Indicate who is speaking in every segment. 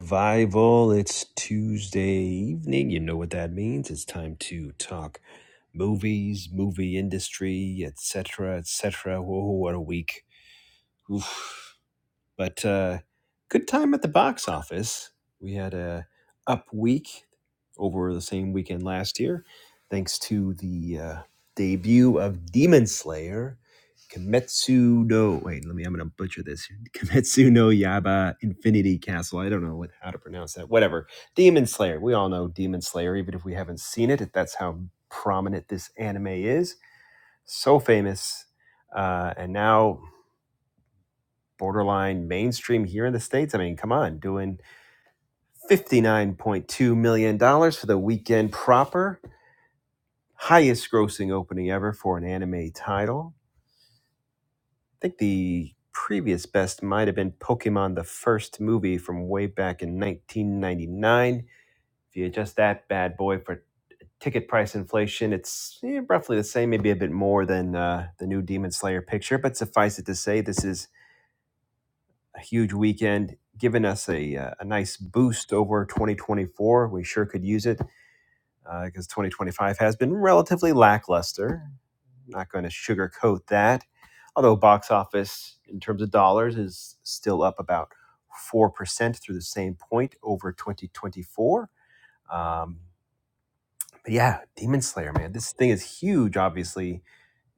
Speaker 1: Survival, it's Tuesday evening. You know what that means. It's time to talk movies, movie industry, etc., etc. Whoa, what a week. Oof. But uh, good time at the box office. We had a up week over the same weekend last year, thanks to the uh, debut of Demon Slayer, Kimetsu no. Wait, let me. I'm gonna butcher this. Kimetsu no Yaiba, Infinity Castle. I don't know what, how to pronounce that. Whatever. Demon Slayer. We all know Demon Slayer, even if we haven't seen it. That's how prominent this anime is. So famous. Uh, and now borderline mainstream here in the States. I mean, come on, doing $59.2 million dollars for the weekend proper. Highest grossing opening ever for an anime title. I think the previous best might have been Pokemon, the first movie from way back in 1999. If you adjust that bad boy for ticket price inflation, it's eh, roughly the same, maybe a bit more than uh, the new Demon Slayer picture. But suffice it to say, this is a huge weekend, giving us a, uh, a nice boost over 2024. We sure could use it because 2025 has been relatively lackluster. Not going to sugarcoat that. Although box office in terms of dollars is still up about 4% through the same point over 2024. Um, but yeah, Demon Slayer, man, this thing is huge, obviously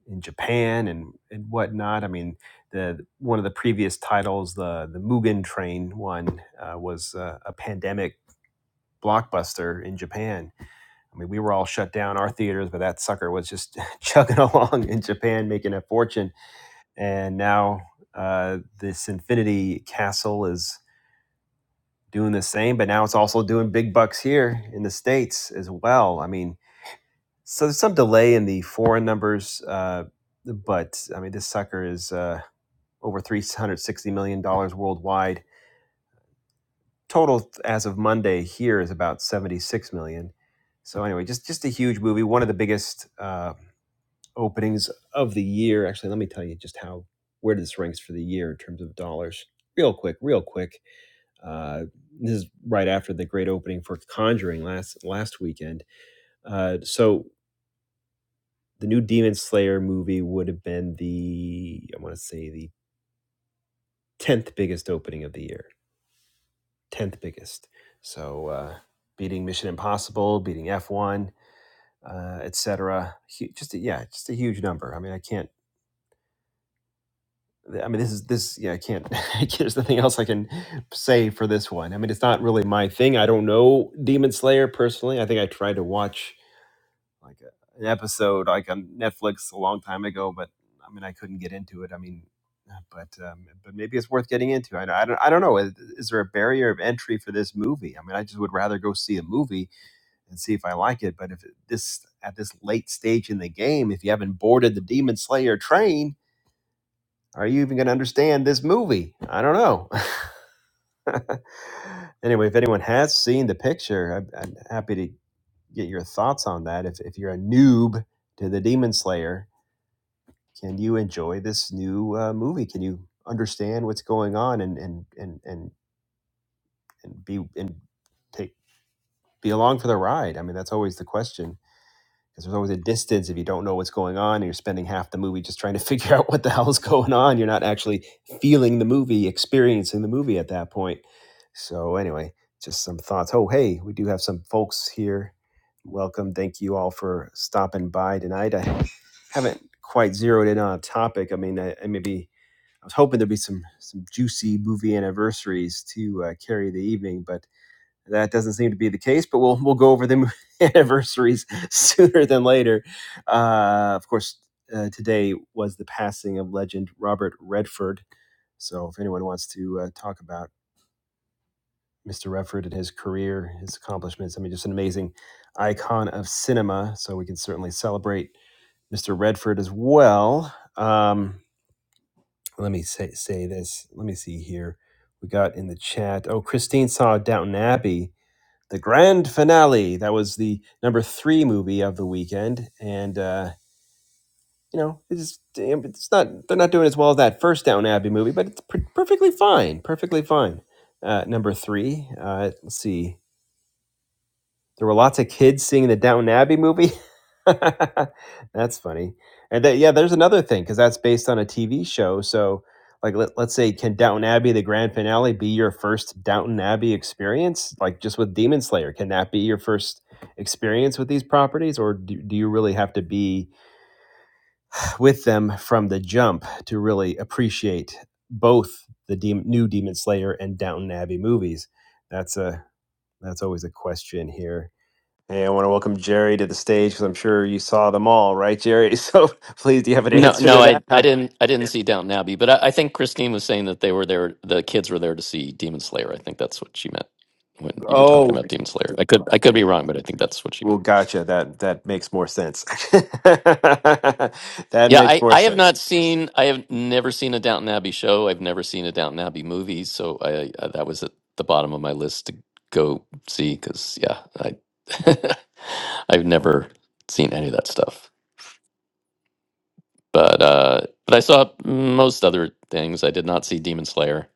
Speaker 1: in Japan and, and whatnot. I mean, the one of the previous titles, the the Mugen Train one, uh, was uh, a pandemic blockbuster in Japan. I mean, we were all shut down our theaters, but that sucker was just chugging along in Japan, making a fortune. And now uh, this Infinity Castle is doing the same, but now it's also doing big bucks here in the states as well. I mean, so there's some delay in the foreign numbers, uh, but I mean, this sucker is. Uh, over $360 million dollars worldwide. Total as of Monday here is about 76 million. dollars. So anyway, just just a huge movie, one of the biggest uh, openings of the year. Actually, let me tell you just how where this ranks for the year in terms of dollars. Real quick, real quick. Uh, this is right after the great opening for Conjuring last last weekend. Uh, so the new Demon Slayer movie would have been the I want to say the tenth biggest opening of the year tenth biggest. So uh, beating Mission Impossible, beating F1, uh, etc. Just a, yeah, just a huge number. I mean, I can't. I mean, this is this. Yeah, I can't. there's nothing else I can say for this one. I mean, it's not really my thing. I don't know Demon Slayer personally. I think I tried to watch like a, an episode like on Netflix a long time ago, but I mean, I couldn't get into it. I mean. But um, but maybe it's worth getting into. I, I don't I don't know. Is, is there a barrier of entry for this movie? I mean, I just would rather go see a movie and see if I like it. But if this at this late stage in the game, if you haven't boarded the Demon Slayer train, are you even going to understand this movie? I don't know. anyway, if anyone has seen the picture, I'm, I'm happy to get your thoughts on that. If if you're a noob to the Demon Slayer, can you enjoy this new uh, movie? Can you understand what's going on and and and and be and take be along for the ride? I mean, that's always the question because there's always a distance if you don't know what's going on and you're spending half the movie just trying to figure out what the hell is going on you're not actually feeling the movie experiencing the movie at that point so anyway just some thoughts oh hey we do have some folks here welcome thank you all for stopping by tonight i haven't quite zeroed in on a topic i mean i, I maybe i was hoping there'd be some some juicy movie anniversaries to uh, carry the evening but that doesn't seem to be the case, but we'll we'll go over the anniversaries sooner than later. Uh, of course, uh, today was the passing of legend Robert Redford. So, if anyone wants to uh, talk about Mr. Redford and his career, his accomplishments, I mean, just an amazing icon of cinema. So, we can certainly celebrate Mr. Redford as well. Um, let me say say this. Let me see here. We got in the chat. Oh, Christine saw Downton Abbey the grand finale. That was the number three movie of the weekend, and uh, you know, it's it's not they're not doing as well as that first Down Abbey movie, but it's per- perfectly fine, perfectly fine. Uh, number three. Uh, let's see. There were lots of kids seeing the Downton Abbey movie. that's funny. And that, yeah, there's another thing because that's based on a TV show. So, like, let, let's say, can Downton Abbey, the grand finale, be your first Downton Abbey experience? Like, just with Demon Slayer, can that be your first experience with these properties? Or do, do you really have to be with them from the jump to really appreciate both the Dem new Demon Slayer and Downton Abbey movies? That's a that's always a question here. Hey, I want to welcome Jerry to the stage because I'm sure you saw them all, right, Jerry? So please, do you have an
Speaker 2: No,
Speaker 1: answer
Speaker 2: no,
Speaker 1: to that?
Speaker 2: I,
Speaker 1: Huh?
Speaker 2: I didn't, I didn't see Downton Abbey, but I, I think Christine was saying that they were there, the kids were there to see Demon Slayer. I think that's what she meant when you were talking
Speaker 1: Oh,
Speaker 2: about Demon Slayer. I could, I could be wrong, but I think that's what she meant.
Speaker 1: well, gotcha. That that makes more sense. That
Speaker 2: Yeah,
Speaker 1: makes
Speaker 2: I,
Speaker 1: more
Speaker 2: I have
Speaker 1: sense.
Speaker 2: not seen, I have never seen a Downton Abbey show. I've never seen a Downton Abbey movie, so I, I that was at the bottom of my list to go see because yeah, I, I've never seen any of that stuff. But, uh, but I saw most other things. I did not see Demon Slayer,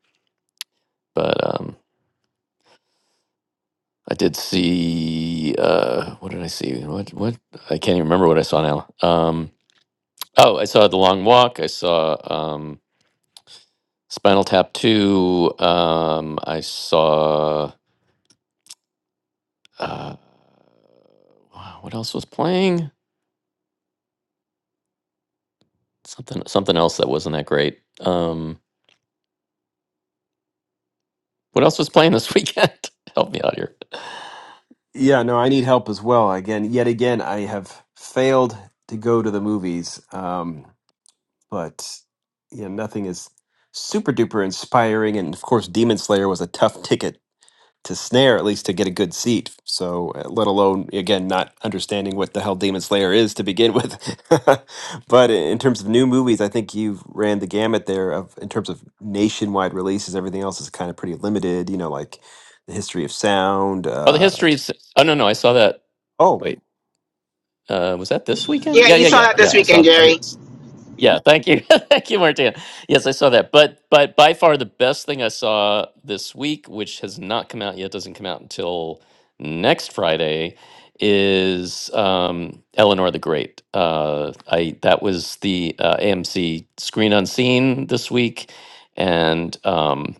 Speaker 2: but. um, I did see uh what did I see? What what I can't even remember what I saw now. Um oh, I saw The Long Walk. I saw um Spinal Tap 2. Um I saw uh wow, what else was playing? Something something else that wasn't that great. Um what else was playing this weekend? Help me out here.
Speaker 1: Yeah, no, I need help as well. Again, yet again, I have failed to go to the movies. Um, but you know, nothing is super duper inspiring. And of course, Demon Slayer was a tough ticket to snare at least to get a good seat. So, uh, let alone again not understanding what the hell Demon Slayer is to begin with. but in terms of new movies, I think you've ran the gamut there of in terms of nationwide releases. Everything else is kind of pretty limited. You know, like the history of sound.
Speaker 2: Oh, the
Speaker 1: Uh,
Speaker 2: histories. Oh no, no, I saw that.
Speaker 1: oh,
Speaker 2: Wait. Uh was that this weekend?
Speaker 3: Yeah,
Speaker 2: Yeah,
Speaker 3: you
Speaker 2: yeah,
Speaker 3: saw
Speaker 2: yeah.
Speaker 3: that this
Speaker 2: Yeah, I
Speaker 3: weekend,
Speaker 2: saw I
Speaker 3: Jerry.
Speaker 2: did- Yeah, thank you. thank you, Martina. Yes, I saw that. But but by far the best thing I saw this week, which has not come out yet, doesn't come out until next Friday, is um Eleanor the Great. Uh I that was the uh, AMC Screen Unseen this week and um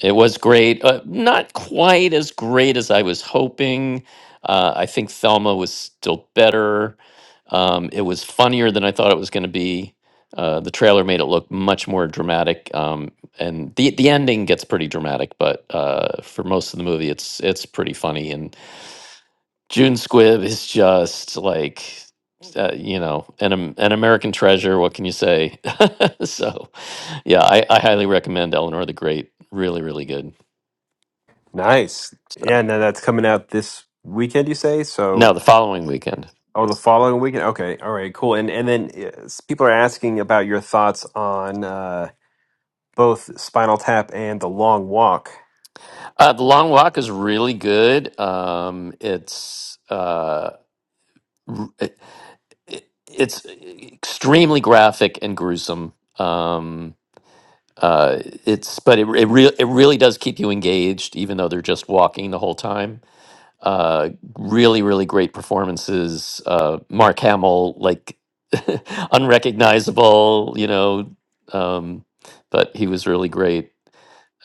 Speaker 2: it was great. Uh, not quite as great as I was hoping. Uh, I think Thelma was still better. Um, it was funnier than I thought it was going to be. Uh, the trailer made it look much more dramatic, um, and the the ending gets pretty dramatic. But uh, for most of the movie, it's it's pretty funny. And June Squibb is just like, uh, you know, an Am- an American treasure. What can you say? so yeah, I, I highly recommend Eleanor the Great. Really, really good.
Speaker 1: nice.
Speaker 2: So.
Speaker 1: Yeah, now that's coming out this weekend. You say
Speaker 2: No,
Speaker 1: so.
Speaker 2: the following weekend.
Speaker 1: Oh, the following weekend. Okay, all right, cool. And and then uh, s- people are asking about your thoughts on uh, both Spinal Tap and The Long Walk.
Speaker 2: Uh, the long walk is really good. Um, it's uh, r- it, it- it's extremely graphic and gruesome. Um, uh, it's but it it, re- it really does keep you engaged, even though they're just walking the whole time. Uh, really, really great performances. Uh, Mark Hamill, like unrecognizable, you know, um, but he was really great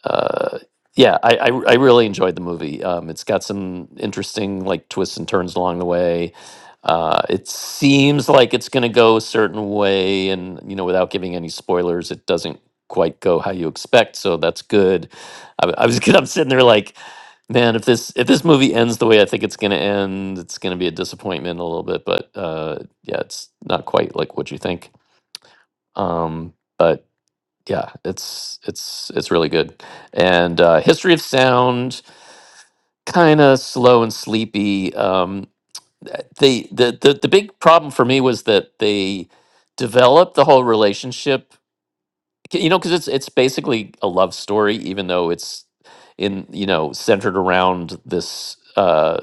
Speaker 2: uh, yeah, I, I I really enjoyed the movie. Um, it's got some interesting like twists and turns along the way. Uh, it seems like it's going to go a certain way, and you know, without giving any spoilers, it doesn't quite go how you expect. So that's good. I, I was I'm sitting there like, man, if this if this movie ends the way I think it's going to end, it's going to be a disappointment a little bit. But uh, yeah, it's not quite like what you think. Um, but yeah, it's it's it's really good. And uh, History of Sound, kind of slow and sleepy. Um, th- they the, the the big problem for me was that they developed the whole relationship. c- You know, because it's it's basically a love story, even though it's in you know centered around this uh,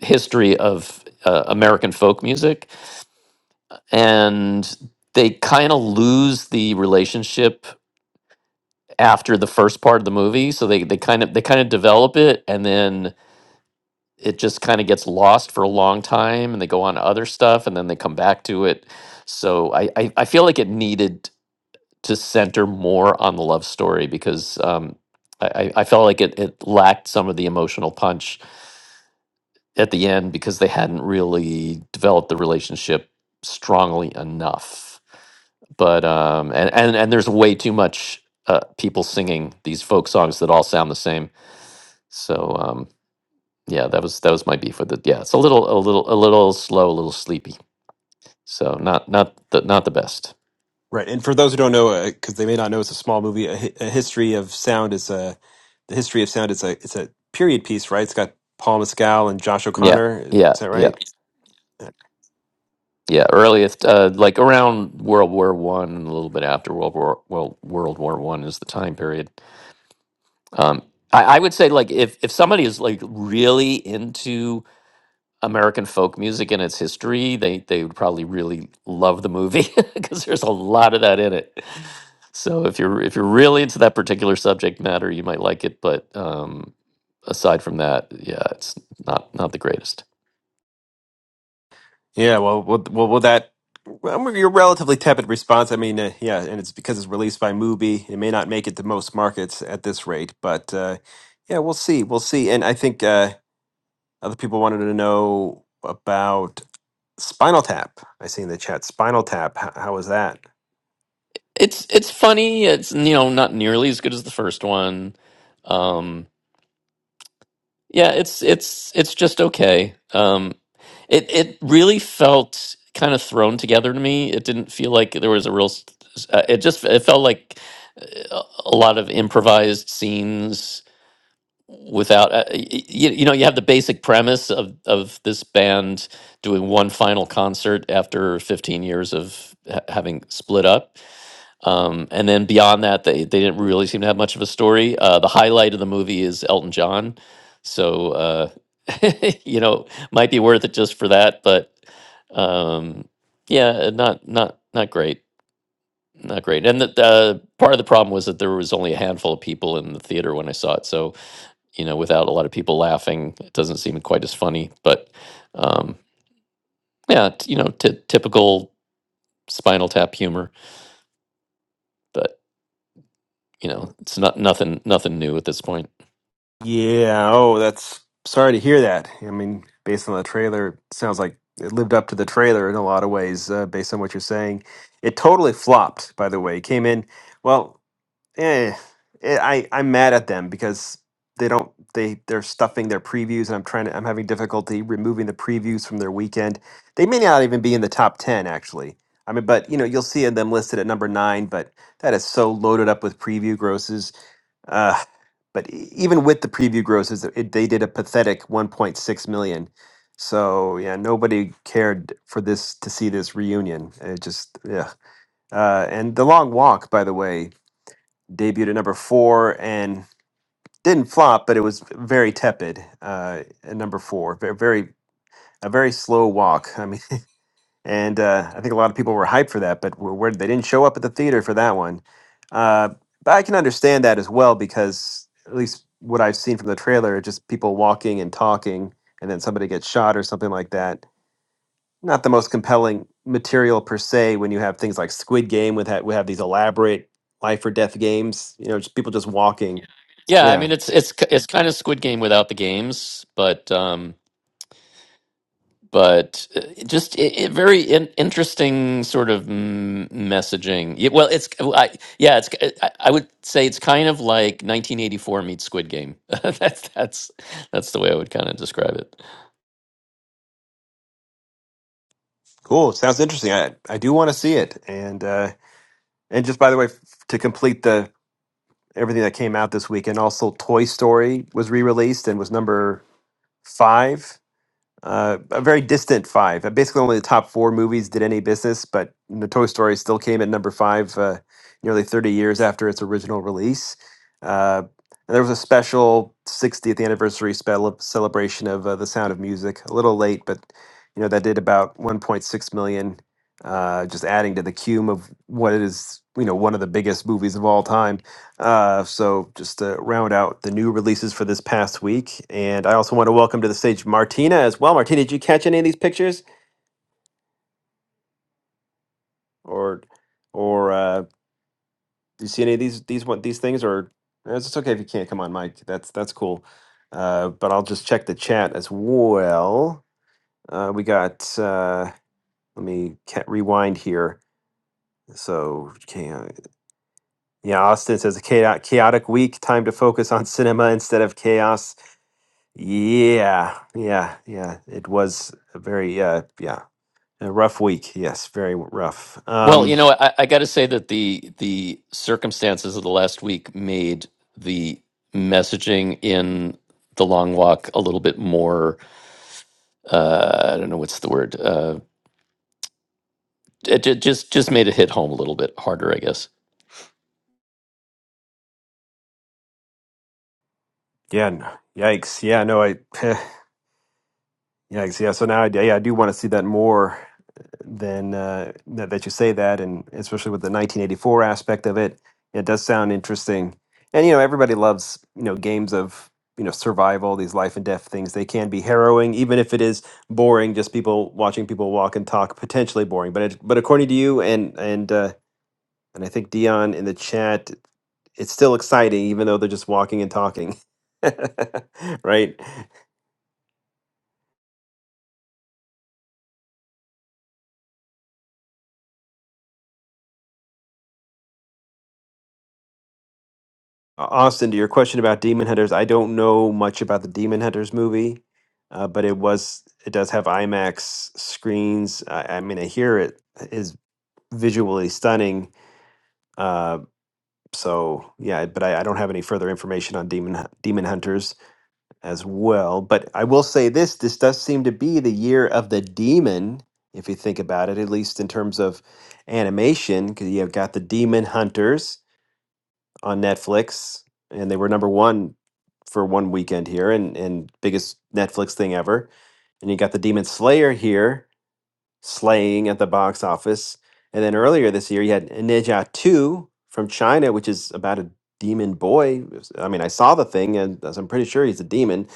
Speaker 2: history of uh, American folk music, and they kind of lose the relationship after the first part of the movie so they they kind of they kind of develop it and then it just kind of gets lost for a long time and they go on to other stuff and then they come back to it so i i, I feel like it needed to center more on the love story because um I, I I felt like it, it lacked some of the emotional punch at the end because they hadn't really developed the relationship strongly enough. But um, and, and and there's way too much uh, people singing these folk songs that all sound the same So um, yeah, that was that was my beef with it. Yeah, it's a little a little a little slow, a little sleepy. So not not the not the best.
Speaker 1: Right, and for those who don't know, because they may not know, it's a small movie. A, Hi- a history of sound is a the history of sound. It's a it's a period piece, right? It's got Paul Mescal and Josh
Speaker 2: Yeah,
Speaker 1: O'Connor. Is
Speaker 2: yeah,
Speaker 1: that
Speaker 2: yeah,
Speaker 1: right?
Speaker 2: yeah. Earliest, uh, like around World War One, and a little bit after World War well World War One is the time period. Um, I, I would say like if if somebody is like really into American folk music and its history, they they would probably really love the movie because there's a lot of that in it. So if you're if you're really into that particular subject matter, you might like it. But um, aside from that, yeah, it's not not the greatest.
Speaker 1: Yeah. Well, well, well, well that well, your relatively tepid response. I mean, uh, yeah, and it's because it's released by Mubi. It may not make it to most markets at this rate, but uh, yeah, we'll see. We'll see. And I think. Uh, Other people wanted to know about Spinal Tap. I see in the chat Spinal Tap. How, how was that?
Speaker 2: It's it's funny. It's you know not nearly as good as the first one. Um, Yeah, it's it's it's just okay. Um, it it really felt kind of thrown together to me. It didn't feel like there was a real. s- s- uh, It just it felt like uh, a lot of improvised scenes without uh, you, you know you have the basic premise of of this band doing one final concert after 15 years of ha- having split up um, and then beyond that, they, they didn't really seem to have much of a story. Uh, the highlight of the movie is Elton John. So, uh, you know, might be worth it just for that. But um, yeah, not, not, not great. Not great. And the, the part of the problem was that there was only a handful of people in the theater when I saw it. So, you know, without a lot of people laughing, it doesn't seem quite as funny. But um, yeah, t- you know, t- typical spinal tap humor. But, you know, it's not nothing, nothing new at this point.
Speaker 1: Yeah. Oh, that's sorry to hear that. I mean, based on the trailer, it sounds like it lived up to the trailer in a lot of ways. Uh, based on what you're saying, it totally flopped. By the way, It came in well. eh, eh, I I'm mad at them because they don't they they're stuffing their previews and I'm trying to I'm having difficulty removing the previews from their weekend. They may not even be in the top ten actually. I mean, but you know you'll see them listed at number nine, but that is so loaded up with preview grosses. Uh, but e- even with the preview grosses, it, they did a pathetic 1.6 million. So yeah, nobody cared for this to see this reunion. It just yeah. Uh, and the long walk, by the way debuted at number four and didn't flop, but it was very tepid uh, at number four. Very, very a very slow walk. I mean, and uh, I think a lot of people were hyped for that, but were, were, they didn't show up at the theater for that one. Uh, but I can understand that as well because at least what I've seen from the trailer, just people walking and talking, and then somebody gets shot or something like that. Not the most compelling material per se. When you have things like Squid Game, with ha- we have these elaborate life or death games. You know, just people just walking.
Speaker 2: Yeah, I mean it's it's it's kind of Squid Game without the games, but um, but uh, just it, it very in, interesting sort of m- messaging. Yeah, Well, it's I, yeah, it's uh, I, I would say it's kind of like 1984 meets Squid Game. that's that's that's the way I would kind of describe it.
Speaker 1: Cool. It Sounds interesting. I, I do want to see it. And uh, and just by the way, f- to complete the everything that came out this weekend, also Toy Story was re released and was number five. Uh, a very distant five. Uh, Basically, only the top four movies did any business, but you know, Toy Story still came at number five uh, nearly 30 years after its original release. Uh, and there was a special 60th anniversary spell celebration of uh, The Sound of Music, a little late, but you know that did about 1.6 million, uh, just adding to the cume of what is you know one of the biggest movies of all time. Uh, so just to round out the new releases for this past week, and I also want to welcome to the stage Martina as well. Martina, did you catch any of these pictures, or or uh, did you see any of these these one these things? Or uh, it's okay if you can't come on, Mike. That's that's cool. Uh, but I'll just check the chat as well. Uh, we got. Uh, let me ca- rewind here. So okay, uh, yeah, Austin says a chaotic chaotic week. Time to focus on cinema instead of chaos. Yeah, yeah, yeah. It was a very uh yeah, a rough week. Yes, very rough.
Speaker 2: Well, you
Speaker 1: Um
Speaker 2: know, I, I got to say that the the circumstances of the last week made the messaging in the long walk a little bit more. Uh, I don't know what's the word. Uh, it, ju- just just made it hit home a little bit harder, I guess.
Speaker 1: yeah, n- yikes. Yeah, no, I yikes. Yeah, so now I d- yeah, I do want to see that more than uh that, that you say that and especially with the 1984 aspect of it. It does sound interesting. And you know, everybody loves, you know, games of you know survival these life and death things they can be harrowing even if it is boring just people watching people walk and talk potentially boring but it, but according to you and and uh And I think Dion in the chat, it's still exciting, even though they're just walking and talking. right? Austin, to your question about Demon Hunters, I don't know much about the Demon Hunters movie, uh, but it was it does have IMAX screens. I, I mean, I hear it is visually stunning. Uh, so yeah, but I, I don't have any further information on Demon Hu- Demon Hunters. as well. But I will say this this does seem to be the year of the demon, if you think about it, at least in terms of animation, because you have got the Demon Hunters on Netflix, and they were number one for one weekend here and, and biggest Netflix thing ever. And you got the Demon Slayer here, slaying at the box office. And then earlier this year, you had Ninja 2 from China, which is about a demon boy. It was- I mean, I saw the thing, and as I'm pretty sure he's a demon.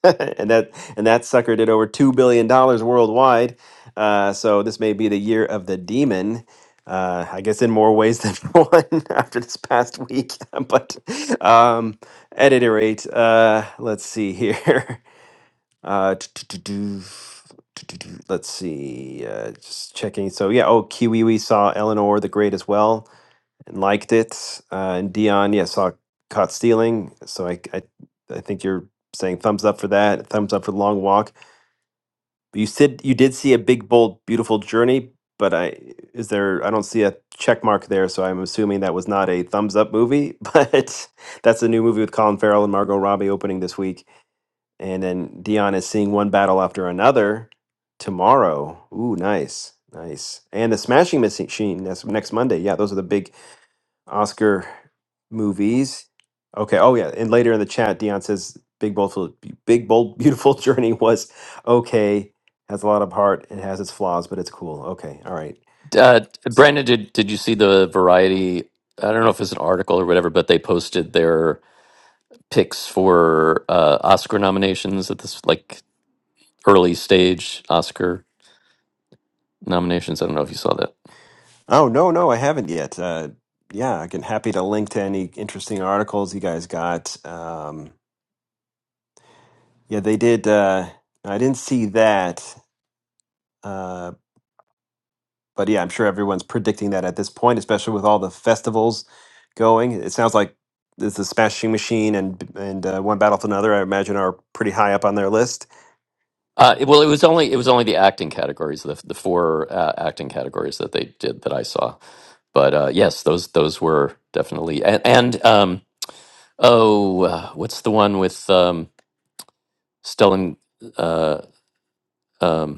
Speaker 1: and that and that sucker did over two billion dollars worldwide. Uh, so this may be the year of the demon. Uh, I guess in more ways than one after this past week. but um, at any rate, uh, let's see here. Uh, t- t- t- do- t- t- do- let's see. Uh, just checking. So yeah. Oh, Kiwi we saw Eleanor the Great as well and liked it. Uh, and Dion, yeah, saw caught stealing. So I, I, I think you're saying thumbs up for that. Thumbs up for the long walk. But you said you did see a big, bold, beautiful journey. But I is there? I don't see a check mark there. So I'm assuming that was not a thumbs up movie. But that's a new movie with Colin Farrell and Margot Robbie opening this week. And then Dion is seeing one battle after another tomorrow. Ooh, nice, nice. And the Smashing Machine. That's next Monday. Yeah, those are the big Oscar movies. Okay. Oh yeah. And later in the chat, Dion says Big Bold Big Bold Beautiful Journey was okay. Has a lot of heart and has its flaws, but it's cool. Okay. All right.
Speaker 2: Uh, Brandon, did did you see the Variety? I don't know if it's an article or whatever, but they posted their picks for uh, Oscar nominations at this like early stage Oscar nominations. I don't know if you saw that.
Speaker 1: Oh no, no, I haven't yet. Uh, yeah, I can happy to link to any interesting articles you guys got. Um, yeah, they did. Uh, I didn't see that, uh, But yeah, I'm sure everyone's predicting that at this point, especially with all the festivals going. It sounds like this is Smashing Machine and and uh, One Battle for Another. I imagine are pretty high up on their list.
Speaker 2: Uh, it- well, it was only it was only the acting categories, the the four uh, acting categories that they did that I saw. But uh, yes, those those were definitely and, and um, oh, uh, what's the one with um, Stellan? Uh, um,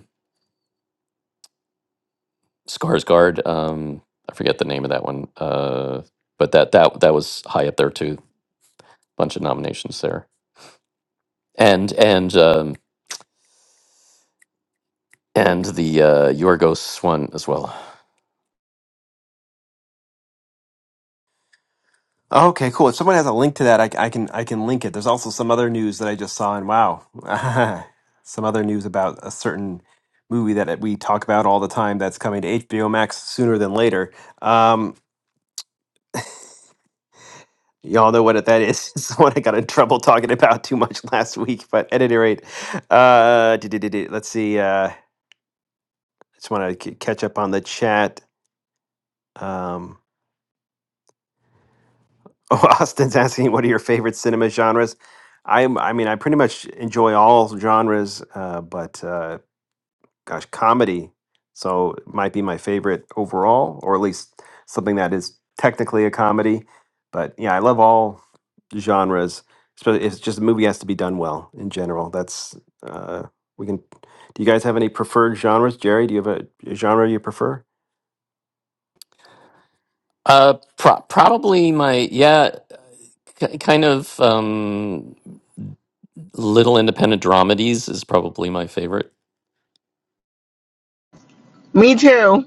Speaker 2: Skarsgård. Um, I forget the name of that one, uh, but that that that was high up there too. Bunch of nominations there, and and um, and the uh, Yorgos one as well.
Speaker 1: Okay, cool. If someone has a link to that, I, c- I can I can link it. There's also some other news that I just saw, and wow, some other news about a certain movie that we talk about all the time that's coming to HBO Max sooner than later. Um, Y'all know what that is. It's what I got in trouble talking about too much last week. But at any rate, uh, do- do- do- do. let's see. Uh, just want to catch up on the chat. Um, oh, Austin's asking, what are your favorite cinema genres? i I mean, I pretty much enjoy all genres, uh, but uh, gosh, comedy. So it might be my favorite overall, or at least something that is technically a comedy. But yeah, I love all genres. So it's just the movie has to be done well in general. That's uh, we can. Do you guys have any preferred genres, Jerry? Do you have a, a genre you prefer?
Speaker 2: Uh, pro- probably my yeah, k- kind of um, little independent dramedies is probably my favorite.
Speaker 3: Me too.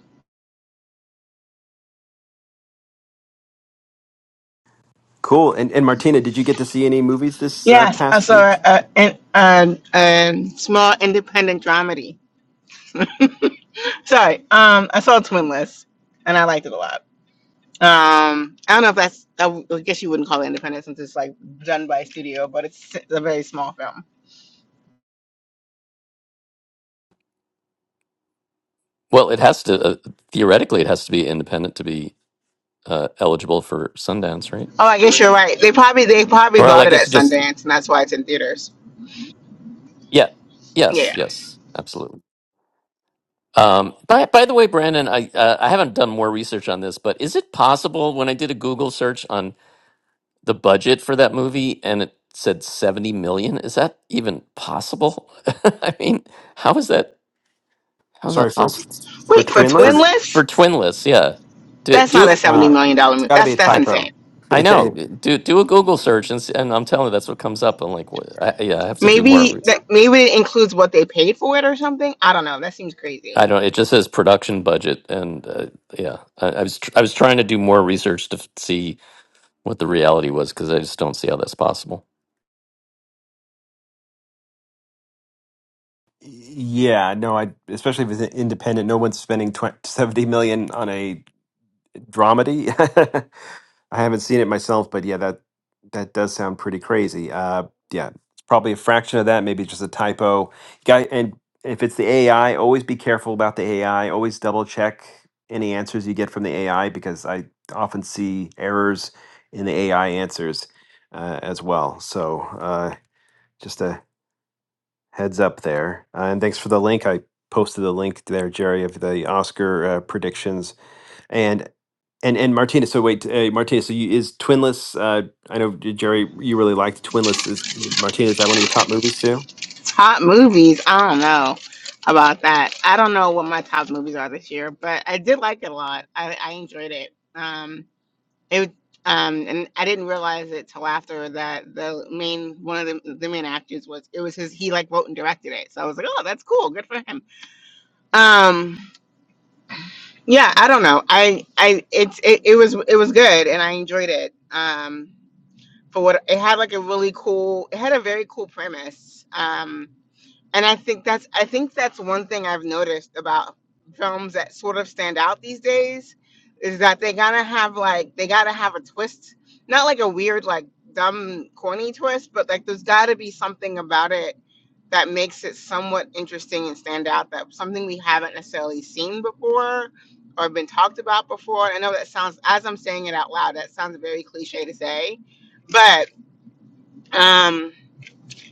Speaker 1: Cool. And and Martina, did you get to see any movies this uh,
Speaker 3: Yes, I
Speaker 1: past
Speaker 3: saw
Speaker 1: week?
Speaker 3: a, a, a, a small independent dramedy. Sorry, um, I saw Twinless, and I liked it a lot. Um, I don't know if that's, I w- I guess you wouldn't call it independent since it's like done by a studio, but it's a very small film.
Speaker 2: Well, it has to uh, theoretically it has to be independent to be uh, eligible for Sundance, right?
Speaker 3: Oh, I guess you're right. They probably they probably
Speaker 2: Well, I
Speaker 3: bought it at
Speaker 2: guess it just
Speaker 3: Sundance, and that's why it's in theaters.
Speaker 2: yeah, yes,
Speaker 3: Yeah.
Speaker 2: yes, absolutely. Um, by by the way, Brandon, I uh, I haven't done more research on this, but is it possible when I did a Google search on the budget for that movie and it said seventy million? Is that even possible? I mean, how is that how is
Speaker 1: Sorry
Speaker 2: that
Speaker 1: for
Speaker 2: possible
Speaker 1: for
Speaker 3: Wait for
Speaker 2: for
Speaker 1: Twinless.
Speaker 2: for for
Speaker 3: Twinless?
Speaker 2: Twinless? Yeah, do
Speaker 3: That's not
Speaker 2: do
Speaker 3: a seventy
Speaker 1: Uh,
Speaker 3: million dollar
Speaker 1: it's
Speaker 3: movie.
Speaker 1: got to be
Speaker 3: That's
Speaker 1: a
Speaker 3: that's
Speaker 2: I
Speaker 1: typo.
Speaker 3: insane.
Speaker 2: I know do do a Google search and s- and I'm telling you that's what comes up. I'm like, what, I, yeah, I have to do more
Speaker 3: Maybe
Speaker 2: research.
Speaker 3: that maybe it includes what they paid for it or something. I don't know. That seems crazy.
Speaker 2: I don't. It just says production budget, and uh, yeah, I, I was tr- I was trying to do more research to f- see. what the reality was because I just don't see how that's possible.
Speaker 1: yeah, no, I especially if it's independent. No one's spending twenty seventy million on a dramedy. I haven't seen it myself, but yeah, that that does sound pretty crazy. Uh, yeah, it's probably a fraction of that, maybe just a typo. Guy, and if it's the AI, always be careful about the AI. Always double check any answers you get from the AI because I often see errors in the AI answers uh, as well. So uh, just a heads up there. Uh, and thanks for the link. I posted the link there, Jerry, of the Oscar uh, predictions and and and Martina. So wait, uh, Martina. So you, is Twinless? Uh, I know uh, Jerry, you really liked Twinless. Is Martina? Is that one of your top movies too?
Speaker 3: Top movies. I don't know about that. I don't know what my top movies are this year, but I did like it a lot. I, I enjoyed it. Um, it um, and I didn't realize it till after that the main one of the, the main actors was it was his he like wrote and directed it. So I was like, oh, that's cool. Good for him. Um, yeah, I don't know. I I it's it, it was it was good and I enjoyed it. Um, for what it had like a really cool it had a very cool premise um and i think that's i think that's one thing i've noticed about films that sort of stand out these days is that they gotta have like they gotta have a twist not like a weird like dumb corny twist but like there's gotta be something about it that makes it somewhat interesting and stand out that something we haven't necessarily seen before or been talked about before i know that sounds as i'm saying it out loud that sounds very cliche to say but um,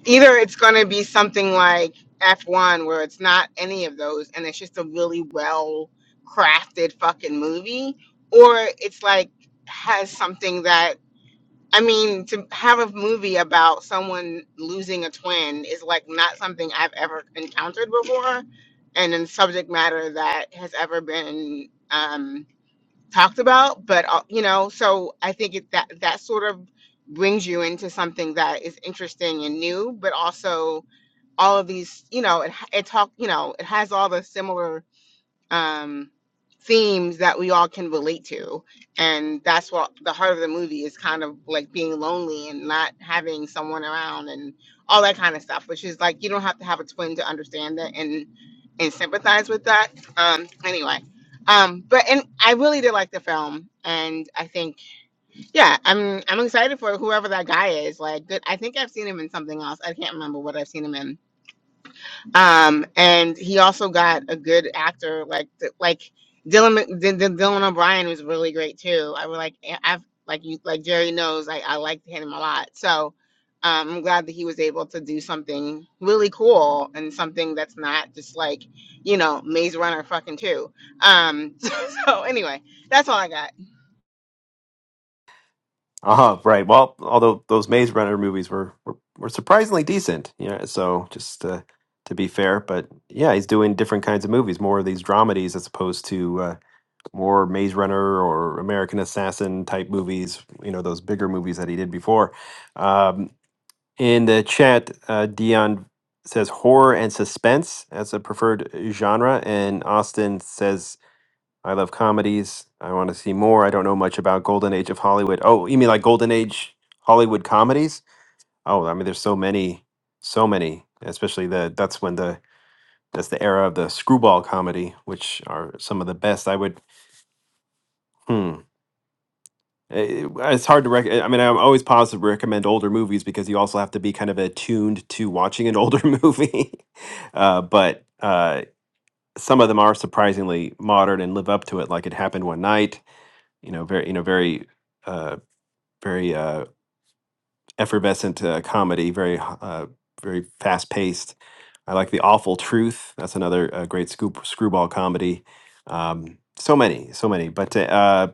Speaker 3: either it's going to be something like F1, where it's not any of those, and it's just a really well crafted fucking movie, or it's like has something that I mean, to have a movie about someone losing a twin is like not something I've ever encountered before, and in subject matter that has ever been. um, talked about but uh, you know so i think it, that that sort of brings you into something that is interesting and new but also all of these you know it, ha- it talk you know it has all the similar um, themes that we all can relate to. And that's what the heart of the movie is kind of like being lonely and not having someone around and all that kind of stuff, which is like you don't have to have a twin to understand that and and sympathize with that. Um anyway. Um but and I really did like the film and I think yeah, I'm I'm excited for whoever that guy is. Like good I think I've seen him in something else. I can't remember what I've seen him in um, and he also got a good actor like th- like Dylan Mc- D- D- Dylan O'Brien was really great too. I was like I- I've like you like Jerry knows I I liked him a lot. So um, I'm glad that he was able to do something really cool and something that's not just like you know Maze Runner fucking two. Um, so, so anyway, that's all I got.
Speaker 1: Uh-huh, right. Well, although those Maze Runner movies were were, were surprisingly decent, you know, so just uh, to be fair, but yeah, he's doing different kinds of movies, more of these dramedies as opposed to uh, more Maze Runner or American Assassin type movies, you know, those bigger movies that he did before. Um, in the chat, uh, Dion says horror and suspense as a preferred genre, and Austin says I love comedies. I want to see more. I don't know much about Golden Age of Hollywood. Oh, you mean like Golden Age Hollywood comedies? Oh, I mean, there's so many, so many. Especially the that's when the that's the era of the screwball comedy, which are some of the best. I would. Hmm. eh, eh, It's hard to rec. I mean, I'm always positive to recommend older movies because you also have to be kind of attuned to watching an older movie. uh, but uh, some of them are surprisingly modern and live up to it. Like it happened one night. You know, very you know very uh, very uh, effervescent uh, comedy, very uh, very fast paced. I like the Awful Truth. That's another uh, great scoop screwball comedy. Um, so many, so many. But uh,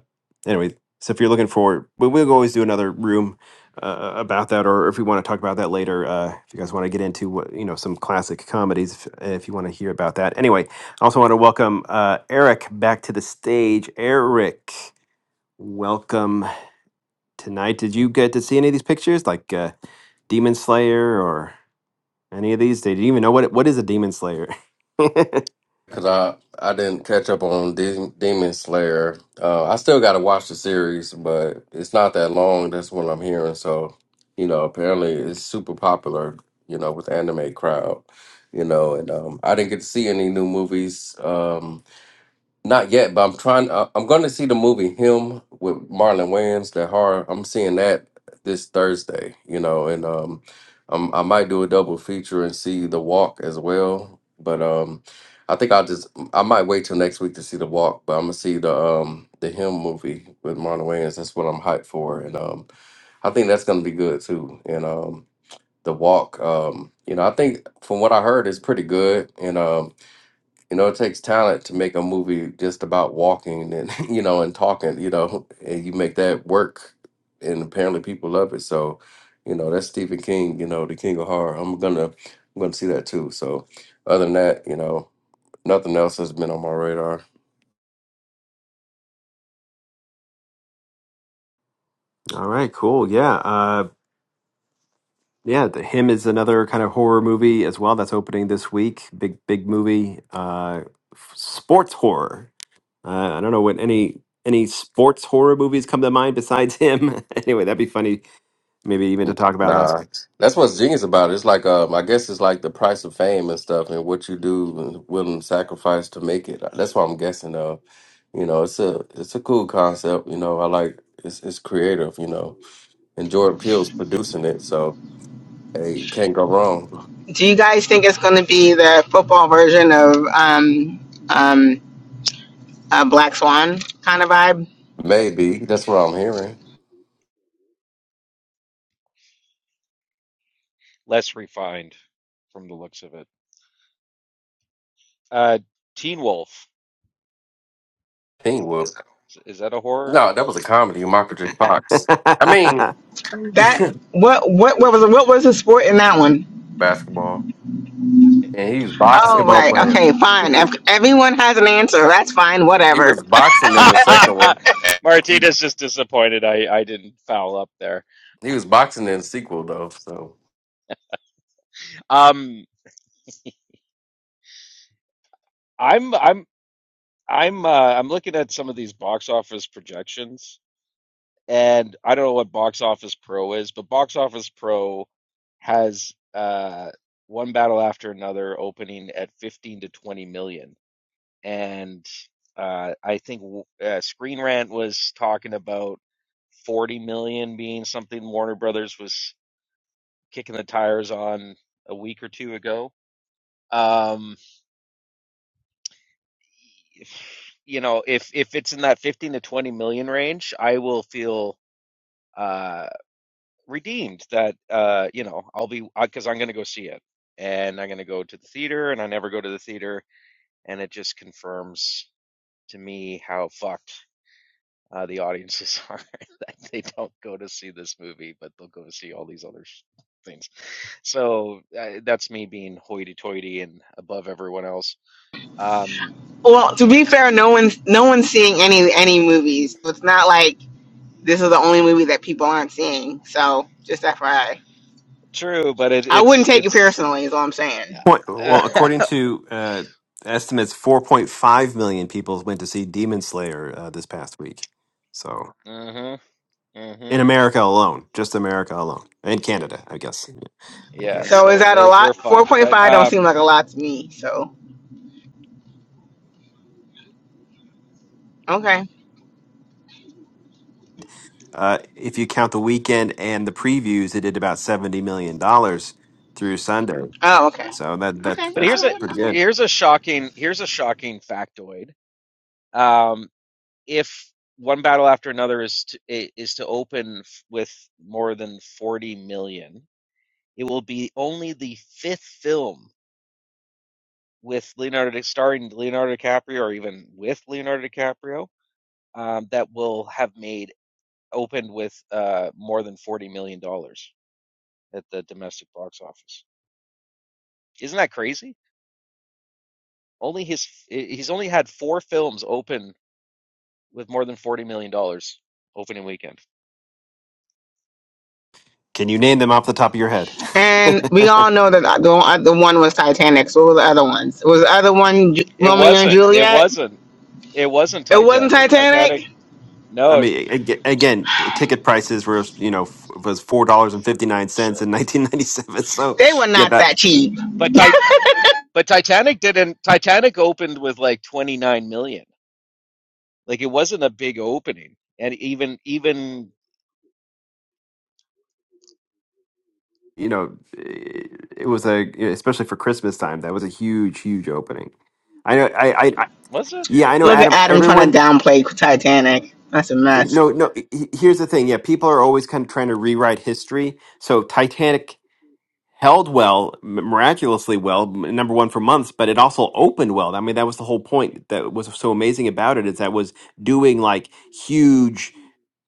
Speaker 1: anyway, so if you're looking for, we, we'll always do another room uh, uh, about that, or if we want to talk about that later, uh, if you guys want to get into what you know some classic comedies, if, if you want to hear about that. Anyway, I also want to welcome uh, Eric back to the stage. Eric, welcome tonight. Did you get to see any of these pictures, like uh, Demon Slayer or any of these? Did you even know what what is a Demon Slayer?
Speaker 4: Cause I I didn't catch up on De- Demon Slayer. Uh, I still got to watch the series, but it's not that long. That's what I'm hearing. So, you know, apparently it's super popular. You know, with the anime crowd. You know, and um, I didn't get to see any new movies. Um, not yet, but I'm trying. Uh, I'm going to see the movie Him with Marlon Wayans. That horror. I'm seeing that this Thursday. You know, and um, um, I might do a double feature and see The Walk as well. But um, I think I'll just I might wait till next week to see The Walk. But I'm gonna see the um the Him movie with Marlon Wayans. That's what I'm hyped for, and um, I think that's gonna be good too. And um, The Walk. Um, you know, I think from what I heard, it's pretty good. And um. You know, it takes talent to make a movie just about walking and you know and talking. You know, and you make that work, and apparently people love it. So, you know, that's Stephen King. You know, the king of horror. I'm gonna, I'm gonna see that too. So, other than that, you know, nothing else has been on my radar.
Speaker 1: All right, cool. Yeah, uh, yeah. The Him is another kind of horror movie as well. That's opening this week. Big, big movie. Uh, f- sports horror. Uh, I don't know what any any sports horror movies come to mind besides him. anyway, that'd be funny, maybe even to
Speaker 4: N-
Speaker 1: talk about last
Speaker 4: Nah, that's what's genius about it. It's like, um, I guess it's like the price of fame and stuff, and what you do and willing to sacrifice to make it. That's what I'm guessing of. You know, it's a it's a cool concept. You know, I like it's it's creative. You know, and Jordan Peele's producing it, so hey, can't go wrong.
Speaker 3: Do you guys think it's going to be the football version of um um uh, Black Swan kind of vibe?
Speaker 4: Maybe that's what I'm hearing.
Speaker 5: less refined from the looks of it. Uh, Teen Wolf
Speaker 4: Teen Wolf.
Speaker 5: is that a horror?
Speaker 4: No, that was a comedy. Michael J. Fox. I mean,
Speaker 3: That what what what was what was the sport in that one?
Speaker 4: basketball, and he was
Speaker 5: Yeah.
Speaker 3: Oh
Speaker 1: basketball
Speaker 4: boxing.
Speaker 3: right,
Speaker 1: player.
Speaker 3: okay, fine. If everyone has an answer, that's fine.
Speaker 4: He
Speaker 3: Whatever.
Speaker 4: was boxing in the second one. He
Speaker 5: Martina's just disappointed I I didn't foul up there.
Speaker 4: he was boxing in the sequel though. So.
Speaker 5: Um, I'm I'm I'm uh, I'm looking at some of these box office projections, and I don't know what Box Office Pro is, but Box Office Pro has uh one battle after another opening at 15 to 20 million. and uh, I think uh, Screen Rant was talking about 40 million being something Warner Brothers was kicking the tires on a week or two ago. Um, you know, if if it's in that 15 to 20 million range, I will feel uh, redeemed that uh, you know I'll be because I'm going to go see it and I'm going to go to the theater and I never go to the theater and it just confirms to me how fucked uh, the audiences are that they don't go to see this movie, but they'll go to see all these other things. So uh, that's me being hoity-toity and above everyone else. Um,
Speaker 3: Well, to be fair, no one's no one's seeing any any movies. So it's not like this is the only movie that people aren't seeing. So just FYI, I
Speaker 5: true, but it,
Speaker 3: I wouldn't
Speaker 5: it's
Speaker 3: take it
Speaker 5: it's.
Speaker 3: personally. Is all I'm saying.
Speaker 1: Point, well, according
Speaker 5: mhm,
Speaker 1: to uh, estimates, 4.5 million people went to see Demon Slayer uh, this past week. So
Speaker 5: mm
Speaker 1: in
Speaker 5: mhm.
Speaker 1: America alone, just America alone, and Canada, I guess. Yeah.
Speaker 5: Yeah,
Speaker 1: Yeah.
Speaker 3: So is
Speaker 5: so
Speaker 3: that a
Speaker 5: we're we're
Speaker 3: lot? Four
Speaker 5: fucked.
Speaker 3: point
Speaker 5: But
Speaker 3: five don't seem
Speaker 5: um,
Speaker 3: like a lot to me. So okay.
Speaker 1: Uh, if you count the weekend and the previews, it did about 70 million dollars through Sunday.
Speaker 3: Oh okay.
Speaker 1: So that that
Speaker 3: Okay.
Speaker 5: but
Speaker 1: that's
Speaker 3: All
Speaker 5: here's a
Speaker 3: right.
Speaker 1: pretty
Speaker 3: All right.
Speaker 1: good.
Speaker 5: here's a shocking here's a shocking factoid. Um, if one battle after another is to is to open with more than 40 million It will be only the fifth film with Leonardo starring Leonardo DiCaprio, or even with Leonardo DiCaprio, um, that will have made opened with uh, more than forty million dollars at the domestic box office. Isn't that crazy? Only his he's only had four films open with more than forty million dollars opening weekend.
Speaker 1: Can you name them off the top of your head?
Speaker 3: And we all know that the, uh, the one was Titanic. So what were the other ones? Was the other one Ju-
Speaker 5: It
Speaker 3: Romeo and
Speaker 5: wasn't. It
Speaker 3: Juliet?
Speaker 5: wasn't. It wasn't
Speaker 3: It wasn't
Speaker 5: Titanic.
Speaker 3: Titanic.
Speaker 5: Titanic.
Speaker 1: I
Speaker 5: No,
Speaker 1: mean, ag- again, t- ticket prices were you know f- was four dollars and fifty nine cents
Speaker 5: sure.
Speaker 1: in nineteen ninety seven. So
Speaker 3: They were
Speaker 1: yeah,
Speaker 3: not
Speaker 1: that
Speaker 3: that cheap.
Speaker 5: But Ti- But Titanic didn't. Titanic opened with like 29 million. Like it wasn't a big opening, and even even
Speaker 1: you know it, it was a especially for Christmas time that was a huge huge opening. I know I, I, I
Speaker 5: was it?
Speaker 1: yeah I know
Speaker 3: Look at
Speaker 1: Adam.
Speaker 3: Adam trying
Speaker 1: Everyone
Speaker 3: to downplay Titanic. That's a mess.
Speaker 1: no no. he- Here's the thing. Yeah, people are always kind of trying to rewrite history. So Titanic held well, m- miraculously well, m- number one for months, but it also opened well. I mean, that was the whole point that was so amazing about it is that was doing like huge,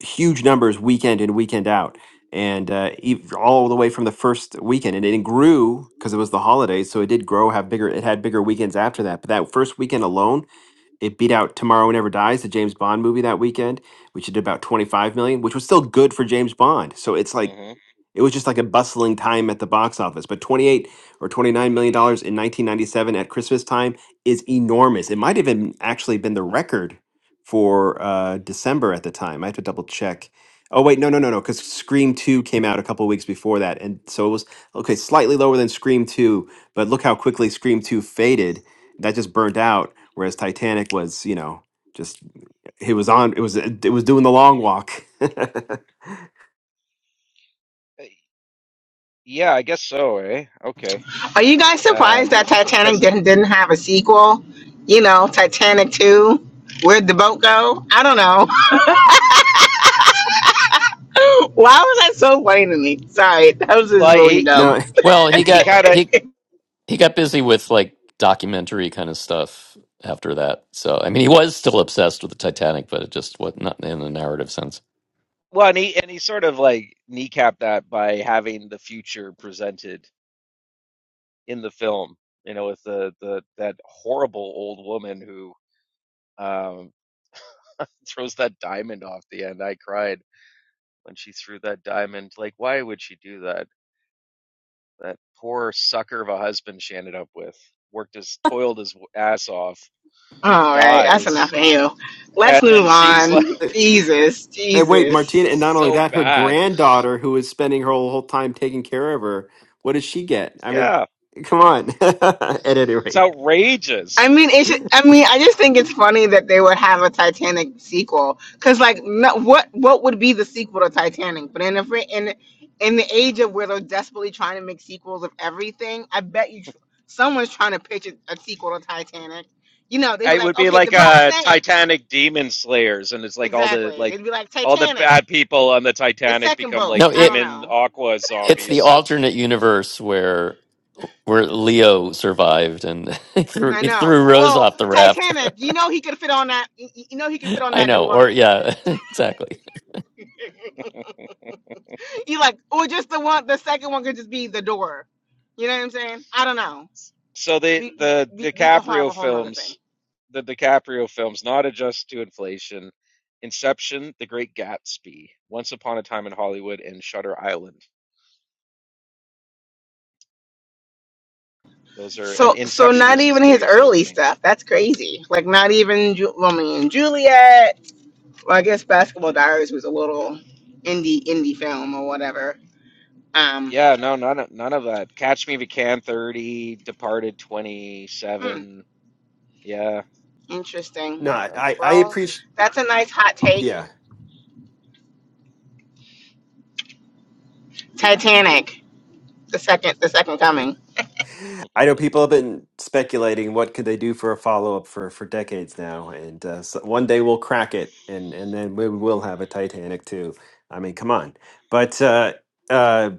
Speaker 1: huge numbers weekend in, weekend out. And uh, ev- all the way from the first weekend, and it grew because it was the holidays, so it did grow. Have bigger, it had bigger weekends after that. But that first weekend alone, it beat out "Tomorrow Never Dies," the James Bond movie that weekend, which did about twenty five million, which was still good for James Bond. So it's like
Speaker 5: hmm
Speaker 1: it was just like a bustling time at the box office. But 28 or 29 million dollars in 1997 at Christmas time is enormous. It might have been actually been the record for uh, December at the time. I have to double check. Oh wait, no, no, no, no, because Scream Two came out a couple weeks before that, and so it was okay, slightly lower than Scream Two. But look how quickly Scream Two faded. That just burnt out, whereas Titanic was, you know, just it was on. It was it was doing the long walk.
Speaker 5: Yeah, I guess so. Eh. Okay.
Speaker 3: Are you guys
Speaker 5: Um.
Speaker 3: surprised
Speaker 5: The
Speaker 3: that Titanic
Speaker 5: because
Speaker 3: didn't didn't have a sequel? You know, Titanic Two. Where'd the boat go? I don't know. Why was that so funny to me? Sorry, that was just
Speaker 5: well
Speaker 3: really
Speaker 5: he he
Speaker 3: dumb.
Speaker 1: no,
Speaker 2: Well, he
Speaker 5: he
Speaker 2: got
Speaker 5: kind of
Speaker 2: he he got busy with like documentary kind of stuff after that. So I mean, he was still obsessed with the Titanic, but it just was not in a narrative sense.
Speaker 5: well and he and he sort of like kneecapped that by having the future presented in the film. You know, with the the that horrible old woman who um throws that diamond off the end. I cried when she threw that diamond. Like, why would she do that? That poor sucker of a husband she ended up with worked his toiled his ass off,
Speaker 3: All right, that's enough
Speaker 5: dies,
Speaker 3: of you. Let's
Speaker 5: and
Speaker 3: move
Speaker 5: then she's like,
Speaker 3: on. Jesus,
Speaker 1: And wait,
Speaker 3: Jesus.
Speaker 1: Martina, and not only
Speaker 5: so
Speaker 1: that, her
Speaker 5: bad.
Speaker 1: granddaughter, who is spending her whole, whole time taking care of her, what does she get? I mean,
Speaker 5: Yeah,
Speaker 1: come on. At any
Speaker 5: it's
Speaker 1: rate,
Speaker 5: outrageous.
Speaker 3: I mean, it should, I mean, I just think it's funny that they would have a Titanic sequel because, like, no, what what would be the sequel to Titanic? But in the fr- in in the age of where they're desperately trying to make sequels of everything, I bet you tr- someone's trying to pitch a, a sequel to Titanic. You know, they'd be
Speaker 5: It would
Speaker 3: like,
Speaker 5: be
Speaker 3: okay, the
Speaker 5: like
Speaker 3: boat
Speaker 5: uh,
Speaker 3: sank.
Speaker 5: Titanic demon slayers, and it's like all the
Speaker 3: Exactly.
Speaker 5: like
Speaker 3: They'd be like
Speaker 5: all the
Speaker 3: Titanic,
Speaker 5: bad people on the
Speaker 3: the
Speaker 5: Titanic
Speaker 3: second
Speaker 5: become
Speaker 3: boat.
Speaker 2: No,
Speaker 5: like
Speaker 3: I don't
Speaker 2: it
Speaker 5: demon
Speaker 3: know.
Speaker 5: aqua
Speaker 2: it's the
Speaker 5: zombies.
Speaker 2: alternate universe where where Leo survived and he threw,
Speaker 3: I
Speaker 2: he
Speaker 3: know.
Speaker 2: threw Rose
Speaker 3: Well,
Speaker 2: off the raft.
Speaker 3: Titanic, you know he could fit on that. You you know he could fit on
Speaker 2: I
Speaker 3: that
Speaker 2: know, or
Speaker 3: door.
Speaker 2: yeah, exactly.
Speaker 3: You like, or just the one, the second one could just be the door. You know what I'm saying? I don't know.
Speaker 5: So the
Speaker 3: We
Speaker 5: the
Speaker 3: we, we could have
Speaker 5: DiCaprio
Speaker 3: a whole other thing.
Speaker 5: films, the DiCaprio films, not adjust to inflation, Inception, The Great Gatsby, Once Upon a Time in Hollywood, and Shutter Island. Those are and
Speaker 3: So so
Speaker 5: Inception
Speaker 3: not
Speaker 5: is his
Speaker 3: even his
Speaker 5: biggest
Speaker 3: early
Speaker 5: opening.
Speaker 3: stuff. That's crazy. Like not even Ju- Romeo and Juliet. Well, I guess Basketball Diaries was a little indie indie film or whatever. Um,
Speaker 5: Yeah, no, none of none of that. Catch Me If You Can, 30, Departed,
Speaker 3: hmm,
Speaker 5: 27. Yeah.
Speaker 3: interesting.
Speaker 1: no, I
Speaker 5: Um,
Speaker 1: I
Speaker 3: Well,
Speaker 1: appreciate.
Speaker 3: that's a nice hot take.
Speaker 1: Yeah,
Speaker 3: Titanic, the second the second coming.
Speaker 1: I know people have been speculating what could they do for a follow up for for decades now, and uh, so one day we'll crack it, and and then we will have a Titanic too. I mean, come on. But uh, uh,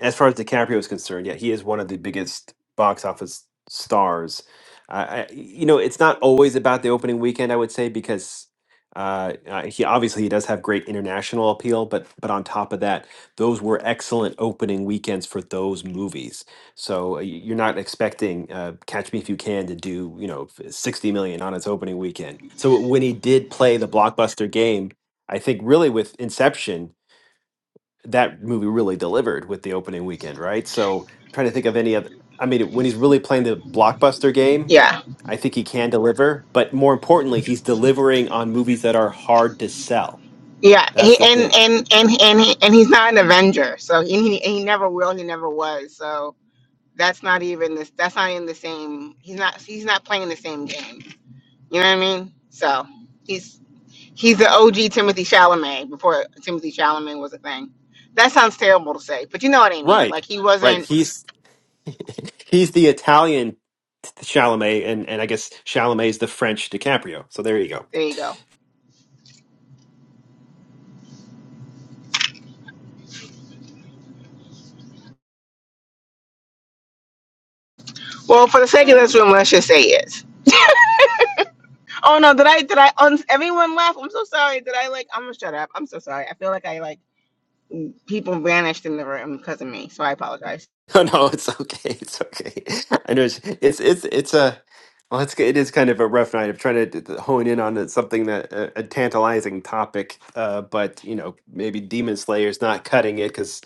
Speaker 1: as far as DiCaprio is concerned, yeah, he is one of the biggest box office stars. Uh, I, you know, it's not always about the opening weekend, I would say, because. Uh, uh, he obviously he does have great international appeal, but but on top of that, those were excellent opening weekends for those movies so uh, y- you're not expecting uh, Catch Me If You Can to do, you know, f- 60 million on its opening weekend. So when he did play the blockbuster game, I think really with Inception, that movie really delivered with the opening weekend, right? So trying to think of any other. I mean, when he's really playing the blockbuster game,
Speaker 3: Yeah,
Speaker 1: I think he can deliver. But more importantly, he's delivering on movies that are hard to sell.
Speaker 3: yeah,
Speaker 1: That's
Speaker 3: he,
Speaker 1: the
Speaker 3: and
Speaker 1: thing.
Speaker 3: and and and he, and he's not an Avenger, so he, he he never will, he never was. So that's not even this. That's not in the same. He's not. He's not playing the same game. You know what I mean? So he's he's the OG Timothy Chalamet before Timothy Chalamet was a thing. That sounds terrible to say, but you know what I mean.
Speaker 1: Right.
Speaker 3: Like he
Speaker 1: Right.
Speaker 3: wasn't.
Speaker 1: He's he's the Italian Chalamet, and and I guess Chalamet is the French DiCaprio. So there you go.
Speaker 3: There you go. Well, for the sake of this room, let's just say yes. Oh no, did I did I? Un- everyone left. I'm so sorry. Did I like? I'm gonna shut up. I'm so sorry. I feel like I like. people vanished in the room because of me. So I apologize.
Speaker 1: No, no, it's okay. It's okay. I know it's it's it's, it's a well, it's it is kind of a rough night of trying to d- d- hone in on it- something that a, a tantalizing topic. Uh, but you know, maybe Demon Slayer's not cutting it because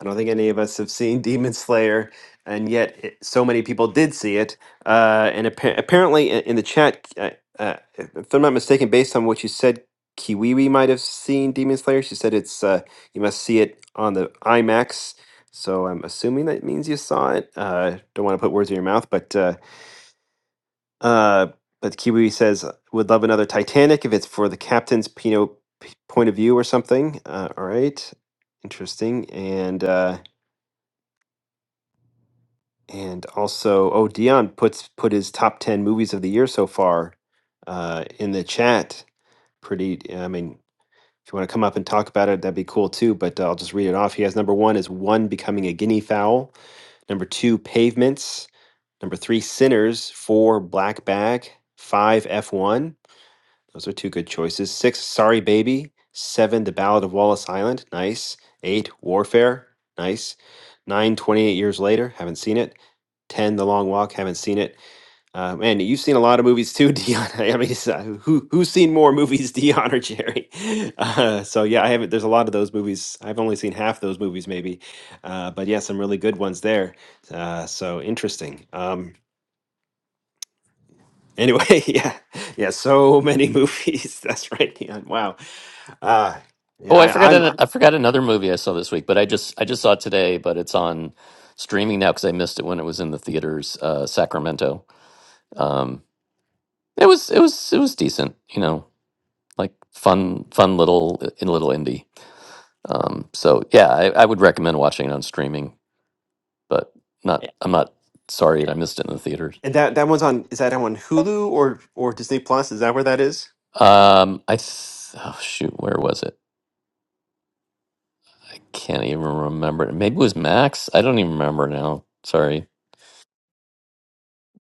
Speaker 1: I don't think any of us have seen Demon Slayer, and yet it, so many people did see it. Uh, and appa- apparently, i- in the chat, uh, uh, if if I'm not mistaken, based on what you said. Kiwiwi might have seen Demon Slayer. She said it's uh, you must see it on the IMAX so I'm assuming that means you saw it. Uh, don't want to put words in your mouth, but uh, uh, but Kiwi says would love another Titanic if it's for the captain's Pino p- point of view or something. Uh, all right, interesting. And uh, and also, oh, Dion puts put his top ten movies of the year so far uh, in the chat. Pretty. I mean, if you want to come up and talk about it, that'd be cool too. But I'll just read it off. He has number one is one becoming a guinea fowl. Number two, Pavements. Number three, Sinners. Four, Black Bag. Five, F1. Those are two good choices. Six, Sorry Baby. Seven, The Ballad of Wallace Island. Nice. Eight, Warfare. Nice. Nine, Twenty Eight Years Later. Haven't seen it. Ten, The Long Walk. Haven't seen it. Uh, man, you've seen a lot of movies too, Dion. I mean, it's, uh, who who's seen more movies, Dion or Jerry? Uh, so yeah, I haven't. There's a lot of those movies. I've only seen half those movies, maybe. Uh, but yeah, some really good ones there. Uh, so interesting. Um, Anyway, yeah, yeah, so many movies. That's right, Keon. Wow. Uh, yeah,
Speaker 2: Oh, I
Speaker 1: I,
Speaker 2: forgot.
Speaker 1: I'm.
Speaker 2: an- I forgot another movie I saw this week, but I just I just saw it today, but it's on streaming now because I missed it when it was in the theaters. Uh, Sacramento. Um, it was it was it was decent, you know, like fun fun little in little indie. Um, so yeah, I, I would recommend watching it on streaming, but not. I'm not sorry that I missed it in the theaters.
Speaker 1: And that that one's on. Is that on Hulu or or Disney Plus? Is that where that is?
Speaker 2: Um, I th- oh shoot, where was it? I can't even remember. Maybe it was Max. I don't even remember now. Sorry.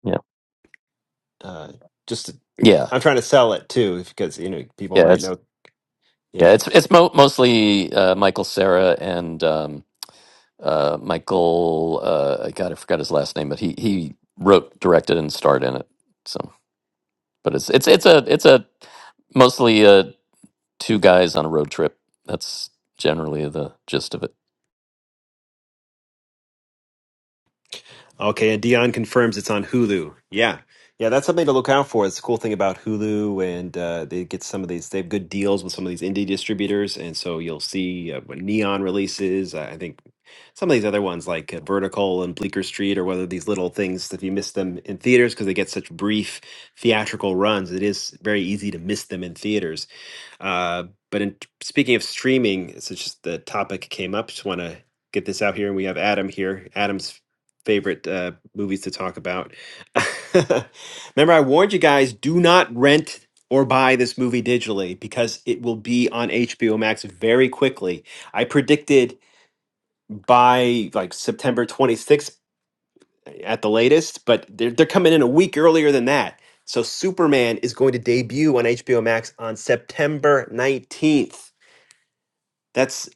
Speaker 2: Yeah,
Speaker 1: Uh, just to-
Speaker 2: yeah,
Speaker 1: I'm trying to sell it too, because you know people
Speaker 2: yeah.
Speaker 1: might
Speaker 2: It's
Speaker 1: know. Yeah.
Speaker 2: yeah, it's it's mo- mostly uh, Michael Sarah and um, uh, Michael. Uh, God, I forgot his last name, but he he wrote, directed, and starred in it. So, but it's it's it's a it's a mostly uh, two guys on a road trip. That's generally the gist of it.
Speaker 1: Okay, and Dion confirms it's on Hulu. Yeah, yeah, that's something to look out for. It's a cool thing about Hulu, and uh, they get some of these. They have good deals with some of these indie distributors, and so you'll see uh, when Neon releases. I I think some of these other ones like uh, Vertical and Bleecker Street, or whether these little things if you miss them in theaters because they get such brief theatrical runs, it is very easy to miss them in theaters. Uh, but in speaking of streaming, it's just the topic came up. Just want to get this out here, and we have Adam here. Adam's favorite uh, movies to talk about. Remember, I warned you guys: do not rent or buy this movie digitally because it will be on HBO Max very quickly. I predicted by like September 26th at the latest, but they're, they're coming in a week earlier than that. So Superman is going to debut on HBO Max on September 19th. That's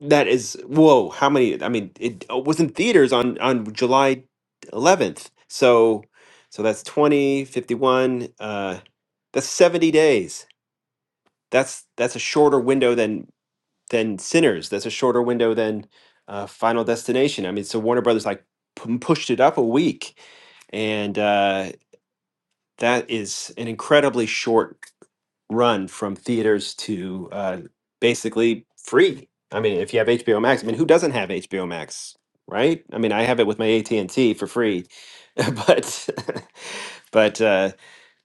Speaker 1: that is whoa. How many? I mean, it uh, was in theaters on on July 11th. So so that's 20 51 Uh, that's 70 days. That's that's a shorter window than than Sinners. That's a shorter window than uh, Final Destination. I mean, so Warner Brothers like p- pushed it up a week, and uh, that is an incredibly short. run from theaters to uh, basically free. I mean, if you have HBO Max, I mean, who doesn't have HBO Max, right? I mean, I have it with my AT and T for free, but but uh,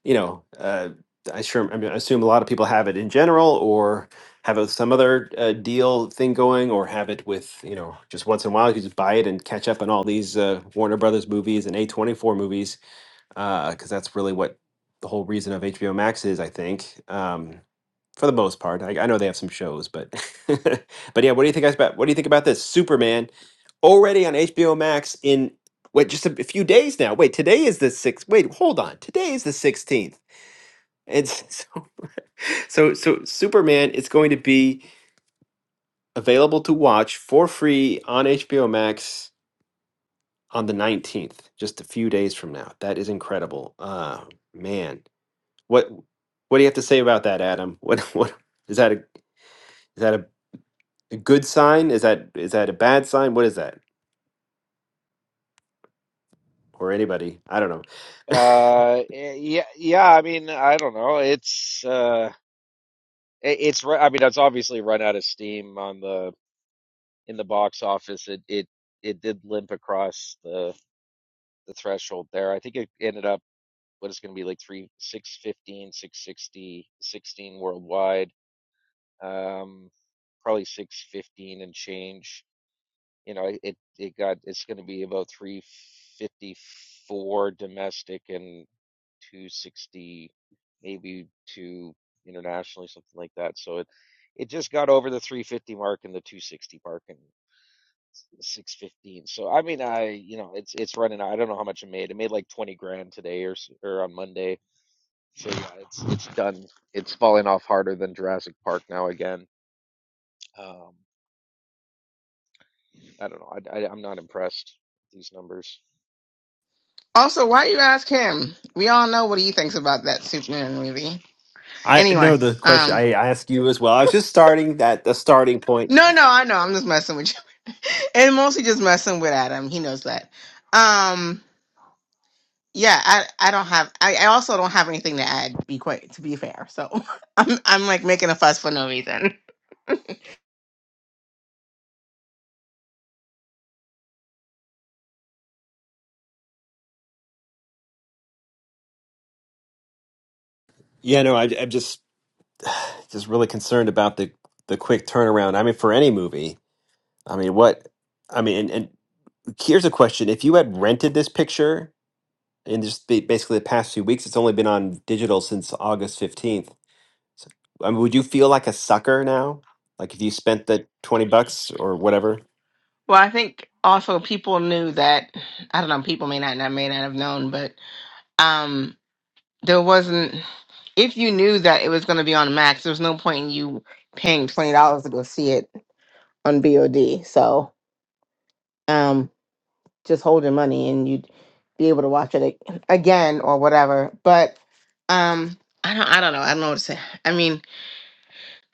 Speaker 1: you know, uh, I sure I, mean, I assume a lot of people have it in general, or have a, some other uh, deal thing going, or have it with you know, just once in a while you can just buy it and catch up on all these uh, Warner Brothers movies and A twenty four movies because that's really what the whole reason of HBO Max is, I think. Um, for the most part. I, I know they have some shows, but but yeah, what do you think guys about what do you think about this Superman already on HBO Max in wait just a, few days now. Wait, today is the 6th. Wait, hold on. Today is the 16th. It's so so Superman is going to be available to watch for free on HBO Max on the 19th, just a few days from now. That is incredible. Uh man. What what do you have to say about that, Adam? What what is that a is that a good sign? Is that is that a bad sign? What is that? Or anybody? I don't know.
Speaker 5: uh, eh, yeah, yeah. I mean, I don't know. It's uh, it- it's. ru- I mean, it's obviously run out of steam on the in the box office, it it it did limp across the the threshold there. I think it ended up what is going to be like three six fifteen, six sixty, sixteen worldwide, um, probably six fifteen and change. You know, it it got it's going to be about three fifty four domestic and two sixty maybe two internationally something like that. So it it just got over the 350 mark and the 260 mark and. six fifteen. So I mean, I you know, it's it's running. I don't know how much it made. It made like twenty grand today or or on Monday. So yeah, it's it's done. It's falling off harder than Jurassic Park now again. Um, I don't know. I, I I'm not impressed with these numbers.
Speaker 3: Also, why you ask him? We all know what he thinks about that Superman movie.
Speaker 1: I
Speaker 3: Anyway,
Speaker 1: know the question.
Speaker 3: um,
Speaker 1: I, I ask you as well. I was just starting that the starting point.
Speaker 3: no, no, I know. I'm just messing with you, and mostly just messing with Adam. He knows that. Um, yeah, I, I don't have. I, I also don't have anything to add. Be quite to be fair. So I'm, I'm like making a fuss for no reason.
Speaker 1: Yeah, no, I, I'm just just really concerned about the the quick turnaround. I mean, for any movie, I mean, what? I mean, and, and here's a question: If you had rented this picture in just ba- basically the past few weeks, it's only been on digital since August 15th. So, I mean, would you feel like a sucker now? Like if you spent the 20 bucks or whatever?
Speaker 3: Well, I think also people knew that. I don't know. People may not, not may not have known, but um. there wasn't if you knew that it was going to be on Max, there's no point in you paying twenty dollars to go see it on BOD. So, um, just hold your money and you'd be able to watch it ag- again or whatever. But, um, I don't, I don't know, I don't know what to say. I mean,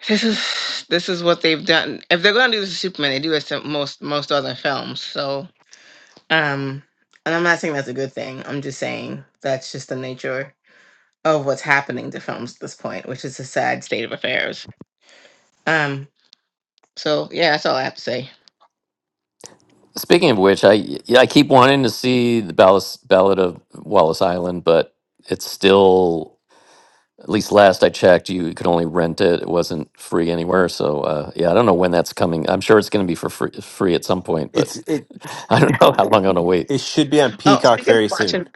Speaker 3: this is this is what they've done. If they're going to do this to Superman, they do it to most most other films. So, um, and I'm not saying that's a good thing. I'm just saying that's just the nature. of what's happening to films at this point, which is a sad state of affairs. Um, so yeah, that's all I have to say.
Speaker 2: Speaking of which, I yeah, I keep wanting to see the Ballast, Ballad of Wallace Island, but it's still at least last I checked, you could only rent it. It wasn't free anywhere. So uh, yeah, I don't know when that's coming. I'm sure it's going to be for free, free at some point,
Speaker 1: It's
Speaker 2: but
Speaker 1: it
Speaker 2: I don't know how long I'm going to wait.
Speaker 1: it should be on
Speaker 3: Oh,
Speaker 1: Peacock
Speaker 3: speaking of
Speaker 1: very soon.
Speaker 3: watching,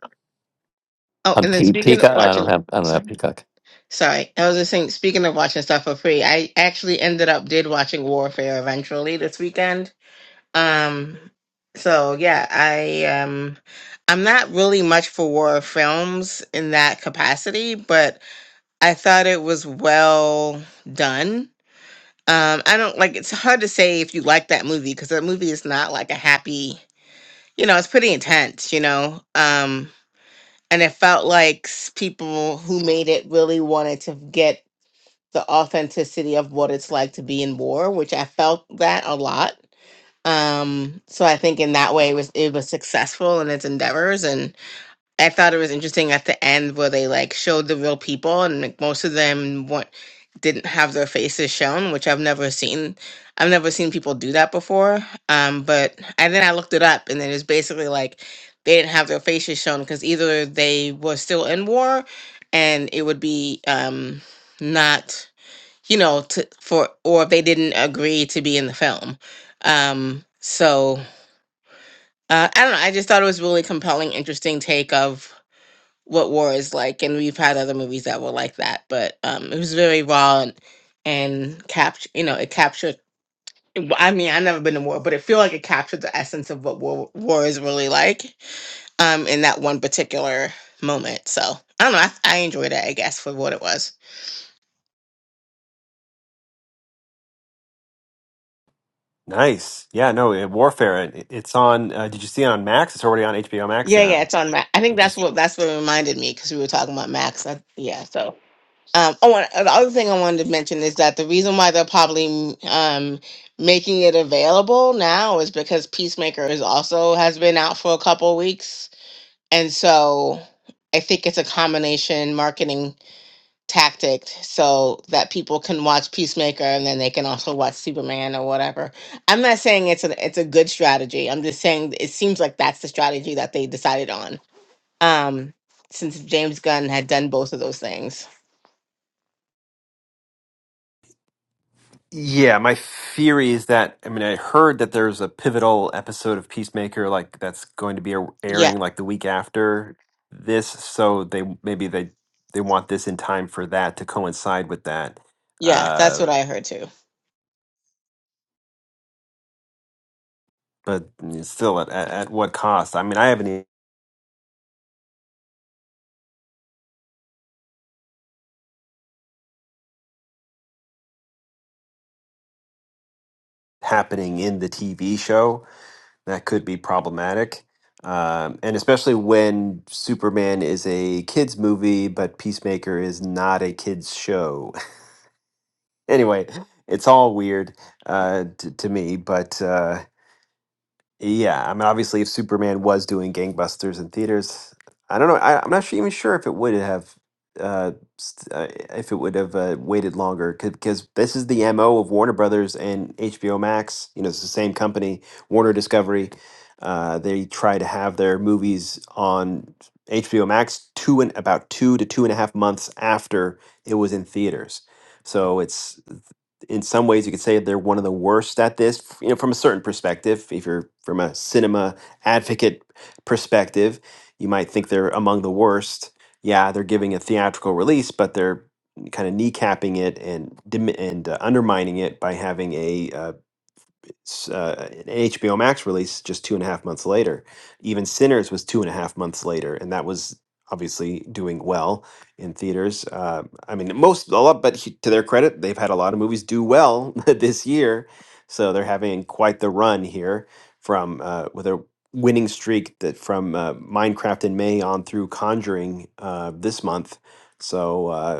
Speaker 3: oh,
Speaker 2: On
Speaker 3: and then
Speaker 2: Pe-
Speaker 3: speaking of
Speaker 2: Peacock, I don't
Speaker 3: watching,
Speaker 2: have I don't have
Speaker 3: sorry,
Speaker 2: Peacock.
Speaker 3: sorry, I was just saying, speaking of watching stuff for free, I actually ended up did watching Warfare eventually this weekend. Um, so yeah, I um, I'm not really much for war films in that capacity, but I thought it was well done Um, I don't like it's hard to say if you like that movie because that movie is not like a happy, you know, it's pretty intense, you know. Um, and it felt like s- people who made it really wanted to get the authenticity of what it's like to be in war, which I felt that a lot. Um, so I think in that way it was it was successful in its endeavors I thought it was interesting at the end where they like showed the real people and like most of them weren't didn't have their faces shown, which I've never seen. I've never seen people do that before. Um, but and then I looked it up and then it's basically like they didn't have their faces shown because either they were still in war and it would be um not you know to, for or if they didn't agree to be in the film. Um, so uh, I don't know. I just thought it was really compelling, interesting take of what war is like and we've had other movies that were like that but um it was very raw and, and capture you know it captured i mean i've never been to war but it feel like it captured the essence of what war, war is really like um in that one particular moment so i don't know i, I enjoyed it i guess for what it was
Speaker 1: Nice. Yeah, no, it, Warfare. It, it's on. Uh, did you see it on Max? It's already on HBO Max
Speaker 3: yeah yeah
Speaker 1: now.
Speaker 3: it's on Max. i think
Speaker 1: It
Speaker 3: that's
Speaker 1: just.
Speaker 3: what that's what reminded me because we were talking about max I, yeah so Um, oh, and the other thing I wanted to mention is that the reason why they're probably um, making it available now is because Peacemaker is also has been out for a couple weeks, and so I think it's a combination marketing tactic so that people can watch Peacemaker and then they can also watch Superman or whatever. I'm not saying it's a it's a good strategy. I'm just saying it seems like that's the strategy that they decided on. Um, since James Gunn had done both of those things.
Speaker 1: Yeah, my theory is that I mean I heard that there's a pivotal episode of Peacemaker like that's going to be air-
Speaker 3: Yeah.
Speaker 1: airing like the week after this, so they maybe they they want this in time for that to coincide with that.
Speaker 3: Yeah, that's
Speaker 1: Uh,
Speaker 3: what I heard too.
Speaker 1: but still, at, at at what cost? I mean, I haven't happening in the TV show. that could be problematic. Um, and especially when Superman is a kids movie, but Peacemaker is not a kids show. anyway, it's all weird uh, to, to me, but. Uh, yeah, I mean, obviously, if Superman was doing gangbusters in theaters, I don't know. I, I'm not sure, even sure if it would have, uh, st- uh, if it would have uh, waited longer, because this is the MO of Warner Brothers and HBO Max. You know, it's the same company, Warner Discovery. Uh, they try to have their movies on HBO Max two and about two to two and a half months after it was in theaters. So it's in some ways you could say they're one of the worst at this f- you know from a certain perspective if you're from a cinema advocate perspective you might think they're among the worst yeah they're giving a theatrical release but they're kind of kneecapping it and dim- and uh, undermining it by having a uh uh, an HBO Max release just two and a half months later. Even Sinners was two and a half months later, and that was obviously doing well in theaters. Uh, I mean, most a lot, but he- to their credit, they've had a lot of movies do well this year, so they're having quite the run here from uh, with a winning streak that from uh, Minecraft in May on through Conjuring uh, this month. So. Uh,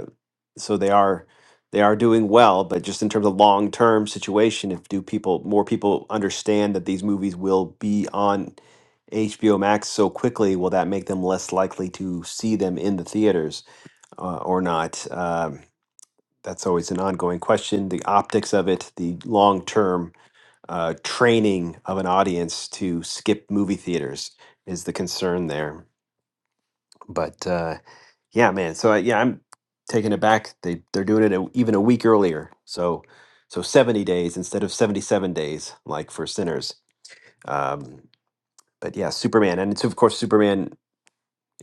Speaker 1: so they are they are doing well but just in terms of long term situation if do people more people understand that these movies will be on HBO Max so quickly will that make them less likely to see them in the theaters uh, or not um, that's always an ongoing question the optics of it the long term uh, training of an audience to skip movie theaters is the concern there but uh, yeah, man. So I, yeah, I'm taking it back. They they're doing it a, even a week earlier. So so 70 days instead of 77 days, like for sinners. Um, but yeah, Superman, and it's of course Superman,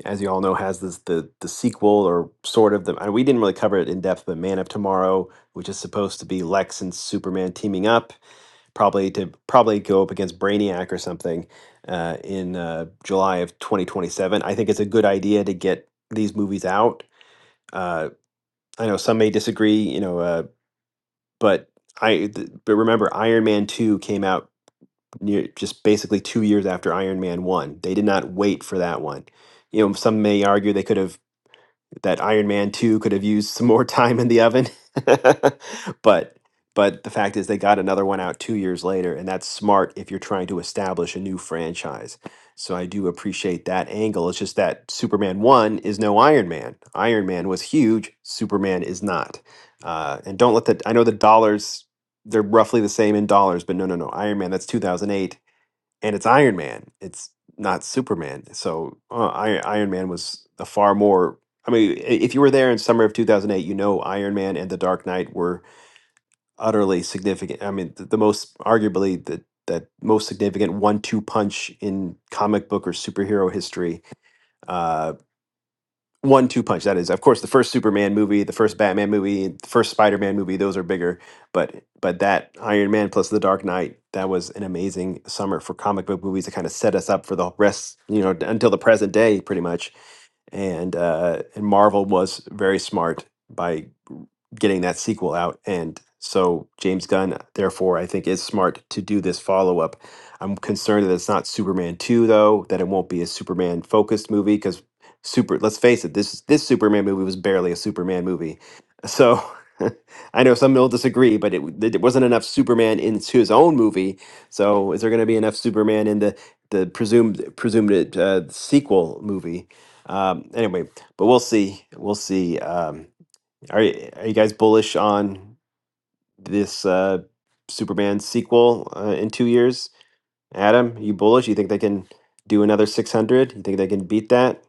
Speaker 1: as you all know, has this the the sequel or sort of the. And we didn't really cover it in depth, but Man of Tomorrow, which is supposed to be Lex and Superman teaming up, probably to probably go up against Brainiac or something uh, in uh, July of 2027. I think it's a good idea to get these movies out Uh, I know some may disagree, you know, uh, but I th- but remember Iron Man 2 came out near just basically 2 years after Iron Man 1. They did not wait for that one. You know, some may argue they could have that Iron Man 2 could have used some more time in the oven. but but the fact is they got another one out 2 years later and that's smart if you're trying to establish a new franchise. So I do appreciate that angle. It's just that Superman 1 is no Iron Man. Iron Man was huge, Superman is not. Uh, and don't let the I know the dollars they're roughly the same in dollars, but no no no. Iron Man that's 2008 and it's Iron Man. It's not Superman. So uh, I, Iron Man was a far more. I mean, i- if you were there in summer of 2008, you know Iron Man and The Dark Knight were utterly significant. I mean, the, the most arguably the that most significant one-two punch in comic book or superhero history. Uh, one two punch that is of course the first superman movie the first batman movie the first spider-man movie those are bigger but but that iron man plus the dark knight that was an amazing summer for comic book movies to kind of set us up for the rest you know until the present day pretty much and uh and marvel was very smart by getting that sequel out. And so James Gunn, therefore, I think is smart to do this follow up. I'm concerned that it's not Superman 2, though, that it won't be a Superman focused movie because super let's face it, this this Superman movie was barely a Superman movie. So I know some will disagree, but it, w- it wasn't enough Superman in his own movie. So is there going to be enough Superman in the the presumed presumed uh, sequel movie? Um, anyway, but we'll see. We'll see. Um, are you, are you guys bullish on this uh, Superman sequel uh, in two years? Adam, you bullish? You think they can do another 600? You think they can beat that?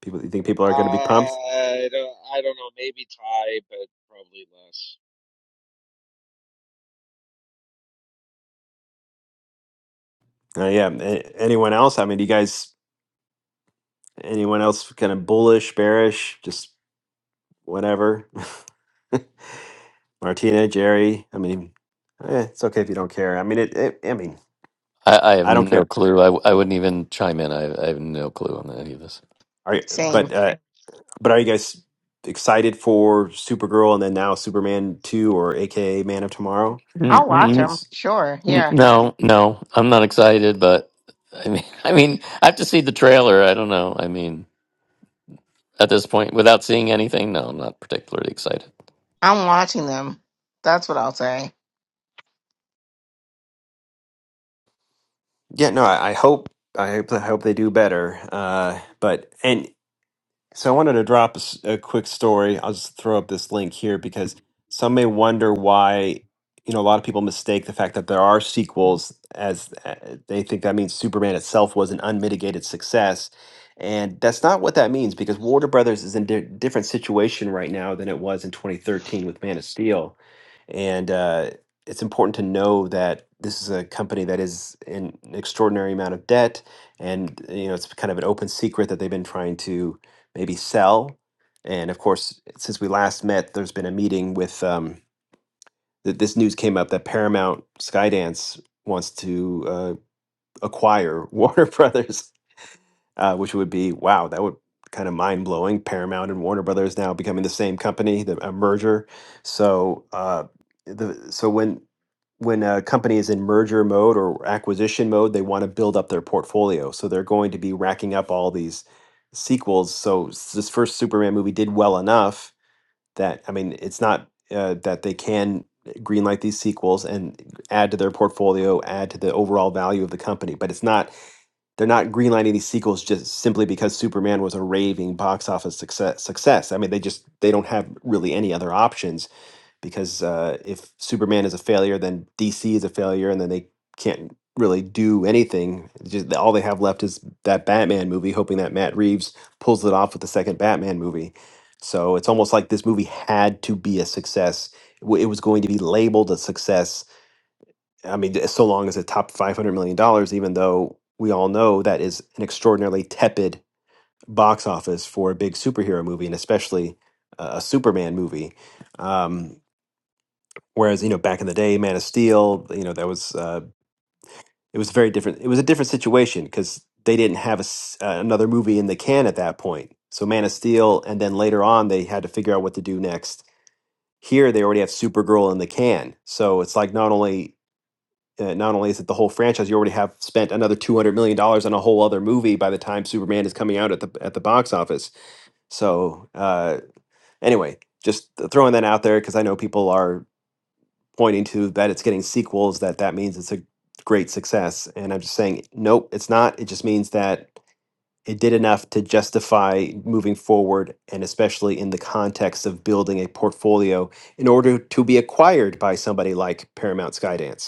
Speaker 1: People, you think people are going to be pumped?
Speaker 5: I don't I don't know. Maybe tie, but probably less.
Speaker 1: Uh, yeah. a- Anyone else? I mean, do you guys, anyone else kind of bullish, bearish, just whatever? Martina, Jerry. I mean, eh, it's okay if you don't care. I mean, it, it I mean,
Speaker 2: I, I have
Speaker 1: I don't care.
Speaker 2: no clue. I, w- I wouldn't even chime in. I, I have no clue on any of this.
Speaker 1: Are you, but
Speaker 3: Same.
Speaker 1: uh, But are you guys excited for Supergirl and then now Superman 2 or AKA Man of Tomorrow?
Speaker 3: I'll
Speaker 1: You
Speaker 3: watch them.
Speaker 1: guys
Speaker 3: Sure.
Speaker 2: N-
Speaker 3: Yeah.
Speaker 2: No, no, I'm not excited, but I mean, I mean, I have to see the trailer. I don't know. I mean, at this point, without seeing anything, no, I'm not particularly excited.
Speaker 3: I'm watching them. That's what I'll say.
Speaker 1: Yeah, no, I, I hope I hope I hope they do better. Uh, but and So I wanted to drop a, s- a quick story. I'll just throw up this link here because some may wonder why you know a lot of people mistake the fact that there are sequels as uh, they think that means Superman itself was an unmitigated success, and that's not what that means because Warner Brothers is in a different situation right now than it was in 2013 with Man of Steel, and uh, it's important to know that this is a company that is in an extraordinary amount of debt, and you know it's kind of an open secret that they've been trying to maybe sell. And of course, since we last met, there's been a meeting with um, th- this news came up that Paramount Skydance wants to uh, acquire Warner Brothers uh, which would be wow, that would kind of mind blowing. Paramount and Warner Brothers now becoming the same company, the a merger. So uh, the so when when a company is in merger mode or acquisition mode, they want to build up their portfolio. So they're going to be racking up all these sequels. So s- this first Superman movie did well enough that I mean, it's not uh, that they can greenlight these sequels and add to their portfolio, add to the overall value of the company, but it's not they're not greenlighting these sequels just simply because Superman was a raving box office success. Success. I mean, they just they don't have really any other options because uh, if Superman is a failure, then DC is a failure, and then they can't really do anything. It's Just all they have left is that Batman movie, hoping that Matt Reeves pulls it off with the second Batman movie. So it's almost like this movie had to be a success. It wa- it was going to be labeled a success I mean, so long as it topped five hundred million dollars, even though we all know that is an extraordinarily tepid box office for a big superhero movie, and especially uh, a Superman movie. Um, whereas you know, back in the day, Man of Steel, you know, that was uh, it was very different. It was a different situation because they didn't have a s uh, another movie in the can at that point. So Man of Steel, and then later on, they had to figure out what to do next. Here, they already have Supergirl in the can, so it's like not only uh, not only is it the whole franchise, you already have spent another two hundred million dollars on a whole other movie by the time Superman is coming out at the at the box office. So uh, anyway, just throwing that out there because I know people are pointing to that it's getting sequels that that means it's a great success, and I'm just saying nope, it's not. It just means that it did enough to justify moving forward, and especially in the context of building a portfolio in order to be acquired by somebody like Paramount Skydance.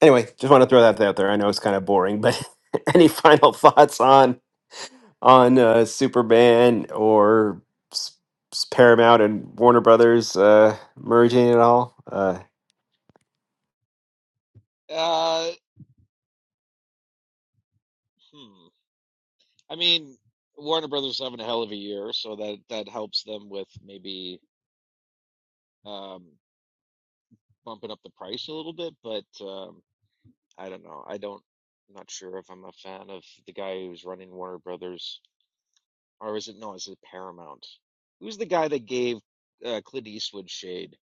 Speaker 1: anyway, just want to throw that out there. I know it's kind of boring, but any final thoughts on on uh, Superman or S- S- Paramount and Warner Brothers uh, merging at all? Uh,
Speaker 5: Uh, hmm. I mean, Warner Brothers is having a hell of a year, so that that helps them with maybe. um bumping up the price a little bit, but um, I don't know. I don't, I'm not sure if I'm a fan of the guy who's running Warner Brothers, or is it no, is it Paramount? Who's the guy that gave uh, Clint Eastwood shade?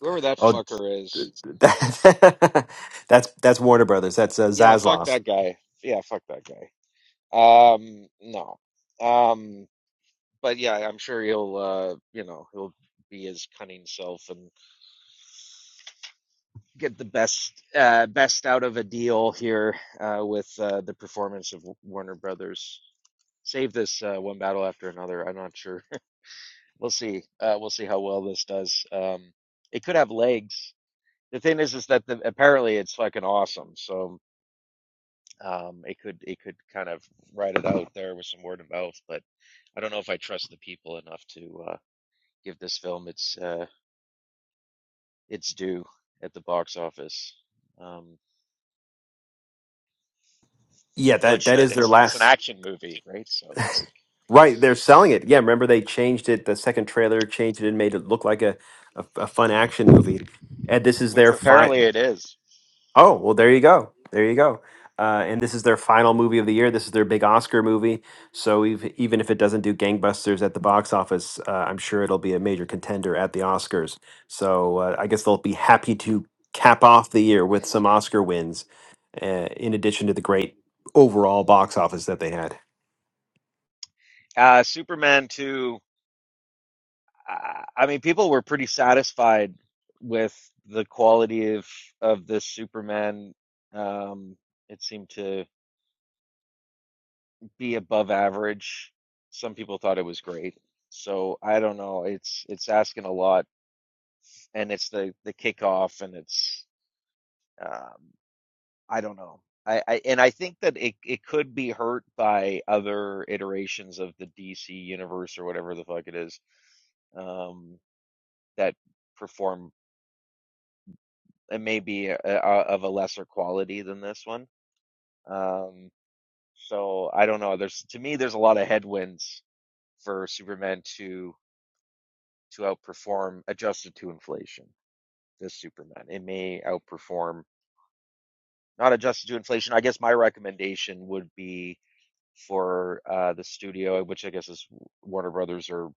Speaker 5: Whoever that
Speaker 1: oh,
Speaker 5: fucker is.
Speaker 1: that, that's that's Warner Brothers. That's uh,
Speaker 5: Yeah, fuck
Speaker 1: Zaslav.
Speaker 5: that guy. Yeah, fuck that guy. Um, no. Um, but yeah, I'm sure he'll, uh, you know, he'll be his cunning self and get the best uh, best out of a deal here uh, with uh, the performance of Warner Brothers. save this uh, one battle after another. I'm not sure. we'll see. Uh, we'll see how well this does. Um, it could have legs. The thing is, is that the, apparently it's fucking awesome. So um, it could it could kind of ride it out there with some word of mouth. But I don't know if I trust the people enough to uh, give this film its uh, its due at the box office. Um,
Speaker 1: Yeah,
Speaker 5: though it
Speaker 1: that that
Speaker 5: should.
Speaker 1: is their
Speaker 5: It's it's an
Speaker 1: last.
Speaker 5: action movie, right? So like,
Speaker 1: Right, they're selling it. Yeah, remember they changed it. The second trailer changed it and made it look like a a, a fun action movie. And this is
Speaker 5: which
Speaker 1: their fi-
Speaker 5: apparently it is.
Speaker 1: Oh, well, there you go. There you go. Uh, and this is their final movie of the year. This is their big Oscar movie. So ev even if it doesn't do gangbusters at the box office, uh, I'm sure it'll be a major contender at the Oscars. So uh, I guess they'll be happy to cap off the year with some Oscar wins, uh, in addition to the great overall box office that they had.
Speaker 5: Uh, Superman two I I mean, people were pretty satisfied with the quality of of this Superman. Um, it seemed to be above average. Some people thought it was great. So I don't know. It's it's asking a lot, and it's the the kickoff, and it's um, I don't know. I, I and I think that it it could be hurt by other iterations of the DC universe or whatever the fuck it is um, that perform it may be uh uh of a lesser quality than this one. Um, so I don't know. There's to me, there's a lot of headwinds for Superman to to outperform adjusted to inflation. This Superman, it may outperform not adjusted to inflation. I guess my recommendation would be for uh, the studio, which I guess is Warner Brothers or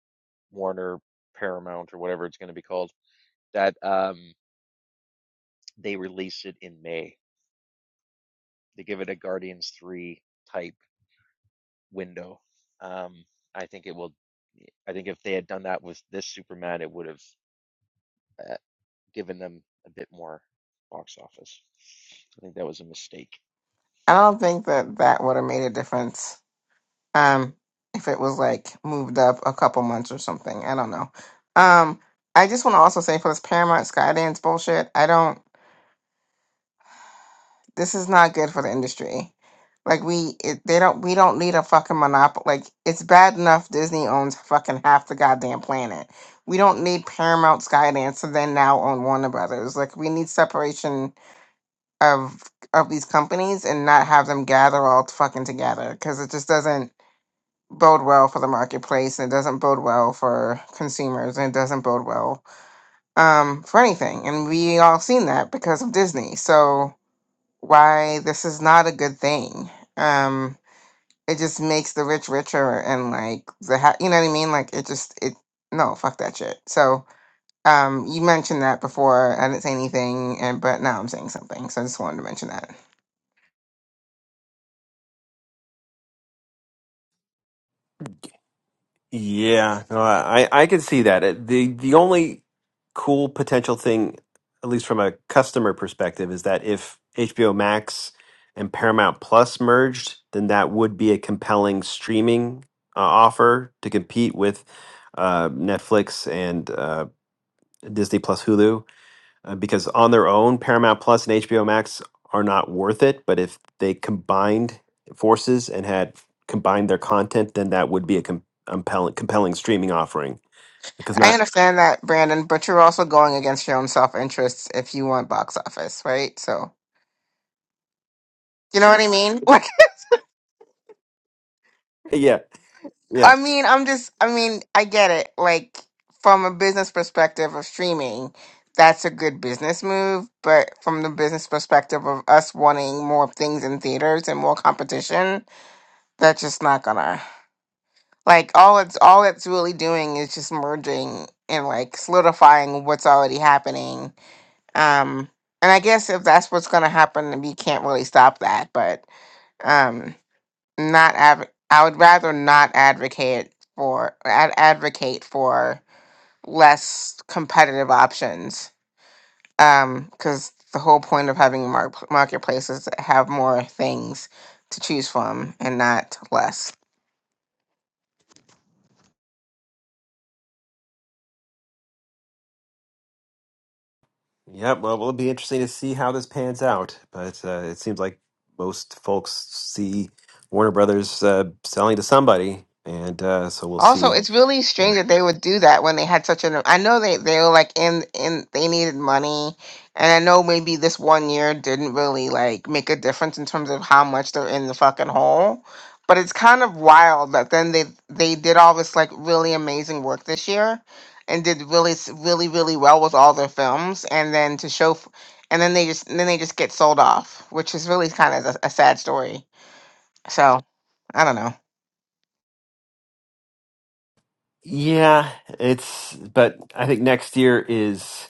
Speaker 5: Warner Paramount or whatever it's going to be called, that um, they release it in May. They give it a Guardians Three type window. Um, I think it will. I think if they had done that with this Superman, it would have uh, given them a bit more box office. I think that was a mistake.
Speaker 3: I don't think that that would have made a difference um, if it was like moved up a couple months or something. I don't know. Um, I just want to also say for this Paramount Skydance bullshit, I don't. This is not good for the industry. Like we, it, they don't. We don't need a fucking monopoly. Like it's bad enough Disney owns fucking half the goddamn planet. We don't need Paramount, Skydance, to then now own Warner Brothers. Like we need separation of of these companies and not have them gather all fucking together because it just doesn't bode well for the marketplace and it doesn't bode well for consumers and it doesn't bode well um for anything. And we all seen that because of Disney. So why this is not a good thing. Um, it just makes the rich richer and like the ha- you know what I mean. Like it just it no fuck that shit. So um, you mentioned that before. I didn't say anything, and but now I'm saying something. So I just wanted to mention that.
Speaker 1: Yeah, no, I I could see that. It- The the only cool potential thing, at least from a customer perspective, is that if HBO Max and Paramount Plus merged, then that would be a compelling streaming uh, offer to compete with uh, Netflix and uh, Disney Plus Hulu uh, because on their own, Paramount Plus and HBO Max are not worth it. But if they combined forces and had combined their content, then that would be a com- compelling, compelling streaming offering. Because
Speaker 3: I
Speaker 1: not,
Speaker 3: understand that, Brandon, but you're also going against your own self interests if you want box office, right? So you know what I mean.
Speaker 1: yeah, yeah,
Speaker 3: I mean, I'm just, I mean, I get it. Like, from a business perspective of streaming, that's a good business move. But from the business perspective of us wanting more things in theaters and more competition, that's just not gonna, like, all it's, all it's really doing is just merging and, like, solidifying what's already happening. Um, and I guess if that's what's gonna happen, we can't really stop that. But, um not adv- I would rather not advocate for ad- advocate for less competitive options um cuz the whole point of having mar- marketplaces is to have more things to choose from and not less
Speaker 1: yeah. Well, it'll be interesting to see how this pans out. But uh, it seems like most folks see Warner Brothers uh, selling to somebody, and uh, so we'll
Speaker 3: Also,
Speaker 1: see.
Speaker 3: it's really strange
Speaker 1: Well,
Speaker 3: that they would do that when they had such an. I know they they were like in in they needed money, and I know maybe this one year didn't really like make a difference in terms of how much they're in the fucking hole. But it's kind of wild that then they they did all this like really amazing work this year, and did really s- really really well with all their films, and then to show, f- and then they just and then they just get sold off, which is really kind of a, a sad story. So I don't know.
Speaker 1: yeah, it's. But I think next year is.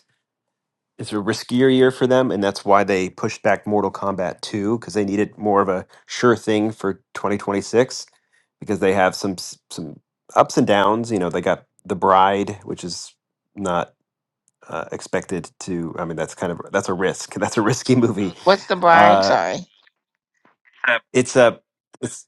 Speaker 1: it's a riskier year for them, and that's why they pushed back Mortal Kombat 2 because they needed more of a sure thing for 2026 because they have some s- some ups and downs. You know, they got The Bride, which is not uh, expected to. I mean, that's kind of that's a risk. That's a risky movie.
Speaker 3: What's the bride?
Speaker 1: Uh,
Speaker 3: Sorry.
Speaker 1: it's a it's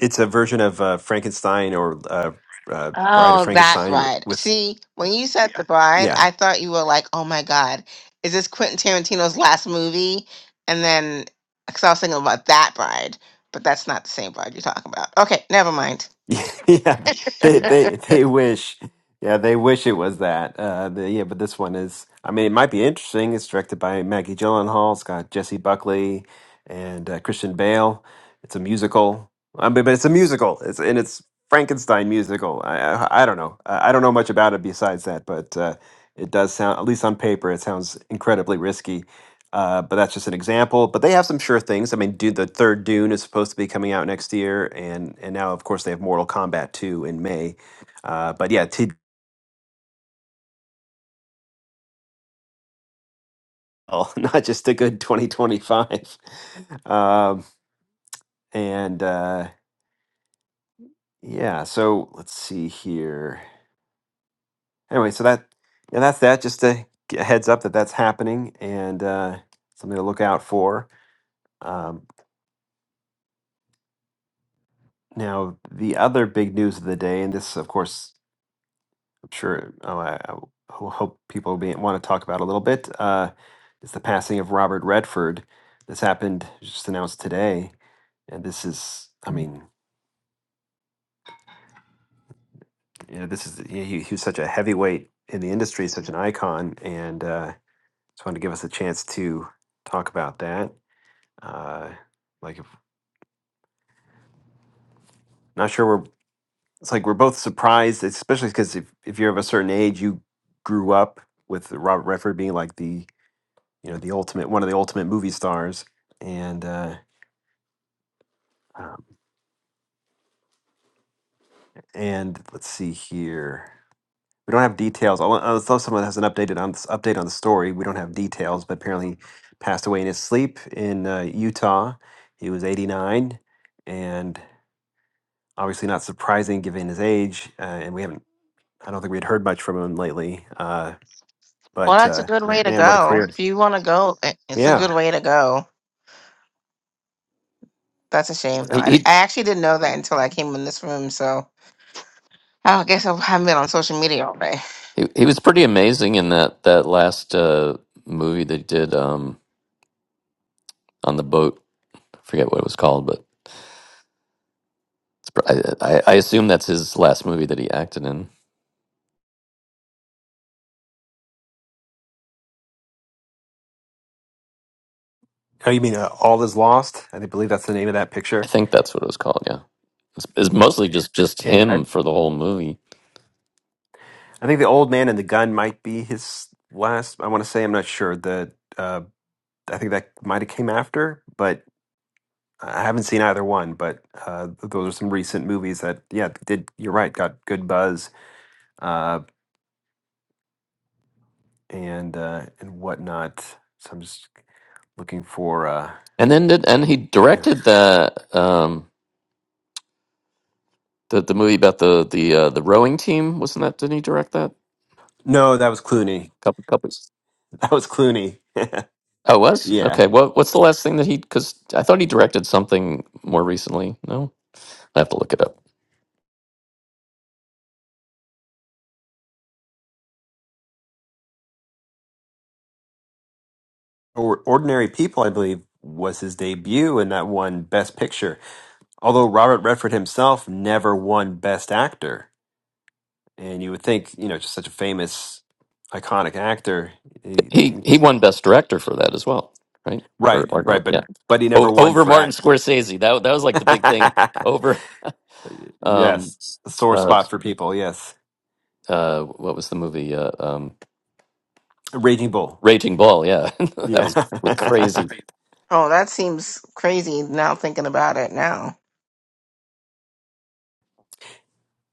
Speaker 1: it's a version of uh, Frankenstein or uh, uh, Bride of
Speaker 3: Oh, that
Speaker 1: Frankenstein with
Speaker 3: bride.
Speaker 1: with
Speaker 3: See, when you said Yeah. the bride,
Speaker 1: yeah
Speaker 3: I thought you were like, oh my God, is this Quentin Tarantino's last movie? And then, because I was thinking about that bride, but that's not the same bride you're talking about. Okay, never mind.
Speaker 1: Yeah, they
Speaker 3: Yeah.
Speaker 1: they they wish. Yeah, they wish it was that. Uh, the, yeah, but this one is. I mean, it might be interesting. It's directed by Maggie Gyllenhaal. It's got Jesse Buckley and uh, Christian Bale. It's a musical. I mean, but it's a musical. It's and it's Frankenstein musical. I I, I don't know. I, I don't know much about it besides that, but uh, it does sound, at least on paper, it sounds incredibly risky. Uh, but that's just an example. But they have some sure things. I mean, dude, the third Dune is supposed to be coming out next year, and and now of course they have Mortal Kombat two in May. Uh, but yeah, TDL, not just a good 2025. Um, and uh, yeah, so let's see here. Anyway, so that yeah, that's that. Just a g- a heads up that that's happening and uh, something to look out for. Um, now, the other big news of the day, and this, of course. sure Oh, I, I ho- hope people be, want to talk about a little bit uh, is the passing of Robert Redford. This happened just announced today, and this is I mean you know this is he, he he was such a heavyweight in the industry, such an icon, and uh, just wanted to give us a chance to talk about that. Uh, like if, not sure we're it's like we're both surprised, especially because if if you're of a certain age, you grew up with Robert Redford being like the you know the ultimate one of the ultimate movie stars and uh um, and let's see here we don't have details although although someone has an updated on this update on the story we don't have details but apparently passed away in his sleep in uh, utah he was 89 and obviously not surprising given his age uh, and we haven't i don't think we had heard much from him lately uh
Speaker 3: Well,
Speaker 1: but
Speaker 3: that's a
Speaker 1: uh,
Speaker 3: good
Speaker 1: ma-
Speaker 3: way to
Speaker 1: man, what a
Speaker 3: go.
Speaker 1: career!
Speaker 3: If you want to go, i- it's a
Speaker 1: Yeah.
Speaker 3: good way to go. That's a shame. No,
Speaker 2: He
Speaker 3: I,
Speaker 2: he,
Speaker 3: I actually didn't know that until I came in this room. So I guess I haven't been on social media all day.
Speaker 2: he he was pretty amazing in that that last uh, movie that he did um, on the boat. I forget what it was called, but it's, pr- I, I I assume that's his last movie that he acted in.
Speaker 1: Oh, you mean uh, all is lost? I think- believe that's the name of that
Speaker 2: I
Speaker 1: picture.
Speaker 2: think that's what it was called. Yeah, it's, it's mostly just just
Speaker 1: And I.
Speaker 2: him for the whole movie,
Speaker 1: I think the old man and the gun might be his last. I want to say I'm not sure. The uh, I think that might have came after, but I haven't seen either one. But uh, those are some recent movies that yeah did. You're right, got good buzz uh, and uh, and whatnot. So I'm just looking for. Uh,
Speaker 2: and then did, and he
Speaker 1: yeah.
Speaker 2: directed the um the the movie about the the uh, the rowing team. Wasn't that? Didn't he direct that?
Speaker 1: No, that was Clooney.
Speaker 2: Couple couples.
Speaker 1: That was Clooney.
Speaker 2: Oh, it was
Speaker 1: Yeah,
Speaker 2: okay. What what's the last thing that he? Because I thought he directed something more recently. No, I have to look it up.
Speaker 1: or- Ordinary People, I believe, was his debut, and that won Best Picture. Although Robert Redford himself never won Best Actor And you would think, you know, just such a famous, iconic actor. he-
Speaker 2: He he won best director for that as well, right? For
Speaker 1: right,
Speaker 2: partner,
Speaker 1: right,
Speaker 2: yeah.
Speaker 1: but but he never
Speaker 2: Over,
Speaker 1: won
Speaker 2: over
Speaker 1: for
Speaker 2: Martin
Speaker 1: act.
Speaker 2: Scorsese. That that was like the big thing. Over um
Speaker 1: yes, a sore
Speaker 2: uh,
Speaker 1: spot for people. Yes,
Speaker 2: uh what was the movie uh, um
Speaker 1: Raging Bull.
Speaker 2: raging bull yeah that
Speaker 1: Yeah,
Speaker 2: was like crazy
Speaker 3: Oh, that seems crazy now thinking about it now.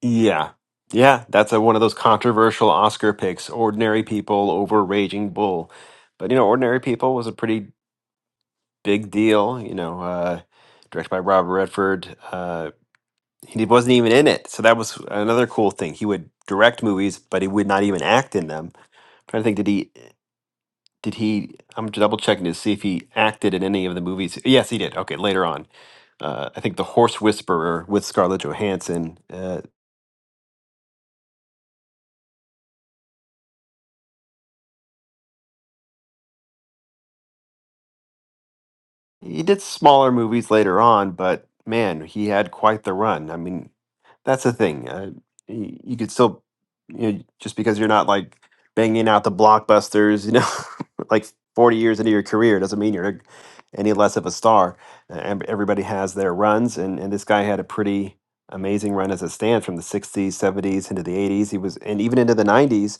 Speaker 1: yeah, yeah. That's a, one of those controversial Oscar picks: Ordinary People over Raging Bull. But you know, Ordinary People was a pretty big deal. You know, uh, directed by Robert Redford. Uh, he wasn't even in it. So that was another cool thing. He would direct movies, but he would not even act in them. I'm trying to think, did he? Did he? I'm double checking to see if he acted in any of the movies. Yes, he did. Okay, later on, uh, I think the Horse Whisperer with Scarlett Johansson. Uh, He did smaller movies later on, but man, he had quite the run. I mean, that's the thing. Uh, you, you could still, you know, just because you're not like banging out the blockbusters, you know, like 40 years into your career doesn't mean you're any less of a star. Uh, ev- Everybody has their runs, and, and this guy had a pretty amazing run as it stands from the 60s, 70s into the 80s. He was, and even into the 90s,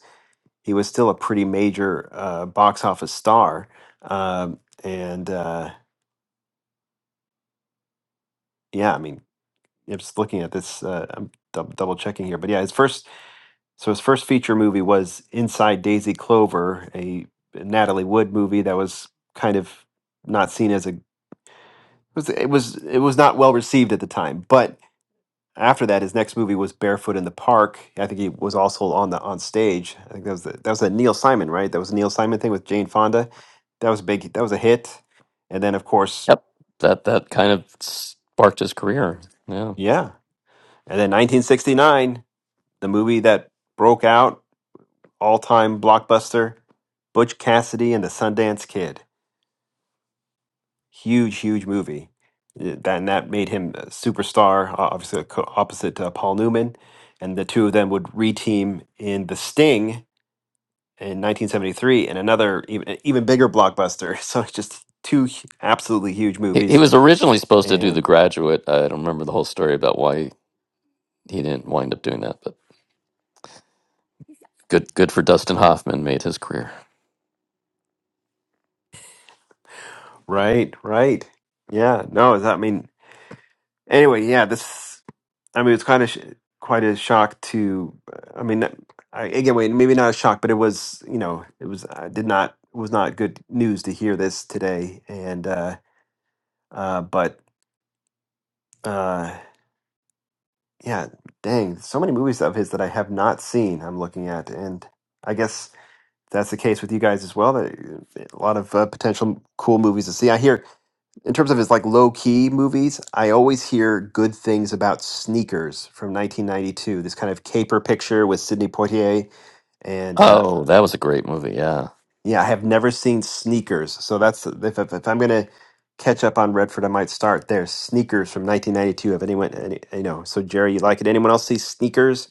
Speaker 1: he was still a pretty major uh, box office star. Um, and, uh, Yeah, I mean, I'm just looking at this. Uh, I'm dou- double checking here, but yeah, his first so his first feature movie was Inside Daisy Clover, a Natalie Wood movie that was kind of not seen as a was it was it was not well received at the time. But after that, his next movie was Barefoot in the Park. I think he was also on the on stage. I think that was the, that was a Neil Simon, right? That was a Neil Simon thing with Jane Fonda. That was a big. That was a hit. And then, of course,
Speaker 2: yep that that kind of sparked his career yeah
Speaker 1: yeah. And then 1969, the movie that broke out all time blockbuster, Butch Cassidy and the Sundance Kid. Huge, huge movie. Yeah, That, and that made him a superstar, o- obviously a co- opposite uh, Paul Newman. And the two of them would reteam in The Sting in 1973 and another even, even bigger blockbuster. So it's just two hu- absolutely huge
Speaker 2: he, he
Speaker 1: movies.
Speaker 2: was originally supposed to do the
Speaker 1: And
Speaker 2: graduate i don't remember the whole story about why he didn't wind up doing that but good good for dustin hoffman made his career
Speaker 1: right, right. Yeah, no, that, I mean, anyway, yeah, this. I mean, it's kind of sh- quite a shock to. I mean, I, again, wait, maybe not a shock, but it was. You know, it was. I did not it was not good news to hear this today. And uh, uh, but uh, yeah, dang, so many movies of his that I have not seen. I'm looking at, and I guess that's the case with you guys as well. That uh, a lot of uh, potential cool movies to see. I hear in terms of his like low key movies, I always hear good things about Sneakers from 1992. This kind of caper picture with Sidney Poitier, and uh,
Speaker 2: oh that was a great movie yeah
Speaker 1: yeah, I have never seen Sneakers. So that's if, if, if I'm gonna catch up on Redford, I might start there. Sneakers from 1992. If anyone, any, you know, so Jerry, you like it? Anyone else see Sneakers?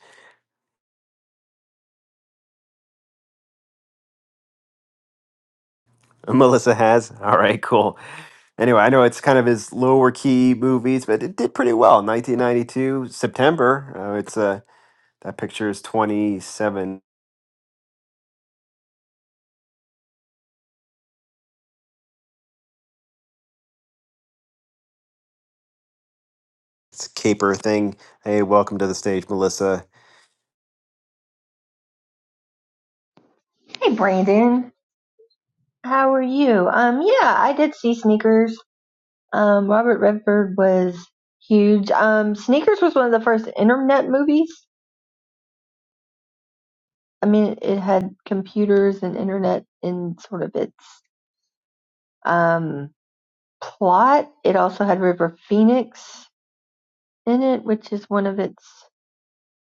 Speaker 1: Melissa has. All right, cool. Anyway, I know it's kind of his lower key movies, but it did pretty well. 1992 September. Uh, it's a That picture is 27. It's a caper thing. Hey, welcome to the stage, Melissa.
Speaker 6: Hey Brandon, how are you? Um, yeah, I did see Sneakers. Um, Robert Redford was huge. Um, Sneakers was one of the first internet movies. I mean, it had computers and internet in sort of its um plot. It also had River Phoenix in it, which is one of its,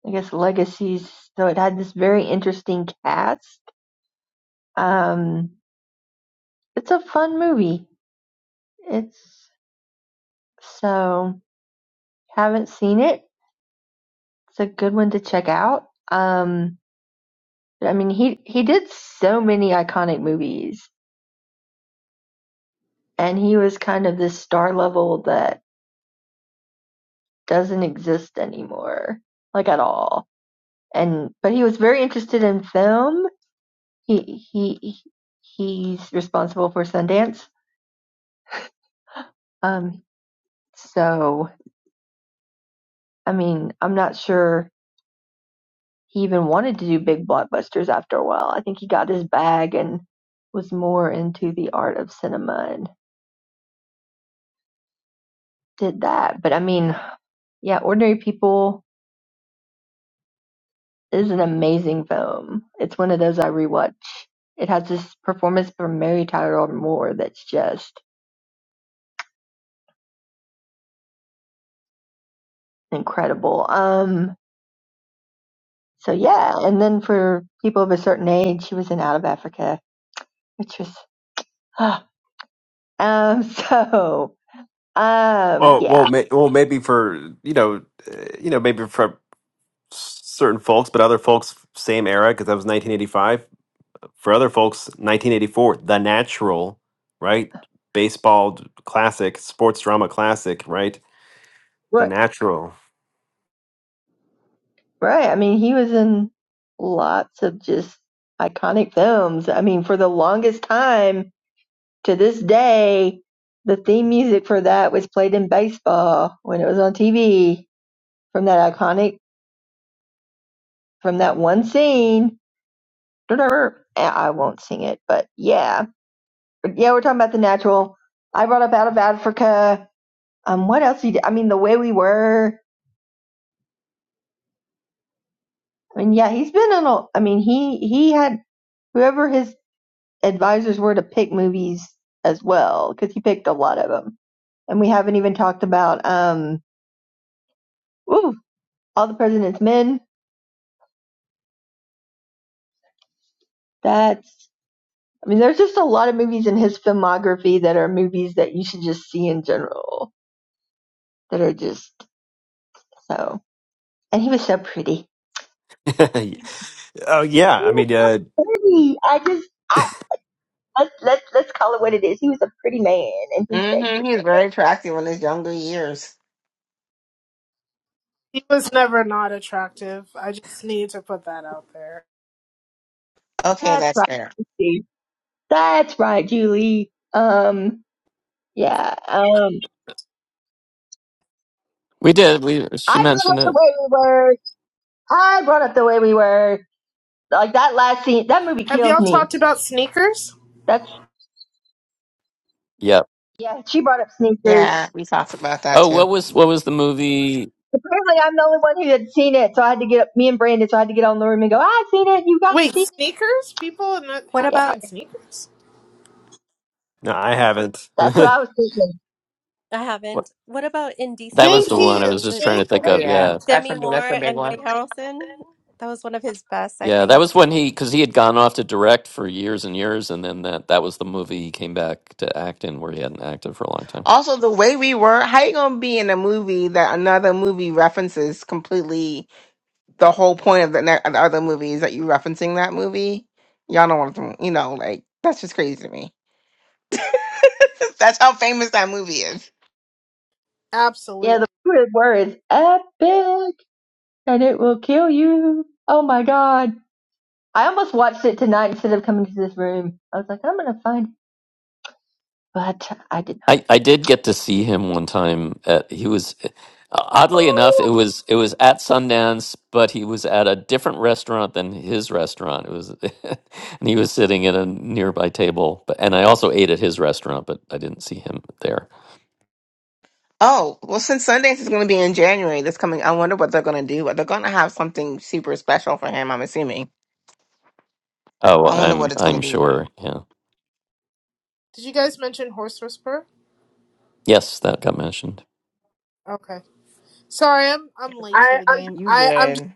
Speaker 6: I guess, legacies. So it had this very interesting cast. Um, it's a fun movie. It's so haven't seen it It's a good one to check out. Um, I mean, he he did so many iconic movies, and he was kind of this star level that doesn't exist anymore, like at all. And but he was very interested in film. He he he's responsible for Sundance. Um, so I mean, I'm not sure he even wanted to do big blockbusters after a while. I think he got his bag and was more into the art of cinema and did that. But I mean, Yeah, Ordinary People is an amazing film. It's one of those I rewatch. It has this performance from Mary Tyler Moore that's just incredible. Um, so yeah, and then for people of a certain age, she was in Out of Africa, which was, um, so, um,
Speaker 1: Oh,
Speaker 6: yeah,
Speaker 1: well, may, well, maybe for you know, uh, you know, maybe for certain folks, but other folks, same era because that was 1985. For other folks, 1984, The Natural, right? Baseball d- classic, sports drama classic, right? The
Speaker 6: right,
Speaker 1: Natural.
Speaker 6: right. I mean, he was in lots of just iconic films. I mean, for the longest time, To this day, the theme music for that was played in baseball when it was on TV from that iconic, from that one scene. Eh, I won't sing it, but yeah. But yeah, we're talking about the natural. I brought up Out of Africa. Um, what else he did? I mean, The Way We Were. I mean, yeah, he's been in a, I mean, he, he had whoever his advisors were to pick movies as well, because he picked a lot of them. And we haven't even talked about, um, ooh, All the President's Men That's, I mean, there's just a lot of movies in his filmography that are movies that you should just see in general that are just so. And he was so pretty. He
Speaker 1: oh yeah, I
Speaker 6: was
Speaker 1: mean, uh,
Speaker 6: pretty. I just, I, let, let, let's call it what it is. He was a pretty man and he
Speaker 3: hmm
Speaker 6: stayed pretty.
Speaker 3: He was very attractive in his younger years.
Speaker 7: He was never not attractive. I just need to put that out there.
Speaker 3: Okay,
Speaker 6: That's
Speaker 3: that's
Speaker 6: right.
Speaker 3: fair.
Speaker 6: Julie. That's right, Julie. Um, yeah. Um,
Speaker 2: we did we she
Speaker 6: I brought up
Speaker 2: mentioned
Speaker 6: the
Speaker 2: it
Speaker 6: way we were. I brought up the way we were. Like that last scene, that movie
Speaker 7: Have
Speaker 6: kills
Speaker 7: y'all
Speaker 6: me.
Speaker 7: talked about sneakers?
Speaker 6: That's,
Speaker 2: yep
Speaker 6: yeah, she brought up sneakers.
Speaker 3: Yeah, we talked about that
Speaker 2: oh
Speaker 3: too.
Speaker 2: what was what was the movie
Speaker 6: Apparently, I'm the only one who had seen it, so I had to get me and Brandon. So I had to get on the room and go. I've seen it. You guys
Speaker 7: Wait,
Speaker 6: seen this?
Speaker 7: sneakers? People n-
Speaker 8: What
Speaker 7: hadn't
Speaker 6: Yeah,
Speaker 8: about
Speaker 7: seen sneakers?
Speaker 1: no, I haven't.
Speaker 6: that's what I was thinking.
Speaker 8: I
Speaker 2: what,
Speaker 8: haven't. What about
Speaker 2: that
Speaker 8: Indecent
Speaker 2: was
Speaker 7: Thank
Speaker 2: the one i
Speaker 7: you.
Speaker 2: was
Speaker 8: Proposal
Speaker 2: just
Speaker 8: with
Speaker 2: trying to
Speaker 7: Thank
Speaker 2: think
Speaker 3: Oh
Speaker 2: of yeah
Speaker 3: yeah,
Speaker 7: you.
Speaker 3: that's
Speaker 8: Demi
Speaker 3: a
Speaker 8: Moore
Speaker 3: that's a big
Speaker 8: and Woody
Speaker 3: one.
Speaker 8: Harrelson? That was one of his best, I
Speaker 2: Yeah, that
Speaker 8: think.
Speaker 2: was when he because he had gone off to direct for years and years, and then that that was the movie he came back to act in where he hadn't acted for a long time.
Speaker 3: Also, the way we were, how you gonna be in a movie that another movie references completely the whole point of the, ne- of the other movie is that you referencing that movie? Y'all know what I'm, you know, like that's just crazy to me. that's how famous that movie is.
Speaker 6: Yeah,
Speaker 7: Absolutely.
Speaker 6: the word word is epic, and it will kill you. Oh my god! I almost watched it tonight instead of coming to this room. I was like, I'm gonna find, but I did
Speaker 2: I I did get to see him one time. At, he was oddly enough it was it was at Sundance, but he was at a different restaurant than his restaurant. It was and he was sitting at a nearby table. But and I also ate at his restaurant, but I didn't see him there.
Speaker 3: Oh well, since Sundance is gonna be in January this coming, I wonder what they're gonna do. They're gonna have something super special for him. I'm assuming.
Speaker 2: Oh,
Speaker 3: I wonder
Speaker 2: I'm
Speaker 3: what it's
Speaker 2: I'm
Speaker 3: gonna be.
Speaker 2: sure. Yeah.
Speaker 7: Did you guys mention Horse Whisperer?
Speaker 2: Yes, that got mentioned.
Speaker 7: Okay. Sorry, I'm I'm late to
Speaker 3: I,
Speaker 7: the
Speaker 3: I
Speaker 7: game.
Speaker 3: you
Speaker 7: I I'm just
Speaker 3: good?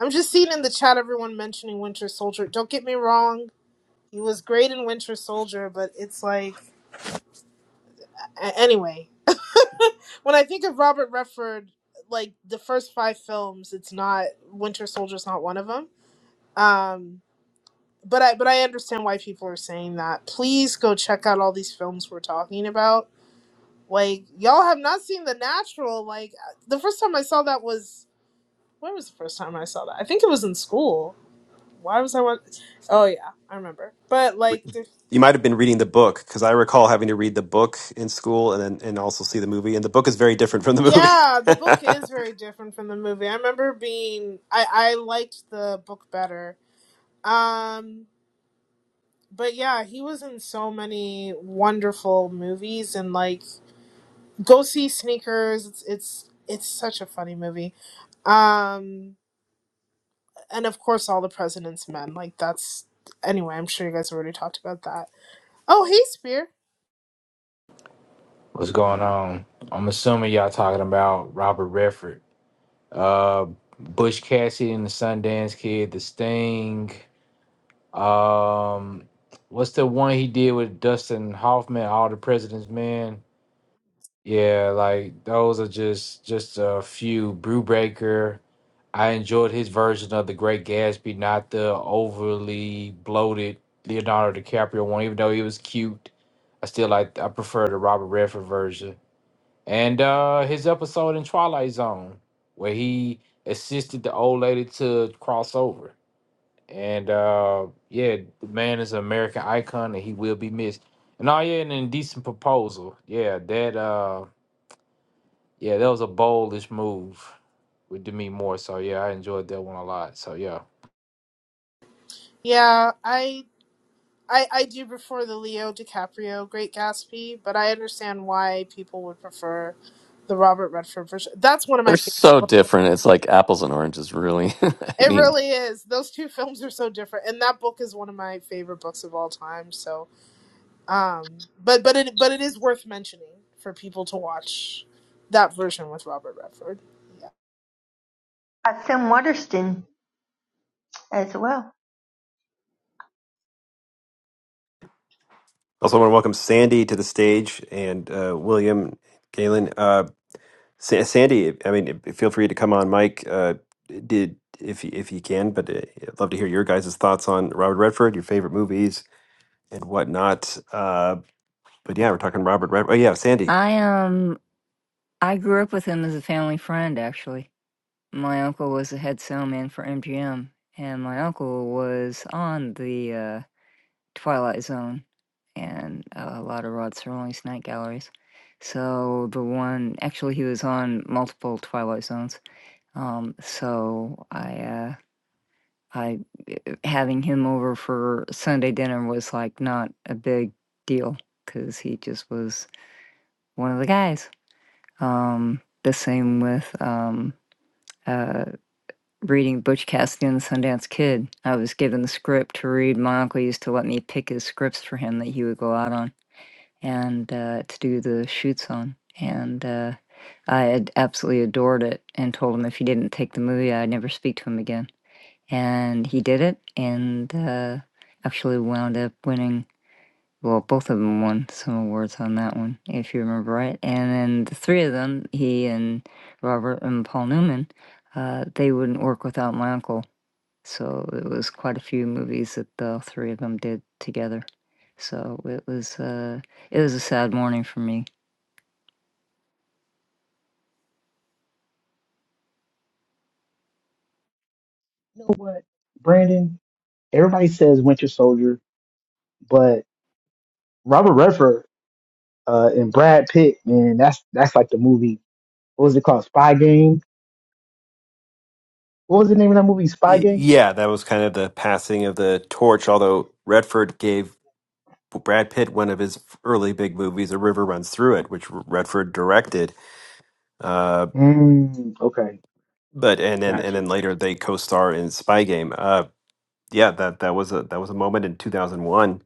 Speaker 7: I'm just seeing in the chat everyone mentioning Winter Soldier. Don't get me wrong, he was great in Winter Soldier, but it's like a- anyway. When I think of Robert Redford, like the first five films, it's not Winter Soldier's not one of them. Um, but I but I understand why people are saying that. Please go check out all these films we're talking about. Like y'all have not seen The Natural. Like the first time I saw that was when was the first time I saw that? I think it was in school. Why was I wa- Oh yeah, I remember. But like the
Speaker 1: you might have been reading the book because I recall having to read the book in school and then and also see the movie. And the book is very different from the movie.
Speaker 7: yeah, the book is very different from the movie. I remember being I I liked the book better. Um But yeah, he was in so many wonderful movies and like go see Sneakers. It's it's it's such a funny movie. Um and of course all the President's Men. Like that's anyway, I'm sure you guys already talked about that. Oh, hey Spear.
Speaker 9: What's going on? I'm assuming y'all talking about Robert Redford, uh, Bush Cassidy and the Sundance Kid, The Sting. Um, what's the one he did with Dustin Hoffman, All the President's Men? Yeah, like those are just just a few. Brew Breaker. I enjoyed his version of The Great Gatsby, not the overly bloated Leonardo DiCaprio one. Even though he was cute, I still like I prefer the Robert Redford version and uh, his episode in Twilight Zone, where he assisted the old lady to cross over. And uh, yeah, the man is an American icon, and he will be missed. And oh yeah, and indecent proposal. Yeah, that uh, yeah, that was a boldish move with Demi Moore. So yeah, I enjoyed that one a lot. So yeah.
Speaker 7: Yeah, I I I do prefer the Leo DiCaprio Great Gatsby, but I understand why people would prefer the Robert Redford version. That's one of
Speaker 2: They're
Speaker 7: my favorite.
Speaker 2: so
Speaker 7: books.
Speaker 2: different. It's like apples and oranges, really. I
Speaker 7: It
Speaker 2: mean,
Speaker 7: really is. Those two films are so different, and that book is one of my favorite books of all time. So, um, but but it but it is worth mentioning for people to watch that version with Robert Redford. Yeah,
Speaker 6: not. Uh, Sam Waterston as well.
Speaker 1: also, I want to welcome Sandy to the stage and uh, William Galen. Uh, Sa- Sandy, I mean, feel free to come on, Mike. Uh, did if you, if you can, but uh, I'd love to hear your guys' thoughts on Robert Redford, your favorite movies and whatnot. Uh, but yeah, we're talking Robert Redford. Oh yeah, Sandy.
Speaker 10: I um I grew up with him as a family friend actually. My uncle was the head salesman for MGM and my uncle was on the uh Twilight Zone and uh, a lot of Rod Serling's night galleries. So the one actually he was on multiple Twilight Zones. Um so I uh I uh, having him over for Sunday dinner was like not a big deal cuz he just was one of the guys Um, the same with um, uh, reading Butch Cassidy and the Sundance Kid. I was given the script to read. My uncle used to let me pick his scripts for him that he would go out on and uh, to do the shoots on. And uh, I had absolutely adored it and told him if he didn't take the movie, I'd never speak to him again. And he did it and uh, actually wound up winning well, both of them won some awards on that one, if you remember right, and then the 3 of them, he and Robert and Paul Newman, uh, they wouldn't work without my uncle, so it was quite a few movies that the 3 of them did together. So it was, uh, it was a sad morning for me.
Speaker 11: You know what, Brandon? Everybody says Winter Soldier, but Robert Redford uh, and Brad Pitt, man, that's that's like the movie. What was it called? Spy Game. What was the name of that movie? Spy
Speaker 1: Y-
Speaker 11: Game.
Speaker 1: Yeah, that was kind of the passing of the torch. Although Redford gave Well, Brad Pitt, one of his early big movies, A River Runs Through It, which Redford directed. Uh,
Speaker 11: Mm, okay,
Speaker 1: but and then
Speaker 11: got
Speaker 1: and
Speaker 11: you.
Speaker 1: then later they co-star in Spy Game. Uh, yeah, that that was a that was a moment in 2001.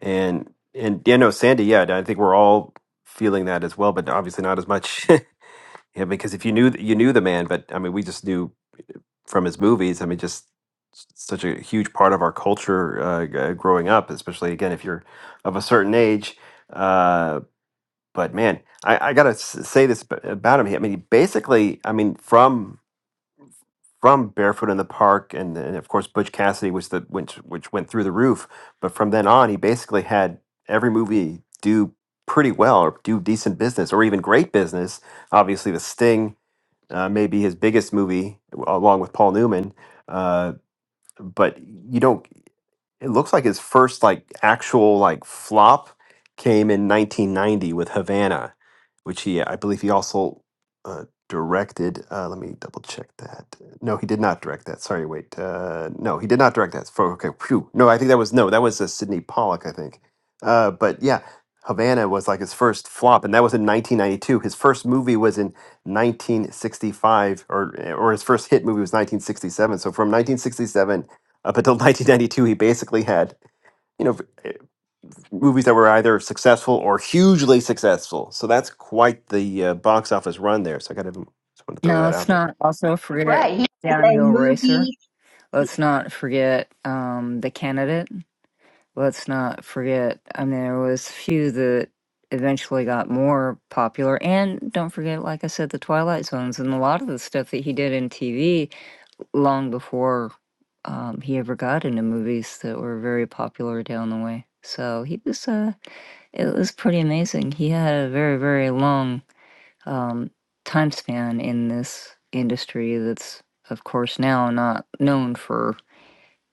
Speaker 1: And and you know, Sandy, yeah, I think we're all feeling that as well, but obviously not as much. yeah, because if you knew you knew the man, but I mean, we just knew from his movies. I mean, just s- such a huge part of our culture uh, g- growing up, especially again if you're of a certain age Uh, but man, I, I gotta s- say this ab- about him. He- I mean, he basically, I mean, from from Barefoot in the Park, and, and of course Butch Cassidy was the which which went through the roof. But from then on, he basically had every movie do pretty well or do decent business or even great business. Obviously, The Sting uh, may be his biggest movie, w- along with Paul Newman. Uh, but you don't it looks like his first like actual like flop came in 1990 with Havana, which he I believe he also uh, directed. Uh, let me double check that. No, he did not direct that. Sorry, wait. Uh, no, he did not direct that. For, okay, phew. No, I think that was no, that was uh, Sidney Pollack, I think. Uh, but yeah, Havana was like his first flop, and that was in 1992. His first movie was in 1965, or or his first hit movie was 1967. So from 1967 up until 1992, he basically had you know movies that were either successful or hugely successful. So that's quite the uh, box office run there. So I got to just want to throw
Speaker 10: No,
Speaker 1: that
Speaker 10: let's
Speaker 1: out there.
Speaker 10: not also forget
Speaker 6: Right, he did a
Speaker 10: Downhill Racer.
Speaker 6: movie.
Speaker 10: Let's not forget, um, The Candidate. let's not forget. I mean, there was few that eventually got more popular, and don't forget, like I said, the Twilight Zones and a lot of the stuff that he did in TV long before um, he ever got into movies that were very popular down the way. So he was, uh, it was pretty amazing. He had a very, very long um, time span in this industry that's, of course, now not known for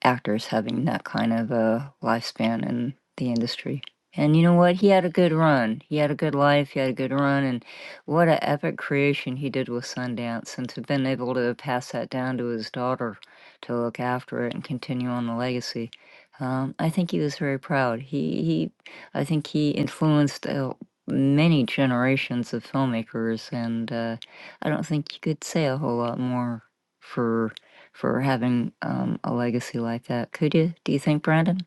Speaker 10: actors having that kind of a lifespan in the industry. And you know what? He had a good run. He had a good life. He had a good run. And what an epic creation he did with Sundance. And to have been able to pass that down to his daughter to look after it and continue on the legacy. Um, I think he was very proud. He, he I think he influenced uh, many generations of filmmakers. And uh, I don't think you could say a whole lot more for for having um, a legacy like that. Could you? Do you think, Brandon?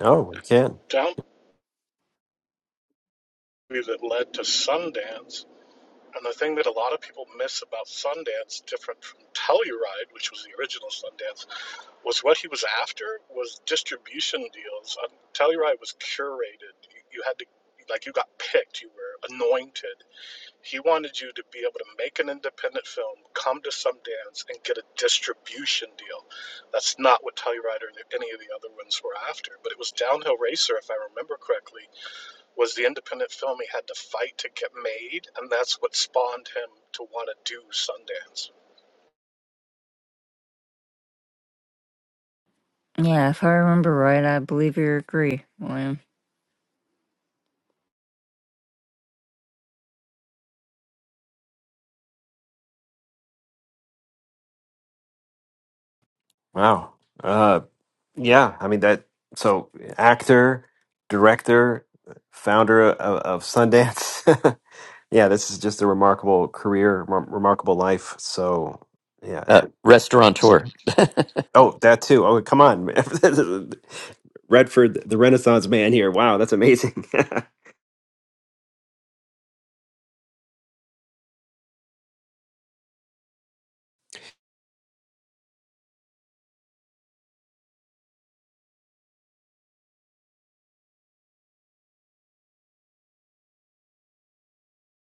Speaker 1: Oh, we can.
Speaker 12: down that led to Sundance. And the thing that a lot of people miss about Sundance, different from Telluride, which was the original Sundance, was what he was after was distribution deals. Um, Telluride was curated. You, you had to, like, you got picked. You were anointed. He wanted you to be able to make an independent film, come to Sundance, and get a distribution deal. That's not what Telluride or any of the other ones were after. But it was Downhill Racer, if I remember correctly, was the independent film he had to fight to get made, and that's what spawned him to want to do Sundance.
Speaker 10: Yeah, if I remember right, I believe you agree, William.
Speaker 1: Wow. Uh, yeah. I mean that. So actor, director, founder of, of Sundance. yeah, this is just a remarkable career, rem- remarkable life. So yeah, I
Speaker 2: uh,
Speaker 1: mean, So
Speaker 2: restaurateur.
Speaker 1: Oh, that too. Oh, come on. man. Redford, the Renaissance man here. Wow, that's amazing.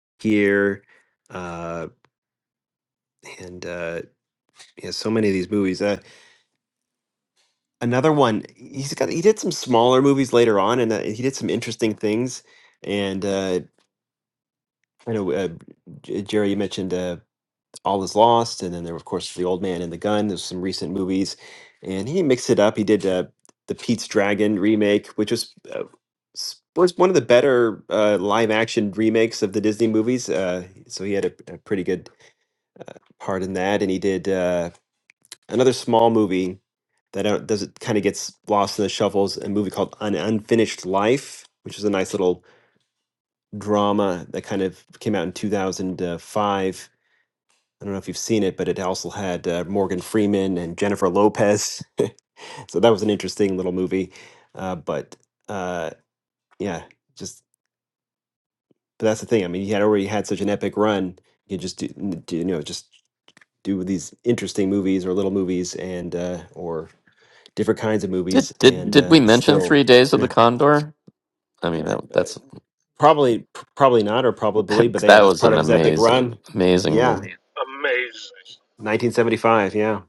Speaker 1: here. Uh, and uh, yeah, so many of these movies. Uh, another one, he's got, he did some smaller movies later on and uh, he did some interesting things. And uh, I know, uh, J- Jerry, you mentioned. Uh, All is Lost, and then there, were, of course, The Old Man and the Gun. There's some recent movies, and he mixed it up. He did uh, the Pete's Dragon remake, which was uh, s- was one of the better uh, live action remakes of the Disney movies. Uh, so he had a, a pretty good part in that, and he did uh, another small movie that uh, does it kind of gets lost in the shuffles. A movie called An Unfinished Life, which is a nice little drama that kind of came out in 2005 I don't know if you've seen it, but it also had uh, Morgan Freeman and Jennifer Lopez. so that was an interesting little movie. Uh, but uh, yeah, just but that's the thing. I mean, he had already had such an epic run. You just do, n- do you know just do these interesting movies or little movies and uh, or different kinds of
Speaker 2: did
Speaker 1: movies
Speaker 2: did
Speaker 1: and
Speaker 2: did
Speaker 1: uh,
Speaker 2: we mention
Speaker 1: still
Speaker 2: Three Days of the
Speaker 1: yeah,
Speaker 2: Condor? I mean, that,
Speaker 1: uh,
Speaker 2: that's
Speaker 1: probably p- probably not or probably, but yeah,
Speaker 2: that
Speaker 1: that's
Speaker 2: was
Speaker 1: part
Speaker 2: an
Speaker 1: of his epic
Speaker 2: amazing,
Speaker 1: run.
Speaker 2: amazing
Speaker 1: Yeah,
Speaker 2: movie.
Speaker 12: Amazing.
Speaker 1: 1975. Yeah.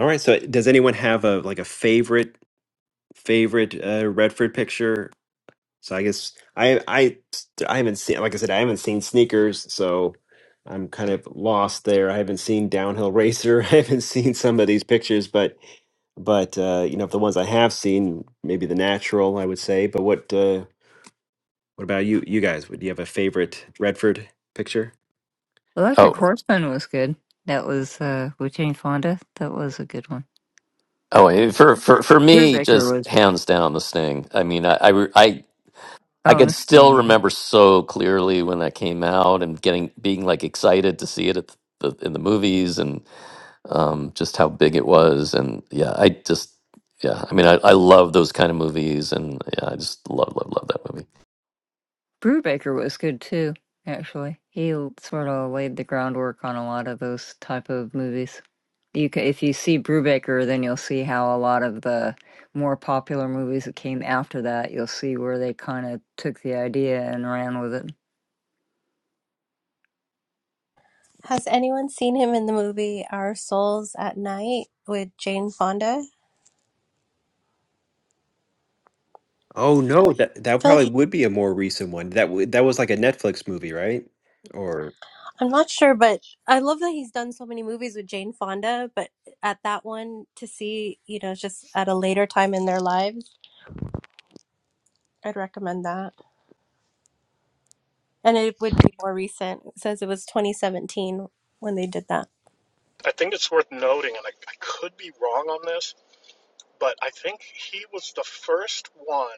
Speaker 1: All right. So does anyone have a like a favorite? favorite uh, Redford picture. So I guess I I I haven't seen like I said I haven't seen sneakers, so I'm kind of lost there. I haven't seen downhill racer. I haven't seen some of these pictures, but but uh, you know, if the ones I have seen, maybe the natural, I would say. But what uh, what about you? You guys, would you have a favorite Redford picture?
Speaker 10: Electric
Speaker 2: Oh,
Speaker 10: Horseman was good. That was uh, with Jane Fonda. That was a good one.
Speaker 2: oh, and for for for
Speaker 10: Bru-
Speaker 2: me, just hands down, The Sting. I mean, I I, re- I I
Speaker 10: Oh, and
Speaker 2: can
Speaker 10: this is being
Speaker 2: still
Speaker 10: in.
Speaker 2: remember so clearly when that came out and getting being like excited to see it at the, in the movies and um, just how big it was and yeah I just yeah I mean I, I love those kind of movies and yeah I just love love love that movie.
Speaker 10: Brubaker was good too. Actually, he l- sort of laid the groundwork on a lot of those type of movies. You ca if you see Brubaker, then you'll see how a lot of the more popular movies that came after that, you'll see where they kind of took the idea and ran with it.
Speaker 8: Has anyone seen him in the movie Our Souls at Night with Jane Fonda?
Speaker 1: Oh no, that that
Speaker 8: I feel like
Speaker 1: probably
Speaker 8: he-
Speaker 1: would be a more recent one. That w- that was like a Netflix movie, right? Or
Speaker 8: I'm not sure, but I love that he's done so many movies with Jane Fonda, but at that one to see, you know, just at a later time in their lives, I'd recommend that. And it would be more recent. It says it was 2017 when they did that.
Speaker 12: I think it's worth noting, and I, I could be wrong on this, but I think he was the first one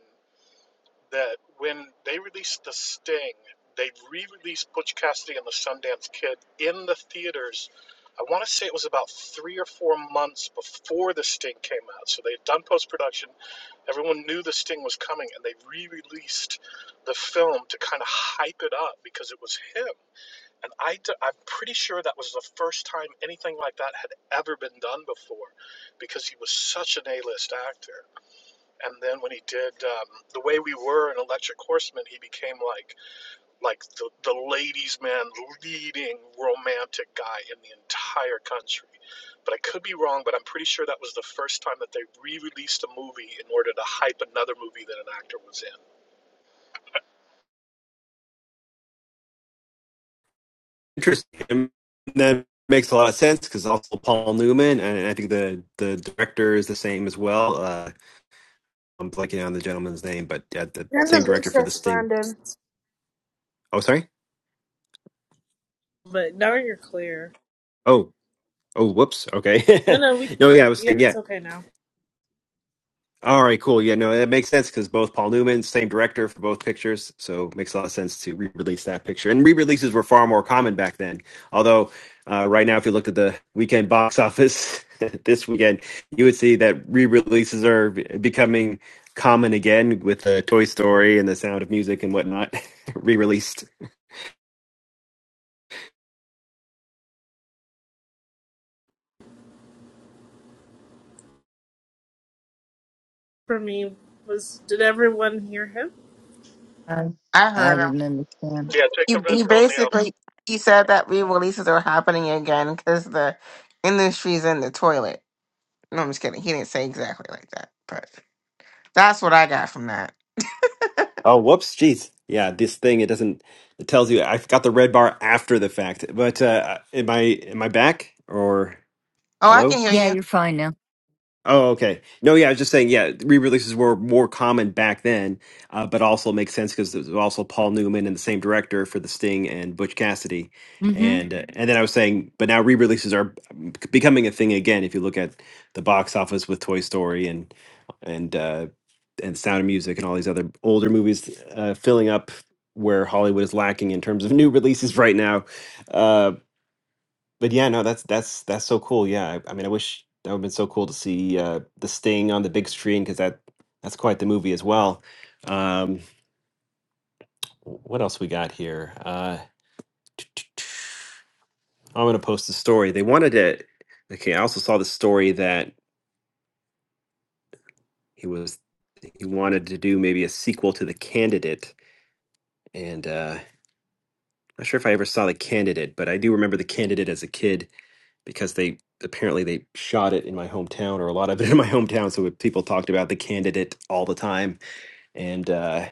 Speaker 12: that when they released The Sting, they re released Butch Cassidy and the Sundance Kid in the theaters. I want to say it was about three or four months before The Sting came out. So they had done post production Everyone knew this thing was coming, and they re-released the film to kind of hype it up because it was him. And i d- I'm pretty sure that was the first time anything like that had ever been done before, because he was such an A-list actor. And then when he did um, the way we were in Electric Horseman, he became like like the, the ladies man leading romantic guy in the entire country but i could be wrong but i'm pretty sure that was the first time that they re-released a movie in order to hype another movie that an actor was in
Speaker 1: interesting. And that makes a lot of sense because also Paul Newman, and I think the the director is the same as well. Uh, I'm blanking on the gentleman's name, but uh, the
Speaker 7: you're in the
Speaker 1: same director for
Speaker 7: matrix,
Speaker 1: this thing.
Speaker 7: Brandon.
Speaker 1: Oh, sorry.
Speaker 7: But now you're clear.
Speaker 1: Oh, oh, whoops. Okay.
Speaker 7: No, no, we.
Speaker 1: no, yeah, I was
Speaker 7: Yeah,
Speaker 1: saying, yeah.
Speaker 7: it's okay now.
Speaker 1: All right, cool. Yeah, no, that makes sense because both Paul Newman, same director for both pictures, so it makes a lot of sense to re-release that picture. And re-releases were far more common back then. Although, uh, right now, if you looked at the weekend box office this weekend, you would see that re-releases are be- becoming common again with the Toy Story and the Sound of Music and whatnot re-released.
Speaker 7: For me, was did everyone hear him?
Speaker 10: I,
Speaker 3: I
Speaker 10: I
Speaker 3: heard.
Speaker 10: didn't understand.
Speaker 12: yeah take
Speaker 3: he
Speaker 12: the red
Speaker 3: he
Speaker 12: pill neil
Speaker 3: basically he said that re-releases are happening again because the industry's in the toilet. No, I'm just kidding. He didn't say exactly like that, but that's what I got from that.
Speaker 1: Oh, whoops, jeez. Yeah, this thing it doesn't it tells you I got the red bar after the fact. But uh, am I am I back or
Speaker 3: Oh, I
Speaker 1: hello?
Speaker 3: can hear
Speaker 10: Yeah,
Speaker 3: you.
Speaker 10: you're fine now.
Speaker 1: Oh, okay. No, yeah, I was just saying, yeah, re-releases were more common back then, uh, but also makes sense because there's also Paul Newman and the same director for The Sting and Butch Cassidy,
Speaker 10: mm hmm
Speaker 1: and uh, and then I was saying, but now re-releases are becoming a thing again. If you look at the box office with Toy Story and and uh, and Sound of Music and all these other older movies uh, filling up where Hollywood is lacking in terms of new releases right now, Uh, but yeah, no, that's that's that's so cool. Yeah, I, I mean, I wish that would have been so cool to see uh, the Sting on the big screen because that that's quite the movie as well. Um, what else we got here? Uh, I'm gonna post the story. They wanted to. Okay, I also saw the story that he was he wanted to do maybe a sequel to The Candidate, and uh, I'm not sure if I ever saw The Candidate, but I do remember The Candidate as a kid because they apparently they shot it in my hometown or a lot of it in my hometown so people talked about the candidate all the time and uh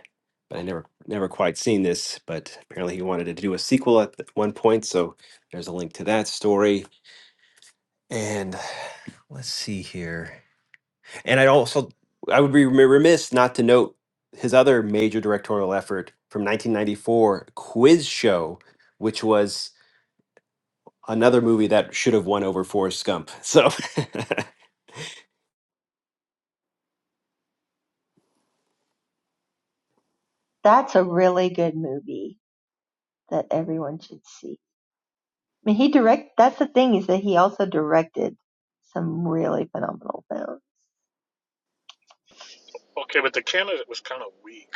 Speaker 1: but i never never quite seen this but apparently he wanted to do a sequel at th- one point so there's a link to that story and let's see here and i also i would be remi- remiss not to note his other major directorial effort from 1994 quiz show which was another movie that should have won over forrest gump so
Speaker 6: That's a really good movie that everyone should see. I mean, he direct. That's the thing is that he also directed some really phenomenal films.
Speaker 12: okay but the candidate was kind of weak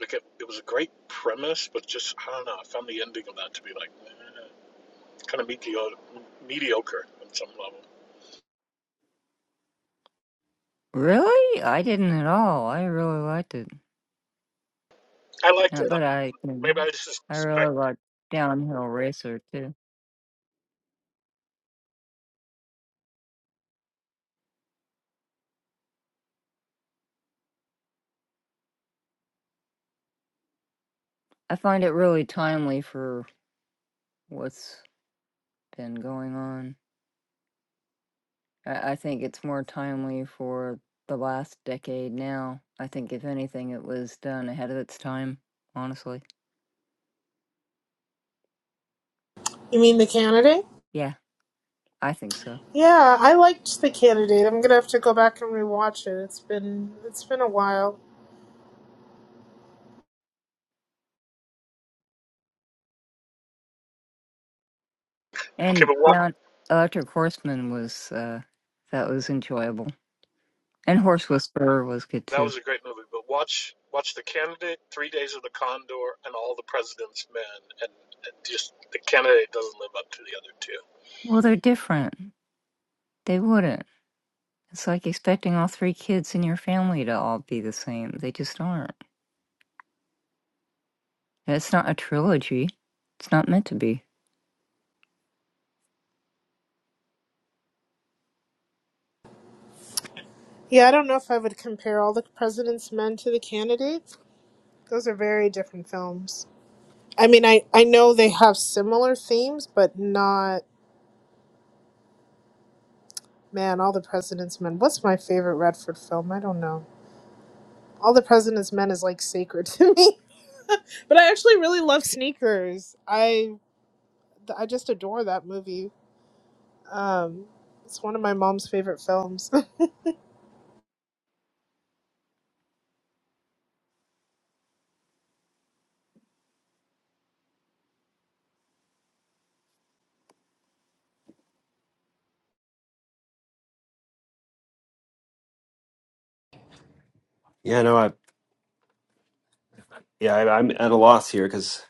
Speaker 12: like it, it was a great premise but just i don't know i found the ending of that to be like eh, kind of mediocre mediocre on some level
Speaker 10: Really? I didn't at all. I really liked it.
Speaker 12: i liked
Speaker 10: Not
Speaker 12: it
Speaker 10: that I
Speaker 12: maybe i
Speaker 10: can.
Speaker 12: just
Speaker 10: I really
Speaker 12: expect
Speaker 10: like Downhill Racer too. I find it really timely for what's been going on. I, I think it's more timely for the last decade now. I think if anything, it was done ahead of its time. Honestly,
Speaker 7: You mean the candidate?
Speaker 10: yeah, I think so.
Speaker 7: Yeah, I liked the candidate. I'm gonna have to go back and rewatch it. It's been it's been a while.
Speaker 12: okay
Speaker 10: And
Speaker 12: but why
Speaker 10: Down Electric Horseman was uh, that was enjoyable. And Horse Whisperer was good
Speaker 12: That
Speaker 10: too.
Speaker 12: was a great movie. But watch watch The Candidate, Three Days of the Condor, and All the President's Men, and, and just The Candidate doesn't live up to the other two.
Speaker 10: Well, they're different. They wouldn't. It's like expecting all three kids in your family to all be the same. They just aren't. It's not a trilogy. It's not meant to be.
Speaker 7: Yeah, I don't know if I would compare All the President's Men to The Candidate. Those are very different films. I mean, I, I know they have similar themes, but not, man, All the President's Men. What's my favorite Redford film? I don't know. All the President's Men is like sacred to me. But I actually really love Sneakers. I I just adore that movie. Um, it's one of my mom's favorite films.
Speaker 1: yeah no I. Yeah, I, I'm at a loss here because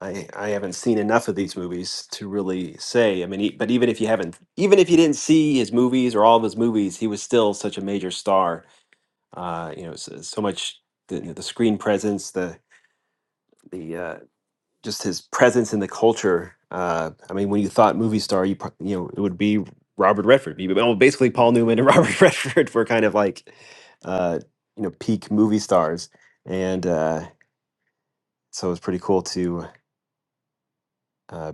Speaker 1: I I haven't seen enough of these movies to really say. I mean, e but even if you haven't, even if you didn't see his movies or all of his movies, he was still such a major star. Uh, you know, so, so much the, you know, the screen presence, the the uh, just his presence in the culture. Uh, I mean, when you thought movie star, you pro- you know it would be Robert Redford. You- Well, basically, Paul Newman and Robert Redford were kind of like uh, you know peak movie stars, and uh, so it was pretty cool to. uh,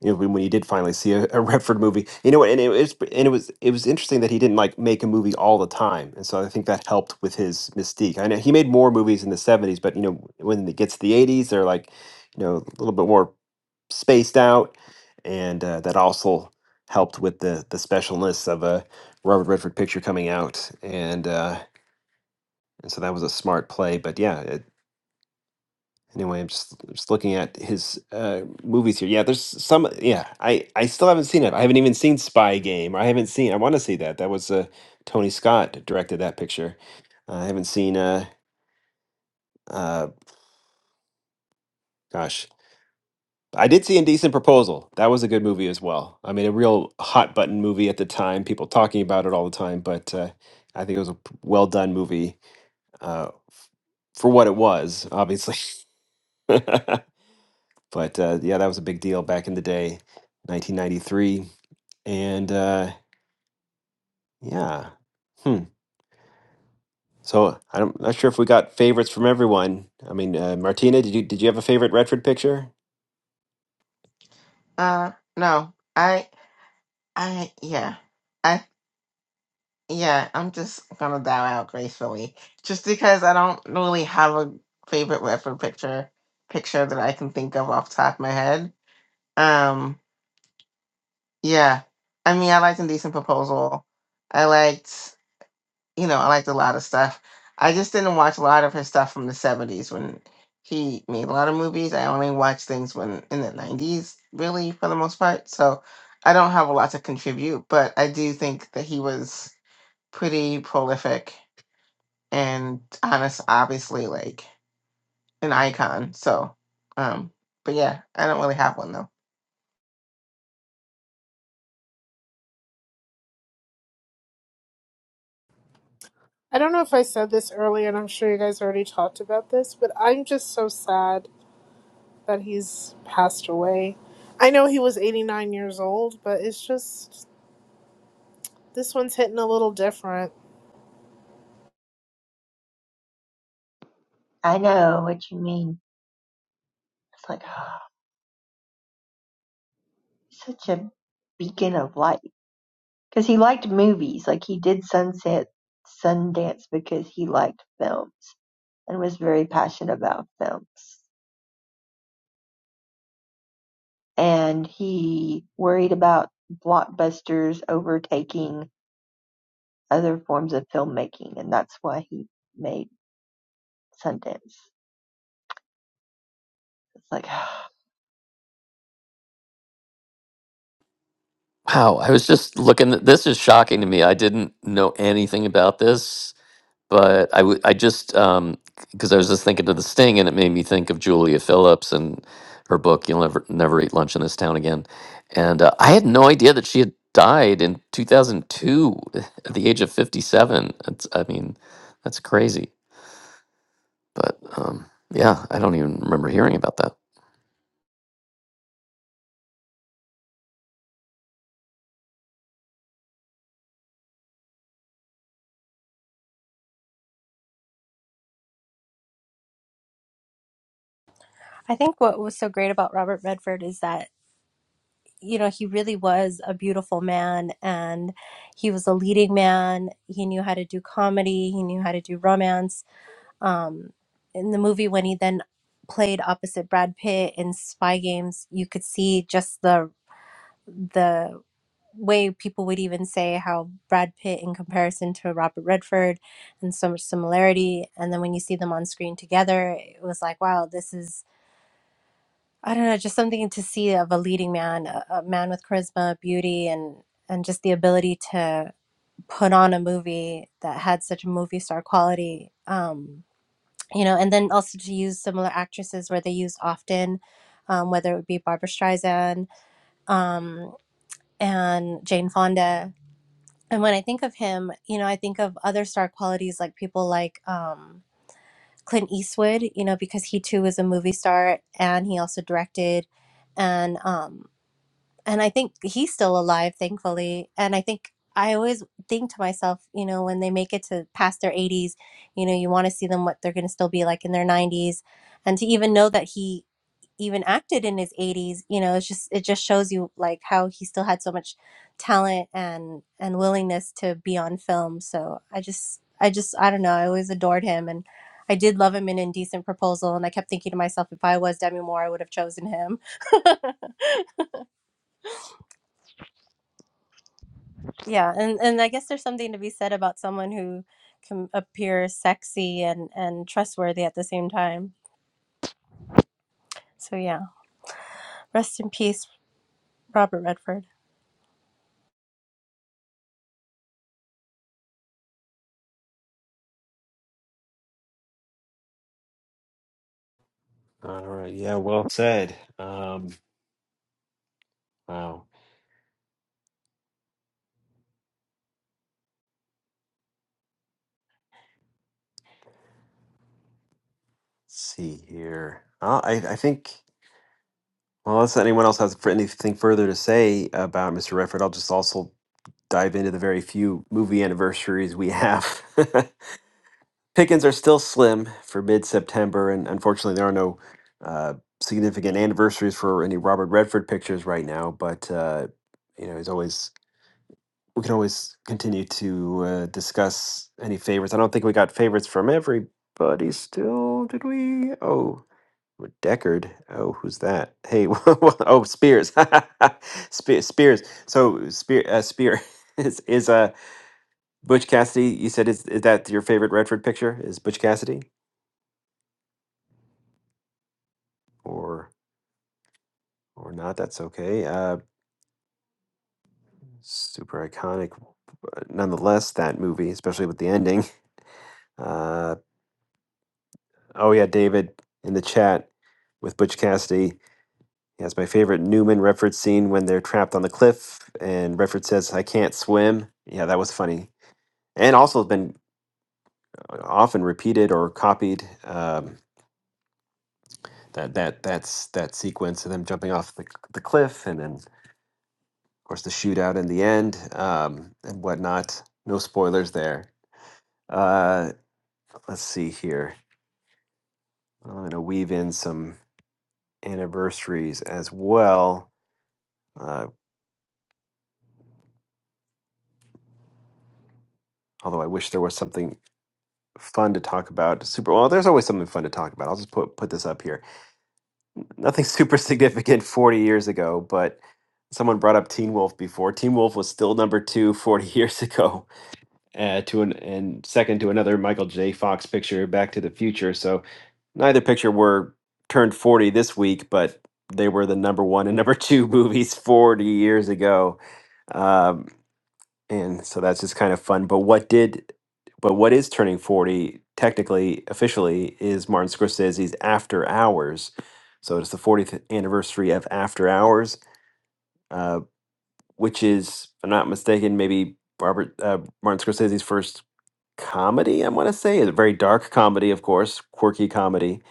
Speaker 1: you know, when when he did finally see a, a Redford movie, you know, and it was and it was it was interesting that he didn't like make a movie all the time, and so I think that helped with his mystique. I know he made more movies in the '70s, but you know, when it gets to the '80s, they're like, you know, a little bit more spaced out, and uh, that also helped with the the specialness of a Robert Redford picture coming out, and uh, and so that was a smart play. But yeah, Anyway, I'm just just looking at his uh, movies here. Yeah, there's some. Yeah, I I still haven't seen it. I haven't even seen Spy Game. I haven't seen. I want to see that. That was uh, Tony Scott directed that picture. I haven't seen. Uh, uh, gosh, I did see Indecent Proposal. That was a good movie as well. I mean, a real hot button movie at the time. People talking about it all the time. But uh, I think it was a well done movie uh, f- for what it was. Obviously. but uh, yeah, that was a big deal back in the day, 1993. And uh, yeah, hmm. So I am not sure if we got favorites from everyone. I mean, uh, Martina, did you did you have a favorite Redford picture?
Speaker 3: Uh, no, I, I, yeah, I, yeah. I'm just gonna dial out gracefully, just because I don't really have a favorite weapon picture picture that I can think of off the top of my head. Um, yeah. I mean, I liked Indecent Proposal. I liked. you know, I liked a lot of stuff. I just didn't watch a lot of his stuff from the 70s when he made a lot of movies. I only watched things when in the 90s, really, for the most part. So I don't have a lot to contribute, but I do think that he was pretty prolific and honest, obviously, like an icon. So, um, but yeah, I don't really have one though.
Speaker 7: I don't know if I said this earlier, and I'm sure you guys already talked about this, but I'm just so sad that he's passed away. I know he was 89 years old, but it's just this one's hitting a little different.
Speaker 6: I know what you mean. It's like such a beacon of light because he liked movies. Like he did Sunset Sundance because he liked films and was very passionate about films. And he worried about blockbusters overtaking other forms of filmmaking, and that's why he made Sundance. It's like
Speaker 2: Wow, I was just looking. This is shocking to me. I didn't know anything about this but I w- I just um because I was just thinking of the sting and it made me think of Julia Phillips and her book You'll Never Never Eat Lunch in This Town Again, and uh, I had no idea that she had died in 2002 at the age of 57. It's, I mean, that's crazy. But um, yeah, I don't even remember hearing about that.
Speaker 8: I think what was so great about Robert Redford is that you know, he really was a beautiful man and he was a leading man. He knew how to do comedy, he knew how to do romance. Um, in the movie, when he then played opposite Brad Pitt in Spy Games, you could see just the the way people would even say how Brad Pitt in comparison to Robert Redford and so much similarity and then when you see them on screen together it was like wow this is I don't know, just something to see of a leading man, a, a man with charisma, beauty, and and just the ability to put on a movie that had such movie star quality. Um, you know, and then also to use similar actresses where they used often, um, whether it would be Barbara Streisand um, and Jane Fonda. And when I think of him, you know, I think of other star qualities like people like um, Clint Eastwood, you know, because he too was a movie star and he also directed and um, and I think he's still alive, thankfully. And I think I always think to myself, you know, when they make it to past their 80s, you know, you want to see them what they're going to still be like in their 90s, and to even know that he even acted in his 80s, you know, it's just it just shows you like how he still had so much talent and and willingness to be on film. So I just I just I don't know, I always adored him and I did love him in Indecent Proposal, and I kept thinking to myself, if I was Demi Moore, I would have chosen him. Yeah, and and I guess there's something to be said about someone who can appear sexy and and trustworthy at the same time. So yeah, rest in peace, Robert Redford.
Speaker 1: All right. Yeah. Well said. Um, wow. Let's see here. Uh, I I think. Well, unless anyone else has fr- anything further to say about Mr. Redford, I'll just also dive into the very few movie anniversaries we have. Pickings are still slim for mid September, and unfortunately, there are no uh, significant anniversaries for any Robert Redford pictures right now. But uh, you know, he's always we can always continue to uh, discuss any favorites. I don't think we got favorites from everybody still, did we? Oh. With Deckard. Oh, who's that? Hey, oh, Spears. Spe- Spears. So Spear uh, Spear is is uh Butch Cassidy. You said is is that your favorite Redford picture? Is Butch Cassidy or or not? That's okay. Uh, super iconic, uh, nonetheless. That movie, especially with the ending. Uh, oh yeah, David in the chat with Butch Cassidy. He has my favorite Newman Redford scene when they're trapped on the cliff and Redford says, "I can't swim." Yeah, that was funny and also has been uh, often repeated or copied. Um, that that that's that sequence of them jumping off the, the cliff, and then of course the shootout in the end um, and whatnot. No spoilers there. Uh, let's see here. I'm going to weave in some anniversaries as well. Uh, although I wish there was something fun to talk about. Super. Well, there's always something fun to talk about. I'll just put put this up here. nothing super significant 40 years ago, but someone brought up Teen Wolf before. Teen Wolf was still number two 40 years ago, uh, to an, and second to another Michael J. Fox picture, Back to the Future. So neither picture were turned 40 this week, but they were the number one and number two movies 40 years ago. Um, and so that's just kind of fun. But what did, but what is turning forty technically, officially, is Martin Scorsese's After Hours. So it's the fortieth anniversary of After Hours, uh, which is, if I'm not mistaken, maybe Robert uh, Martin Scorsese's first comedy. I want to say it's a very dark comedy, of course, quirky comedy.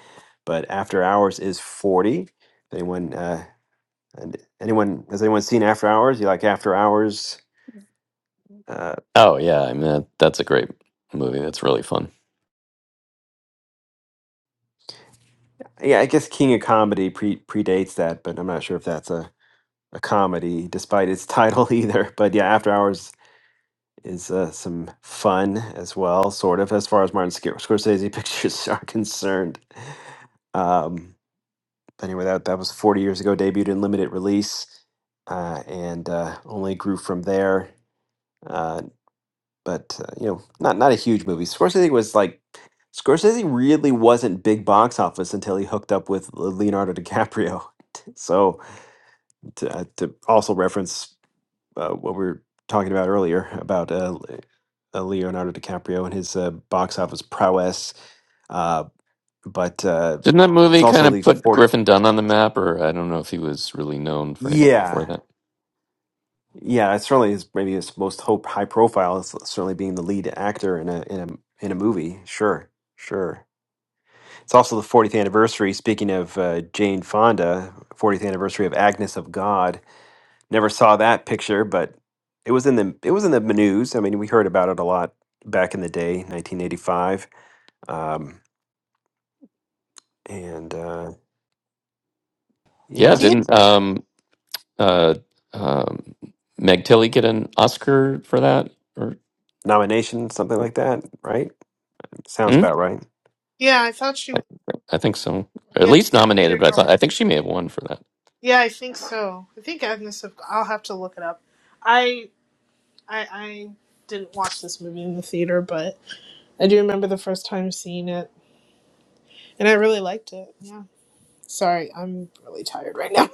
Speaker 1: But After Hours is forty. If anyone, uh, and anyone has anyone seen After Hours? You like After Hours? uh,
Speaker 2: Oh yeah, I mean that, that's a great movie. That's really fun.
Speaker 1: Yeah, I guess King of Comedy pre predates that, but I'm not sure if that's a, a comedy despite its title either. But yeah, After Hours is uh, some fun as well, sort of, as far as Martin Sc- Scorsese pictures are concerned. Um, but anyway, that that was 40 years ago, debuted in limited release, uh, and uh, only grew from there. Uh, but uh, you know, not not a huge movie. Scorsese was like Scorsese really wasn't big box office until he hooked up with Le- Leonardo DiCaprio. So to, uh, to also reference uh, what we were talking about earlier about uh, Le- uh, Leonardo DiCaprio and his uh, box office prowess, uh, but uh,
Speaker 2: Didn't that
Speaker 1: it's
Speaker 2: movie kind
Speaker 1: also
Speaker 2: of
Speaker 1: the
Speaker 2: put
Speaker 1: 40-
Speaker 2: Griffin Dunn on the map, or I don't know if he was really known for anything before
Speaker 1: yeah.
Speaker 2: that?
Speaker 1: Yeah, it's certainly his maybe his most hope high profile is certainly being the lead actor in a in a in a movie. Sure, sure. It's also the 40th anniversary. Speaking of uh, Jane Fonda, 40th anniversary of Agnes of God. Never saw that picture, but it was in the it was in the news. I mean, we heard about it a lot back in the day, 1985. Um, and uh,
Speaker 2: Yeah,
Speaker 8: Do
Speaker 1: yes,
Speaker 8: you
Speaker 2: didn't um uh um Meg Tilly get an Oscar for that? Or
Speaker 1: nomination, something like that, right? Sounds
Speaker 2: hmm?
Speaker 1: about right.
Speaker 7: Yeah, I thought she
Speaker 2: I, I think so, at
Speaker 7: Yeah,
Speaker 2: least
Speaker 7: I
Speaker 2: nominated. But I
Speaker 7: don't
Speaker 2: thought
Speaker 7: know.
Speaker 2: I think she may have won for that.
Speaker 7: yeah, I think so. I think Agnes. Of, I'll have to look it up. I I I didn't watch this movie in the theater, but I do remember the first time seeing it, and I really liked it. Yeah. Sorry, I'm really tired right now,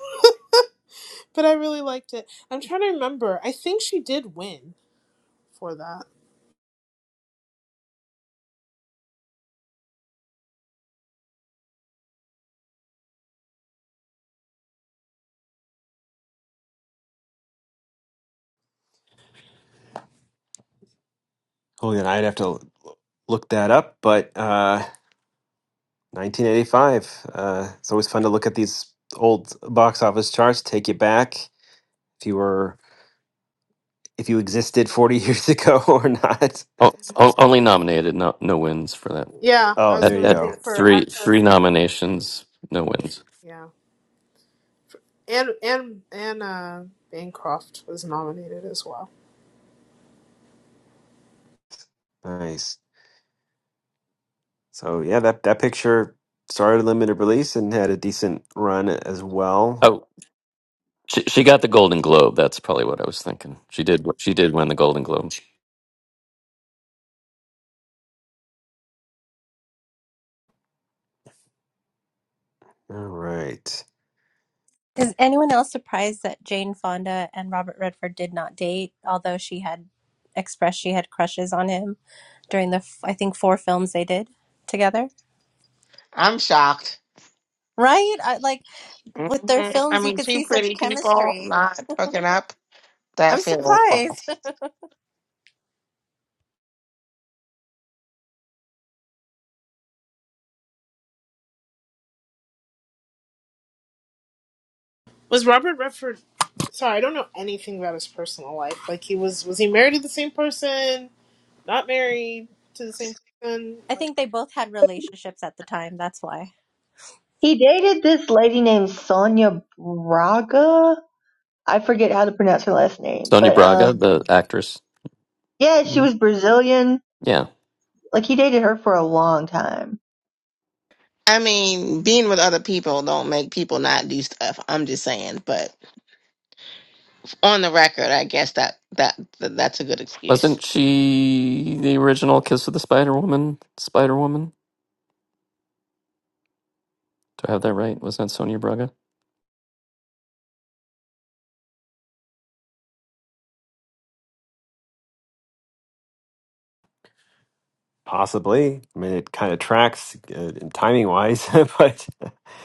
Speaker 7: but I really liked it. I'm trying to remember. I think she did win for that.
Speaker 1: Holy, and I'd have to l- look that up, but uh, 1985. Uh, it's always fun to look at these old box office charts. Take you back if you were if you existed 40 years ago or not.
Speaker 2: Oh, o- only nominated, no no wins for that.
Speaker 7: Yeah, I
Speaker 1: Oh,
Speaker 7: was
Speaker 2: At
Speaker 1: there you
Speaker 7: gonna
Speaker 2: at
Speaker 7: say
Speaker 1: go.
Speaker 7: for
Speaker 2: three
Speaker 7: actress.
Speaker 2: three nominations, no wins.
Speaker 7: Yeah, and and and uh, Bancroft was nominated as well.
Speaker 1: Nice. So yeah, that that picture started limited release and had a decent run as well.
Speaker 2: Oh, she she got the Golden Globe. That's probably what I was thinking. She did she did win the Golden Globe.
Speaker 1: All right.
Speaker 8: is anyone else surprised that Jane Fonda and Robert Redford did not date, although she had expressed she had crushes on him during the f- I think four films they did together.
Speaker 3: I'm shocked.
Speaker 8: Right? I, like
Speaker 3: hmm
Speaker 8: with their
Speaker 3: I
Speaker 8: films, you
Speaker 3: mean,
Speaker 8: could
Speaker 3: two
Speaker 8: see such
Speaker 3: pretty people
Speaker 8: chemistry.
Speaker 3: not hooking up. That
Speaker 8: I'm
Speaker 3: feels
Speaker 8: surprised.
Speaker 7: Was Robert Redford? Sorry, I don't know anything about his personal life. Like he was was he married to the same person? Not married to the same person?
Speaker 8: I
Speaker 7: Like
Speaker 8: think they both had relationships at the time. That's why.
Speaker 6: He dated this lady named Sonia Braga. I forget how to pronounce her last name,
Speaker 2: Sonia
Speaker 6: but um,
Speaker 2: Braga, the actress.
Speaker 6: yeah, she
Speaker 2: Mm-hmm.
Speaker 6: was Brazilian.
Speaker 2: Yeah.
Speaker 6: Like he dated her for a long time.
Speaker 3: I mean, being with other people don't make people not do stuff. I'm just saying, but on the record, I guess that that, that that's a good excuse.
Speaker 2: Wasn't she the original Kiss of the Spider Woman? Spider Woman? Do I have that right? Wasn't that Sonia Braga?
Speaker 1: Possibly. I mean, it kind of tracks uh, timing wise, but I'm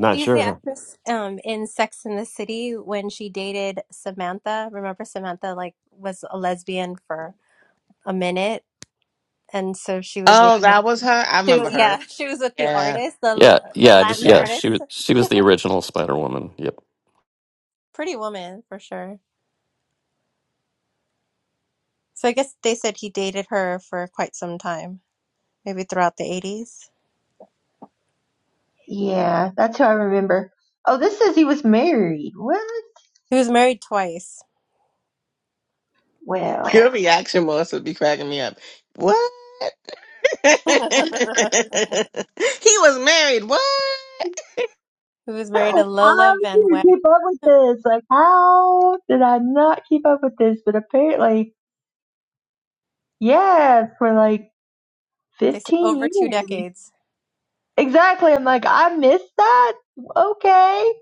Speaker 1: not
Speaker 8: She's the
Speaker 1: sure.
Speaker 8: actress um, in Sex and the City when she dated Samantha. Remember Samantha like was a lesbian for a minute, and so she was with
Speaker 3: Oh, that was her. I
Speaker 8: she,
Speaker 3: remember
Speaker 8: yeah
Speaker 3: her.
Speaker 8: she was with the
Speaker 3: Yeah,
Speaker 8: artist, the
Speaker 2: Yeah,
Speaker 8: the
Speaker 2: yeah, I just
Speaker 8: Latin
Speaker 2: yeah.
Speaker 3: yeah.
Speaker 2: She was
Speaker 8: artist,
Speaker 2: she was the original Spider Woman. Yep.
Speaker 8: pretty woman for sure. So I guess they said he dated her for quite some time, maybe throughout the eighties.
Speaker 6: Yeah, that's who I remember. Oh, this says he was married. What?
Speaker 8: He was married twice.
Speaker 6: Well,
Speaker 3: Your reaction was would be cracking me up. What? he
Speaker 8: he
Speaker 3: was married. What?
Speaker 8: was married to
Speaker 6: I
Speaker 8: Lola Van
Speaker 6: didn't
Speaker 8: Weg.
Speaker 6: keep up with this. Like, how did I not keep up with this? But apparently, yeah, for like
Speaker 8: They said
Speaker 6: 15
Speaker 8: over two
Speaker 6: years.
Speaker 8: decades,
Speaker 6: Exactly. I'm like, I missed that. Okay,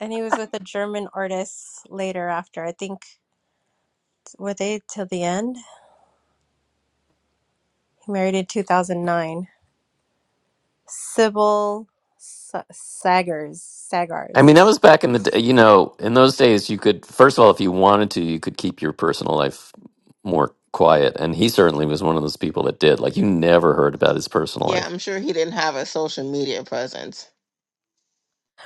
Speaker 8: and he was with a German artist later after I think. were they till the end? He married in 2009. Sybil Sa- Sagars.
Speaker 2: I mean,
Speaker 8: Sagars.
Speaker 2: that was back in the day. You know, in those days, you could first of all, if you wanted to, you could keep your personal life more quiet. And he certainly was one of those people that did. Like you never heard about his personal
Speaker 3: Yeah,
Speaker 2: life.
Speaker 3: I'm sure he didn't have a social media presence.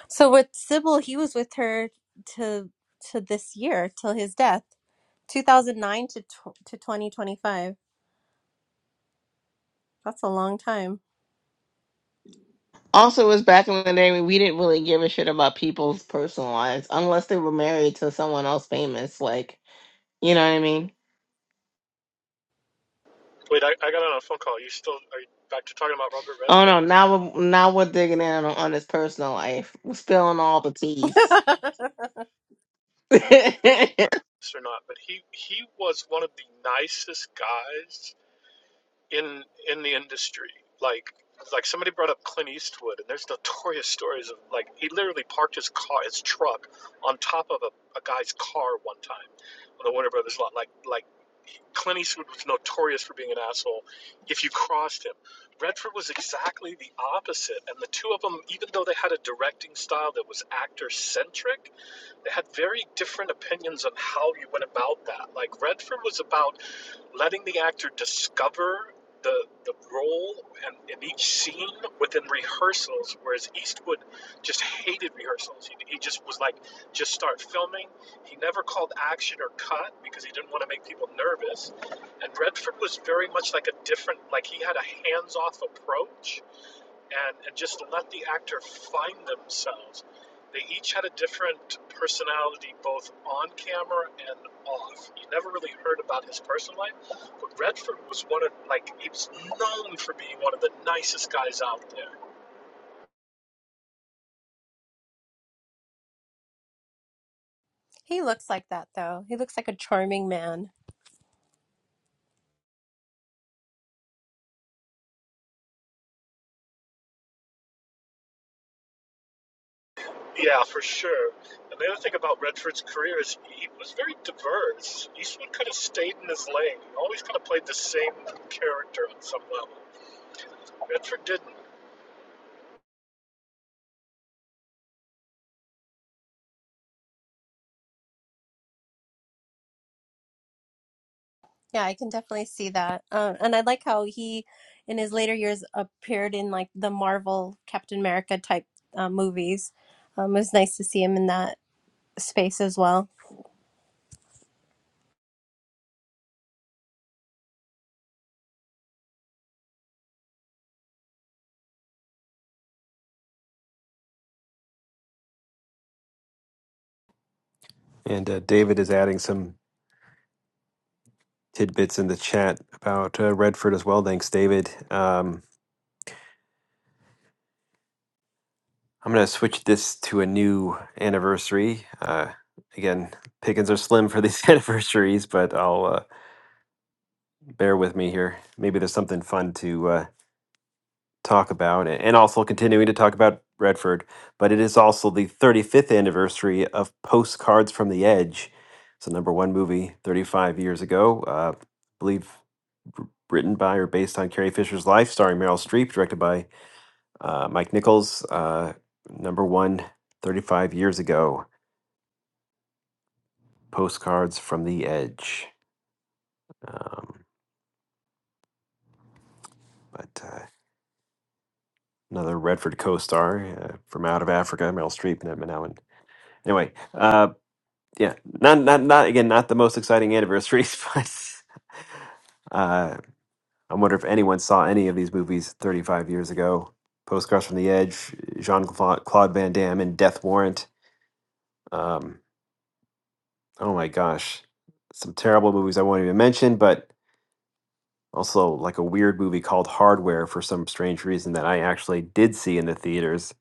Speaker 8: So with Sybil, he was with her to to this year till his death, 2009 to tw- to 2025. That's a long time.
Speaker 3: Also, it was back in the day when we didn't really give a shit about people's personal lives unless they were married to someone else famous. Like, you know what I mean?
Speaker 12: Wait, I, I got on a phone call. Are you still are you back to talking about Robert
Speaker 3: Oh
Speaker 12: Redford?
Speaker 3: no, now we're now we're digging in on, on his personal life, We're spilling all the teas.
Speaker 12: Yes or not? But he he was one of the nicest guys in in the industry. Like like somebody brought up Clint Eastwood, and there's notorious stories of like he literally parked his car, his truck, on top of a, a guy's car one time on the Warner Brothers lot. Like like Clint Eastwood was notorious for being an asshole. If you crossed him, Redford was exactly the opposite. And the two of them, even though they had a directing style that was actor centric, they had very different opinions on how you went about that. Like Redford was about letting the actor discover the the role and in each scene within rehearsals, whereas Eastwood just hated rehearsals. He, he just was like, just start filming. He never called action or cut because he didn't want to make people nervous. And Redford was very much like a different, like he had a hands off approach and, and just let the actor find themselves. They each had a different personality, both on camera and off. You never really heard about his personal life, but Redford was one of like he was known for being one of the nicest guys out there.
Speaker 8: he looks like that though. He looks like a charming man.
Speaker 12: Yeah, for sure. And the other thing about Redford's career is he was very diverse. Eastwood could have stayed in his lane. He always kind of played the same character on some level. Redford didn't.
Speaker 8: Yeah, I can definitely see that. Uh, and I like how he, in his later years, appeared in like the Marvel Captain America type uh, movies. Um, it was nice to see him in that space as well.
Speaker 1: And uh, David is adding some tidbits in the chat about uh, Redford as well. Thanks, David. Um, I'm going to switch this to a new anniversary. Uh, again, pickings are slim for these anniversaries, but I'll uh, bear with me here. Maybe there's something fun to uh, talk about, a- and also continuing to talk about Redford. But it is also the 35th anniversary of Postcards from the Edge. It's a number one movie 35 years ago, uh, I believe wr- written by or based on Carrie Fisher's life, starring Meryl Streep, directed by uh, Mike Nichols. Uh, number one 35 years ago. Postcards from the Edge. Um, but uh, another Redford co-star uh, from out of Africa, Meryl Streep, and Edmund Allen. Anyway, uh, yeah, not not not again, not the most exciting anniversaries, but uh, I wonder if anyone saw any of these movies 35 years ago. Postcards from the Edge, Jean Claude Van Damme, and Death Warrant. Um, oh my gosh, some terrible movies I won't even mention, but Also, like a weird movie called Hardware for some strange reason that I actually did see in the theaters.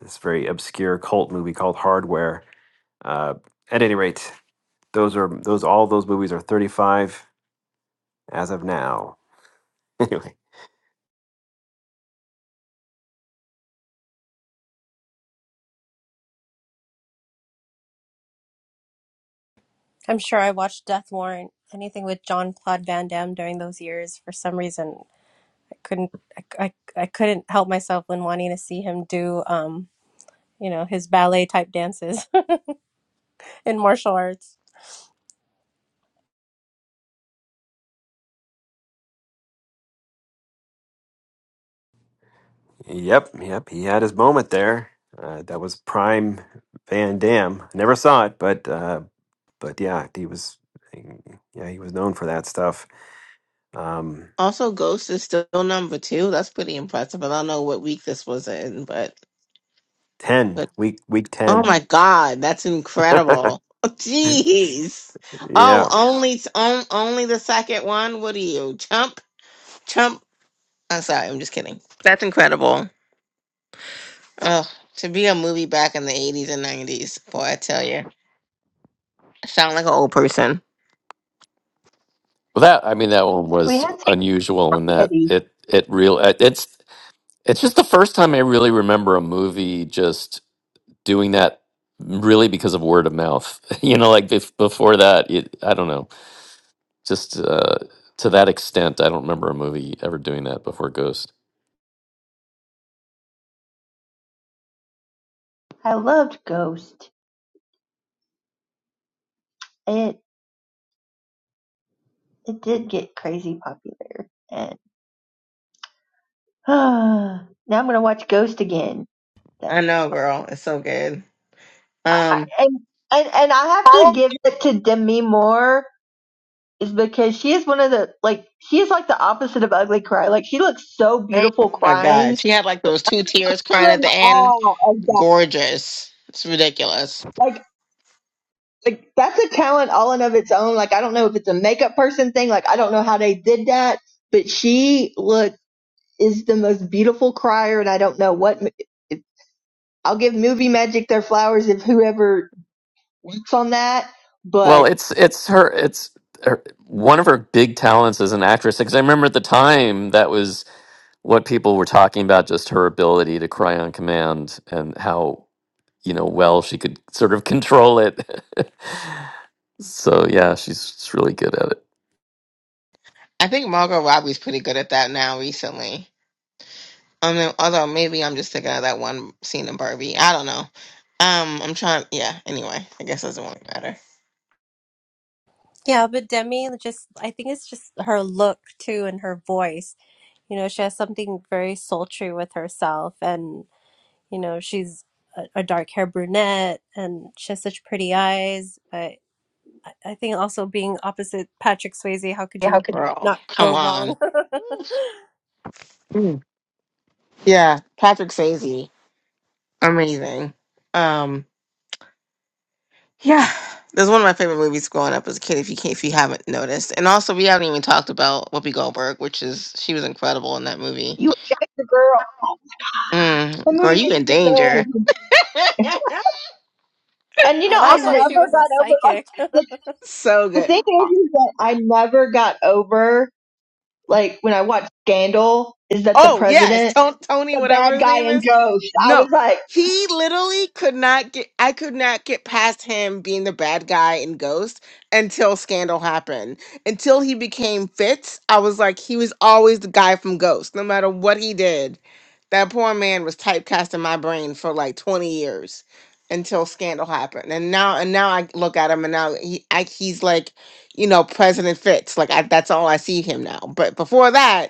Speaker 1: This very obscure cult movie called Hardware. Uh, at any rate, those are those all those movies are 35 as of now. Anyway,
Speaker 8: I'm sure I watched Death Warrant, anything with John Claude Van Damme during those years. For some reason, I couldn't, I, I, I couldn't help myself when wanting to see him do, um, you know, his ballet type dances in martial arts.
Speaker 1: yep, yep, he had his moment there. Uh, that was prime Van Damme. I Never saw it, but uh, but yeah, he was yeah he was known for that stuff. Um,
Speaker 3: also, Ghost is still number two. That's pretty impressive. I don't know what week this was in, but
Speaker 1: ten
Speaker 3: but
Speaker 1: week week
Speaker 3: oh
Speaker 1: ten.
Speaker 3: my god, that's incredible. Jeez.
Speaker 1: yeah,
Speaker 3: Oh, only on, only the second one. What are you, chump? Chump I'm sorry, I'm just kidding. That's incredible. Oh, to be a movie back in the 80s and 90s, boy, I tell you, I sound like an old person.
Speaker 2: Well, that I mean, that one
Speaker 6: we
Speaker 2: was
Speaker 6: had
Speaker 2: unusual in that
Speaker 6: some
Speaker 2: it it real it's it's just the first time I really remember a movie just doing that really because of word of mouth. you know, like bef- before that, it, I don't know. Just uh, to that extent, I don't remember a movie ever doing that before Ghost.
Speaker 6: I loved Ghost. It it did get crazy popular, and now I'm gonna watch Ghost again. That
Speaker 3: I know, girl, it's so good.
Speaker 6: I,
Speaker 3: Um,
Speaker 6: and and and I have to give it to Demi Moore is because she is one of the like she is like the opposite of ugly cry. Like she looks so
Speaker 3: Hey,
Speaker 6: beautiful
Speaker 3: oh my
Speaker 6: crying.
Speaker 3: God, she had like those two tears
Speaker 6: You're
Speaker 3: crying at
Speaker 6: in
Speaker 3: the end.
Speaker 6: awe of that.
Speaker 3: Gorgeous. It's ridiculous.
Speaker 6: Like like that's a talent all in of its own. Like I don't know if it's a makeup person thing. Like I don't know how they did that, but she look is the most beautiful crier, and I don't know what. I'll give Movie Magic their flowers if whoever works on that,
Speaker 2: Well,
Speaker 6: but
Speaker 2: it's it's her. It's her, one of her big talents as an actress. Because I remember at the time that was what people were talking about, just her ability to cry on command and how you know well she could sort of control it. so yeah, she's, she's really good at it.
Speaker 3: I think Margot Robbie's pretty good at that now recently. Um, no, although maybe I'm just thinking of that one scene in Barbie. I don't know. Um, I'm trying. Yeah. Anyway, I guess it doesn't really matter.
Speaker 8: Yeah, but Demi just, I think it's just her look too and her voice You know, she has something very sultry with herself, and you know, she's a, a dark hair brunette, and she has such pretty eyes. But I, I think also being opposite Patrick Swayze, how could you
Speaker 3: Okay. Girl,
Speaker 8: not
Speaker 3: come
Speaker 8: go
Speaker 3: on.
Speaker 8: wrong?
Speaker 3: Mm. Yeah, Patrick Swayze, amazing. Um, yeah, this is one of my favorite movies growing up as a kid. If you can, if you haven't noticed, and also we haven't even talked about Whoopi Goldberg, which is she was incredible in that movie.
Speaker 6: you guys, the girl, the
Speaker 3: Mm, girl,
Speaker 6: movie
Speaker 3: you
Speaker 6: was
Speaker 3: in
Speaker 6: so
Speaker 3: danger.
Speaker 6: good. And you
Speaker 8: I
Speaker 6: know, I
Speaker 8: love
Speaker 6: never
Speaker 3: also,
Speaker 8: that she was a
Speaker 6: got over like
Speaker 8: psychic.
Speaker 6: the
Speaker 3: so
Speaker 6: the
Speaker 3: good.
Speaker 6: thing is, is that I never got over like when I watched Scandal is that the
Speaker 3: Oh yes,
Speaker 6: president,
Speaker 3: Ton- Tony,
Speaker 6: the
Speaker 3: whatever
Speaker 6: bad
Speaker 3: his
Speaker 6: guy
Speaker 3: name
Speaker 6: in
Speaker 3: is.
Speaker 6: Ghost. I
Speaker 3: No,
Speaker 6: was like,
Speaker 3: he literally could not get. I could not get past him being the bad guy in Ghost until Scandal happened. Until he became Fitz, I was like, he was always the guy from Ghost, no matter what he did. That poor man was typecast in my brain for like twenty years until Scandal happened, and now and now I look at him and now he I, he's like, you know, President Fitz. Like I, that's all I see him now. But before that.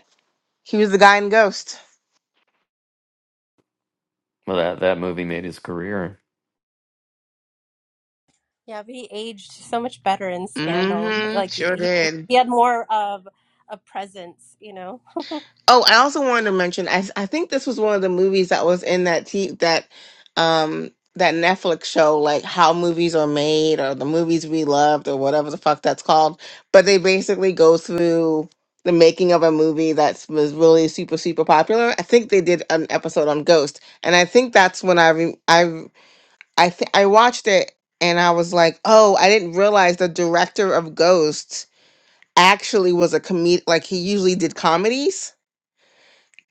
Speaker 3: He was the guy in Ghost.
Speaker 2: Well, that that movie made his career.
Speaker 8: Yeah, but he aged so much better in Scandal.
Speaker 3: Mm-hmm.
Speaker 8: Like he
Speaker 3: Sure
Speaker 8: he,
Speaker 3: did.
Speaker 8: he had more of a presence, you know.
Speaker 3: Oh, I also wanted to mention. I I think this was one of the movies that was in that t- that um that Netflix show, like how movies are made or the movies we loved or whatever the fuck that's called. But they basically go through the making of a movie that was really super super popular. I think they did an episode on Ghost, and I think that's when I re- I I th- I watched it and I was like, oh, I didn't realize the director of Ghost. actually was a comedian like he usually did comedies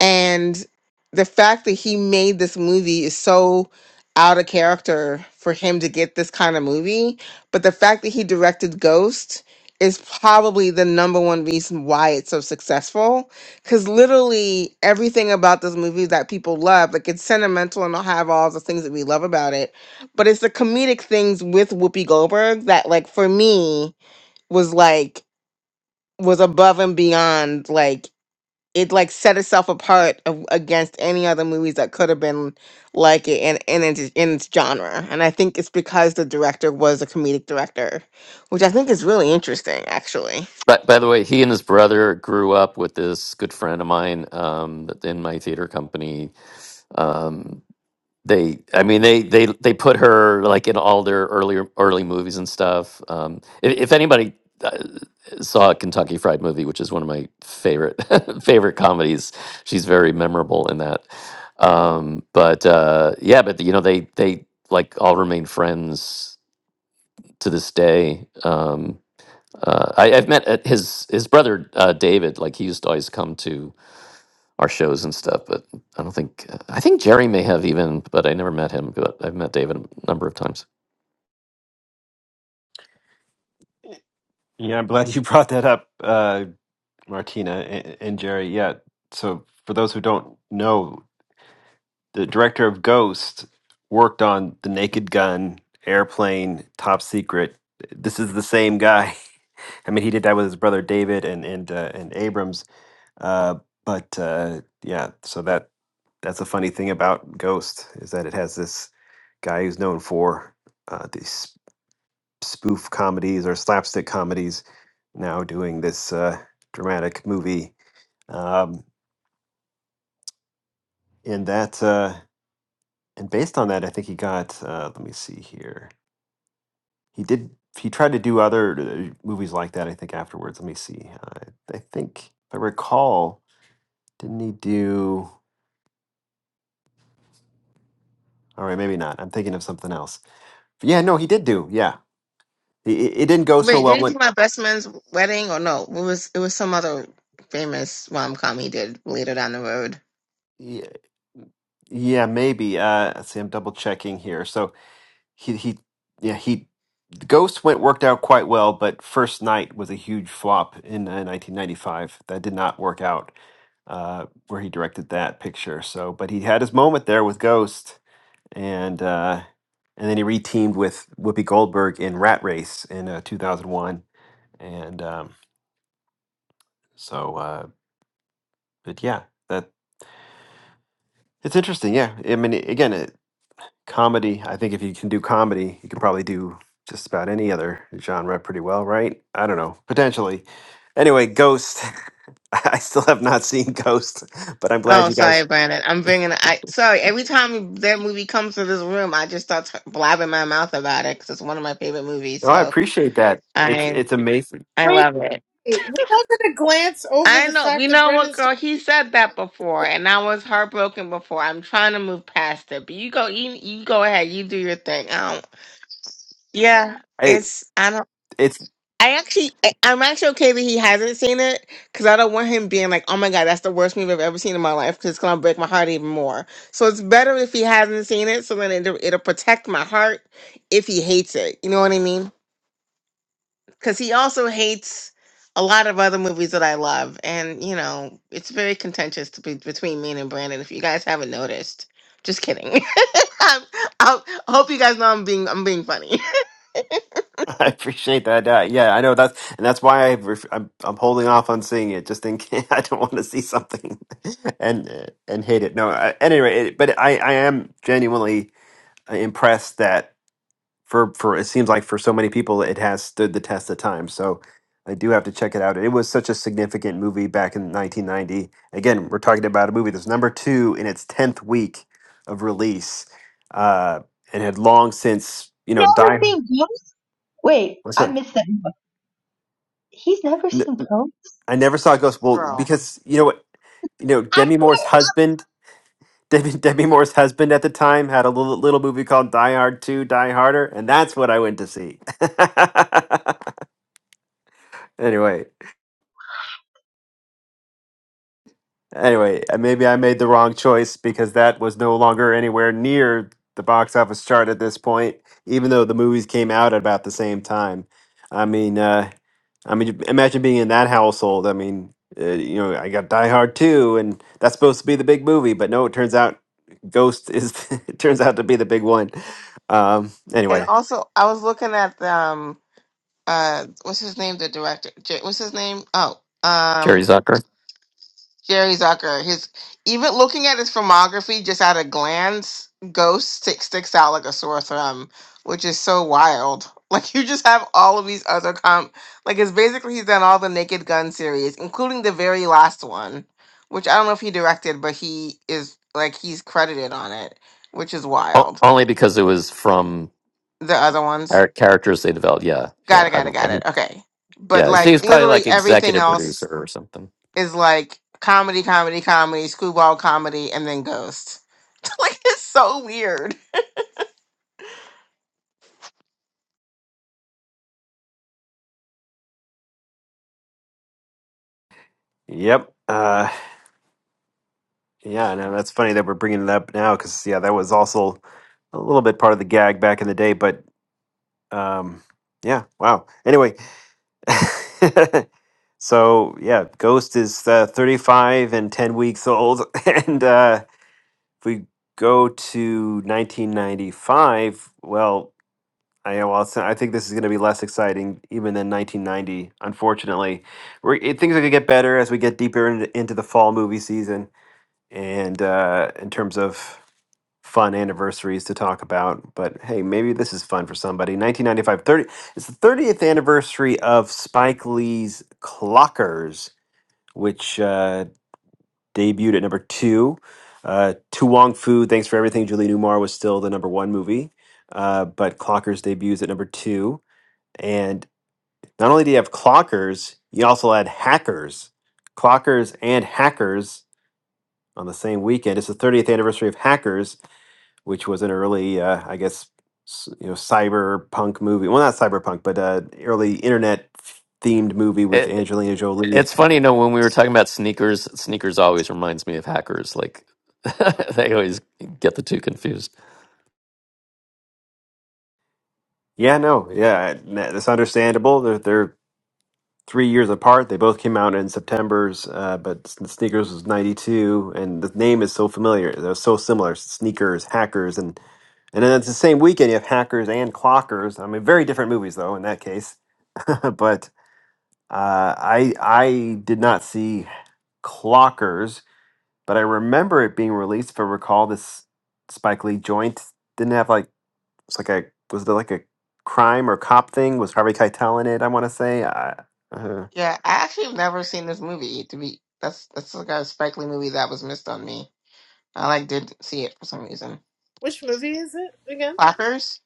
Speaker 3: and the fact that he made this movie is so out of character for him to get this kind of movie but the fact that he directed ghost is probably the number one reason why it's so successful because literally everything about this movie that people love like it's sentimental and i'll have all the things that we love about it but it's the comedic things with whoopi goldberg that like for me was like was above and beyond like it like set itself apart of, against any other movies that could have been like it in, in its in its genre and i think it's because the director was a comedic director which i think is really interesting actually
Speaker 2: By, by the way, he and his brother grew up with this good friend of mine um, that- in my theater company. Um, they, I mean, they they they put her like in all their earlier early movies and stuff. Um, if, if anybody uh, saw a Kentucky Fried Movie, which is one of my favorite favorite comedies, she's very memorable in that. Um, but uh, yeah, but you know, they they like all remain friends to this day. Um, uh, I, I've met uh, his his brother uh, David. Like he used to always come to our shows and stuff. But I don't think uh, I think Jerry may have even, but I never met him. But I've met David a number of times.
Speaker 1: Yeah, I'm glad you brought that up, uh, Martina and, and Jerry. Yeah. So, for those who don't know, the director of Ghost worked on The Naked Gun, Airplane, Top Secret. This is the same guy. I mean, he did that with his brother David and and uh, and Abrams. Uh, but uh, yeah, so that that's a funny thing about Ghost is that it has this guy who's known for uh, these spoof comedies or slapstick comedies, now doing this uh, dramatic movie. Um, and that, uh, and based on that, I think he got. Uh, let me see here. He did. He tried to do other uh, movies like that. I think afterwards. Let me see. I, I think if I recall, didn't he do? All right, maybe not. I'm thinking of something else. But yeah, no, he did do. Yeah, it, it it didn't go so
Speaker 3: wait did
Speaker 1: well
Speaker 3: he do
Speaker 1: when.
Speaker 3: my best man's wedding or no it was it was some other famous rom-com he did later down the road
Speaker 1: Yeah, yeah maybe. Uh, let's see, I'm double checking here. So he he yeah he the ghost went worked out quite well but first night was a huge flop in uh, 1995 that did not work out uh where he directed that picture so but he had his moment there with ghost and uh and then he reteamed with whoopi goldberg in rat race in uh, 2001 and um so uh but yeah that it's interesting yeah i mean again it. comedy. I think if you can do comedy, you can probably do just about any other genre pretty well, right? I don't know, potentially. Anyway, Ghost. I still have not seen Ghost, but I'm glad
Speaker 3: oh
Speaker 1: you
Speaker 3: sorry
Speaker 1: guys.
Speaker 3: brandon i'm bringing i sorry every time that movie comes to this room i just start t- blabbing my mouth about it because it's one of my favorite movies
Speaker 1: No, I
Speaker 3: so
Speaker 1: appreciate that. It's
Speaker 3: I.
Speaker 1: it's amazing.
Speaker 3: I
Speaker 7: wait,
Speaker 3: love it.
Speaker 7: wait we're not gonna glance over
Speaker 3: I
Speaker 7: the
Speaker 3: know.
Speaker 7: fact
Speaker 3: You
Speaker 7: that
Speaker 3: know what,
Speaker 7: Brendan. St-
Speaker 3: girl? He said that before, and I was heartbroken before. I'm trying to move past it, but you go. You, you go ahead. You do your thing. Um. Yeah.
Speaker 1: It
Speaker 3: It's. I don't.
Speaker 1: it's
Speaker 3: I actually. I- I'm actually okay that he hasn't seen it because I don't want him being like, "Oh my god, that's the worst movie I've ever seen in my life." Because it's gonna break my heart even more. So it's better if he hasn't seen it, so then it, it'll it'll protect my heart if he hates it. You know what I mean? because he also hates a lot of other movies that I love, and you know it's very contentious to be between me and Brandon. If you guys haven't noticed, just kidding. I'm, i hope you guys know I'm being I'm being funny,
Speaker 1: I appreciate that. Uh, yeah, I know that's and that's why I ref, I'm I'm holding off on seeing it just in case I don't want to see something and uh, and hate it. No, I, anyway, it, but I I am genuinely. impressed that for for it seems like for so many people it has stood the test of time. So I do have to check it out. It was such a significant movie back in 1990. Again, we're talking about a movie that's number two in its 10th week of release, uh, and had long since you know
Speaker 6: never
Speaker 1: died.
Speaker 6: seen Ghost. Wait,
Speaker 1: What's
Speaker 6: I
Speaker 1: that?
Speaker 6: missed that. He's never
Speaker 1: N-
Speaker 6: seen Ghost.
Speaker 1: I never saw Ghost. Well,
Speaker 3: girl.
Speaker 1: because you know what, you know
Speaker 6: I
Speaker 1: Demi Moore's
Speaker 6: can't.
Speaker 1: husband. Demi, Demi Moore's husband at the time had a little, little movie called Die Hard 2, Die Harder, and that's what I went to see. Anyway, anyway, uh, maybe I made the wrong choice because that was no longer anywhere near the box office chart at this point, even though the movies came out at about the same time. I mean, uh, I mean, imagine being in that household. I mean, uh, you know, I got Die Hard 2, and that's supposed to be the big movie, but no, it turns out Ghost is it turns out to be the big one. Um,
Speaker 3: And
Speaker 1: anyway,
Speaker 3: also, I was looking at the, um uh what's his name, the director. J- What's his name? Oh,
Speaker 2: Jerry
Speaker 3: um.
Speaker 2: Zucker.
Speaker 3: Jerry Zucker. His even looking at his filmography just at a glance, Ghost sticks sticks out like a sore thumb, which is so wild. Like you just have all of these other comp like it's basically he's done all the Naked Gun series, including the very last one, which I don't know if he directed, but he is like he's credited on it, which is
Speaker 2: O-
Speaker 3: wild.
Speaker 2: only because it was from
Speaker 3: The other ones.
Speaker 2: our characters they developed. Yeah, yeah.
Speaker 3: Got it,
Speaker 2: I
Speaker 3: got it,
Speaker 2: don't. I
Speaker 3: got it.
Speaker 2: mean,
Speaker 3: Okay. But
Speaker 2: yeah. So he was
Speaker 3: like
Speaker 2: probably
Speaker 3: literally
Speaker 2: like
Speaker 3: everything
Speaker 2: executive producer
Speaker 3: else
Speaker 2: or something.
Speaker 3: is like comedy, comedy, comedy, screwball comedy, and then ghost. like it's so weird.
Speaker 1: yep. Uh, yeah, no, that's funny that we're bringing it up now because yeah, that was also a little bit part of the gag back in the day, but um yeah wow anyway so yeah ghost is uh, 35 and 10 weeks old and uh if we go to 1995 well I, well, so I think this is going to be less exciting even than 1990. Unfortunately, We're, it, things are going to get better as we get deeper into, into the fall movie season, and uh, in terms of fun anniversaries to talk about, but hey, maybe this is fun for somebody. Nineteen ninety-five, thirty, it's the 30th anniversary of Spike Lee's Clockers, which uh, debuted at number two. Uh, Tu Wong Fu, Thanks for Everything, Julie Newmar was still the number one movie, uh, but Clockers debuts at number two. And not only do you have Clockers, you also had Hackers. Clockers and Hackers on the same weekend. It's the 30th anniversary of Hackers, which was an early, uh, I guess, s- you know, cyberpunk movie. Well, not cyberpunk, but uh, early internet themed movie with Angelina Jolie.
Speaker 2: It's funny, you know, when we were talking about sneakers, sneakers always reminds me of hackers. Like they always get the two confused.
Speaker 1: Yeah, no, yeah, n- that's understandable. They're they're three years apart. They both came out in September's, uh, but S- Sneakers was '92, and the name is so familiar. They're so similar. Sneakers, hackers, and and then it's the same weekend. You have hackers and clockers. I mean, very different movies though in that case. but uh, I I did not see clockers But I remember it being released. If I recall, this Spike Lee joint didn't have like it's like a was it like a crime or cop thing? Was Harvey Keitel in it? I want to say. I, uh,
Speaker 3: Yeah, I actually have never seen this movie. To be that's that's like a Spike Lee movie that was missed on me. I like didn't see it for some reason.
Speaker 7: which movie is it again?
Speaker 3: Clappers,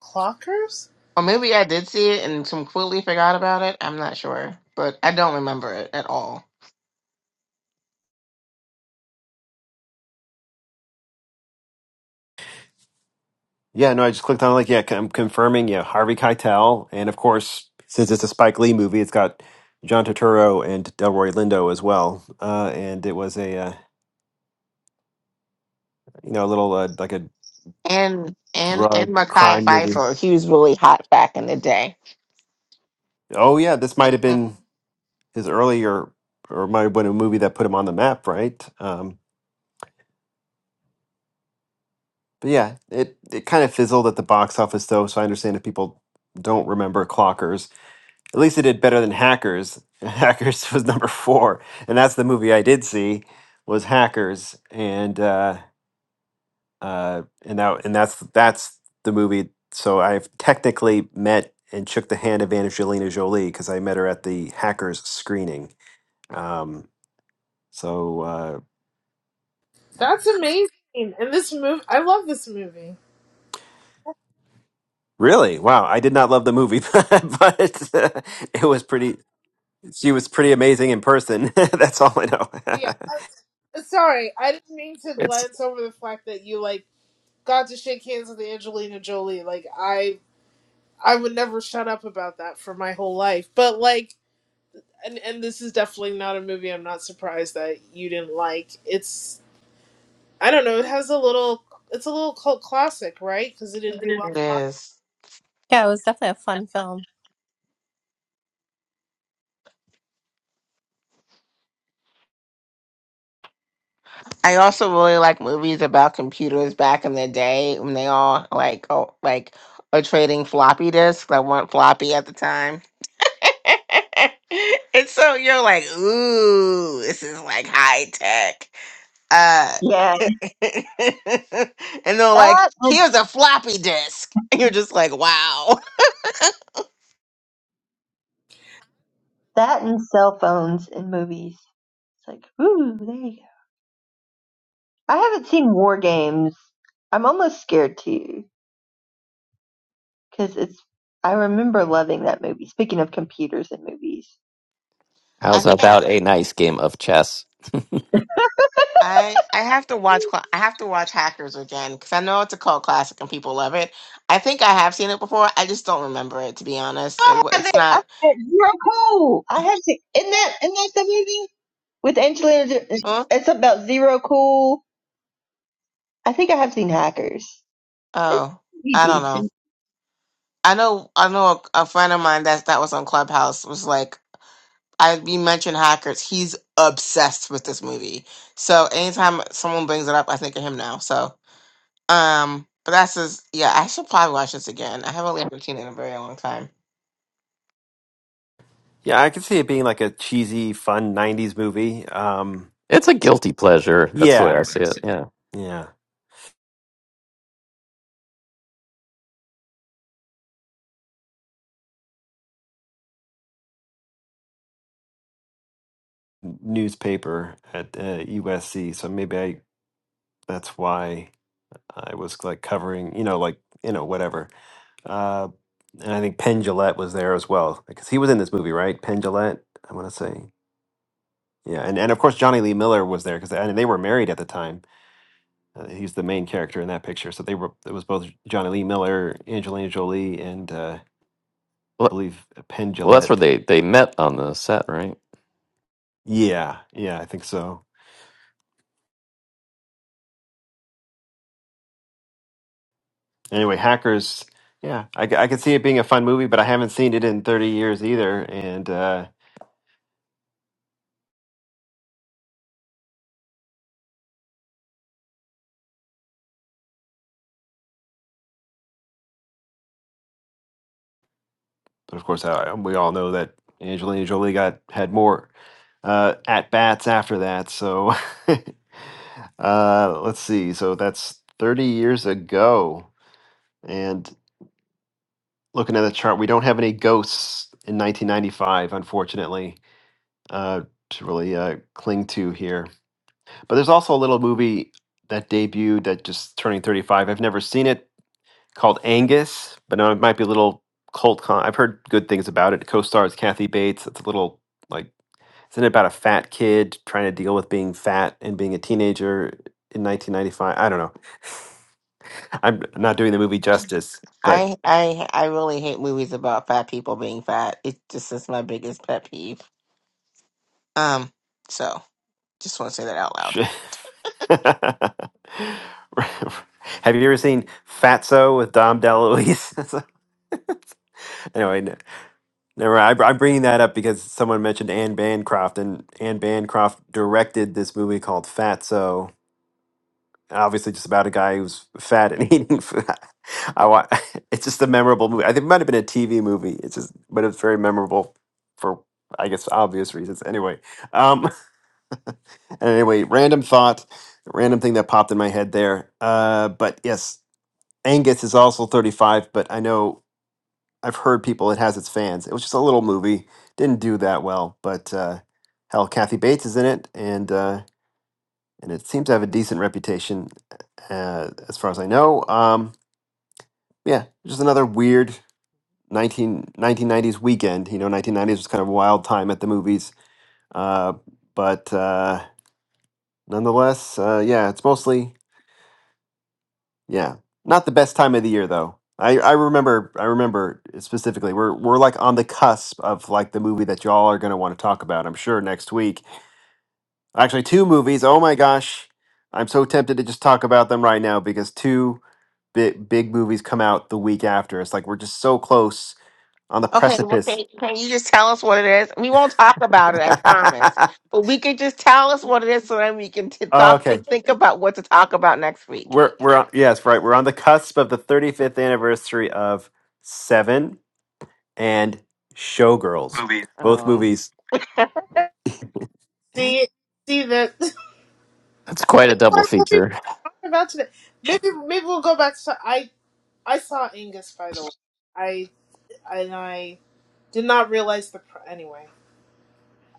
Speaker 7: Clockers.
Speaker 3: or maybe I did see it and completely forgot about it. I'm not sure, but I don't remember it at all.
Speaker 1: yeah, no, I just clicked on it, like yeah, I'm confirming yeah Harvey Keitel, and of course since it's a Spike Lee movie, it's got John Turturro and Delroy Lindo as well, uh, and it was a uh, you know a little uh, like a
Speaker 3: And and and
Speaker 1: drug
Speaker 3: Mackay
Speaker 1: crime movie.
Speaker 3: Pfeiffer, he was really hot back in the day.
Speaker 1: Oh yeah, this might have
Speaker 3: hmm
Speaker 1: been his earlier or might have been a movie that put him on the map, right? Um, But yeah, it, it kind of fizzled at the box office though, so I understand if people don't remember Clockers. At least it did better than Hackers. Hackers was number four, and that's the movie I did see was Hackers, and uh, uh, and that and that's that's the movie. So I've technically met and shook the hand of Angelina Jolie because I met her at the Hackers screening. Um, so uh,
Speaker 7: That's amazing. And this movie, I love this movie.
Speaker 1: Really? Wow. I did not love the movie, but uh, it was pretty. She was pretty amazing in person. That's all I know.
Speaker 7: Yeah, sorry, I didn't mean to
Speaker 2: It's
Speaker 7: glance over the fact that you like got to shake hands with Angelina Jolie. Like I, I would never shut up about that for my whole life. But like, and and this is definitely not a movie. I'm not surprised that you didn't like. It's I don't know. It has a little. It's a little cult classic, right? Because it didn't do well.
Speaker 3: It is.
Speaker 8: Yeah, it was definitely a fun film.
Speaker 3: I also really like movies about computers back in the day when they all like oh like are trading floppy disks that weren't floppy at the time. and so you're like, ooh, this is like high tech. Uh
Speaker 6: Yeah,
Speaker 3: and they're like,
Speaker 6: that and
Speaker 3: here's a floppy disk. And you're just like, wow.
Speaker 6: that and cell phones and movies. It's like, ooh, there you go. I haven't seen War Games. I'm almost scared to because it's. I remember loving that movie. Speaking of computers and movies,
Speaker 3: I
Speaker 2: how's
Speaker 3: think I
Speaker 2: about a nice game of chess?
Speaker 3: I I have to watch cla- I have to watch Hackers again because I know it's a cult classic and people love it. I think I have seen it before. I just don't remember it to be honest. It
Speaker 6: I
Speaker 3: wa-
Speaker 6: have
Speaker 3: it's
Speaker 6: it. I
Speaker 3: not.
Speaker 6: have it. You're cool. I have it. Isn't that isn't that the movie with Angelina? Jo-
Speaker 3: Huh?
Speaker 6: It's about Zero Cool. I think I have seen Hackers. It's
Speaker 3: Oh,
Speaker 6: pretty
Speaker 3: I don't know.
Speaker 6: decent.
Speaker 3: I know I know a, a friend of mine that that was on Clubhouse was like I we mentioned Hackers. He's obsessed with this movie. So anytime someone brings it up, I think of him now. So um, but that's his. yeah. I should probably watch this again. I haven't really haven't seen it in a very long time.
Speaker 1: yeah, I could see it being like a cheesy, fun '90s movie. Um,
Speaker 2: It's a guilty pleasure. That's the way
Speaker 1: yeah,
Speaker 2: I see it. Yeah.
Speaker 1: yeah. Newspaper at uh, USC, so maybe I. That's why I was like covering, you know, like you know, whatever. Uh, and I think Penn Jillette was there as well because he was in this movie, right? Penn Jillette, I want to say. Yeah, and, and of course Johnny Lee Miller was there because and they were married at the time. Uh, he's the main character in that picture. So they were it was both Johnny Lee Miller, Angelina Jolie, and uh, I
Speaker 2: Well,
Speaker 1: believe Penn
Speaker 2: well, that's where
Speaker 1: Jillette.
Speaker 2: they they met on the set, right?
Speaker 1: Yeah, yeah, I think so. Anyway, Hackers. Yeah, I, c- I could see it being a fun movie, but I haven't seen it in 30 years either. And uh, But of course, I, we all know that Angelina Jolie got had more uh, at bats after that. So uh, let's see. So that's 30 years ago. And looking at the chart, we don't have any ghosts in 1995, unfortunately, uh, to really uh, cling to here. But there's also a little movie that debuted that just turning 35. I've never seen it called Angus, but now it might be a little cult con. I've heard good things about it. It co-stars Kathy Bates. It's a little like Isn't it about a fat kid trying to deal with being fat and being a teenager in 1995? I don't know. I'm not doing the movie justice, but
Speaker 3: I I I really hate movies about fat people being fat. It just is my biggest pet peeve. Um, so just want to say that out loud.
Speaker 1: sh- have you ever seen Fatso with Dom DeLuise? anyway, n- never mind. I- I'm bringing that up because someone mentioned Anne Bancroft, and Anne Bancroft directed this movie called Fatso and obviously just about a guy who's fat and eating food. I want. It's just a memorable movie. I think it might have been a TV movie. It's just, but it's very memorable for I guess obvious reasons. Anyway, um, and anyway, random thought, random thing that popped in my head there. Uh, but yes, Angus is also 35. But I know I've heard people. It has its fans. It was just a little movie. Didn't do that well, but uh, hell, Kathy Bates is in it, and. Uh, and it seems to have a decent reputation, uh, as far as I know. Um, yeah, just another weird nineteen nineteen nineties weekend. You know, 1990s was kind of a wild time at the movies, uh, but uh, nonetheless, uh, yeah, it's mostly yeah, not the best time of the year though. I, I remember I remember specifically we're we're like on the cusp of like the movie that y'all are gonna want to talk about I'm sure next week actually two movies oh my gosh I'm so tempted to just talk about them right now because two big big movies come out the week after. It's like we're just so close on the
Speaker 3: Okay, well, can,
Speaker 1: precipice.
Speaker 3: can you just tell us what it is? We won't talk about it, I promise. But we can just tell us what it is, so then we can t- talk,
Speaker 1: okay,
Speaker 3: think, think about what to talk about next week.
Speaker 1: we're we're on, yes right. We're on the cusp of the 35th anniversary of Seven and Showgirls,
Speaker 3: Movies.
Speaker 1: both
Speaker 3: Oh,
Speaker 1: movies.
Speaker 7: See, see that.
Speaker 2: That's quite a double
Speaker 7: what will we
Speaker 2: feature.
Speaker 7: talk about today? Maybe maybe we'll go back to I I saw Angus by the way. I and I did not realize the pr- anyway.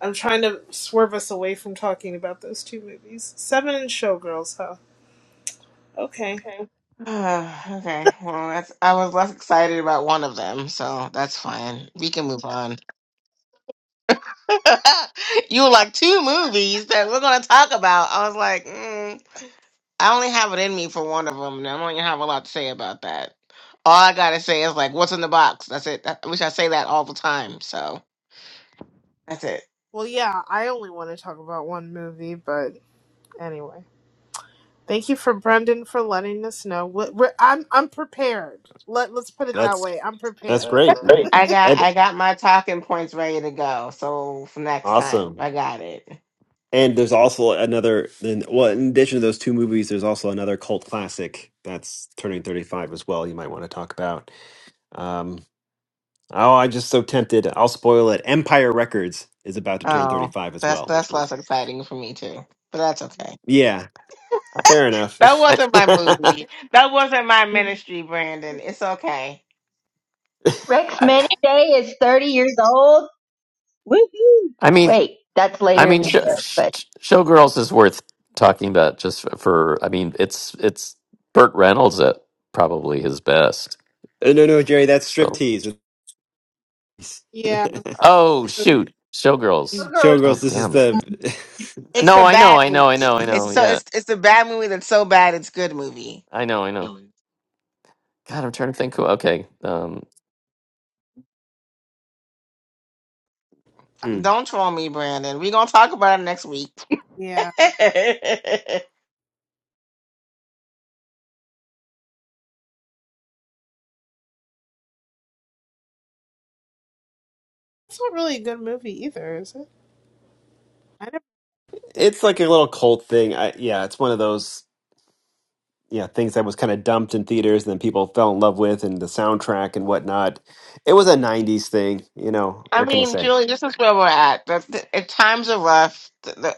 Speaker 7: I'm trying to swerve us away from talking about those two movies. Seven and Showgirls, huh? Okay.
Speaker 3: okay. okay. Well, that's I was less excited about one of them, so that's fine. We can move on. you were like two movies that we're gonna talk about. I was like, mm, I only have it in me for one of them, and I don't even have a lot to say about that. All I gotta say is like, what's in the box? That's it. I wish I say that all the time. So that's it.
Speaker 7: Well, yeah, I only want to talk about one movie, but anyway. Thank you for Brendan for letting us know. We're, we're, I'm I'm prepared. Let Let's put it that
Speaker 1: That's
Speaker 7: way. I'm prepared.
Speaker 1: that's
Speaker 3: That's
Speaker 1: great.
Speaker 3: Great. I got I
Speaker 1: And
Speaker 3: got my talking points ready to go. So for next time,
Speaker 1: awesome.
Speaker 3: I got it.
Speaker 1: And there's also another, then- well, in addition to those two movies, there's also another cult classic that's turning 35 as well. You might want to talk about. Um, oh, I'm just so tempted. I'll spoil it. Empire Records is about to turn
Speaker 3: Oh,
Speaker 1: 35 as
Speaker 3: that's
Speaker 1: well, which
Speaker 3: that's
Speaker 1: is,
Speaker 3: less exciting for me too, but that's okay.
Speaker 1: yeah, fair enough.
Speaker 3: That
Speaker 2: I
Speaker 3: wasn't my movie. That wasn't my ministry, Brandon. It's okay.
Speaker 6: Rex
Speaker 2: I,
Speaker 6: Maniday is 30 years old. Woohoo!
Speaker 2: I mean,
Speaker 6: Wait, that's
Speaker 2: I
Speaker 6: later in
Speaker 2: mean,
Speaker 6: the
Speaker 2: show,
Speaker 6: year, but
Speaker 2: Showgirls is worth talking about just for. I mean, it's it's Burt Reynolds at probably his best.
Speaker 1: Uh, no, no, Jerry, that's
Speaker 2: So.
Speaker 1: striptease.
Speaker 7: Yeah,
Speaker 2: Oh shoot, Showgirls.
Speaker 6: Showgirl's
Speaker 1: Showgirls,
Speaker 2: Oh
Speaker 1: this is
Speaker 2: damn.
Speaker 1: the.
Speaker 3: It's
Speaker 2: No,
Speaker 3: the
Speaker 2: I know,
Speaker 3: bad
Speaker 2: I know, I
Speaker 3: movie.
Speaker 2: know, I
Speaker 3: It's
Speaker 2: know.
Speaker 3: so
Speaker 2: Yeah,
Speaker 3: it's it's the bad movie that's so bad it's good movie.
Speaker 2: I know, I know. God, I'm trying to think. Who, okay, um,
Speaker 1: Hmm.
Speaker 3: Don't troll me, Brandon. We're gonna talk about it next week.
Speaker 7: yeah. It's not really a good movie either, is it? I never,
Speaker 1: It's like a little cult thing. I, yeah, it's one of those. Yeah, things that was kind of dumped in theaters and then people fell in love with and the soundtrack and whatnot it was a 90s thing you know
Speaker 3: I
Speaker 1: what can i
Speaker 3: mean,
Speaker 1: say
Speaker 3: Julie, this is where we're at. The, the, the times are rough. The, the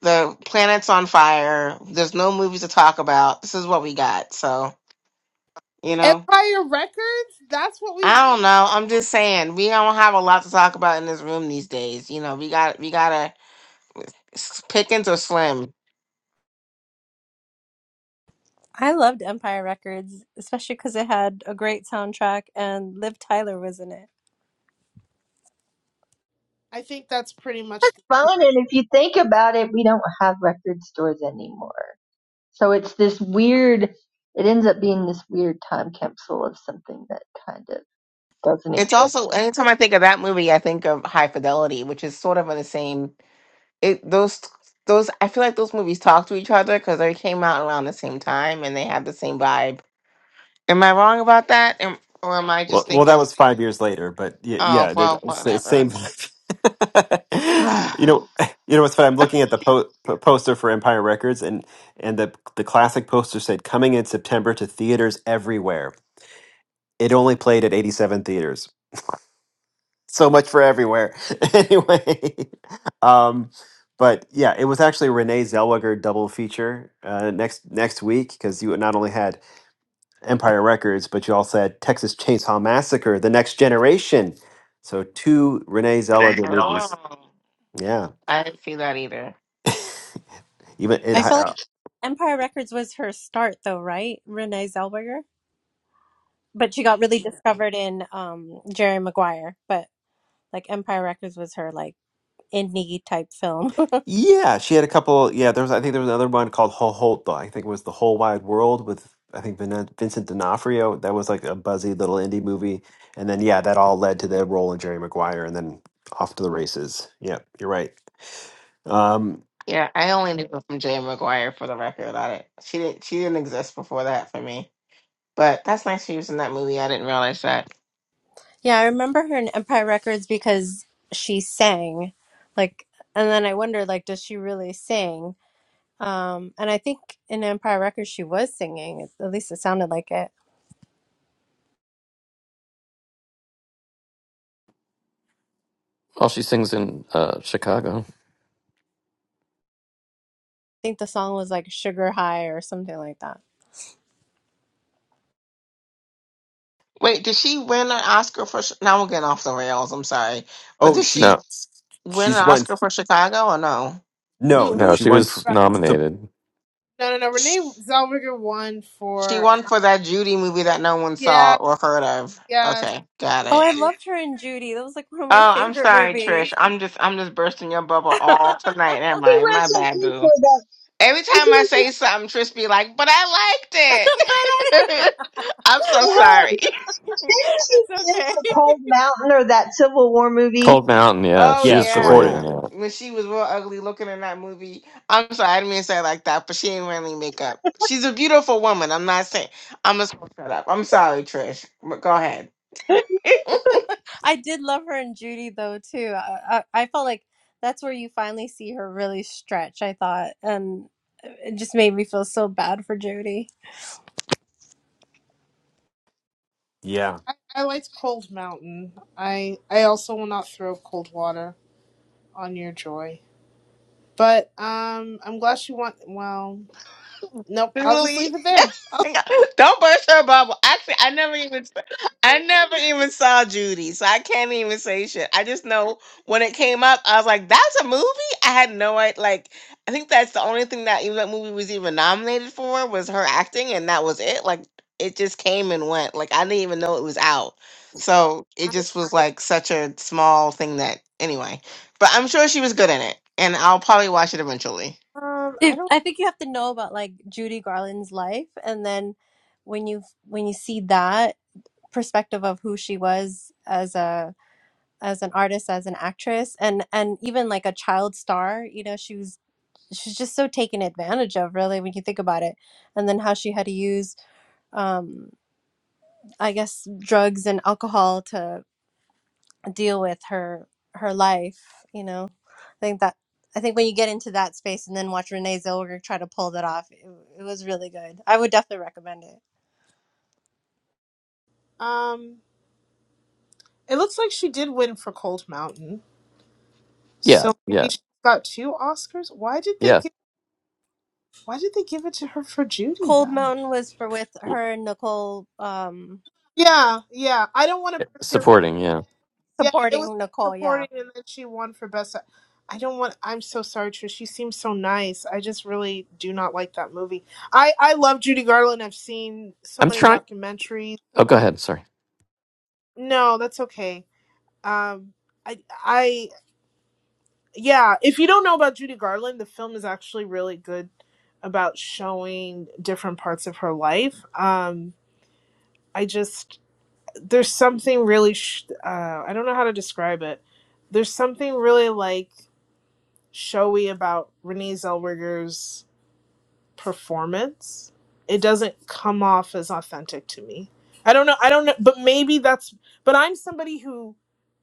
Speaker 3: the planet's on fire. There's no movies to talk about. This is what we got. So you know,
Speaker 7: Empire Records. That's what we've.
Speaker 3: I don't know. I'm just saying we don't have a lot to talk about in this room these days. You know, we got we gotta s- pickings or slim.
Speaker 8: I loved Empire Records, especially because it had a great soundtrack and Liv Tyler was in it.
Speaker 7: I think that's pretty much
Speaker 6: fun. And if you think about it, we don't have record stores anymore. So it's this weird, it ends up being this weird time capsule of something that kind of doesn't
Speaker 3: It's
Speaker 6: exist.
Speaker 3: also anytime I think of that movie, I think of High Fidelity, which is sort of on the same. It those those I feel like those movies talk to each other because they came out around the same time and they have the same vibe. Am I wrong about that, am, or am I
Speaker 1: well
Speaker 3: just
Speaker 1: well that
Speaker 3: thinking?
Speaker 1: was five years later but yeah,
Speaker 3: Oh
Speaker 1: yeah it-
Speaker 3: well,
Speaker 1: it's
Speaker 3: whatever.
Speaker 1: same vibe. you know you know what's funny i'm looking at the po- po- poster for empire records and and the the classic poster said coming in september to theaters everywhere it only played at 87 theaters so much for everywhere. anyway, um, but yeah, it was actually Renee Zellweger double feature uh, next next week because you not only had Empire Records, but you also had Texas Chainsaw Massacre: The Next Generation. So two Renee Zellweger
Speaker 3: Oh,
Speaker 1: movies. Yeah,
Speaker 3: I didn't see that either.
Speaker 1: even
Speaker 8: I feel
Speaker 1: it.
Speaker 8: like Empire Records was her start, though, right? Renee Zellweger, but she got really discovered in um, Jerry Maguire. But like Empire Records was her like indie type film.
Speaker 1: Yeah, she had a couple. Yeah, there was. I think there was another one called Ho Holt, though. I think it was the Whole Wide World with I think Vin- Vincent D'Onofrio. That was like a buzzy little indie movie, and then yeah, that all led to the role in Jerry Maguire, and then off to the races. Yeah, you're right. Um.
Speaker 3: Yeah, I only knew her from Jay McGuire for the record. I didn't, she didn't she didn't exist before that for me. But that's nice she was in that movie. I didn't realize that.
Speaker 8: Yeah, I remember her in Empire Records because she sang. Like and then I wondered like does she really sing? Um and I think in Empire Records she was singing. At least it sounded like it. I
Speaker 2: well, she sings in uh, Chicago.
Speaker 8: think the song was like Sugar High or something like that.
Speaker 3: Wait, did she win an Oscar for? Chi- Now I'm getting off the rails. I'm sorry, but
Speaker 1: Oh,
Speaker 3: did
Speaker 1: she
Speaker 3: she
Speaker 2: No,
Speaker 3: win an
Speaker 1: she's won.
Speaker 3: Oscar for Chicago or no?
Speaker 7: the,
Speaker 1: No,
Speaker 7: who
Speaker 1: no,
Speaker 2: no,
Speaker 1: she
Speaker 2: she
Speaker 1: won
Speaker 7: who.
Speaker 2: was
Speaker 1: for. Sup,
Speaker 2: nominated.
Speaker 7: No, no, no. Renee
Speaker 3: Sh-
Speaker 7: Zellweger won
Speaker 3: She
Speaker 7: for
Speaker 3: won for that Judy movie that no one saw
Speaker 7: yeah,
Speaker 3: or heard of.
Speaker 7: yes.
Speaker 3: Okay, got
Speaker 8: Oh,
Speaker 3: it.
Speaker 8: I loved her in Judy. That was like one of my
Speaker 3: Oh, I'm
Speaker 8: favorite
Speaker 3: sorry, Trish.
Speaker 8: movies.
Speaker 3: I'm just I'm just bursting your bubble
Speaker 8: but
Speaker 3: all tonight, am
Speaker 6: She
Speaker 3: I?
Speaker 6: went
Speaker 3: My bad,
Speaker 6: to
Speaker 3: boo.
Speaker 6: for that.
Speaker 3: Every
Speaker 6: And
Speaker 3: time
Speaker 6: she
Speaker 3: I
Speaker 6: went to
Speaker 3: say something, Trish be like, "But I
Speaker 8: I
Speaker 3: liked it." I'm so
Speaker 6: hell.
Speaker 3: sorry.
Speaker 6: Didn't she
Speaker 8: It's
Speaker 6: win
Speaker 8: okay.
Speaker 6: for Cold Mountain or that Civil War movie?
Speaker 2: Cold Mountain. Yeah,
Speaker 3: Oh
Speaker 2: she
Speaker 1: yeah,
Speaker 2: was great in
Speaker 3: yeah,
Speaker 1: supporting.
Speaker 2: that.
Speaker 3: when she was real ugly looking in that movie. I'm sorry, I didn't mean to say it like that, but she ain't wearing makeup. She's a beautiful woman. I'm not saying. I'm just gonna shut up. I'm sorry, Trish. But go ahead.
Speaker 8: I did love her in Judy though too. I, I I felt like that's where you finally see her really stretch. I thought, and it just made me feel so bad for Judy.
Speaker 1: Yeah,
Speaker 7: I, I liked Cold Mountain. I I also will not throw cold water on your joy. But um, I'm glad she won. Well, nope. I'll just
Speaker 3: Julie.
Speaker 7: leave it there.
Speaker 3: Don't burst her bubble. Actually, I never even I never even saw Judy, so I can't even say shit. I just know when it came up, I was like, "That's a movie." I had no idea. Like, I think that's the only thing that even that movie was even nominated for was her acting, and that was it. Like, it just came and went. Like, I didn't even know it was out. So it just was like such a small thing that anyway. But I'm sure she was good in it, and I'll probably watch it eventually.
Speaker 7: Um, I
Speaker 8: If
Speaker 7: don't.
Speaker 8: I think you have to know about like Judy Garland's life, and then when you when you see that perspective of who she was as a as an artist, as an actress, and and even like a child star, you know, she was she's just so taken advantage of, really, when you think about it, and then how she had to use. Um, I guess drugs and alcohol to deal with her her life, you know. I think that I think when you get into that space and then watch Renee Zellweger try to pull that off, it, it was really good. I would definitely recommend it.
Speaker 7: Um, it looks like she did win for Cold Mountain.
Speaker 2: Yeah,
Speaker 7: So
Speaker 2: yeah,
Speaker 7: maybe she got two Oscars. Why did they
Speaker 2: yeah.
Speaker 7: give? Why did they give it to her for Judy
Speaker 8: Cold
Speaker 7: then?
Speaker 8: Mountain was for with her and Nicole. Um,
Speaker 7: Yeah, yeah. I don't want to.
Speaker 2: Supporting. Yeah,
Speaker 7: Yeah, it was
Speaker 8: supporting Nicole. Yeah.
Speaker 7: supporting, and then she won for best. Act- I don't want. I'm so sorry, Trish. She seems so nice. I just really do not like that movie. I I love Judy Garland. I've seen so
Speaker 2: I'm
Speaker 7: many
Speaker 2: trying.
Speaker 7: documentaries.
Speaker 2: Oh, go ahead. Sorry.
Speaker 7: No, that's okay. Um, I I yeah. If you don't know about Judy Garland, the film is actually really good about showing different parts of her life. Um, I just there's something really. Sh- uh, I don't know how to describe it. There's something really like showy about Renee Zellweger's performance. It doesn't come off as authentic to me. I don't know. I don't know, but maybe that's. But I'm somebody who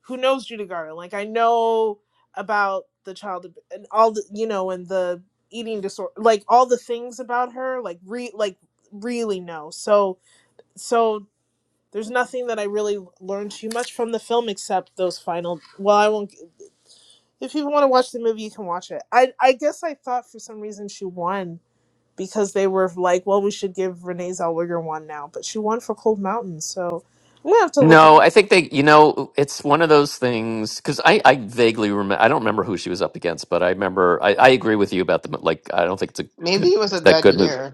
Speaker 7: who knows Judy Garland. Like I know about the child ab- and all the you know and the eating disorder, like all the things about her. Like re like really know. So so there's nothing that I really learned too much from the film except those final. Well, I won't. If you want to watch the movie, you can watch it. I I guess I thought for some reason she won because they were like, well, we should give Renee Zellweger one now, but she won for Cold Mountain, so I'm gonna have to look at.
Speaker 2: No, I think they, you know, it's one of those things because I, I vaguely remember, I don't remember who she was up against, but I remember, I, I agree with you about the, mo- like, I don't think it's a
Speaker 3: Maybe
Speaker 2: good,
Speaker 3: it was a
Speaker 2: that
Speaker 3: dud
Speaker 2: good movie.
Speaker 3: year.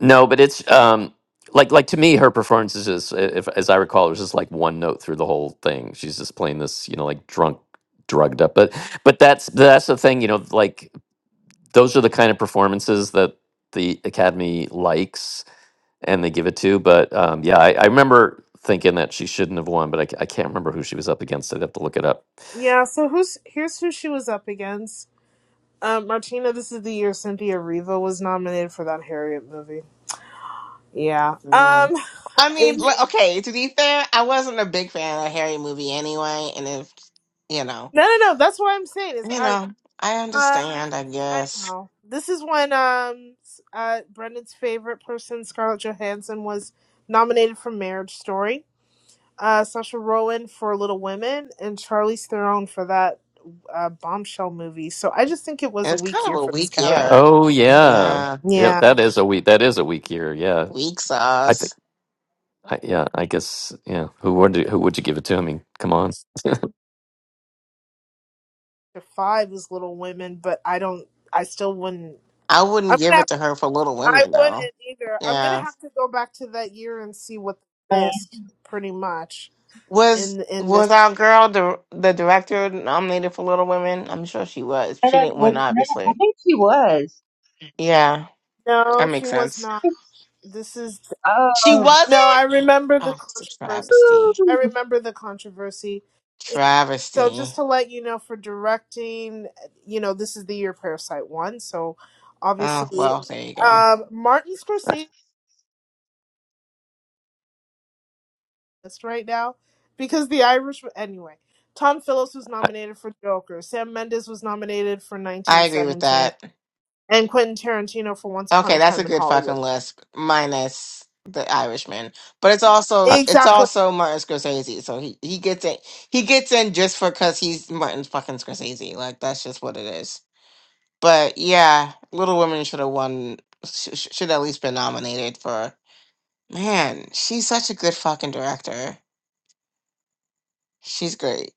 Speaker 2: No, but it's um like like to me her performance is just i- if as I recall it was just like one note through the whole thing. She's just playing this, you know, like drunk drugged up. But but that's that's the thing, you know, like those are the kind of performances that the Academy likes and they give it to. But um yeah, I, I remember thinking that she shouldn't have won, but I, ca- I can't remember who she was up against. I'd have to look it up.
Speaker 7: Yeah, so who's here's who she was up against. Um, Martina, this is the year Cynthia Riva was nominated for that Harriet movie. Yeah.
Speaker 3: Mm.
Speaker 7: Um.
Speaker 3: I mean, like, okay, to be fair, I wasn't a big fan of the Harry movie anyway, and if you know,
Speaker 7: No, no, no. That's what I'm saying. It's
Speaker 3: you
Speaker 7: eye roll.
Speaker 3: know, I
Speaker 7: Uh,
Speaker 3: understand, I
Speaker 7: I
Speaker 3: guess.
Speaker 7: know. This is when um uh Brendan's favorite person, Scarlett Johansson, was nominated for Marriage Story. uh, Saoirse Ronan for Little Women and Charlize Theron for that uh, bombshell movie. So I just think it was
Speaker 3: And
Speaker 7: a
Speaker 3: it's
Speaker 7: weak
Speaker 3: kind of
Speaker 7: year
Speaker 3: a
Speaker 7: for this
Speaker 3: weak
Speaker 7: category.
Speaker 3: year.
Speaker 2: Oh yeah.
Speaker 3: Yeah,
Speaker 2: Yeah,
Speaker 7: Yeah,
Speaker 2: that is a week that is a weak year, yeah.
Speaker 3: weak
Speaker 2: I
Speaker 3: sauce.
Speaker 2: I, yeah, I guess. Yeah, who would you, who would you give it to? I mean, come on.
Speaker 7: the five was Little Women, but I don't. I still wouldn't.
Speaker 3: I wouldn't
Speaker 7: I'm
Speaker 3: give
Speaker 7: gonna. Have,
Speaker 3: it to her for Little
Speaker 7: I
Speaker 3: Women
Speaker 7: wouldn't
Speaker 3: though.
Speaker 7: either. I'm
Speaker 3: Yeah.
Speaker 7: gonna have to go back to that year and see what
Speaker 6: Uh,
Speaker 7: they missed. Pretty much
Speaker 3: Was
Speaker 7: in in this.
Speaker 3: was our girl the the director nominated for Little Women? I'm sure she was.
Speaker 6: I
Speaker 3: She
Speaker 6: don't,
Speaker 3: didn't
Speaker 6: was,
Speaker 3: win,
Speaker 6: I
Speaker 3: obviously.
Speaker 6: think she was.
Speaker 3: Yeah,
Speaker 7: No,
Speaker 3: that
Speaker 7: she
Speaker 3: makes
Speaker 7: was
Speaker 3: sense.
Speaker 7: not. This is
Speaker 3: She
Speaker 6: Oh.
Speaker 7: no. I
Speaker 3: wasn't.
Speaker 7: remember the
Speaker 3: Oh, it's a
Speaker 7: controversy.
Speaker 3: travesty.
Speaker 7: I
Speaker 6: Woo.
Speaker 7: remember the controversy. So just
Speaker 3: Travesty.
Speaker 7: to let you know for directing, you know, this is the year Parasite won. So
Speaker 3: Oh
Speaker 7: obviously,
Speaker 3: well, there you go.
Speaker 7: um, Martin
Speaker 2: I,
Speaker 7: Scorsese is right now because The Irish. Anyway, Tom Phillips was nominated for Joker. Sam Mendes was nominated for
Speaker 3: I agree with
Speaker 7: 1917,
Speaker 3: that.
Speaker 7: and Quentin Tarantino for Once Upon
Speaker 3: Okay,
Speaker 7: a
Speaker 3: that's a
Speaker 7: Time in
Speaker 3: good fucking
Speaker 7: Hollywood.
Speaker 3: list, minus the Irishman. But it's
Speaker 2: I,
Speaker 3: also it's
Speaker 7: Exactly.
Speaker 3: also Martin Scorsese, so he he gets in. He gets in just for because he's Martin fucking Scorsese. Like that's just what it is. But yeah, Little Women should have won. Sh- sh- should at least been nominated for. Man, she's such a good fucking director. She's great.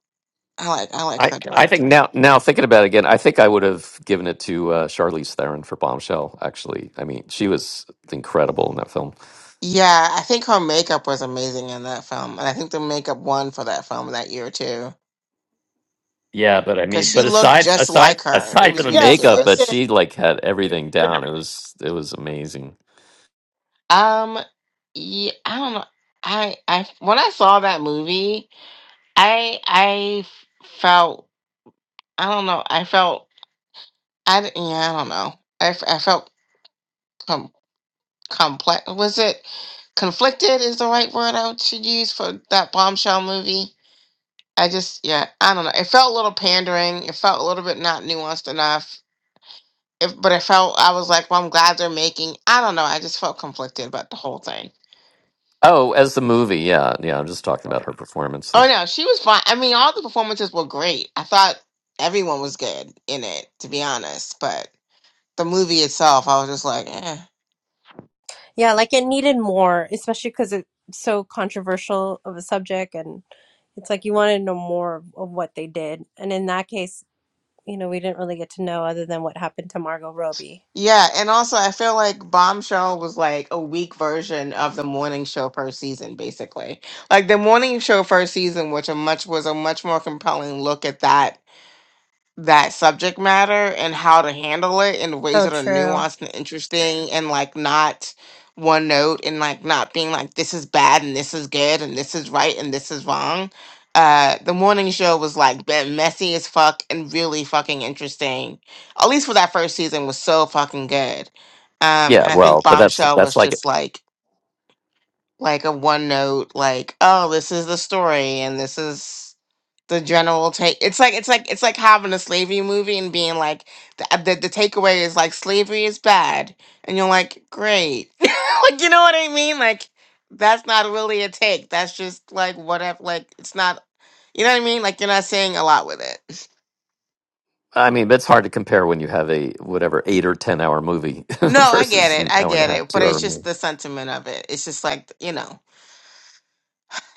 Speaker 3: I like I like
Speaker 2: I
Speaker 3: her
Speaker 2: I think
Speaker 3: directing.
Speaker 2: now now thinking about it again, I think I would have given it to uh, Charlize Theron for Bombshell. Actually, I mean, she was incredible in that film.
Speaker 3: Yeah, I think her makeup was amazing in that film, and I think the makeup won for that film that year too,
Speaker 2: Yeah, but I
Speaker 3: because
Speaker 2: mean,
Speaker 3: she
Speaker 2: but
Speaker 3: looked
Speaker 2: aside
Speaker 3: just
Speaker 2: aside
Speaker 3: like her. It
Speaker 2: aside from
Speaker 3: was
Speaker 2: the
Speaker 7: Yes.
Speaker 2: makeup,
Speaker 7: it-
Speaker 2: but
Speaker 3: ridiculous.
Speaker 2: she like had everything
Speaker 7: yeah.
Speaker 2: down. It
Speaker 3: Everything.
Speaker 2: was it was amazing.
Speaker 3: Um, yeah, I don't know. I I when I saw that movie, I I felt I don't know. I felt I d- yeah, I don't know. I, f- I felt com- complex. Was it conflicted? Is the right word I should use for that bombshell movie? I just yeah, I don't know. It felt a little pandering. It felt a little bit not nuanced enough. If, but I felt I was like, well, I'm glad they're making. I don't know. I just felt conflicted about the whole thing.
Speaker 2: Oh, as the movie, yeah, yeah. I'm just talking about her performance. So.
Speaker 3: Oh no, she was fine. I mean, all the performances were great. I thought everyone was good in it, to be honest. But the movie itself, I was just like, eh.
Speaker 8: Yeah. Like it needed more, especially because it's so controversial of a subject. And it's like you want to know more of, of what they did. And in that case, you know, we didn't really get to know other than what happened to Margot Robbie.
Speaker 3: Yeah, and also I feel like Bombshell was like a weak version of the morning show first season, basically. Like the morning show first season, which a much was a much more compelling look at that that subject matter and how to handle it in ways
Speaker 8: So
Speaker 3: that are
Speaker 8: true.
Speaker 3: nuanced and interesting and like not one note and like not being like this is bad and this is good and this is right and this is wrong. Uh, the morning show was like been messy as fuck and really fucking interesting. At least for that first season was so fucking good. Um,
Speaker 2: Yeah,
Speaker 3: and I think
Speaker 2: well, but that's
Speaker 3: Bombshell
Speaker 2: that's
Speaker 3: was
Speaker 2: like
Speaker 3: just like like a one note like oh this is the story and this is the general take it's like it's like it's like having a slavery movie and being like the the, the takeaway is like slavery is bad and you're like great like you know what i mean like that's not really a take that's just like whatever like it's not you know what i mean like you're not saying a lot with it
Speaker 2: I mean, it's hard to compare when you have a whatever eight or ten hour movie
Speaker 3: no i get
Speaker 2: versus
Speaker 3: it
Speaker 2: an
Speaker 3: i
Speaker 2: hour and a
Speaker 3: get
Speaker 2: half,
Speaker 3: it but
Speaker 2: two
Speaker 3: it's
Speaker 2: hour
Speaker 3: just
Speaker 2: movie.
Speaker 3: the sentiment of it it's just like you know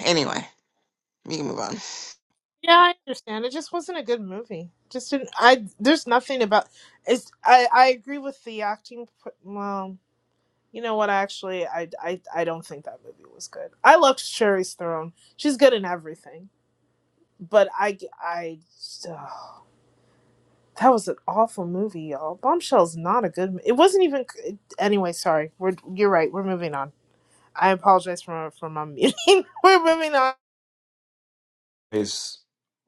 Speaker 3: anyway we can move on
Speaker 7: Yeah, I understand. It just wasn't a good movie. Just didn't. I. There's nothing about. It's. I. I agree with the acting. p- Well. You know what? Actually, I, I, I don't think that movie was good. I loved Cherry's Throne. She's good in everything, but I I ugh, that was an awful movie, y'all. Bombshell's not a good. It wasn't even anyway. Sorry, we're you're right. We're moving on. I apologize for for my meeting. we're moving on.
Speaker 1: is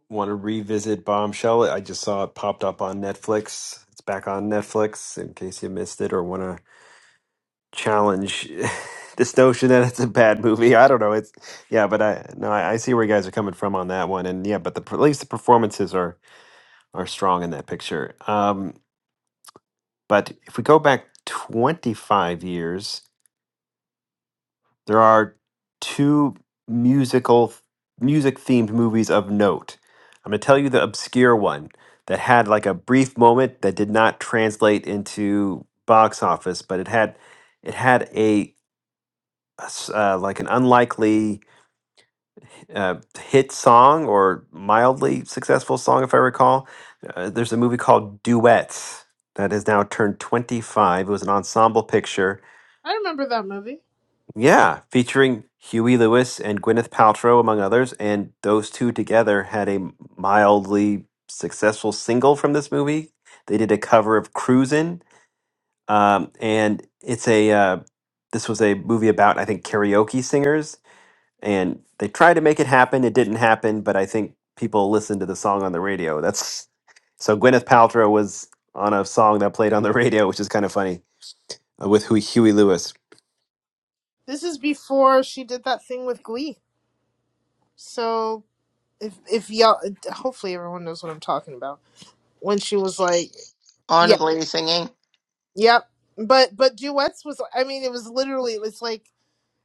Speaker 1: want to revisit Bombshell. I just saw it popped up on Netflix. It's back on Netflix in case you missed it or want to challenge this notion that it's a bad movie. I don't know. It's yeah, but I no, I, I see where you guys are coming from on that one, and yeah, but the at least the performances are are strong in that picture. Um, but if we go back twenty five years, there are two musical music themed movies of note. I'm going to tell you the obscure one that had like a brief moment that did not translate into box office, but it had it had a a s- uh, like an unlikely uh, hit song or mildly successful song, if I recall. Uh, there's a movie called Duets that has now turned 25. It was an ensemble picture.
Speaker 7: I remember that movie.
Speaker 1: Yeah, featuring Huey Lewis and Gwyneth Paltrow, among others. And those two together had a mildly successful single from this movie. They did a cover of Cruisin'. Um, and it's a, uh, this was a movie about, I think, karaoke singers and they tried to make it happen. It didn't happen, but I think people listened to the song on the radio. That's so Gwyneth Paltrow was on a song that played on the radio, which is kind of funny uh, with Huey, Huey Lewis.
Speaker 7: This is before she did that thing with Glee. So if if y'all, hopefully everyone knows what I'm talking about. When she was like, yeah,
Speaker 3: on to the lady singing
Speaker 7: Yep. But but duets was I mean it was literally it's like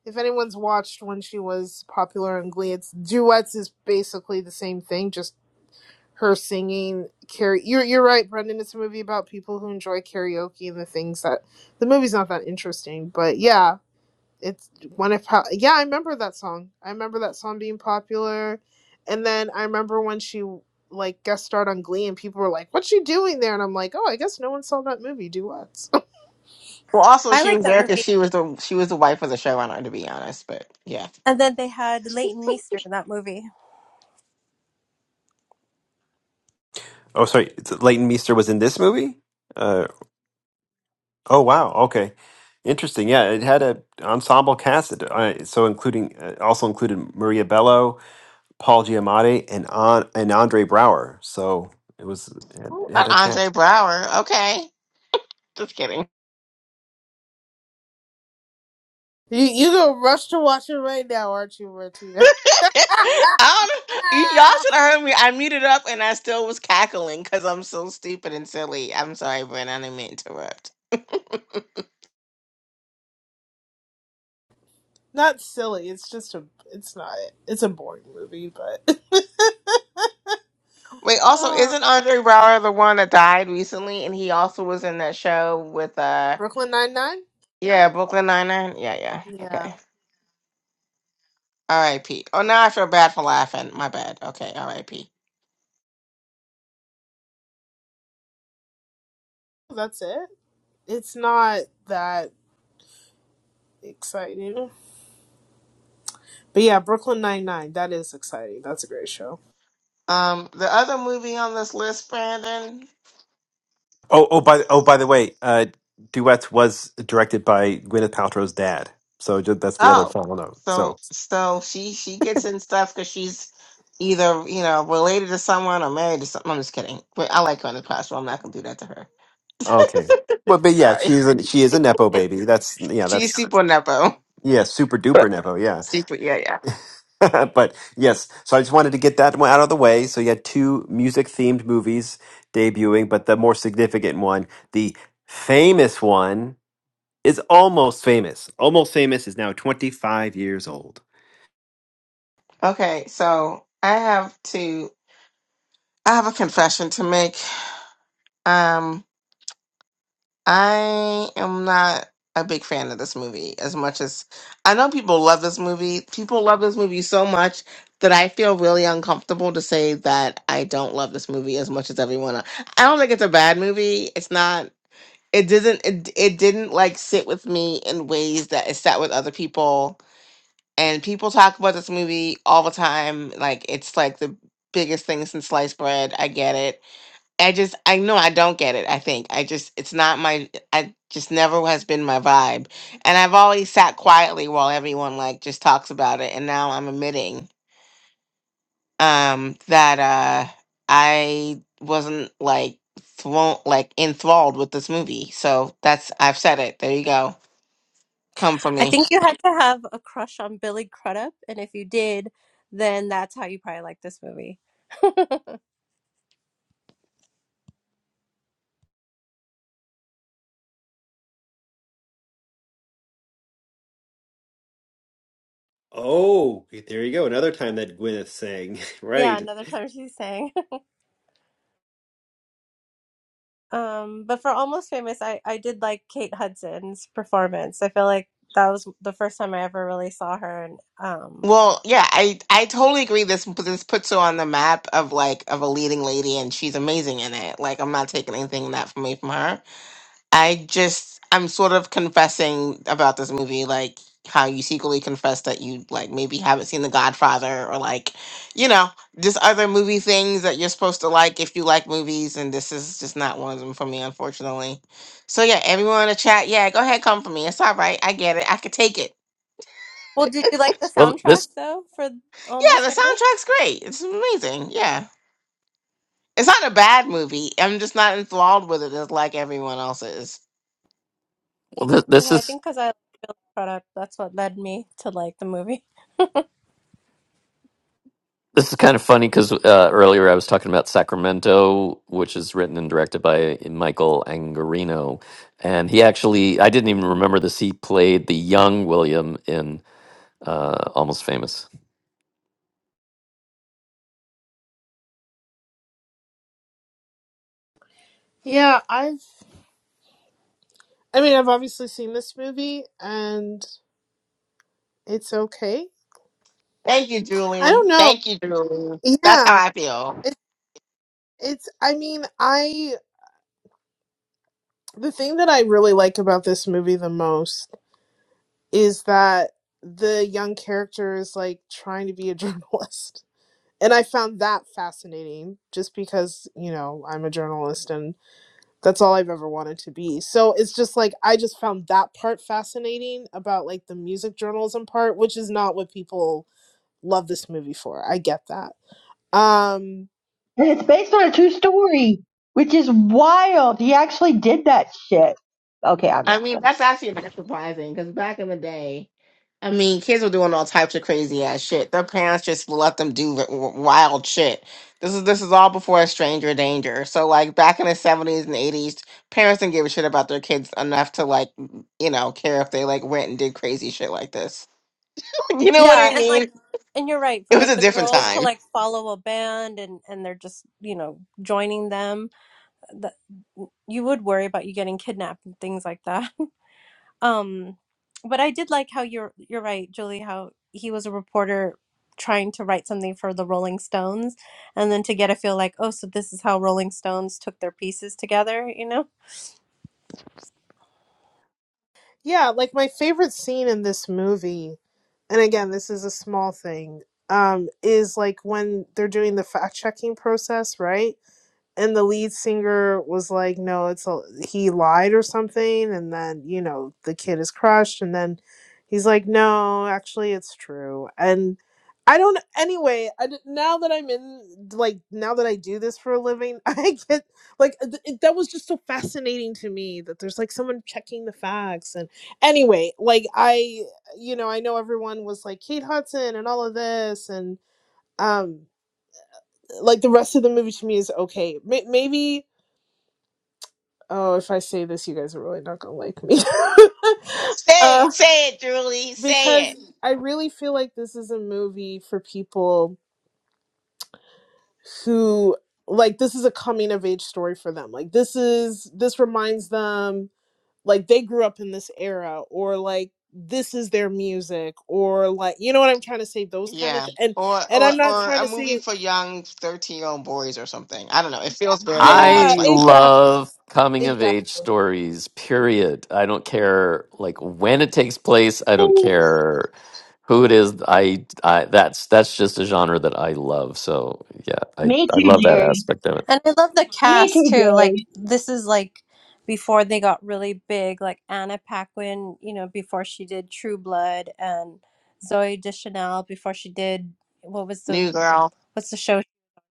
Speaker 7: if anyone's watched when she was popular on Glee, it's duets is basically the same thing, just her singing karaoke. You're you're right, Brendan. It's a movie about people who enjoy karaoke and the things that the movie's not that interesting, but yeah, it's one of how yeah I remember that song. I remember that song being popular, and then I remember when she like guest starred on Glee and people were like, "What's she doing there?" And I'm like, "Oh, I guess no one saw that movie, duets."
Speaker 3: well also
Speaker 8: I
Speaker 3: she
Speaker 8: like
Speaker 3: was
Speaker 8: that
Speaker 3: there
Speaker 8: movie.
Speaker 3: because she was the she was the wife of the showrunner to be honest but yeah
Speaker 8: And then they had Leighton Meester in that movie.
Speaker 1: Oh, sorry, Leighton Meester was in this movie. Uh, Oh wow. Okay. Interesting. Yeah, it had a ensemble cast, It, uh, so including uh, also included Maria Bello, Paul Giamatti, and on and Andre Brower. So it was it
Speaker 3: Not
Speaker 1: had a cast.
Speaker 3: Andre Brower. Okay. Just kidding.
Speaker 7: You you gonna rush to watch it right now, aren't you, Martina?
Speaker 3: I don't, you, y'all should have heard me. I muted up and I still was cackling because I'm so stupid and silly. I'm sorry, Brent. I didn't mean to interrupt.
Speaker 7: not silly. It's just a. It's not. It's a boring movie, but.
Speaker 3: Wait, also,
Speaker 7: oh,
Speaker 3: isn't Andre Brower the one that died recently? And he also was in that show with, uh,
Speaker 7: Brooklyn Nine Nine.
Speaker 3: yeah, Brooklyn Nine-Nine? Yeah, yeah.
Speaker 7: Yeah,
Speaker 3: Okay. R.I.P. Oh, now I feel bad for laughing. My bad. Okay, R.I.P.
Speaker 7: that's it. It's not that exciting, but yeah, Brooklyn Nine Nine. That is exciting. That's a great show.
Speaker 3: Um, the other movie on this list, Brandon.
Speaker 1: Oh oh by oh by the way, uh, Duets was directed by Gwyneth Paltrow's dad. So ju- that's the other
Speaker 3: Oh,
Speaker 1: final note. So
Speaker 3: so so she she gets in stuff because she's either you know related to someone or married to someone. I'm just kidding, but I like her in the past, so I'm not gonna do that to her.
Speaker 1: okay. Well, but yeah,
Speaker 3: Sorry,
Speaker 1: she's a, she is a nepo baby. That's yeah,
Speaker 3: she's
Speaker 1: that's
Speaker 3: super nepo,
Speaker 1: yeah, super duper
Speaker 3: but
Speaker 1: nepo. Yeah.
Speaker 3: super yeah yeah.
Speaker 1: but yes, so I just wanted to get that one out of the way. So you had two music themed movies debuting, but the more significant one, the famous one, is almost famous. Almost famous is now 25 years old.
Speaker 3: Okay, so I have to I have a confession to make. Um, I am not a big fan of this movie as much as I know people love this movie. People love this movie so much that I feel really uncomfortable to say that I don't love this movie as much as everyone else. I don't think it's a bad movie. It's not it didn't it, it didn't like sit with me in ways that it sat with other people. And people talk about this movie all the time. Like it's like the biggest thing since sliced bread. I get it I just I know I don't get it. I think I just it's not my I just never has been my vibe. And I've always sat quietly while everyone like just talks about it and now I'm admitting um that uh I wasn't like thrown like enthralled with this movie. So that's I've said it. There you go. Come for
Speaker 8: I
Speaker 3: me.
Speaker 8: think you had to have a crush on Billy Crudup, and if you did, then that's how you probably like this movie.
Speaker 1: Oh, there you go. Another time that Gwyneth sang,
Speaker 8: Yeah,
Speaker 1: right?
Speaker 8: another time she sang. Um, but for Almost Famous, I I did like Kate Hudson's performance. I feel like that was the first time I ever really saw her. And um,
Speaker 3: Well, yeah, I I totally agree this this puts her on the map of like of a leading lady and she's amazing in it. Like I'm not taking anything that from away from her I just I'm sort of confessing about this movie, like how you secretly confess that you like maybe haven't seen The Godfather or like, you know, just other movie things that you're supposed to like if you like movies, and this is just not one of them for me, unfortunately. So yeah, everyone in the chat, yeah, go ahead, come for me. It's all right. I get it. I could take it.
Speaker 8: well, did you like the
Speaker 2: Well,
Speaker 8: soundtrack
Speaker 2: this
Speaker 8: though for
Speaker 3: Yeah,
Speaker 8: Almost
Speaker 3: the
Speaker 8: Famous?
Speaker 3: soundtrack's great. It's amazing. Yeah. It's not a bad movie. I'm just not enthralled with it as like everyone else is.
Speaker 2: well this, this
Speaker 8: Yeah, I
Speaker 2: is
Speaker 8: think because I like Billy Crudup, that's what led me to like the movie.
Speaker 2: this is kind of funny because uh, earlier I was talking about Sacramento, which is written and directed by Michael Angarino, and he actually I didn't even remember this. He played the young William in uh, Almost Famous.
Speaker 7: Yeah, I've. I mean, I've obviously seen this movie, and it's okay.
Speaker 3: Thank you,
Speaker 7: I
Speaker 3: Julie.
Speaker 7: don't know.
Speaker 3: Thank you, Julie. That's
Speaker 7: Yeah,
Speaker 3: how I feel.
Speaker 7: it, it's. I mean, I The thing that I really like about this movie the most is that the young character is like trying to be a journalist. And I found that fascinating just because, you know, I'm a journalist and that's all I've ever wanted to be. So it's just like I just found that part fascinating about like the music journalism part, which is not what people love this movie for. I get that. Um
Speaker 6: And it's based on a true story, which is wild. He actually did that shit. Okay, I'm
Speaker 3: I mean,
Speaker 6: gonna.
Speaker 3: that's actually not surprising because back in the day, I mean, kids were doing all types of crazy ass shit. Their parents just let them do w- w- wild shit. This is this is all before stranger danger. So like back in the seventies and eighties, parents didn't give a shit about their kids enough to like you know care if they like went and did crazy shit like this. you know what
Speaker 8: Yeah,
Speaker 3: I
Speaker 8: and like
Speaker 3: mean?
Speaker 8: and you're right
Speaker 3: It
Speaker 8: for
Speaker 3: was
Speaker 8: like
Speaker 3: a
Speaker 8: the
Speaker 3: different
Speaker 8: girls to
Speaker 3: time.
Speaker 8: like follow a band and and they're just, you know, joining them. That you would worry about you getting kidnapped and things like that. Um but I did like how you're you're right, Julie, how he was a reporter trying to write something for the Rolling Stones and then to get a feel like, oh, so this is how Rolling Stones took their pieces together, you know?
Speaker 7: Yeah, like my favorite scene in this movie, and again, this is a small thing, um, is like when they're doing the fact checking process, right? and the lead singer was like no it's a, he lied or something and then you know the kid is crushed and then he's like no actually it's true and i don't anyway I, d- now that i'm in like now that i do this for a living i get like th- it- that was just so fascinating to me that there's like someone checking the facts and anyway like i you know i know everyone was like kate hudson and all of this and um like the rest of the movie to me is okay May maybe Oh, if I say this, you guys are really not gonna like me.
Speaker 3: Say
Speaker 7: uh,
Speaker 3: it, say it, Julie, say
Speaker 7: because
Speaker 3: it.
Speaker 7: I really feel like this is a movie for people who like this is a coming of age story for them. Like this is this reminds them like they grew up in this era or like this is their music or like you know what I'm trying to say those kind of
Speaker 3: Yeah.
Speaker 7: th- and
Speaker 3: Or,
Speaker 7: and
Speaker 3: or
Speaker 7: I'm not
Speaker 3: or
Speaker 7: trying
Speaker 3: a
Speaker 7: to say
Speaker 3: movie
Speaker 7: it.
Speaker 3: for young thirteen year old boys or something. I don't know. It feels very
Speaker 7: Yeah,
Speaker 3: much
Speaker 2: I
Speaker 3: like that.
Speaker 7: exactly.
Speaker 2: love coming of age
Speaker 7: Exactly.
Speaker 2: stories, period. I don't care like when it takes place. I don't care who it is. I, I that's that's just a genre that I love. So yeah, I,
Speaker 6: Me
Speaker 2: I
Speaker 6: too,
Speaker 2: love that
Speaker 6: Jerry.
Speaker 2: aspect of it.
Speaker 8: And I love the
Speaker 6: Me too,
Speaker 8: cast too. Like
Speaker 6: Jerry.
Speaker 8: this is like before they got really big, like Anna Paquin, you know, before she did True Blood and Zoe Deschanel before she did what was the
Speaker 3: New girl,
Speaker 8: what's the show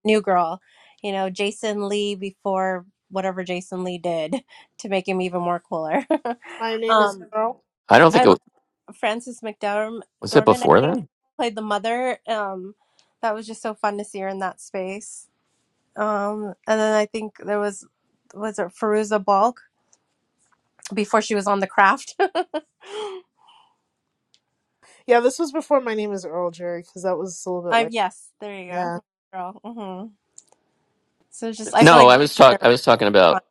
Speaker 8: New Girl, you know, Jason Lee before whatever Jason Lee did to make him even more cooler.
Speaker 7: My name is
Speaker 8: um
Speaker 7: Earl.
Speaker 2: I don't think
Speaker 8: I
Speaker 2: it
Speaker 8: love
Speaker 2: was,
Speaker 8: Frances McDormand
Speaker 2: was it
Speaker 8: Dormand, I
Speaker 2: before
Speaker 8: think,
Speaker 2: then?
Speaker 8: played the mother. Um that was just so fun to see her in that space. Um, and then I think there was was it Feruza Balk before she was on the craft.
Speaker 7: Yeah, this was before my name is Earl Jerry because that was a little bit
Speaker 8: um, yes, there you
Speaker 7: later.
Speaker 8: go, girl. hmm So it's just I feel
Speaker 2: No,
Speaker 8: like
Speaker 2: I was
Speaker 8: they're
Speaker 2: talk I was talking
Speaker 8: prime.
Speaker 2: about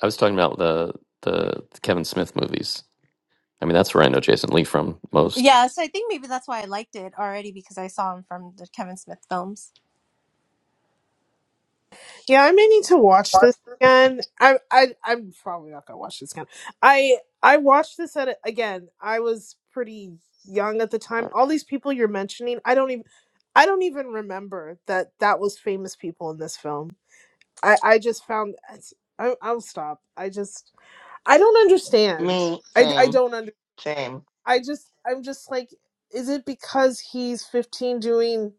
Speaker 2: I was talking about the the Kevin Smith movies. I mean that's where I know Jason Lee from most.
Speaker 8: yeah. So I think maybe that's why I liked it already because I saw him from the Kevin Smith films,
Speaker 7: Yeah, I may need to watch this again. I, I I'm probably not gonna watch this again. I I watched this at a- again. I was pretty young at the time. All these people you're mentioning, I don't even I don't even remember that that was famous people in this film. I I just found it's- I, I'll stop. I just I don't understand.
Speaker 3: me,
Speaker 7: I I
Speaker 3: same,
Speaker 7: don't under.
Speaker 3: same.
Speaker 7: I just I'm just like, is it because he's 15 doing?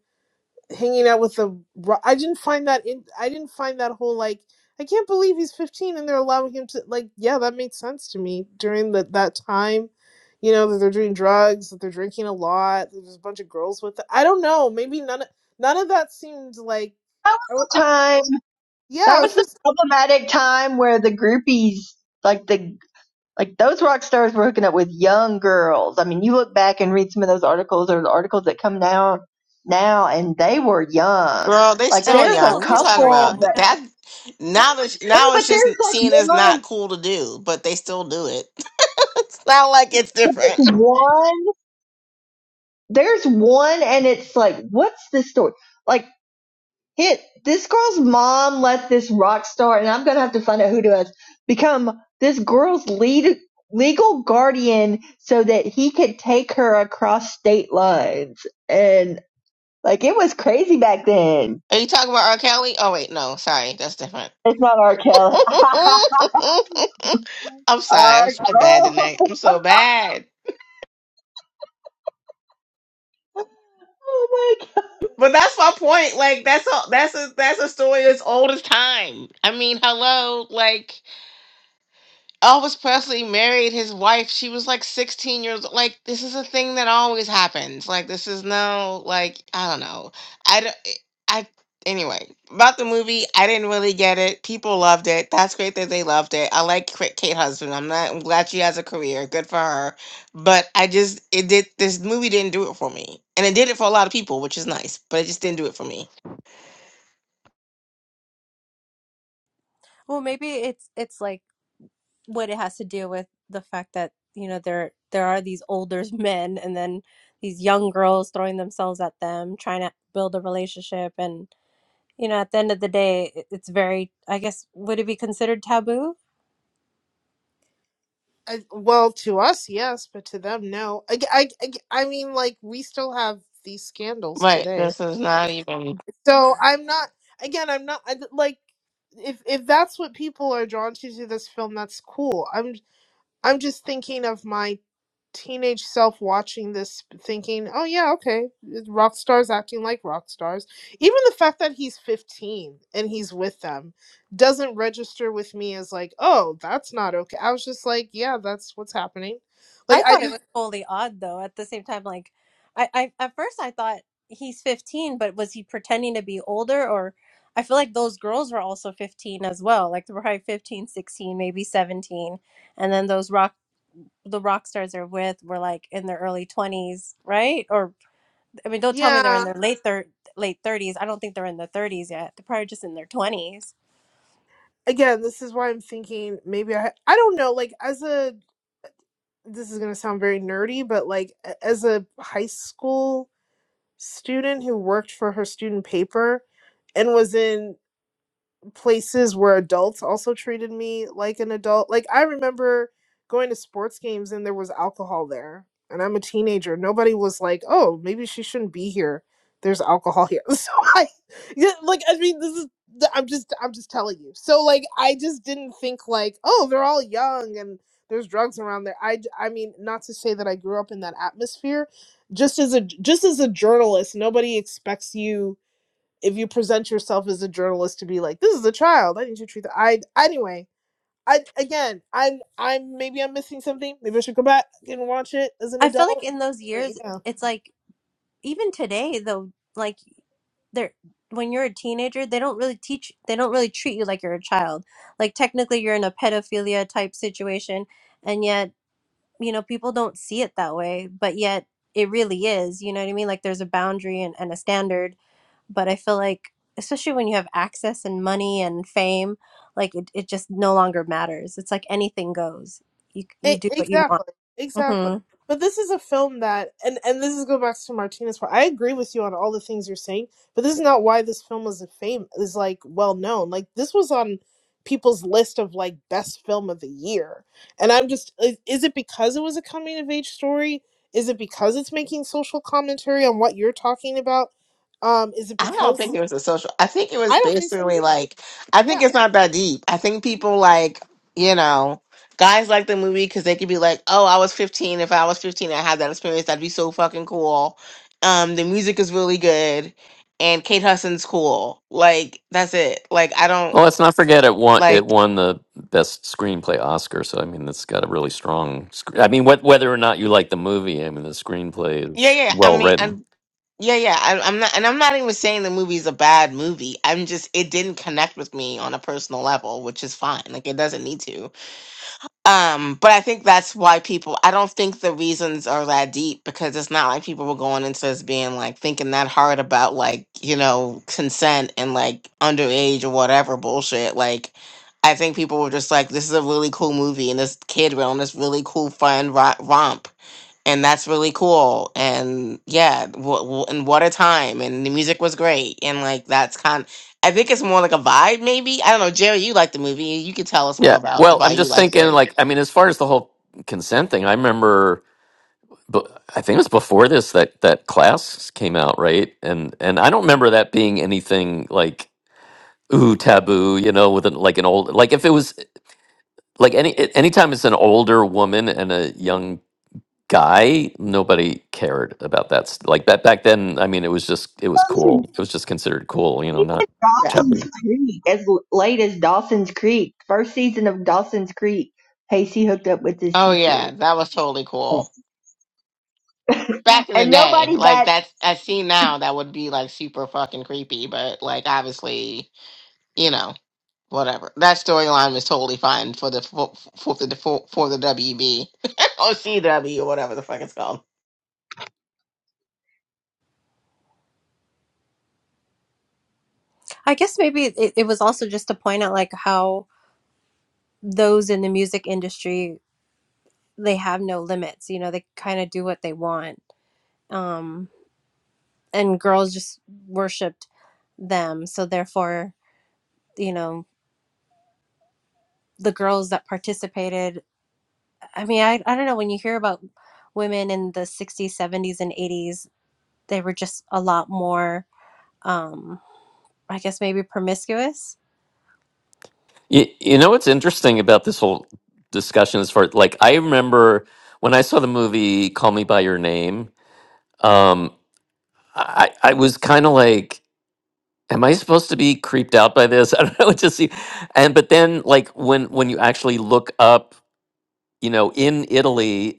Speaker 7: hanging out with the ro- I didn't find that in I didn't find that whole like I can't believe he's 15 and they're allowing him to like yeah that made sense to me during the, that time you know that they're doing drugs that they're drinking a lot that there's a bunch of girls with it. I don't know maybe none of, none of that seemed like
Speaker 6: That
Speaker 7: I wa-
Speaker 6: was the time.
Speaker 7: yeah
Speaker 6: That
Speaker 7: I
Speaker 6: was
Speaker 7: was
Speaker 6: the
Speaker 7: just
Speaker 6: problematic time where the groupies, like the like those rock stars, were hooking up with young girls. I mean, you look back and read some of those articles or the articles that come down now, and they were young.
Speaker 3: Girl, they
Speaker 6: Like
Speaker 8: and I
Speaker 3: still
Speaker 6: there's
Speaker 8: think
Speaker 6: a
Speaker 3: young.
Speaker 8: those
Speaker 3: What you
Speaker 8: girls
Speaker 3: talking
Speaker 8: were
Speaker 6: couple
Speaker 3: about?
Speaker 8: young.
Speaker 3: Th-
Speaker 6: that
Speaker 8: Yeah.
Speaker 3: That now that
Speaker 6: no,
Speaker 3: now it's
Speaker 6: but there's
Speaker 3: just
Speaker 6: like
Speaker 3: seen as
Speaker 6: one,
Speaker 3: not cool to do, but they still do it. It's not like it's different.
Speaker 6: there's one, there's one, and it's like, what's the story? Like. Hit this girl's mom let this rock star, and I'm gonna have to find out who it was, become this girl's lead legal guardian so that he could take her across state lines. And like it was crazy back then.
Speaker 3: Are you talking about R. Kelly? Oh wait, no, sorry, that's different.
Speaker 6: It's not R. Kelly.
Speaker 3: I'm sorry.
Speaker 6: R.
Speaker 3: I'm so bad
Speaker 6: Oh,
Speaker 3: tonight. I'm so bad.
Speaker 6: oh my
Speaker 3: But that's my point. Like that's a that's a that's a story as old as time. I mean, hello. Like. Elvis Presley married his wife. She was like 16 years old. Like, this is a thing that always happens. Like, this is no, like, I don't know. I, don't- eh, I, anyway, about the movie, I didn't really get it. People loved it. That's great that they loved it. I like Kate Kate Husband. I'm not, I'm glad she has a career. Good for her. But I just, it did, this movie didn't do it for me. And it did it for a lot of people, which is nice, but it just didn't do it for me.
Speaker 8: Well, maybe it's it's like what it has to do with the fact that you know there there are these older men and then these young girls throwing themselves at them, trying to build a relationship and you know, at the end of the day, it- it's very, I guess, would it be considered taboo?
Speaker 7: I, well to us yes but to them no I I I I mean like we still have these scandals
Speaker 3: Right.
Speaker 7: today
Speaker 3: This is not even.
Speaker 7: So I'm not again. I'm not I, like if if that's what people are drawn to to this film, that's cool. I'm I'm just thinking of my teenage self watching this, thinking, oh yeah, okay, eh, rock stars acting like rock stars. Even the fact that he's 15 and he's with them doesn't register with me as like, oh, that's not okay. I was just like, yeah, that's what's happening. Like
Speaker 8: I
Speaker 7: I
Speaker 8: thought it
Speaker 7: just
Speaker 8: was totally odd, though. At the same time, like, I, I at first I thought he's 15, but was he pretending to be older? Or I feel like those girls were also 15 as well. Like, they were probably 15, 16, maybe 17. And then those rock, the rock stars they're with were like in their early 20s, right? Or, I mean, don't tell me they're
Speaker 7: yeah.
Speaker 8: in their late thir- late 30s. I don't think they're in their 30s yet. They're probably just in their 20s.
Speaker 7: Again, this is why I'm thinking maybe I I don't know. Like as a this is going to sound very nerdy, but like as a high school student who worked for her student paper and was in places where adults also treated me like an adult. Like I remember going to sports games and there was alcohol there. And I'm a teenager. Nobody was like, "Oh, maybe she shouldn't be here. There's alcohol here." So I yeah, like I mean this is th- I'm just I'm just telling you. So like I just didn't think like, "Oh, they're all young and there's drugs around there." I d- I mean, not to say that I grew up in that atmosphere. Just as a just as a journalist, nobody expects you if you present yourself as a journalist to be like this is a child i need to treat that. i anyway i again i'm i'm maybe i'm missing something maybe i should go back and watch it as an
Speaker 8: I feel like
Speaker 7: adult
Speaker 8: in those
Speaker 7: but
Speaker 8: years,
Speaker 7: yeah
Speaker 8: it's like even today though like they're when you're a teenager they don't really teach they don't really treat you like you're a child like technically you're in a pedophilia type situation and yet you know people don't see it that way but yet it really is you know what i mean like there's a boundary and, and a standard but i feel like especially when you have access and money and fame like it, it just no longer matters it's like anything goes you,
Speaker 7: E-
Speaker 8: you do what you want
Speaker 7: exactly exactly
Speaker 8: hmm
Speaker 7: but this is a film that and and this is go back to martinez part i agree with you on all the things you're saying but this is not why this film is a fame is like well known like this was on people's list of like best film of the year and i'm just is, is it because it was a coming of age story is it because it's making social commentary on what you're talking about um is it
Speaker 3: I don't
Speaker 7: because
Speaker 3: think it was a social. I think it
Speaker 7: i
Speaker 3: was
Speaker 7: don't think so
Speaker 3: basically
Speaker 7: either
Speaker 3: like. I
Speaker 7: Yeah.
Speaker 3: think it's not that deep. I think people like you know guys like the movie because they could be like, oh, I was 15. If I was 15, I had that experience. That'd be so fucking cool. Um, the music is really good, and Kate Hudson's cool. Like that's it. Like I don't
Speaker 2: Well, let's not forget it won it
Speaker 3: like.
Speaker 2: won the best screenplay Oscar. So I mean, it's got a really strong. sc- I mean, wh- whether or not you like the movie, I mean, the screenplay
Speaker 3: Yeah,
Speaker 2: is
Speaker 3: yeah. I
Speaker 2: well
Speaker 3: mean,
Speaker 2: written.
Speaker 3: I'm. Yeah, yeah. I, I'm not, and I'm not even saying the movie's a bad movie. I'm just, it didn't connect with me on a personal level, which is fine. Like, it doesn't need to. Um, but I think that's why people I don't think the reasons are that deep because it's not like people were going into this being like thinking that hard about like, you know, consent and like underage or whatever bullshit. Like I think people were just like, this is a really cool movie and this kid realm, this really cool fun ro- romp. And that's really cool. And yeah, w- w- and what a time. And the music was great. And like, that's kind I think it's more like a vibe, maybe. I don't know. Jerry, you like the movie. You could tell us more
Speaker 2: Yeah.
Speaker 3: about
Speaker 2: Well,
Speaker 3: why
Speaker 2: I'm
Speaker 3: you
Speaker 2: just
Speaker 3: liked
Speaker 2: thinking,
Speaker 3: it.
Speaker 2: like, I mean, as far as the whole consent thing, I remember. But I think it was before this that that class came out, right? And and I don't remember that being anything like ooh taboo, you know, with an, like an old like if it was like any anytime it's an older woman and a young guy, nobody cared about that. st- Like that back then, I mean, it was just it was
Speaker 6: god.
Speaker 2: cool. It was just considered cool, you know,
Speaker 6: He
Speaker 2: not
Speaker 6: did
Speaker 3: Yeah.
Speaker 2: chubby.
Speaker 6: Dawson's Creek as l- late as Dawson's Creek. First season of Dawson's Creek. Pacey hooked up with his
Speaker 3: Oh
Speaker 6: teacher.
Speaker 3: yeah, that was totally cool. Back in the
Speaker 6: and
Speaker 3: day,
Speaker 6: nobody
Speaker 3: like
Speaker 6: bats
Speaker 3: that's I see now that would be like super fucking creepy, but like obviously, you know, whatever. That storyline was totally fine for the for, for the for, for the WB or CW or whatever the fuck it's called.
Speaker 8: i guess maybe it, it was also just to point out like how those in the music industry they have no limits you know they kind of do what they want um and girls just worshiped them so therefore you know the girls that participated i mean i, I don't know when you hear about women in the 60s 70s and 80s they were just a lot more um i guess maybe promiscuous
Speaker 2: You, you know what's interesting about this whole discussion as far like I remember when I saw the movie Call Me by Your Name, um, I I was kind of like. Am I supposed to be creeped out by this? I don't know what to see. And but then like when when you actually look up, you know, in Italy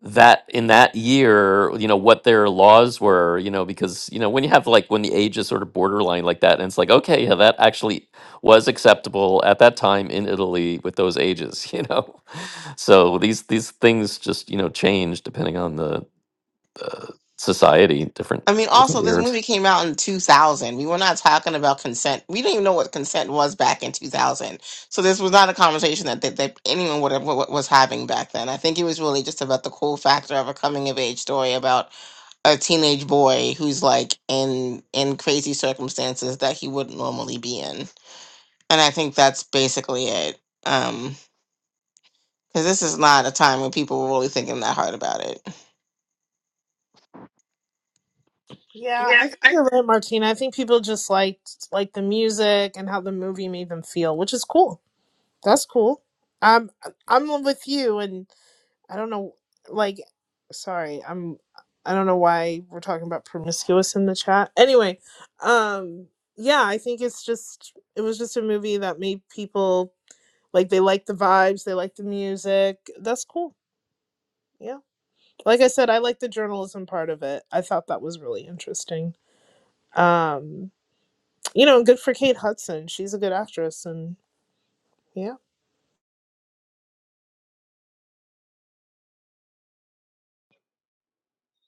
Speaker 2: that in that year, you know, what their laws were, you know, because, you know, when you have like when the age is sort of borderline like that, and it's like, okay, yeah, that actually was acceptable at that time in Italy with those ages, you know. So these these things just, you know, change depending on the society, different
Speaker 3: I mean, also
Speaker 2: different
Speaker 3: this
Speaker 2: years.
Speaker 3: movie came out in 2000. We were not talking about consent. We didn't even know what consent was back in 2000. So this was not a conversation that that, that anyone would have, wa- was having back then. I think it was really just about the cool factor of a coming of age story about a teenage boy who's like in in crazy circumstances that he wouldn't normally be in and i think that's basically it um because this is not a time when people were really thinking that hard about it
Speaker 7: Yeah,
Speaker 3: Yeah.
Speaker 7: I think
Speaker 3: I,
Speaker 7: you're right, Martina. I think people just liked like the music and how the movie made them feel, which is cool. That's cool. Um, I'm with you, and I don't know, like, sorry, I'm, I don't know why we're talking about promiscuous in the chat. Anyway, um, yeah, I think it's just it was just a movie that made people like they like the vibes, they like the music. That's cool. Yeah, like I said, I like the journalism part of it. I thought that was really interesting. Um, you know, good for Kate Hudson. She's a good actress, and yeah,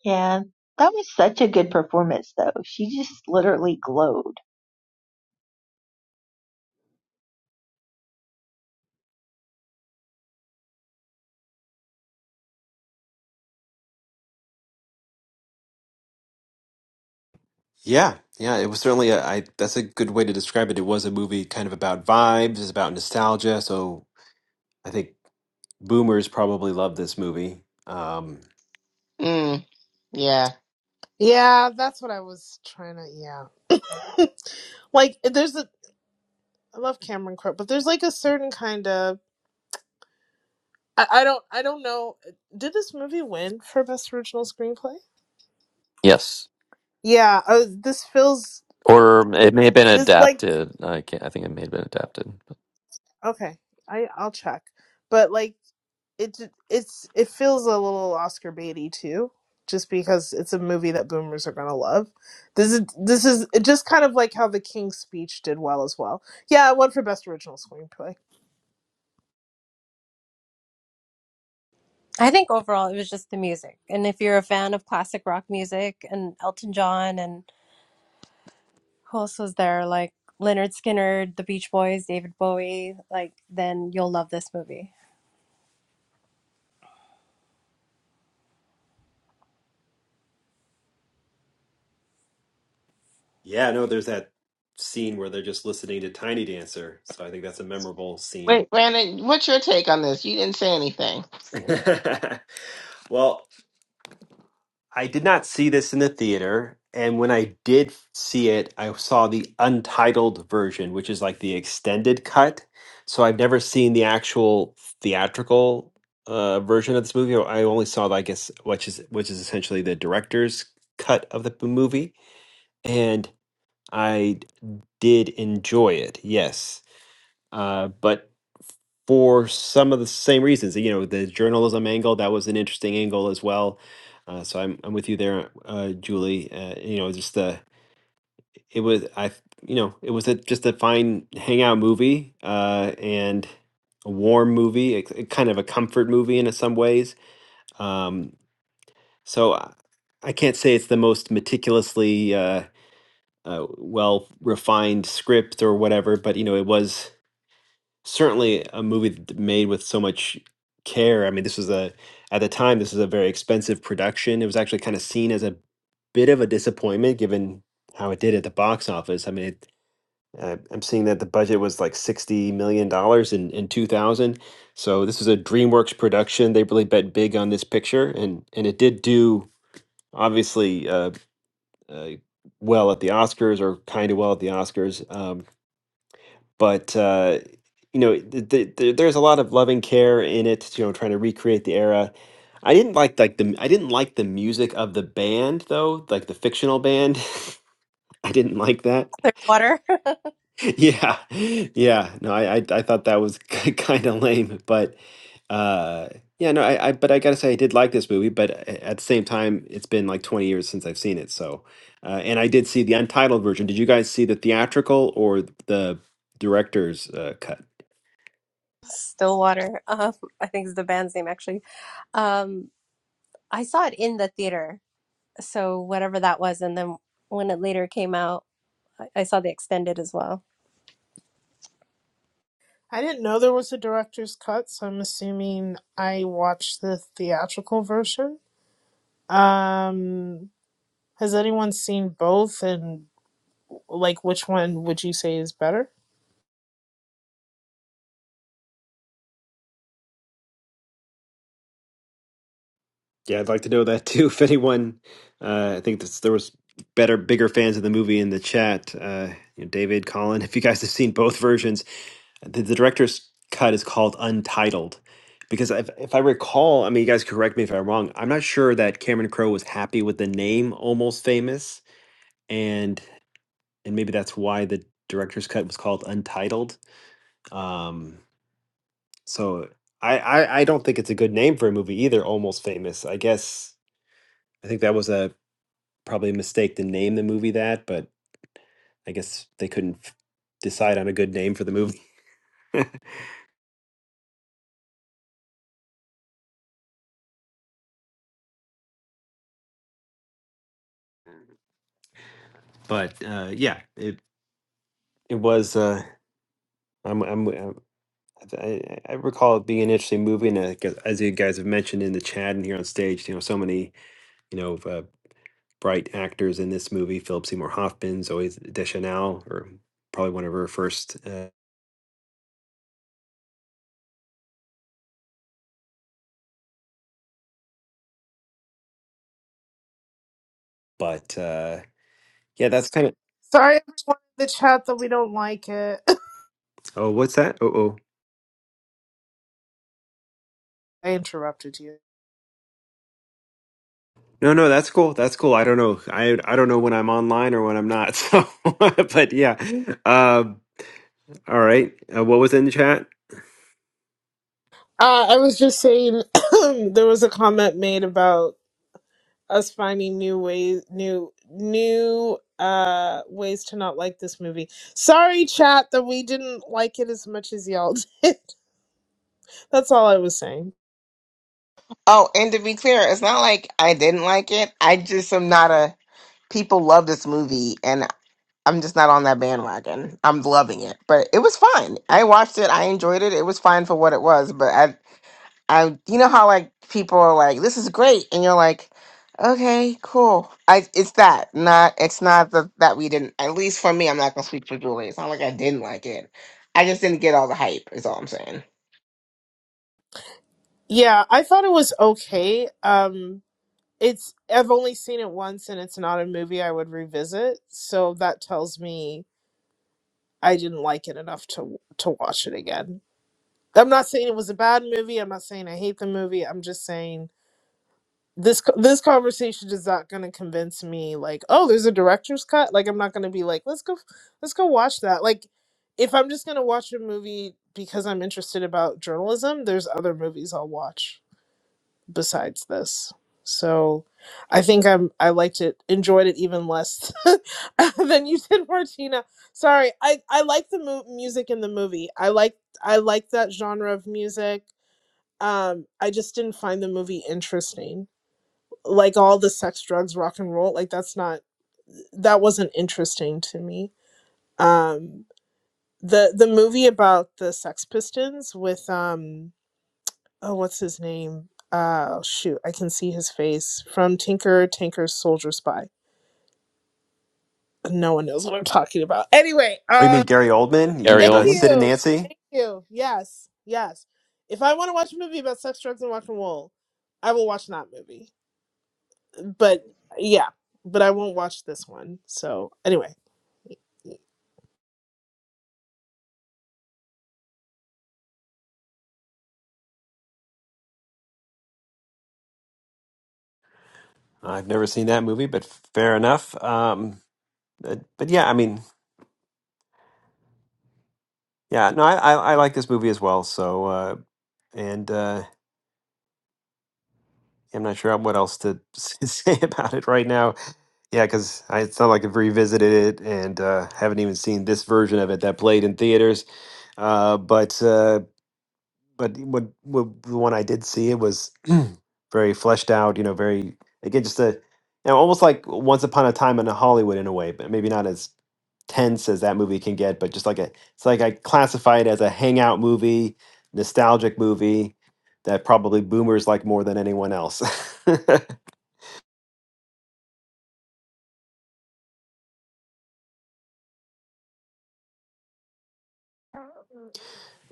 Speaker 6: Yeah, that was such a good performance, though. She just literally glowed.
Speaker 1: Yeah, yeah. It was certainly a. I, that's a good way to describe it. It was a movie kind of about vibes, it's about nostalgia. So I think boomers probably love this movie. Um,
Speaker 3: mm, yeah
Speaker 7: yeah, that's what I was trying to. Yeah, like eh, there's a. I love Cameron Crowe, but there's like a certain kind of. I, I don't. I don't know. eh, Did this movie win for best original screenplay?
Speaker 2: Yes.
Speaker 7: Yeah. Uh, this feels.
Speaker 2: Or it may have been
Speaker 7: This like
Speaker 2: adapted. I can't I think it may have been adapted.
Speaker 7: okay. I I'll check, but like it ju- it's it feels a little Oscar baity too, just because it's a movie that boomers are gonna love. This is this is just kind of like how The King's Speech did well as well. Yeah, it won for best original screenplay.
Speaker 8: i think overall it was just the music and if you're a fan of classic rock music and elton john and Who else was there? Like Leonard Skinner, The Beach Boys, David Bowie. Like then you'll love this movie.
Speaker 1: Yeah, no, there's that scene where they're just listening to Tiny Dancer. So I think that's a memorable scene.
Speaker 3: wait brandon what's your take on this you didn't say anything
Speaker 1: Well, I did not see this in the theater. And when I did see it, I saw the untitled version, which is like the extended cut. So I've never seen the actual theatrical uh, version of this movie. I only saw, I guess, which is which is essentially the director's cut of the movie. And I did enjoy it, yes. Uh, but for some of the same reasons. You know, the journalism angle that was an interesting angle as well. Uh, so I'm I'm with you there, uh, Julie. Uh, you know, just the it was I you know it was a, just a fine hangout movie uh, and a warm movie, a, a kind of a comfort movie in some ways. Um, so I, I can't say it's the most meticulously uh, uh, well refined script or whatever, but you know it was certainly a movie th- made with so much care. I mean, this was a at the time this was a very expensive production. It was actually kind of seen as a bit of a disappointment given how it did at the box office. I mean, it, uh, I'm seeing that the budget was like 60 million dollars in in 2000. So this was a DreamWorks production. They really bet big on this picture, and and it did do obviously uh, uh, well at the Oscars or kind of well at the Oscars. Um, but uh, you know, th th th- there's a lot of loving care in it. You know, trying to recreate the era. I didn't like like the I didn't like the music of the band though, like the fictional band. I didn't like that.
Speaker 8: Clearwater,
Speaker 1: Yeah, yeah. No, I I, I thought that was kind of lame, but uh, yeah, no. I, I but I gotta say I did like this movie, but a- at the same time, it's been like 20 years since I've seen it. So, uh, and I did see the untitled version. Did you guys see the theatrical or the director's uh, cut?
Speaker 8: Stillwater. Um, I think is the band's name actually. Um, I saw it in the theater, so whatever that was, and then when it later came out, I, I saw the extended as well.
Speaker 7: I didn't know there was a director's cut, so I'm assuming I watched the theatrical version. Um, has anyone seen both, and like which one would you say is better?
Speaker 1: Yeah, I'd like to know that too. If anyone, uh, I think this, there was better, bigger fans of the movie in the chat. Uh, you know, David, Colin, if you guys have seen both versions, the, the director's cut is called Untitled because if, if I recall, I mean, you guys correct me if I'm wrong. I'm not sure that Cameron Crowe was happy with the name Almost Famous, and and maybe that's why the director's cut was called Untitled. Um, so I, I I don't think it's a good name for a movie either. Almost Famous, I guess. I think that was a probably a mistake to name the movie that, but I guess they couldn't f- decide on a good name for the movie. but uh, yeah, it it was. Uh, I'm I'm. uh, i I, I recall it being an interesting movie, and I guess, as you guys have mentioned in the chat and here on stage, you know, so many you know uh, bright actors in this movie: Philip Seymour Hoffman, Zoe Deschanel, or probably one of her first. Uh, but uh, yeah, that's kind of.
Speaker 7: Sorry, everyone in the chat that we don't like it.
Speaker 1: Oh, what's that? Oh, oh.
Speaker 7: I interrupted you.
Speaker 1: No, no, that's cool. That's cool. I don't know. I I don't know when I'm online or when I'm not. So, but yeah. Um, all right. Uh, what was in the chat?
Speaker 7: Uh, I was just saying there was a comment made about us finding new ways, new new uh ways to not like this movie. Sorry, chat, that we didn't like it as much as y'all did. That's all I was saying.
Speaker 3: oh and to be clear it's not like i didn't like it i just am not a people love this movie and i'm just not on that bandwagon i'm loving it but it was fine i watched it i enjoyed it it was fine for what it was but I I you know how like people are like, this is great, and you're like, okay, cool. I it's that not it's not the, that we didn't. At least for me, I'm not gonna speak for Julie. It's not like I didn't like it. I just didn't get all the hype. Is all I'm saying.
Speaker 7: Yeah, I thought it was okay. Um, it's I've only seen it once, and it's not a movie I would revisit. So that tells me I didn't like it enough to to watch it again. I'm not saying it was a bad movie. I'm not saying I hate the movie. I'm just saying this co- this conversation is not going to convince me like oh there's a director's cut like i'm not going to be like let's go f- let's go watch that like if i'm just going to watch a movie because i'm interested about journalism there's other movies i'll watch besides this so i think i'm i liked it enjoyed it even less than you did martina sorry i i like the mu- music in the movie i like i like that genre of music um i just didn't find the movie interesting like all the sex drugs rock and roll like that's not that wasn't interesting to me um the the movie about the sex pistons with um oh what's his name uh shoot i can see his face from tinker tinker soldier spy no one knows what i'm talking about anyway
Speaker 1: Oh, you
Speaker 7: uh
Speaker 1: mean Gary Oldman? You,
Speaker 2: Gary
Speaker 1: kn-
Speaker 7: thank
Speaker 1: the
Speaker 2: Oldman?
Speaker 1: Sid and
Speaker 7: you
Speaker 1: Nancy?
Speaker 7: thank you yes yes if i want to watch a movie about sex drugs and rock and roll i will watch that movie but yeah but i won't watch this one so anyway Y-
Speaker 1: I've never seen that movie, but fair enough. Um, but, but yeah, I mean, yeah. No, I, I I like this movie as well. So, uh, and uh, I'm not sure what else to say about it right now. Yeah, because it's not like I've revisited it and uh, haven't even seen this version of it that played in theaters. Uh, but. uh, but what, what the one I did see it was very fleshed out. You know, very again just a you know almost like Once Upon a Time in Hollywood in a way, but maybe not as tense as that movie can get. But just like a, it's like I classify it as a hangout movie, nostalgic movie that probably boomers like more than anyone else.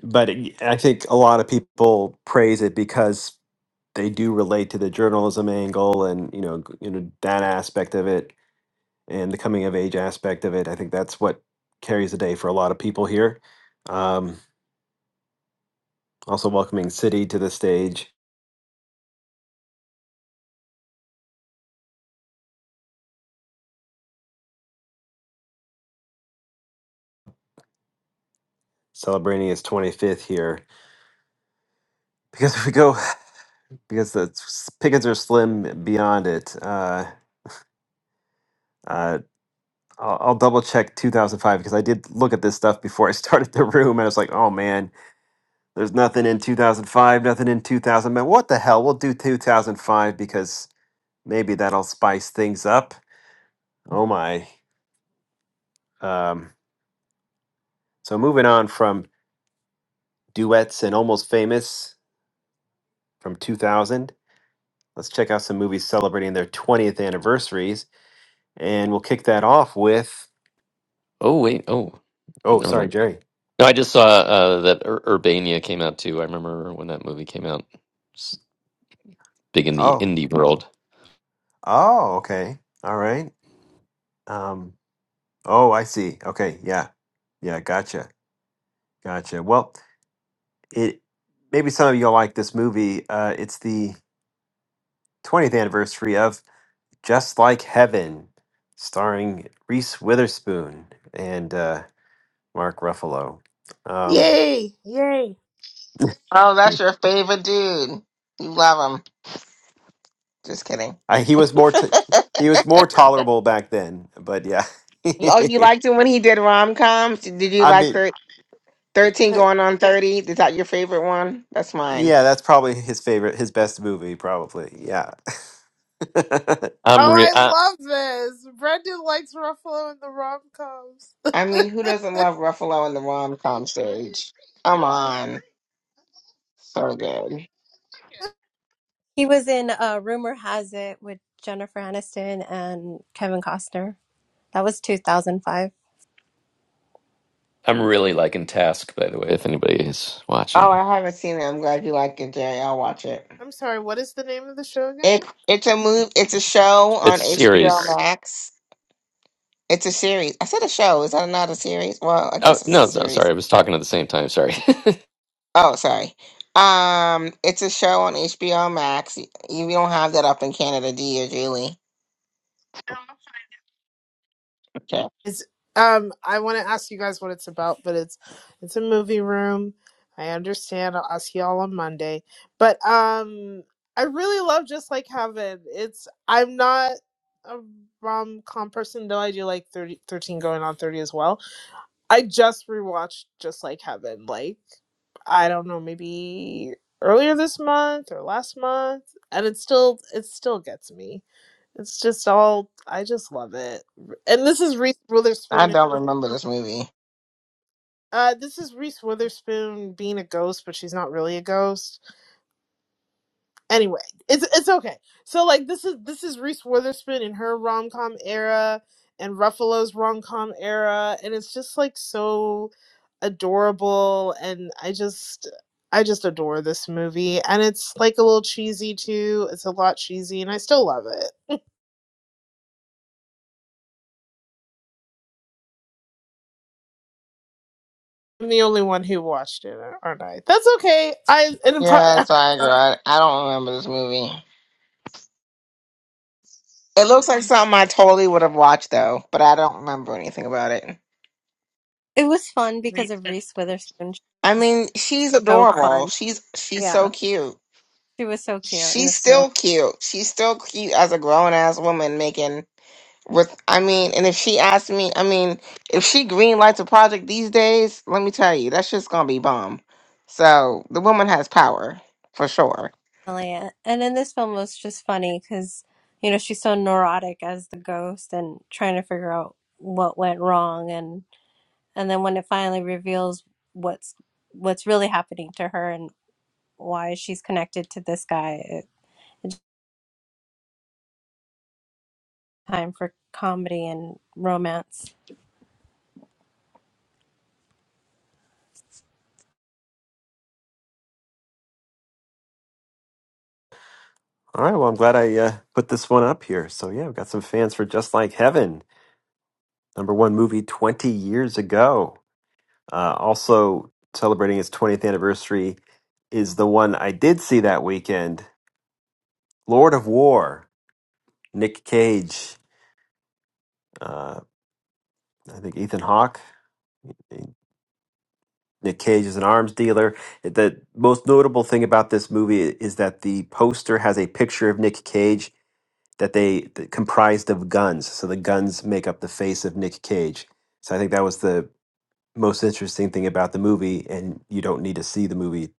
Speaker 1: but it, I think a lot of people praise it because they do relate to the journalism angle and you know g- you know that aspect of it and the coming of age aspect of it. I think that's what carries the day for a lot of people here. Um, also, welcoming City to the stage, celebrating its 25th here. Because if we go, because the s- pickings are slim beyond it. Uh, uh, I'll, I'll double check 2005 because I did look at this stuff before I started the room, and I was like, oh man, there's nothing in 2005, nothing in 2000. Man, what the hell? We'll do 2005 because maybe that'll spice things up. Oh my. Um, So moving on from duets and almost famous from 2000, let's check out some movies celebrating their 20th anniversaries, and we'll kick that off with.
Speaker 2: Oh wait, oh
Speaker 1: Oh,
Speaker 2: never mind.
Speaker 1: sorry, Jerry.
Speaker 2: No, I just saw uh, that Ur- Urbania came out too. I remember when that movie came out. It's big in the
Speaker 1: Oh,
Speaker 2: indie world.
Speaker 1: oh, okay, all right. Um, oh, I see. Okay, yeah, yeah, gotcha, gotcha. Well, it maybe some of you will like this movie. Uh, it's the 20th anniversary of Just Like Heaven, starring Reese Witherspoon and. Uh, Mark Ruffalo. Um,
Speaker 7: Yay! Yay!
Speaker 3: Oh, that's your favorite dude. You love him. Just kidding. You-
Speaker 1: I, he was more t- he was more tolerable back then, but yeah,
Speaker 3: Oh, you liked him when he did rom coms. Did you
Speaker 1: I
Speaker 3: like
Speaker 1: mean,
Speaker 3: thir- thirteen
Speaker 1: eh,
Speaker 3: going on thirty? Is that your favorite one? That's mine.
Speaker 1: yeah, that's probably his favorite, his best movie, probably. Yeah. All
Speaker 2: I'm
Speaker 7: Oh,
Speaker 2: re- I,
Speaker 7: I love this. Brendan likes Ruffalo and the rom coms.
Speaker 3: I mean, who doesn't love Ruffalo in the rom com stage? Come on, so good.
Speaker 8: He was in uh, Rumor Has It with Jennifer Aniston and Kevin Costner. That was 2005.
Speaker 2: I'm really liking Task, by the way. If anybody is
Speaker 3: Oh,
Speaker 2: watching,
Speaker 3: I haven't seen it. I'm glad you like it, Jerry. I'll watch it.
Speaker 7: I'm sorry. What is the name of the show again?
Speaker 3: It it's a move. It's a show
Speaker 2: it's
Speaker 3: on HBO
Speaker 2: series.
Speaker 3: Max. It's a series. I said a show. Is that not a series? Well, I
Speaker 2: Oh
Speaker 3: guess it's
Speaker 2: no,
Speaker 3: a
Speaker 2: it's not, sorry,
Speaker 3: series.
Speaker 2: I was talking at the same time. Sorry.
Speaker 3: Oh, sorry. Um, it's a show on HBO Max. You, you don't have that up in Canada, do you, Julie? Okay.
Speaker 7: It's um I want to ask you guys what it's about, but it's it's a movie room. I understand. I'll ask y'all on Monday. But um I really love Just Like Heaven. It's I'm not a rom com person, though I do like 30, 13, going on 30 as well. I just rewatched Just Like Heaven. Like I don't know, maybe earlier this month or last month, and it still it still gets me. It's just all I just love it. And this is Reese Witherspoon.
Speaker 3: I
Speaker 7: and
Speaker 3: don't
Speaker 7: her-
Speaker 3: remember this movie.
Speaker 7: Uh, this is Reese Witherspoon being a ghost, but she's not really a ghost. Anyway, it's it's okay. So like this is this is Reese Witherspoon in her rom com era and Ruffalo's rom com era, and it's just like so adorable and I just I just adore this movie and it's like a little cheesy too. It's a lot cheesy and I still love it. I'm the only one who watched it, aren't I? That's okay. I and pro-
Speaker 3: Yes, I agree. I I don't remember this movie. It looks like something I totally would have watched though, but I don't remember anything about it.
Speaker 8: It was fun because of Reese Witherspoon. She
Speaker 3: I
Speaker 8: was
Speaker 3: mean, she's
Speaker 8: so
Speaker 3: adorable.
Speaker 8: fun.
Speaker 3: She's she's
Speaker 8: Yeah.
Speaker 3: so cute.
Speaker 8: She was so cute in
Speaker 3: She's
Speaker 8: this film,
Speaker 3: still cute. She's still cute as a grown ass woman making with I mean, and if she asked me, I mean, if she green lights a project these days, let me tell you, that's just gonna be bomb. So the woman has power for sure.
Speaker 8: Elliot. And in this film it was just funny because, you know, she's so neurotic as the ghost and trying to figure out what went wrong and and then when it finally reveals what's what's really happening to her and why she's connected to this guy, it, it's time for comedy and romance.
Speaker 1: right. Well, I'm glad I uh, put this one up here. So yeah, we've got some fans for Just Like Heaven, number one movie 20 years ago. Uh, also celebrating its 20th anniversary is the one I did see that weekend, Lord of War, Nick Cage. Uh, I think Ethan Hawke, Nick Cage is an arms dealer. The most notable thing about this movie is that the poster has a picture of Nick Cage that they that comprised of guns. So the guns make up the face of Nick Cage. So I think that was the most interesting thing about the movie, and you don't need to see the movie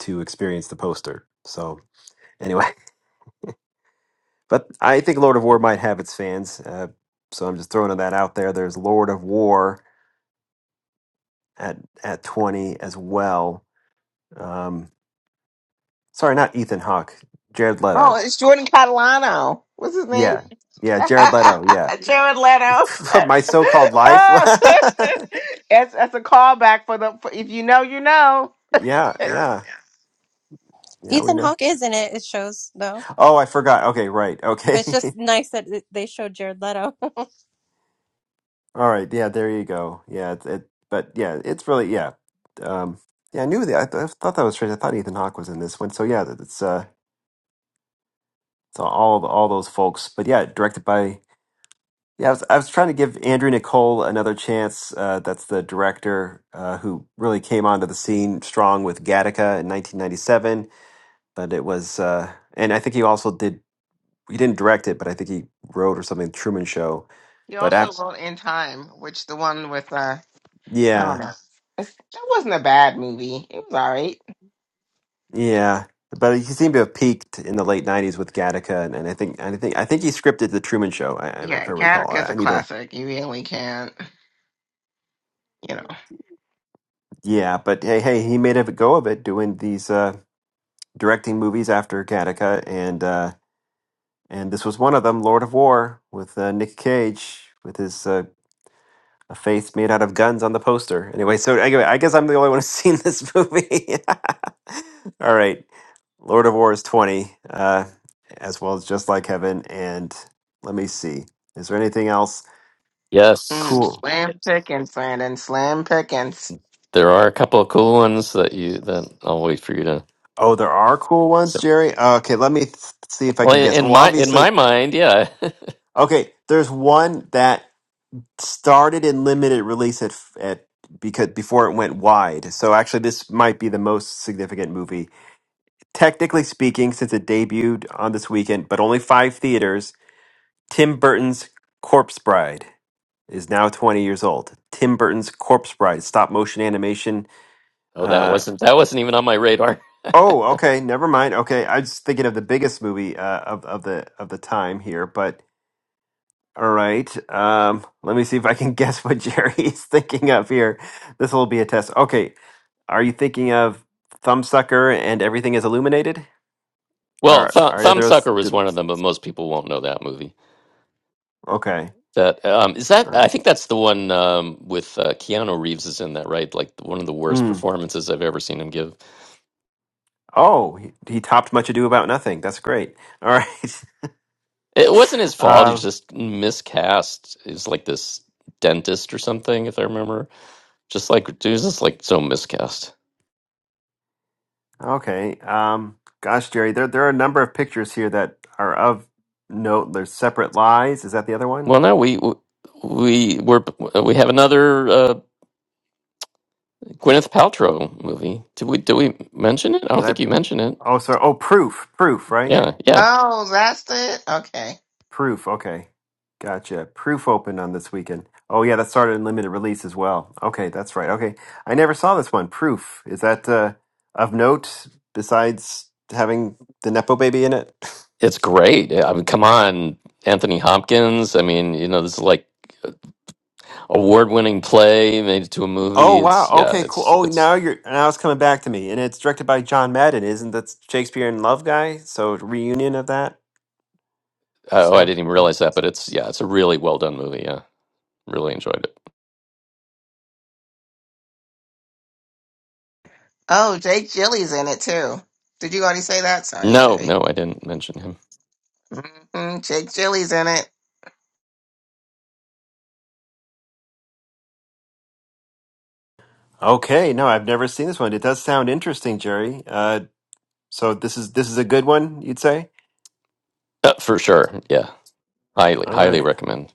Speaker 1: to experience the poster. So anyway, but I think Lord of War might have its fans. Uh, so I'm just throwing that out there. There's Lord of War at at 20 as well. Um, Sorry, not Ethan Hawke. Jared Leto.
Speaker 3: Oh, it's Jordan Catalano. What's his name?
Speaker 1: Yeah. Yeah, Jared Leto. Yeah.
Speaker 3: Jared Leto.
Speaker 1: My so-called life.
Speaker 3: oh, that's that's a callback for the. For, if you know, you know.
Speaker 1: yeah,
Speaker 3: Yeah,
Speaker 1: yeah. Yeah, we
Speaker 8: Ethan
Speaker 1: know.
Speaker 8: Hawke is in it. It shows though.
Speaker 1: Oh, I forgot. Okay, right. Okay.
Speaker 8: But it's just nice that it- they showed Jared Leto.
Speaker 1: All right. Yeah, there you go. Yeah, it, it but yeah, it's really yeah. Um yeah, I knew that. I, th- I thought that was strange. I thought Ethan Hawke was in this one. So yeah, that- it's uh it's all all those folks. But yeah, directed by Yeah, I was, I was trying to give Andrew Nicole another chance. Uh, that's the director uh, who really came onto the scene strong with Gattaca in 1997. But it was, uh, and I think he also did. He didn't direct it, but I think he wrote or something Truman Show.
Speaker 3: He
Speaker 1: But
Speaker 3: also
Speaker 1: af
Speaker 3: wrote In Time, which the one with uh, I don't
Speaker 1: yeah,
Speaker 3: know. It's, that wasn't a bad movie. It was all right.
Speaker 1: yeah. But he seemed to have peaked in the late '90s with Gattaca, and, and I think, and I think, I think he scripted the Truman Show, I- I- if
Speaker 3: Yeah,
Speaker 1: I recall. I,
Speaker 3: Gattaca's
Speaker 1: I
Speaker 3: a
Speaker 1: need to,
Speaker 3: classic. You really can't. you know,
Speaker 1: yeah. But hey, hey, he made a go of it doing these uh, directing movies after Gattaca, and. Uh, And this was one of them, Lord of War, with uh, Nick Cage, with his uh, a face made out of guns on the poster. Anyway, so anyway, I guess I'm the only one who's seen this movie. All right, Lord of War is 20, uh, as well as Just Like Heaven. And let me see, is there anything else
Speaker 2: yes,
Speaker 3: mm,
Speaker 1: cool?
Speaker 3: slam pickings, Landon, slam pickings.
Speaker 2: there are a couple of cool ones that you that I'll wait for you to.
Speaker 1: Oh, there are cool ones,
Speaker 2: So,
Speaker 1: Jerry. Okay, let me th- see if I
Speaker 2: well,
Speaker 1: can guess.
Speaker 2: in
Speaker 1: Well,
Speaker 2: my in
Speaker 1: obviously,
Speaker 2: my mind, yeah.
Speaker 1: okay, there's one that started in limited release at at because before it went wide. So actually, this might be the most significant movie, technically speaking, since it debuted on this weekend, but only five theaters. Tim Burton's Corpse Bride is now 20 years old. Tim Burton's Corpse Bride, stop motion animation.
Speaker 2: oh, that
Speaker 1: Uh,
Speaker 2: wasn't that wasn't even on my radar.
Speaker 1: oh, okay, never mind. Okay, I was thinking of the biggest movie uh, of of the of the time here, but All right. Um, let me see if I can guess what Jerry is thinking of here. This will be a test. Okay. Are you thinking of Thumbsucker and everything is illuminated?
Speaker 2: Well,
Speaker 1: Are
Speaker 2: Th-
Speaker 1: are either of th-
Speaker 2: Thumbsucker was one of them, but most people won't know that movie.
Speaker 1: okay?
Speaker 2: That um is that
Speaker 1: All
Speaker 2: I
Speaker 1: right.
Speaker 2: think that's the one um with uh, Keanu Reeves is in that right like one of the worst
Speaker 1: Mm.
Speaker 2: performances I've ever seen him give.
Speaker 1: Oh, he, he topped Much Ado About Nothing. That's great. All right.
Speaker 2: It wasn't his fault. He
Speaker 1: Um,
Speaker 2: just miscast. He's like this dentist or something, if I remember. Just like dude, he's just like so miscast.
Speaker 1: okay. Um, gosh, Jerry, there there are a number of pictures here that are of note. There's separate lies. Is that the other
Speaker 2: Well,
Speaker 1: one?
Speaker 2: no, we we we're uh, we have another uh, Gwyneth Paltrow movie. Did we did we mention it? I
Speaker 1: Did
Speaker 2: don't
Speaker 1: I?
Speaker 2: think you mentioned it.
Speaker 1: Oh, sorry. Oh, proof, proof, right?
Speaker 2: Yeah, yeah,
Speaker 3: Oh, that's it. Okay.
Speaker 1: Proof. Okay. Gotcha. Proof opened on this weekend. Oh yeah, that started in limited release as well. Okay, that's right. Okay. I never saw this one. Proof. Is that uh of note besides having the Nepo baby in it?
Speaker 2: it's great. I mean, come on, Anthony Hopkins. I mean, you know, this is like. award-winning play made it to a
Speaker 1: Oh
Speaker 2: movie.
Speaker 1: wow.
Speaker 2: It's yeah,
Speaker 1: Okay, cool.
Speaker 2: it's
Speaker 1: Oh
Speaker 2: it's
Speaker 1: now you're now it's coming back to me. And it's directed by John Madden, isn't that Shakespeare in Love guy? So reunion of that
Speaker 2: oh, I
Speaker 1: story.
Speaker 2: didn't even realize that, but it's yeah, it's a really well-done movie. Yeah, really enjoyed it.
Speaker 3: Oh, Jake Jilly's in it too. Did you already say that? Sorry,
Speaker 2: No,
Speaker 3: Jerry.
Speaker 2: no, I didn't mention him
Speaker 3: hmm Jake Jilly's in it.
Speaker 1: Okay, no, I've never seen this one. It does sound interesting, Jerry. Uh so this is this is a good one, you'd say?
Speaker 2: uh, for sure. Yeah, highly,
Speaker 1: All
Speaker 2: highly
Speaker 1: right.
Speaker 2: recommend.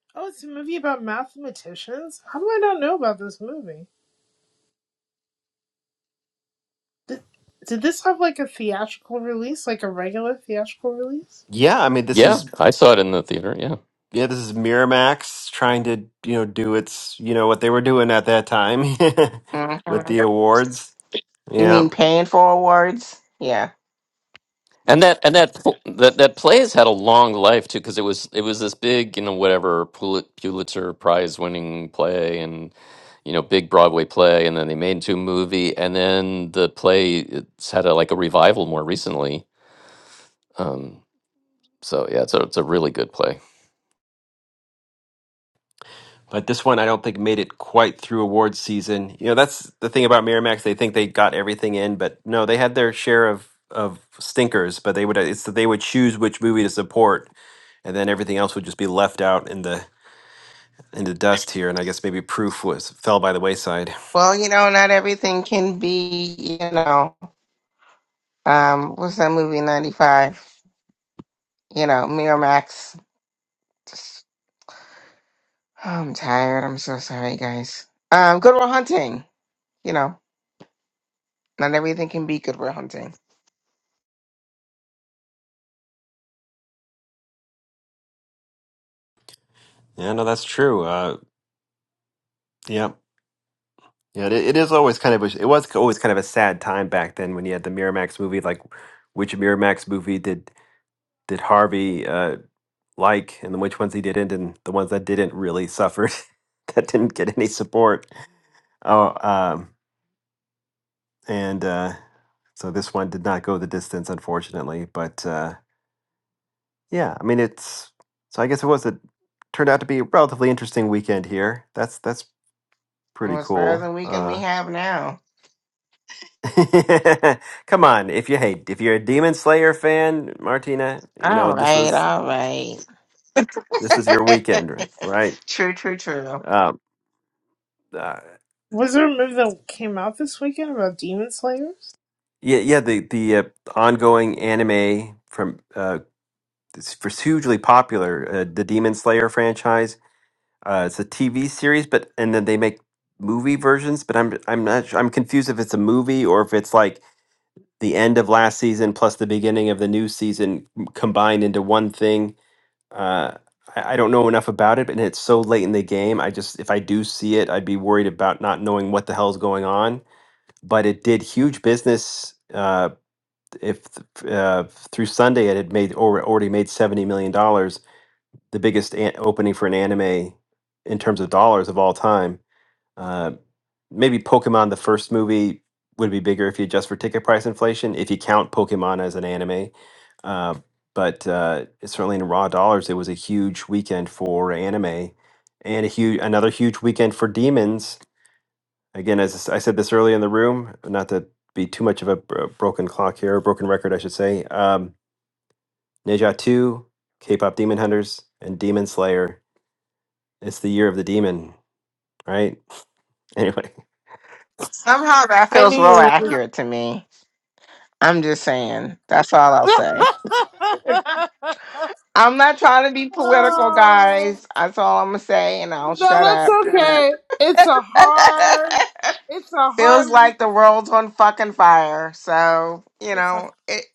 Speaker 7: oh, it's a movie about mathematicians. How do I not know about this movie? Did, did this have like a theatrical release, like a regular theatrical release?
Speaker 1: Yeah, I mean, this
Speaker 2: Yeah,
Speaker 1: is.
Speaker 2: I saw it in the theater. Yeah,
Speaker 1: yeah, this is Miramax trying to, you know, do its, you know, what they were doing at that time
Speaker 3: hmm
Speaker 1: with the awards.
Speaker 3: You
Speaker 1: Yeah,
Speaker 3: mean paying for awards? Yeah.
Speaker 2: and that and that pl- that that play has had a long life too because it was it was this big you know whatever Pul- Pulitzer Prize-winning play and you know big Broadway play, and then they made it into a movie, and then the play it's had a, like a revival more recently Um, so yeah, it's a it's a really good play.
Speaker 1: but this one I don't think made it quite through awards season. You know, that's the thing about Miramax; they think they got everything in, but no, they had their share of of stinkers. But they would it's that they would choose which movie to support, and then everything else would just be left out in the in the dust here. And I guess maybe Proof was fell by the wayside.
Speaker 3: Well, you know, not everything can be, you know, um, what's that movie, 95? You know, Miramax. Just- oh, I'm tired. I'm so sorry, guys. Um, Good Will Hunting. You know, not everything can be Good Will Hunting.
Speaker 1: Yeah, no, that's true. Uh, yeah. Yeah, it, it is always kind of a, it was always kind of a sad time back then when you had the Miramax movie. Like, which Miramax movie did did Harvey uh, like, and then which ones he didn't, and the ones that didn't really suffered, that didn't get any support. Oh, um, and uh, so this one did not go the distance, unfortunately. But uh, yeah, I mean, it's so I guess it was a turned out to be a relatively interesting weekend here. That's that's pretty
Speaker 3: Well, as far as the
Speaker 1: cool.
Speaker 3: weekend we
Speaker 1: Uh,
Speaker 3: have now.
Speaker 1: Come on, if you hate, if you're a Demon Slayer fan, Martina, you know
Speaker 3: All
Speaker 1: this
Speaker 3: right,
Speaker 1: was
Speaker 3: all right.
Speaker 1: this was your weekend, ri- right?
Speaker 3: true, true, true.
Speaker 1: Um, uh,
Speaker 7: Was there a movie that came out this weekend about demon slayers?
Speaker 1: yeah, yeah. The the uh, ongoing anime from uh, it's it's hugely popular, uh, the Demon Slayer franchise. Uh, it's a TV series, but and then they make movie versions. But I'm I'm not sure, I'm confused if it's a movie or if it's like the end of last season plus the beginning of the new season combined into one thing Uh, I, I don't know enough about it, and it's so late in the game. I just, if I do see it, I'd be worried about not knowing what the hell's going on. But it did huge business. Uh, if th- uh, through Sunday it had made or already made seventy million dollars, the biggest an- opening for an anime in terms of dollars of all time. Uh, maybe Pokemon the first movie would be bigger if you adjust for ticket price inflation if you count Pokemon as an anime. Uh, but uh, certainly in raw dollars, it was a huge weekend for anime, and a huge another huge weekend for demons. Again, as I said this earlier in the room, not to be too much of a bro- broken clock here, broken record, I should say. Um, Neja Two, K-pop Demon Hunters, and Demon Slayer. It's the year of the demon, right? Anyway.
Speaker 3: Somehow that
Speaker 7: I knew
Speaker 3: feels real
Speaker 7: you were.
Speaker 3: accurate to me. I'm just saying. That's all I'll say. I'm not trying to be political,
Speaker 7: oh.
Speaker 3: guys. That's all I'm gonna say, and I'll
Speaker 7: No,
Speaker 3: shut
Speaker 7: that's
Speaker 3: up.
Speaker 7: okay. It's a hard, it's a
Speaker 3: feels
Speaker 7: hard week.
Speaker 3: like the world's on fucking fire. So you
Speaker 7: It's a
Speaker 3: know it.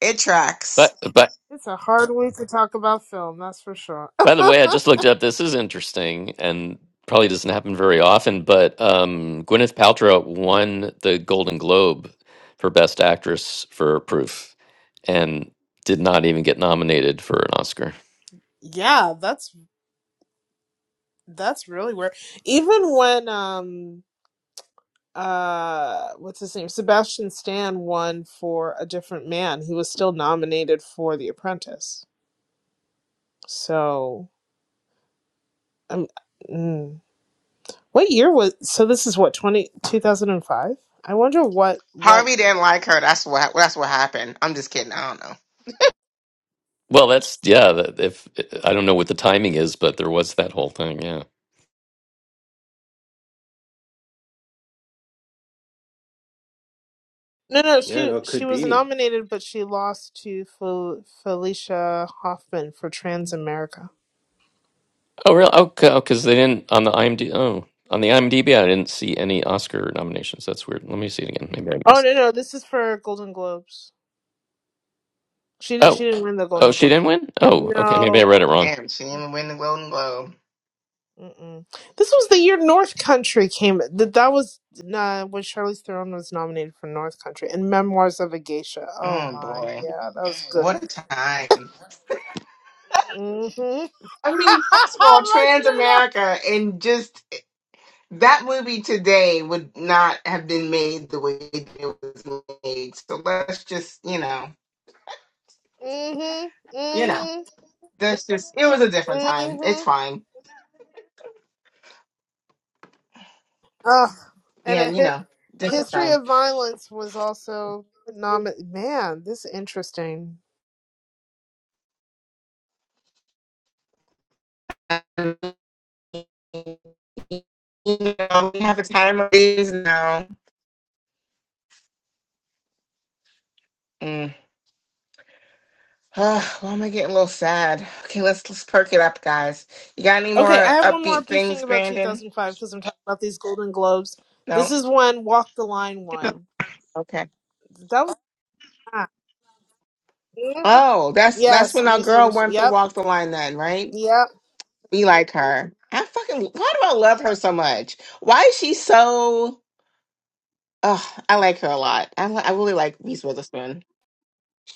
Speaker 3: It tracks.
Speaker 2: But but
Speaker 7: it's a hard week to talk about film. That's for sure.
Speaker 2: by the way, I just looked it up. This is interesting and probably doesn't happen very often. But um, Gwyneth Paltrow won the Golden Globe for Best Actress for Proof, and did not even get nominated for an Oscar.
Speaker 7: yeah, that's that's really weird. Even when um uh what's his name Sebastian Stan won for A Different Man, he was still nominated for The Apprentice. So um, mm, what year was so? This is what 20 2005. I wonder what what
Speaker 3: Harvey didn't like her. That's what. That's what happened. I'm just kidding. I don't know.
Speaker 2: Well, that's yeah. That if I don't know what the timing is, but there was that whole thing. Yeah.
Speaker 7: No, no,
Speaker 1: Yeah,
Speaker 7: she
Speaker 1: no, it
Speaker 7: she
Speaker 1: could
Speaker 7: was
Speaker 1: be.
Speaker 7: nominated, but she lost to Fel- Felicia Hoffman for Trans America.
Speaker 2: Oh, really? Oh, because they didn't on the IMDb. Oh, on the IMDb, I didn't see any Oscar nominations. That's weird. Let me see it again. Maybe I
Speaker 7: Oh
Speaker 2: missed.
Speaker 7: no, no, this is for Golden Globes. She didn't she
Speaker 2: Oh,
Speaker 7: didn't win the
Speaker 2: oh,
Speaker 7: Golden
Speaker 2: she
Speaker 7: Globe.
Speaker 2: didn't win. Oh, okay. Maybe I
Speaker 7: No,
Speaker 2: read it wrong.
Speaker 3: Damn, she didn't even win the Golden Globe.
Speaker 7: Mm-mm. this was the year North Country came. That that was uh, when Charlize Theron was nominated for North Country and Memoirs of a Geisha. Oh
Speaker 3: Oh
Speaker 7: my,
Speaker 3: boy,
Speaker 7: yeah, that was good.
Speaker 3: what a time!
Speaker 7: Mhm,
Speaker 3: I mean, first of all, Trans
Speaker 7: Martina.
Speaker 3: America and just that movie today would not have been made the way it was made. So let's just, you know,
Speaker 7: Mhm,
Speaker 3: you know,
Speaker 7: mhm,
Speaker 3: that's just it was a different time.
Speaker 7: mhm.
Speaker 3: It's fine.
Speaker 7: Uh, and
Speaker 3: Yeah,
Speaker 7: a
Speaker 3: you
Speaker 7: hit,
Speaker 3: know, different
Speaker 7: history
Speaker 3: time.
Speaker 7: of violence was also nominated. Man, this is interesting.
Speaker 3: Um, You know, we have a time of these now. Mm. Ah, why am I getting a little sad? Okay, let's let's perk it up, guys. You got any
Speaker 7: Okay,
Speaker 3: more
Speaker 7: I have one more
Speaker 3: upbeat
Speaker 7: big thing
Speaker 3: things,
Speaker 7: about
Speaker 3: Brandon?
Speaker 7: 2005 because I'm talking about these Golden Globes.
Speaker 3: No.
Speaker 7: This is when Walk the Line won.
Speaker 3: Okay.
Speaker 7: That was that. hmm
Speaker 3: Oh, that's that's
Speaker 7: Yes,
Speaker 3: when our
Speaker 7: Reese
Speaker 3: girl
Speaker 7: Witherspoon.
Speaker 3: won for
Speaker 7: Yep,
Speaker 3: Walk the Line then, right?
Speaker 7: yep,
Speaker 3: We like her. I fucking why do I love her so much? Why is she so Oh, I like her a lot. I li- I really like Reese Witherspoon.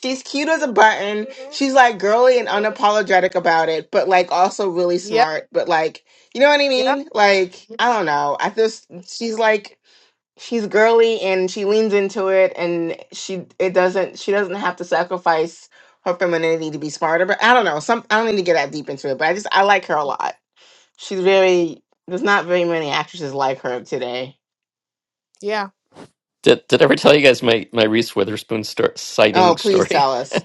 Speaker 3: She's cute as a button. She's like girly and unapologetic about it, but like also really
Speaker 7: yep,
Speaker 3: smart. But like, you know what I
Speaker 7: yep,
Speaker 3: mean? Like, I don't know. I just she's like she's girly and she leans into it and she it doesn't she doesn't have to sacrifice her femininity to be smarter but i don't know some i don't need to get that deep into it but i just i like her a lot she's very there's not very many actresses like her today
Speaker 7: yeah.
Speaker 2: Did did I ever tell you guys my my Reese Witherspoon stor
Speaker 3: oh
Speaker 2: sighting
Speaker 3: please
Speaker 2: story?
Speaker 3: tell us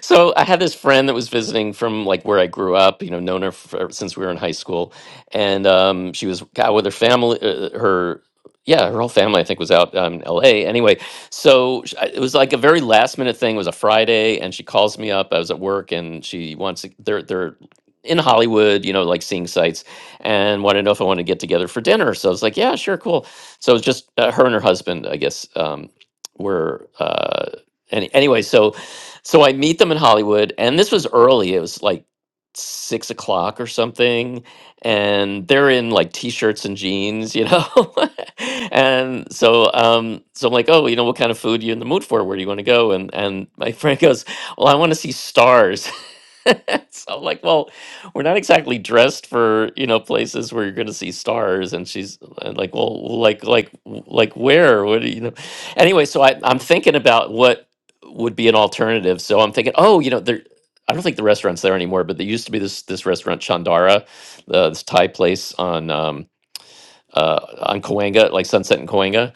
Speaker 2: So I had this friend that was visiting from like where I grew up, you know, known her for, since we were in high school, and um, she was out with her family, uh, her yeah, her whole family I think was out um, in L.A. Anyway, so sh- I- it was like a very last minute thing. It was a Friday, and she calls me up. I was at work, and she wants to, they're they're in Hollywood, you know, like seeing sights, and wanted to know if I wanted to get together for dinner. So I was like, yeah, sure, cool. So it was just uh, her and her husband, I guess, um, were. Uh, any, anyway, so so I meet them in Hollywood, and this was early. It was like six o'clock or something, and they're in like t-shirts and jeans, you know. and so, um, so I'm like, oh, you know, what kind of food are you in the mood for? Where do you want to go? And and my friend goes, well, I want to see stars. so I'm like, well, we're not exactly dressed for you know places where you're going to see stars. And she's uh, like, well, like like like where? What do you know? Anyway, so I, I'm thinking about what would be an alternative. So I'm thinking, oh, you know, there. I don't think the restaurant's there anymore, but there used to be this this restaurant Chandara, uh, this Thai place on um, uh, on Coanga, like Sunset and Coanga,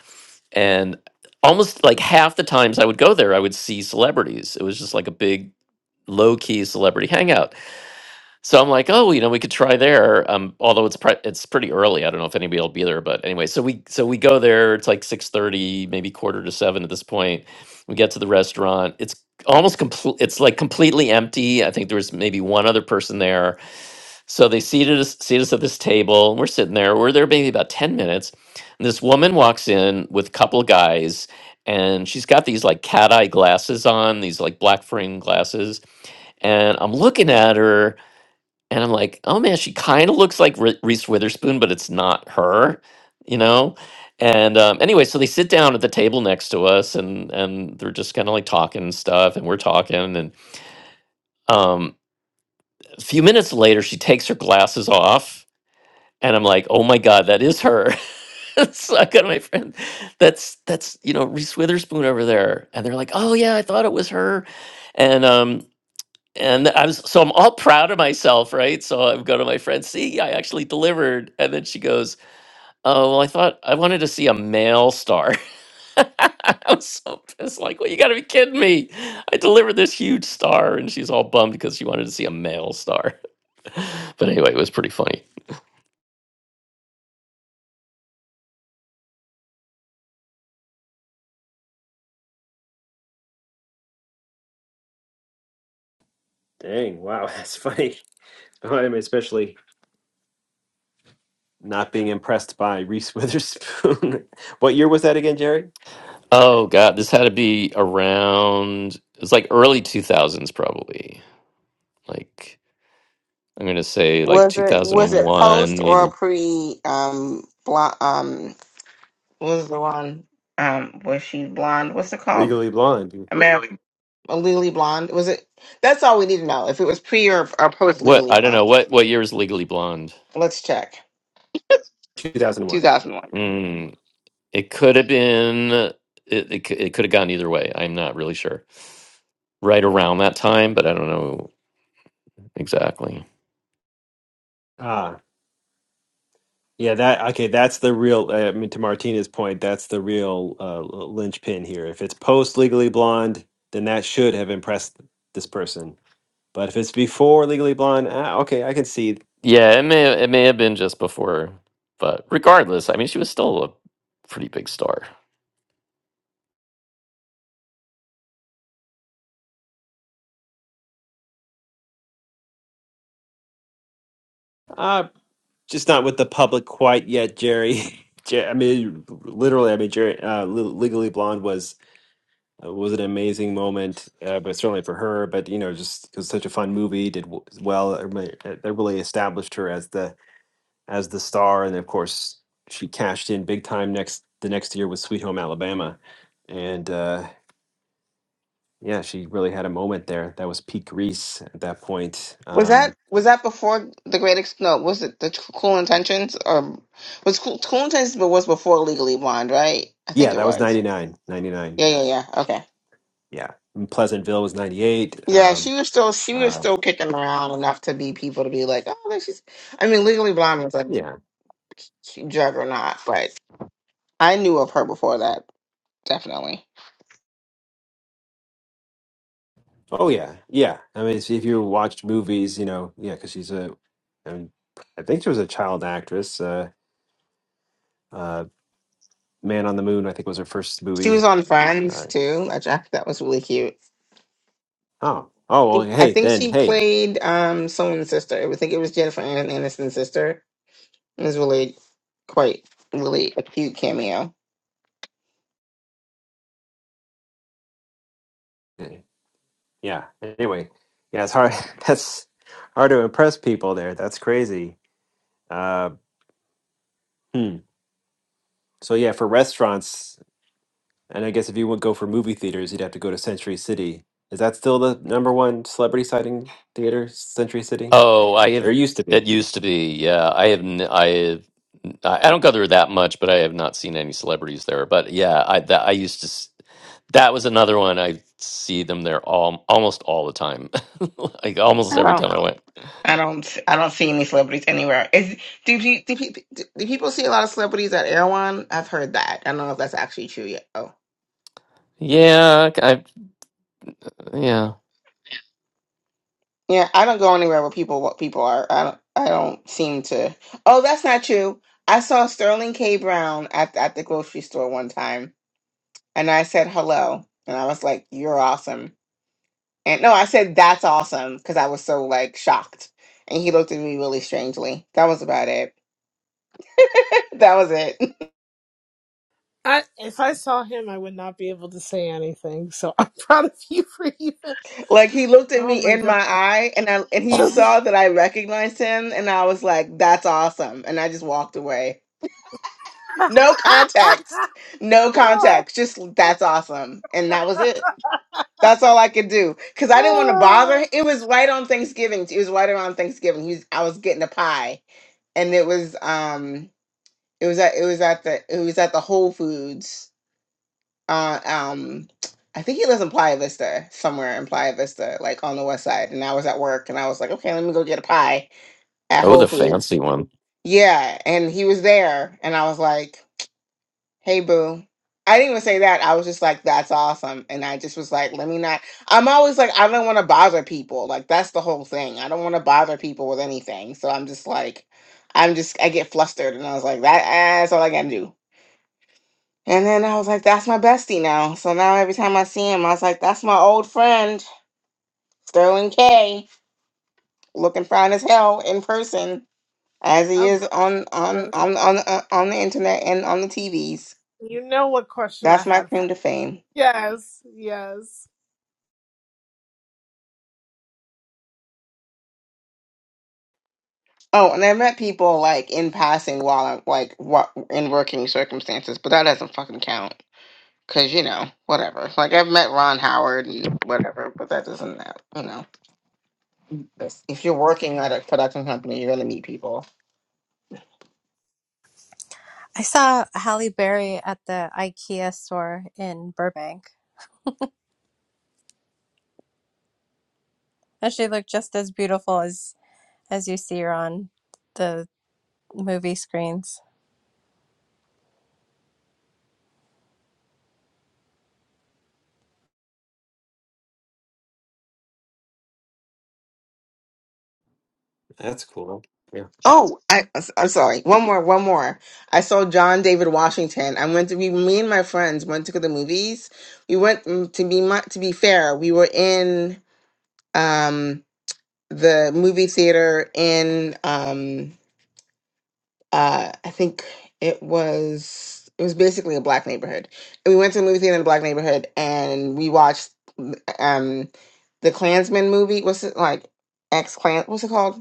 Speaker 2: and almost like half the times I would go there, I would see celebrities. It was just like a big low key celebrity hangout so I'm like, oh, you know, we could try there. Um, although it's pre- it's pretty early. I don't know if anybody will be there, but anyway, so we so we go there. It's like six thirty, maybe quarter to seven at this point. We get to the restaurant. It's almost complete. It's like completely empty. I think there was maybe one other person there. So they seated us seat us at this table. And we're sitting there. We're there maybe about ten minutes. And this woman walks in with a couple of guys, and she's got these like cat eye glasses on, these like black frame glasses, and I'm looking at her and I'm like, oh man, she kind of looks like Re- Reese Witherspoon, but it's not her, you know. And um, anyway, so they sit down at the table next to us, and and they're just kind of like talking and stuff, and we're talking, and um, a few minutes later, she takes her glasses off, and I'm like, oh my god, that is her. so I go to my friend, that's that's you know Reese Witherspoon over there, and they're like, oh yeah, I thought it was her, and um, and I was so I'm all proud of myself, right? So I go to my friend, see, I actually delivered. And then she goes, Oh, well, I thought I wanted to see a male star. I was so pissed, like, well, you gotta be kidding me. I delivered this huge star, and she's all bummed because she wanted to see a male star. but anyway, it was pretty funny.
Speaker 1: Dang, wow, that's funny. I'm especially not being impressed by Reese Witherspoon. what year was that again, Jerry?
Speaker 2: Oh god, this had to be around it's like early two thousands probably. Like I'm gonna say like
Speaker 3: Was
Speaker 2: two
Speaker 3: it was
Speaker 2: thousand
Speaker 3: it
Speaker 2: one,
Speaker 3: post or
Speaker 2: maybe.
Speaker 3: pre um blo- um what was the one um was she blonde what's it called
Speaker 1: Legally Blonde,
Speaker 3: american legally blonde was it that's all we need to know if it was pre or, or post
Speaker 2: What
Speaker 3: legally
Speaker 2: I don't know,
Speaker 3: blonde
Speaker 2: what what year is legally blonde?
Speaker 3: let's check
Speaker 1: 2001.
Speaker 3: 2001.
Speaker 2: Hmm. It could have been. It, it, c- it could have gone either way. I'm not really sure. Right around that time, but I don't know exactly.
Speaker 1: Ah, yeah, that okay, that's the real uh, I mean to Martina's point, that's the real uh, linchpin here. If it's post Legally Blonde, then that should have impressed this person. But if it's before Legally Blonde, ah, okay, I can see.
Speaker 2: Yeah, it may it may have been just before, but regardless, I mean, she was still a pretty big star.
Speaker 1: Ah, just not with the public quite yet, Jerry. Jer- I mean, literally, I mean, Jerry, uh, Le- Legally Blonde was It was an amazing moment, uh, but certainly for her. But you know, just it such a fun movie, did w- well. It really, it really established her as the as the star, and of course, she cashed in big time next the next year with Sweet Home Alabama, and uh, yeah, she really had a moment there. That was peak Reese at that point.
Speaker 3: Was that
Speaker 1: Um,
Speaker 3: was that before the Great Ex- No, was it the Cool Intentions or was Cool, cool Intentions? But was before Legally Blonde, right? I think
Speaker 1: yeah,
Speaker 3: it
Speaker 1: that was
Speaker 3: was.
Speaker 1: 99, 99.
Speaker 3: Yeah, yeah, yeah. Okay.
Speaker 1: Yeah, And Pleasantville was ninety eight.
Speaker 3: Yeah,
Speaker 1: Um,
Speaker 3: she was still she was
Speaker 1: uh,
Speaker 3: still kicking around enough to be people to be like, oh, look, she's. I mean, Legally Blonde was a
Speaker 1: yeah,
Speaker 3: juggernaut, but I knew of her before that. Definitely,
Speaker 1: Oh yeah, yeah. I mean, if you watched movies, you know, yeah, because she's a, I mean, I think she was a child actress. Uh, uh, Man on the Moon, I think, was her first
Speaker 3: she was
Speaker 1: movie.
Speaker 3: on Friends
Speaker 1: Uh,
Speaker 3: too. I thought that was really cute.
Speaker 1: oh, oh, well,
Speaker 3: I
Speaker 1: hey,
Speaker 3: think
Speaker 1: then,
Speaker 3: she
Speaker 1: hey,
Speaker 3: played um someone's sister. I would think it was Jennifer An- Aniston's sister It really quite really a cute cameo.
Speaker 1: eh, yeah. Anyway, yeah, it's hard. That's hard to impress people there. That's crazy. Uh, hmm. So yeah, for restaurants, and I guess if you would go for movie theaters, you'd have to go to Century City. Is that still the number one celebrity sighting theater, Century City?
Speaker 2: Oh, I
Speaker 1: Or
Speaker 2: have.
Speaker 1: it used to be.
Speaker 2: It used to be. Yeah, I have. n- I have. I I don't go there that much, but I have not seen any celebrities there. But yeah, I that I used to. s- That was another one. I see them there all almost all the time, like almost
Speaker 3: I
Speaker 2: every
Speaker 3: don't.
Speaker 2: time I went.
Speaker 3: I don't. I don't see any celebrities anywhere. Is do, do, do, pe- do, people see a lot of celebrities at Erewhon? I've heard that. I don't know if that's actually true yet. Oh,
Speaker 2: Yeah, Yeah.
Speaker 3: yeah. I don't go anywhere where people what people are. I don't. I don't seem to. Oh, that's not true. I saw Sterling K. Brown at at the grocery store one time, and I said hello, and I was like, "You're awesome." And no, I said that's awesome because I was so like shocked. And he looked at me really strangely. That was about it. that was it.
Speaker 7: I, if I saw him, I would not be able to say anything. So I'm proud of you for even.
Speaker 3: like he looked at
Speaker 7: Oh
Speaker 3: me
Speaker 7: my
Speaker 3: in my
Speaker 7: god.
Speaker 3: eye and I and he saw that I recognized him and I was like, that's awesome. And I just walked away. No context. No context. Just that's awesome. And that was it. That's all I could do. Cause I didn't want to bother.
Speaker 7: Oh,
Speaker 3: h- It was right on Thanksgiving. It was right around Thanksgiving. He was, I was getting a pie. And it was um It was at it was at the it was at the Whole Foods. Uh, um, I think he lives in Playa Vista, somewhere in Playa Vista, like on the west side. And I was at work, and I was like, okay, let me go get a pie at
Speaker 2: Oh,
Speaker 3: Whole
Speaker 2: the
Speaker 3: Foods.
Speaker 2: fancy one.
Speaker 3: Yeah, and he was there, and I was like, hey, boo. I didn't even say that. I was just like, that's awesome. And I just was like, let me not. I'm always like, I don't want to bother people. Like, that's the whole thing. I don't want to bother people with anything. So I'm just like, I'm just, I get flustered. And I was like, that, that's all I got to do. And then I was like, that's my bestie now. So now every time I see him, I was like, that's my old friend, Sterling K, looking fine as hell in person, as he
Speaker 7: I
Speaker 3: is
Speaker 7: bet
Speaker 3: on on
Speaker 7: was.
Speaker 3: on on, uh, on the internet and on the TVs.
Speaker 7: You know what question I
Speaker 3: That's my
Speaker 7: had for
Speaker 3: claim to fame.
Speaker 7: Yes, yes.
Speaker 3: Oh, and I met people like in passing while I'm like what in working circumstances, but that doesn't fucking count. Cause you know, whatever. Like I've met Ron Howard and whatever, but that doesn't matter. You know, That's- if you're working at a production company, you're gonna meet people.
Speaker 8: I saw Halle Berry at the IKEA store in Burbank Actually, look just as beautiful as as you see her on the movie screens.
Speaker 1: That's cool. Yeah.
Speaker 3: Oh, I, I'm sorry. One more, one more. I saw John David Washington. I went to be me and my friends went to the movies. We went mm, to be mu- to be fair. We were in um the movie theater in um uh I think it was it was basically a black neighborhood. And we went to the movie theater in a black neighborhood and we watched um the Klansman movie. What's it like? Ex Klan? What's it called?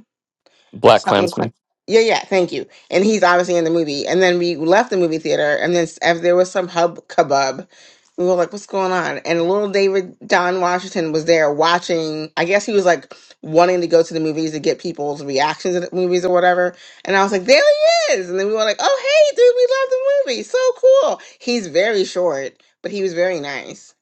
Speaker 2: Black
Speaker 3: something quick.
Speaker 2: Klansman.
Speaker 3: Yeah, yeah, thank you. And he's obviously in the movie. And then we left the movie theater, and then s- if there was some hub kebab, we were like, "What's going on?" And little David Don Washington was there watching. I guess he was like wanting to go to the movies to get people's reactions to the movies or whatever. And I was like, "There he is!" And then we were like, "Oh, hey, dude, we love the movie. So cool." He's very short, but he was very nice.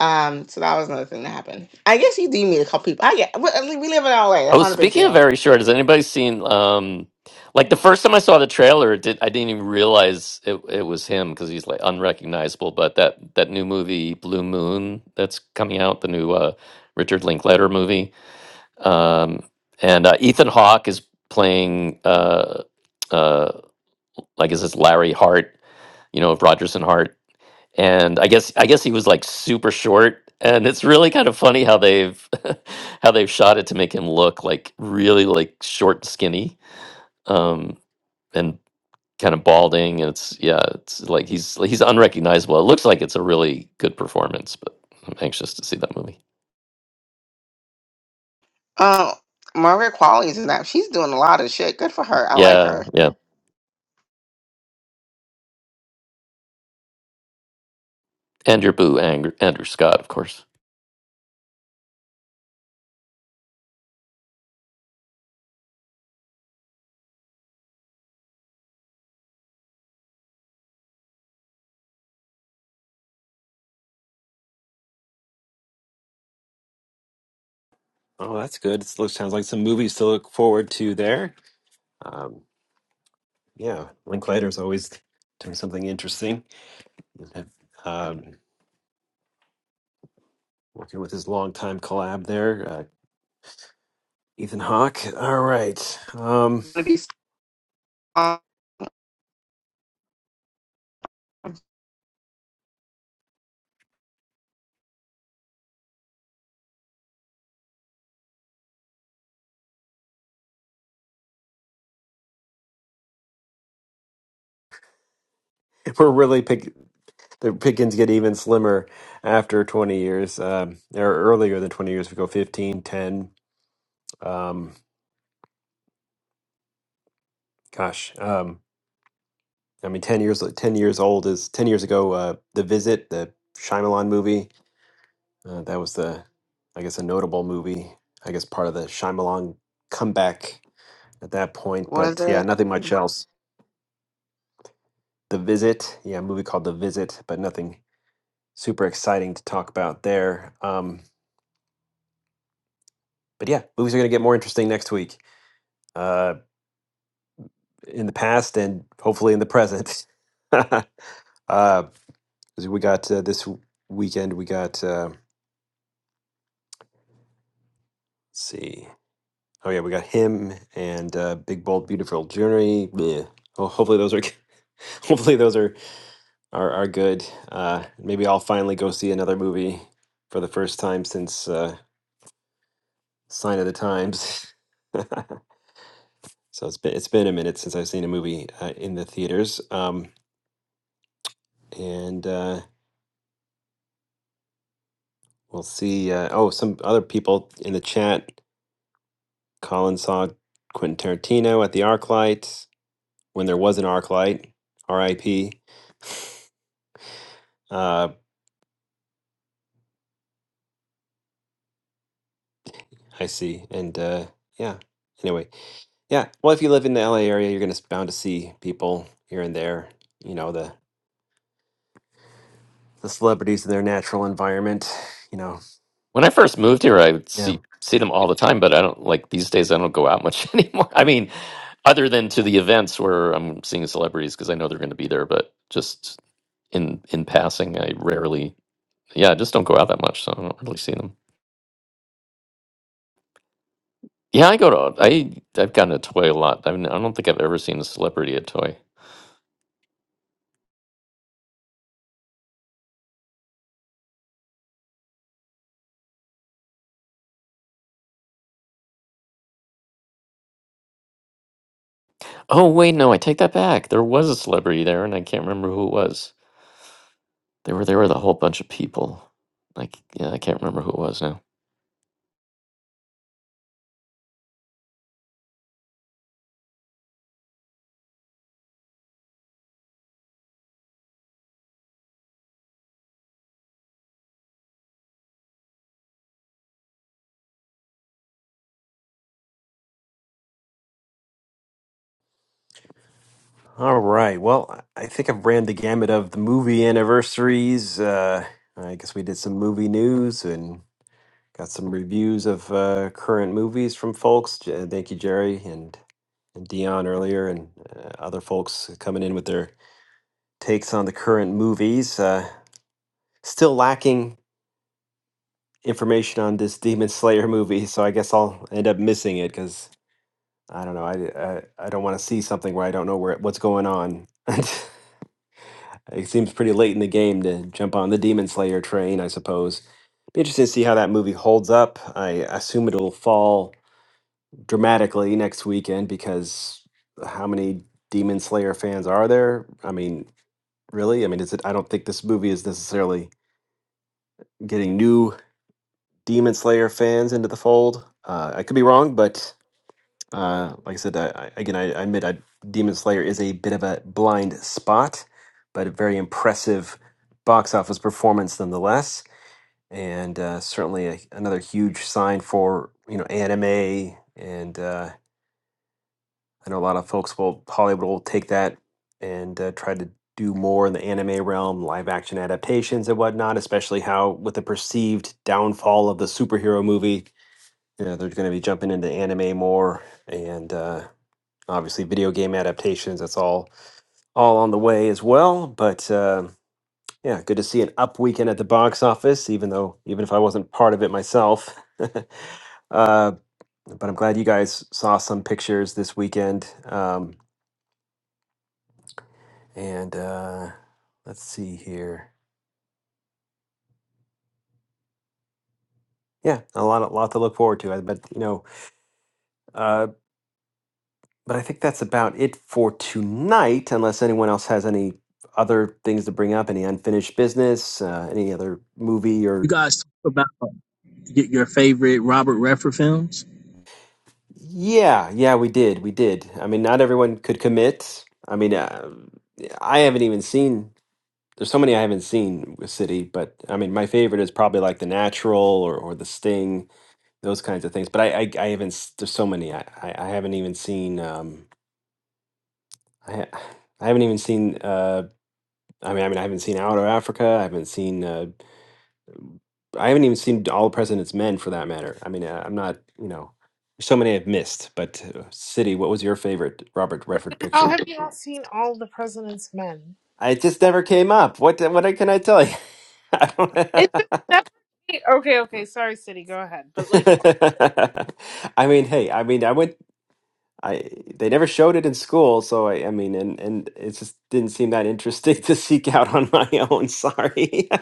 Speaker 3: Um, so that was another thing that happened. I guess you do meet a couple people. I get we we live in LA. That's
Speaker 2: Oh,
Speaker 3: not a big
Speaker 2: speaking of
Speaker 3: deal
Speaker 2: very short, has anybody seen um like the first time I saw the trailer, it did I didn't even realize it it was him because he's like unrecognizable, but that that new movie Blue Moon that's coming out, the new uh Richard Linklater movie. Um and uh, Ethan Hawke is playing uh uh like is this Larry Hart, you know, of Rogers and Hart and I guess I guess he was like super short, and it's really kind of funny how they've how they've shot it to make him look like really like short, and skinny, um, and kind of balding. And it's yeah, it's like he's he's unrecognizable. It looks like it's a really good performance, but I'm anxious to see that movie.
Speaker 3: Um, Maria Qualley is in that. She's doing a lot of shit. Good for her. I like
Speaker 2: Yeah,
Speaker 3: her.
Speaker 2: yeah, and your boo, Andrew, Andrew Scott, of course.
Speaker 1: Oh, that's good. It looks sounds like some movies to look forward to there. Um, yeah, Linklater's always doing something interesting. Um, working with his longtime collab there, uh, Ethan Hawke. All right, um,
Speaker 3: Gonna be. Um,
Speaker 1: we're really pick the pickings get even slimmer after 20 years, um, or earlier than 20 years. We go 15, 10. Um, gosh, um, I mean, 10 years. 10 years old is 10 years ago. Uh, the Visit, the Shyamalan movie Uh, that was the, I guess, a notable movie. I guess part of the Shyamalan comeback at that point.
Speaker 3: what is
Speaker 1: But
Speaker 3: it?
Speaker 1: yeah, nothing much else. The Visit, yeah, a movie called The Visit, but nothing super exciting to talk about there. Um, but yeah, movies are going to get more interesting next week, uh, in the past and hopefully in the present. uh, 'cause we got uh, this w- weekend. We got uh, let's see. Oh yeah, we got him and uh, Big Bold Beautiful Journey. Bleh. Well, hopefully those are hopefully those are are are good. Uh, maybe I'll finally go see another movie for the first time since uh, Sign of the Times. so it's been it's been a minute since I've seen a movie uh, in the theaters. Um, and uh, we'll see. Uh, oh, some other people in the chat. Colin saw Quentin Tarantino at the ArcLight when there was an ArcLight. R.I.P. Uh, I see. And uh, yeah. Anyway, Yeah. Well, if you live in the LA area, you're going to bound to see people here and there, you know, the the celebrities in their natural environment, you know.
Speaker 2: When I first moved here, I would
Speaker 1: Yeah.
Speaker 2: see see them all the time, but I don't like these days. I don't go out much anymore. I mean, other than to the events where I'm seeing celebrities because I know they're going to be there, but just in in passing, I rarely. Yeah, I just don't go out that much, so I don't really see them. Yeah, I go to I I've gotten a toy a lot. I mean, I don't think I've ever seen a celebrity at toy. Oh wait, no, I take that back. There was a celebrity there, and I can't remember who it was. They were there with a whole bunch of people. Like yeah, I can't remember who it was now.
Speaker 1: All right. Well, I I think I've ran the gamut of the movie anniversaries. Uh, I guess we did some movie news and got some reviews of uh, current movies from folks. J- Thank you, Jerry and, and Dion earlier, and uh, other folks coming in with their takes on the current movies. Uh, still lacking information on this Demon Slayer movie, so I guess I'll end up missing it because I don't know. I, I, I don't want to see something where I don't know where what's going on. it seems pretty late in the game to jump on the Demon Slayer train, I suppose. Be interesting to see how that movie holds up. I assume it'll fall dramatically next weekend because how many Demon Slayer fans are there? I mean, really? I mean, is it? I don't think this movie is necessarily getting new Demon Slayer fans into the fold. Uh, I could be wrong, but Uh, like I said, I, I, again, I, I admit I, Demon Slayer is a bit of a blind spot, but a very impressive box office performance nonetheless, and uh, certainly a, another huge sign for you know anime. And uh, I know a lot of folks will Hollywood will take that and uh, try to do more in the anime realm, live action adaptations and whatnot. Especially how with the perceived downfall of the superhero movie, you know, they're going to be jumping into anime more and. Uh, obviously video game adaptations that's all all on the way as well but uh, yeah good to see an up weekend at the box office even though even if i wasn't part of it myself uh, but i'm glad you guys saw some pictures this weekend um, and uh, let's see here yeah a lot a lot to look forward to I- but you know uh, but i think that's about it for tonight unless anyone else has any other things to bring up any unfinished business uh, any other movie
Speaker 13: You
Speaker 1: or
Speaker 13: guys talk about y- your favorite Robert Redford films?
Speaker 1: Yeah, yeah, we did. We did. I mean, not everyone could commit. I mean, uh, I haven't even seen, there's so many I haven't seen with City, but I mean, my favorite is probably like The Natural or, or The Sting, those kinds of things. But I, I, I haven't, s- there's so many. I, I, I haven't even seen, um, I, ha- I haven't even seen, uh, I mean, I mean, I haven't seen Out of Africa. I haven't seen, uh, I haven't even seen All the President's Men for that matter. I mean, uh, I'm not, you know, there's so many I've missed, but uh, City, what was your favorite Robert Redford
Speaker 7: How
Speaker 1: picture?
Speaker 7: have you not seen all the president's men?
Speaker 1: I just never came up. What what can I tell you? I don't.
Speaker 7: It just never Okay, okay, sorry, City, go ahead. But like
Speaker 1: I mean, hey, I mean, I went. I they never showed it in school, so I, I mean, and and it just didn't seem that interesting to seek out on my own. Sorry.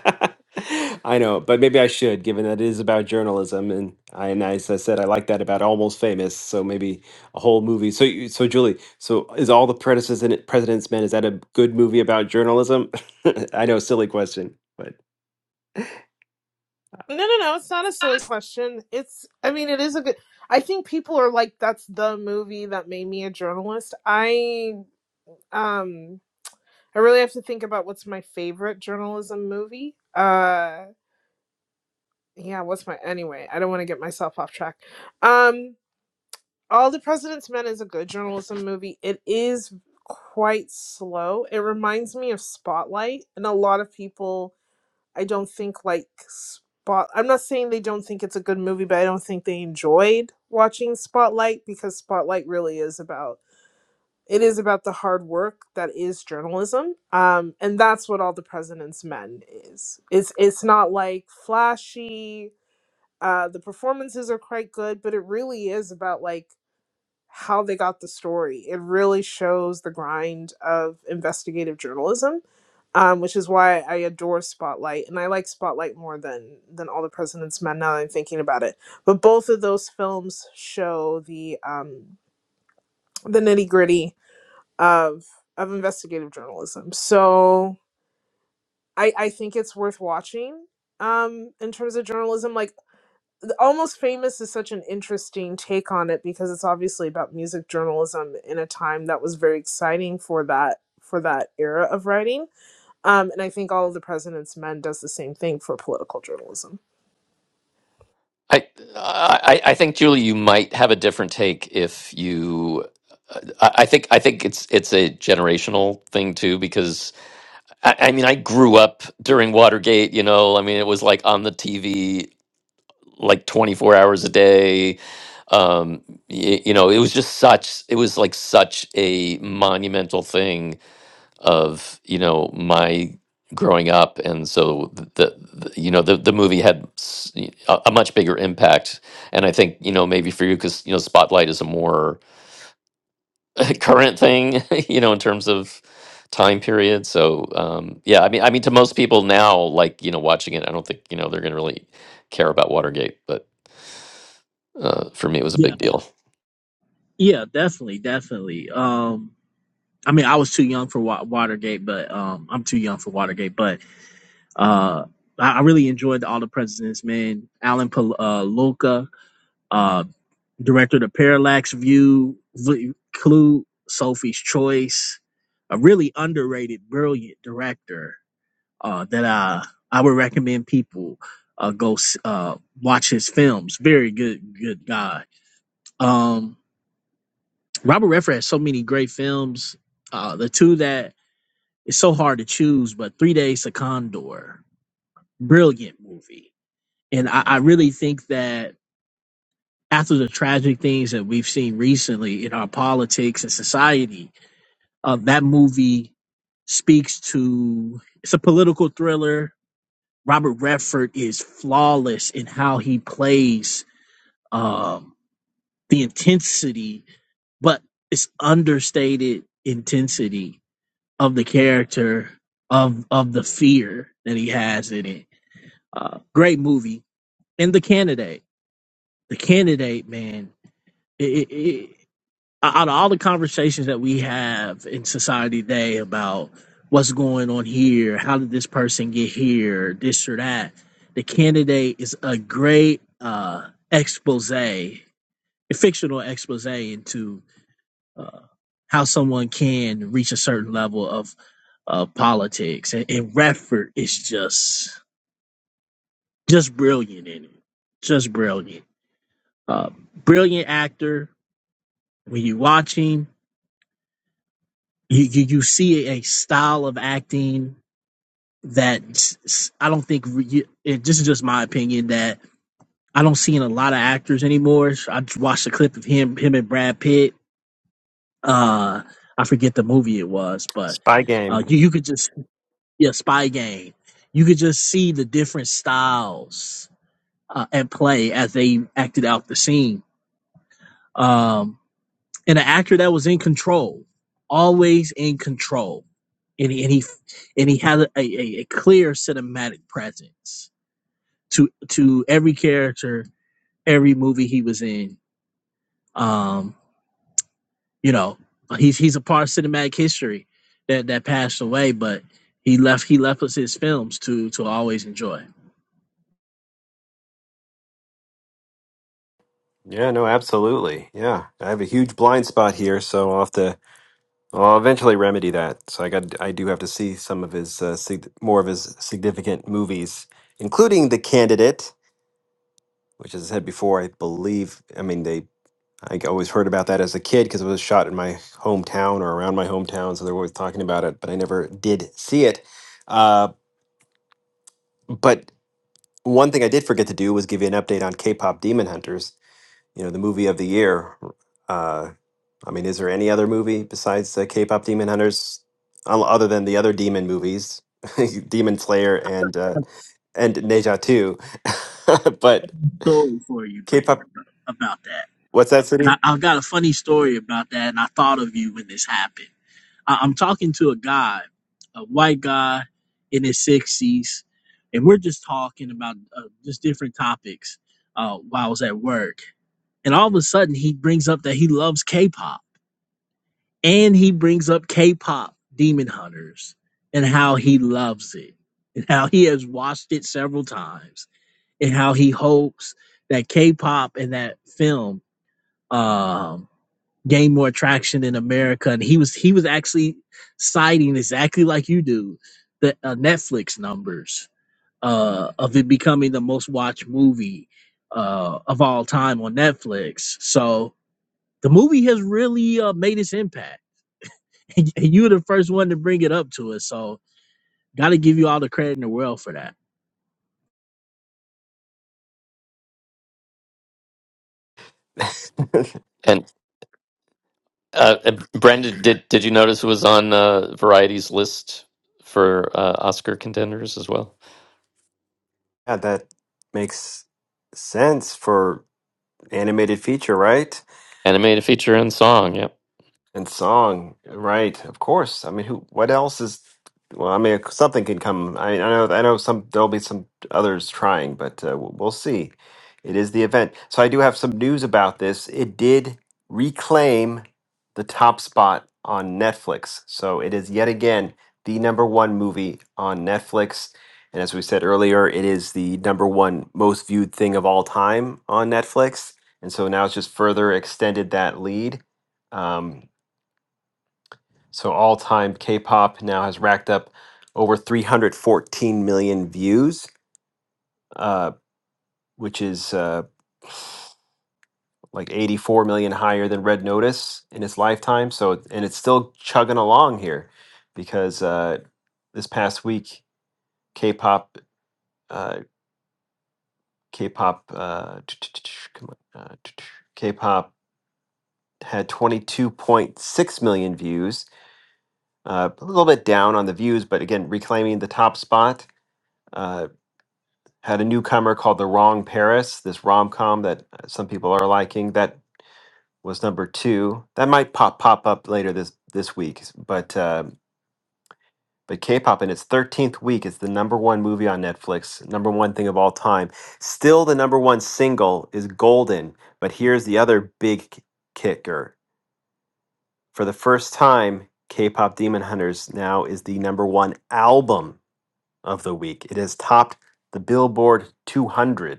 Speaker 1: I know, but maybe I should, given that it is about journalism, and I and as I said, I like that about Almost Famous. So maybe a whole movie. So you- so Julie, so is all the President's President's Men? Is that a good movie about journalism? I know, silly question, but.
Speaker 7: no no no, it's not a silly question. It's I mean it is a good I think people are like, that's the movie that made me a journalist. I um I really have to think about what's my favorite journalism movie. Uh yeah, what's my anyway, I don't want to get myself off track. Um. All the President's Men is a good journalism movie. It is quite slow. It reminds me of Spotlight, and a lot of people I don't think like Spot. I'm not saying they don't think it's a good movie, but I don't think they enjoyed watching Spotlight because Spotlight really is about it is about the hard work that is journalism. Um, and that's what All the President's Men is. It's it's not like flashy. Uh, the performances are quite good, but it really is about like how they got the story. It really shows the grind of investigative journalism, um, which is why I adore Spotlight, and I like Spotlight more than than All the President's Men. Now that I'm thinking about it, but both of those films show the um, the nitty gritty of of investigative journalism. So I, I think it's worth watching um, in terms of journalism. Like almost famous is such an interesting take on it because it's obviously about music journalism in a time that was very exciting for that for that era of writing um, and i think all of the president's men does the same thing for political journalism
Speaker 2: I, I I think Julie, you might have a different take if you. I I think I think it's it's a generational thing too because I, I mean I grew up during Watergate. You know, I mean it was like on the TV like twenty four hours a day. Um, y- you know, it was just such. It was like such a monumental thing of you know my growing up and so the, the you know the, the movie had s- y- a, a much bigger impact and i think you know maybe for you because you know spotlight is a more current thing you know in terms of time period so um yeah i mean i mean to most people now like you know watching it i don't think you know they're gonna really care about watergate but uh for me it was a
Speaker 13: Yeah,
Speaker 2: big deal
Speaker 13: yeah, definitely, definitely. Um, I mean, I was too young for Wa- Watergate, but um, I'm too young for Watergate, but uh, I, I really enjoyed All the President's Men, Alan Pal- uh, Luca, uh, director of The Parallax View, V- Clue, Sophie's Choice, a really underrated, brilliant director. uh, that I I would recommend people uh, go s- uh, watch his films. Very good, good guy. Um, Robert Redford has so many great films. Uh, the two that it's so hard to choose, but Three Days to Condor, brilliant movie, and I, I really think that after the tragic things that we've seen recently in our politics and society, uh, that movie speaks to. It's a political thriller Robert Redford is flawless in how he plays um, the intensity, but it's understated intensity of the character of of the fear that he has in it. Uh, great movie and the candidate, the candidate man. it, it, out of all the conversations that we have in society today about what's going on here, how did this person get here, this or that, the candidate is a great uh, expose, a fictional expose into uh, how someone can reach a certain level of uh, politics. And, and Redford is just just brilliant in it, just brilliant, uh, brilliant actor. When you watch him, you you, you see a style of acting that s- s- I don't think re- it, this is just my opinion that I don't see in a lot of actors anymore. I just watched a clip of him him and Brad Pitt. Uh, I forget the movie it was, but
Speaker 1: Spy
Speaker 13: uh,
Speaker 1: game.
Speaker 13: you you could just yeah, Spy Game. You could just see the different styles uh, at play as they acted out the scene. Um, and an actor that was in control, always in control, and he and he, and he had a, a, a clear cinematic presence to to every character, every movie he was in. Um, you know, he's he's a part of cinematic history that that passed away, but he left he left us his films to to always enjoy.
Speaker 1: Yeah, no, absolutely. Yeah, I have a huge blind spot here, so I'll have to. well, I'll eventually remedy that. So I got. I do have to see some of his uh, sig- more of his significant movies, including The Candidate, which as I said before, I believe. I mean, they. I always heard about that as a kid because it was shot in my hometown or around my hometown, so they were always talking about it, but I never did see it. Uh, but one thing I did forget to do was give you an update on K-pop Demon Hunters. You know, the movie of the year uh, I mean, is there any other movie besides the K-pop Demon Hunters, o- other than the other demon movies, Demon Slayer and uh, and Neja too? but
Speaker 13: Story for you, Brandon,
Speaker 1: K-pop,
Speaker 13: about that,
Speaker 1: what's that
Speaker 13: and I,
Speaker 1: city?
Speaker 13: I've got a funny story about that, and I thought of you when this happened. I- I'm talking to a guy, a white guy in his 60s, and we're just talking about uh, just different topics uh, while I was at work. And all of a sudden, he brings up that he loves K pop, and he brings up K pop Demon Hunters and how he loves it, and how he has watched it several times, and how he hopes that K pop and that film. um, Gain more traction in America, and he was he was actually citing exactly like you do the uh, Netflix numbers uh, of it becoming the most watched movie uh, of all time on Netflix. So the movie has really uh, made its impact, and you were the first one to bring it up to us. So got to give you all the credit in the world for that.
Speaker 2: Uh, uh, Brendan, did did you notice it was on uh, Variety's list for uh, Oscar contenders as well?
Speaker 1: Yeah, that makes sense for animated feature, right?
Speaker 2: Animated feature and song. Yep.
Speaker 1: And song, right? Of course. I mean, who? What else is? Well, I mean, something can come. I, I know. I know. Some there'll be some others trying, but uh, we'll we'll see. It is the event. So I do have some news about this. It did reclaim the top spot on Netflix. So it is yet again the number one movie on Netflix. And as we said earlier, it is the number one most viewed thing of all time on Netflix. And so now it's just further extended that lead. Um, so all time K-pop now has racked up over 314 million views, uh, which is uh, like 84 million higher than Red Notice in its lifetime. So and it's still chugging along here because uh, this past week K-pop uh, K-pop uh, come on uh, K-pop had 22.6 million views, uh, a little bit down on the views, but again reclaiming the top spot. Uh, had a newcomer called The Wrong Paris, this rom com that uh, some people are liking. That was number two. That might pop pop up later this this week, but uh, but K-pop in its thirteenth week is the number one movie on Netflix, number one thing of all time. Still, the number one single is Golden. But here's the other big k- kicker: for the first time, K-pop Demon Hunters now is the number one album of the week. It has topped the Billboard 200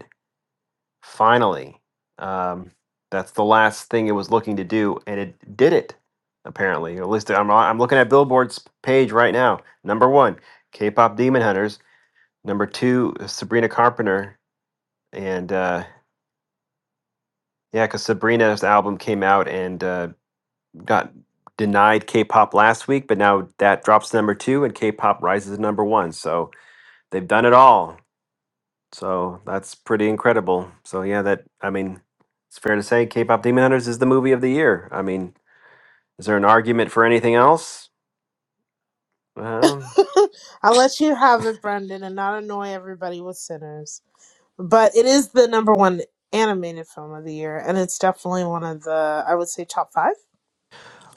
Speaker 1: Finally, um, that's the last thing it was looking to do, and it did it. Apparently, or at least I'm I'm looking at Billboard's page right now. Number one, K-pop Demon Hunters. Number two, Sabrina Carpenter, and uh, yeah, because Sabrina's album came out and uh, got denied K-pop last week, but now that drops to number two, and K-pop rises to number one. So they've done it all. So that's pretty incredible. So yeah, that I mean, it's fair to say K-pop Demon Hunters is the movie of the year. I mean, is there an argument for anything else? Um,
Speaker 7: i'll let you have it brendan and not annoy everybody with sinners but it is the number one animated film of the year and it's definitely one of the i would say top five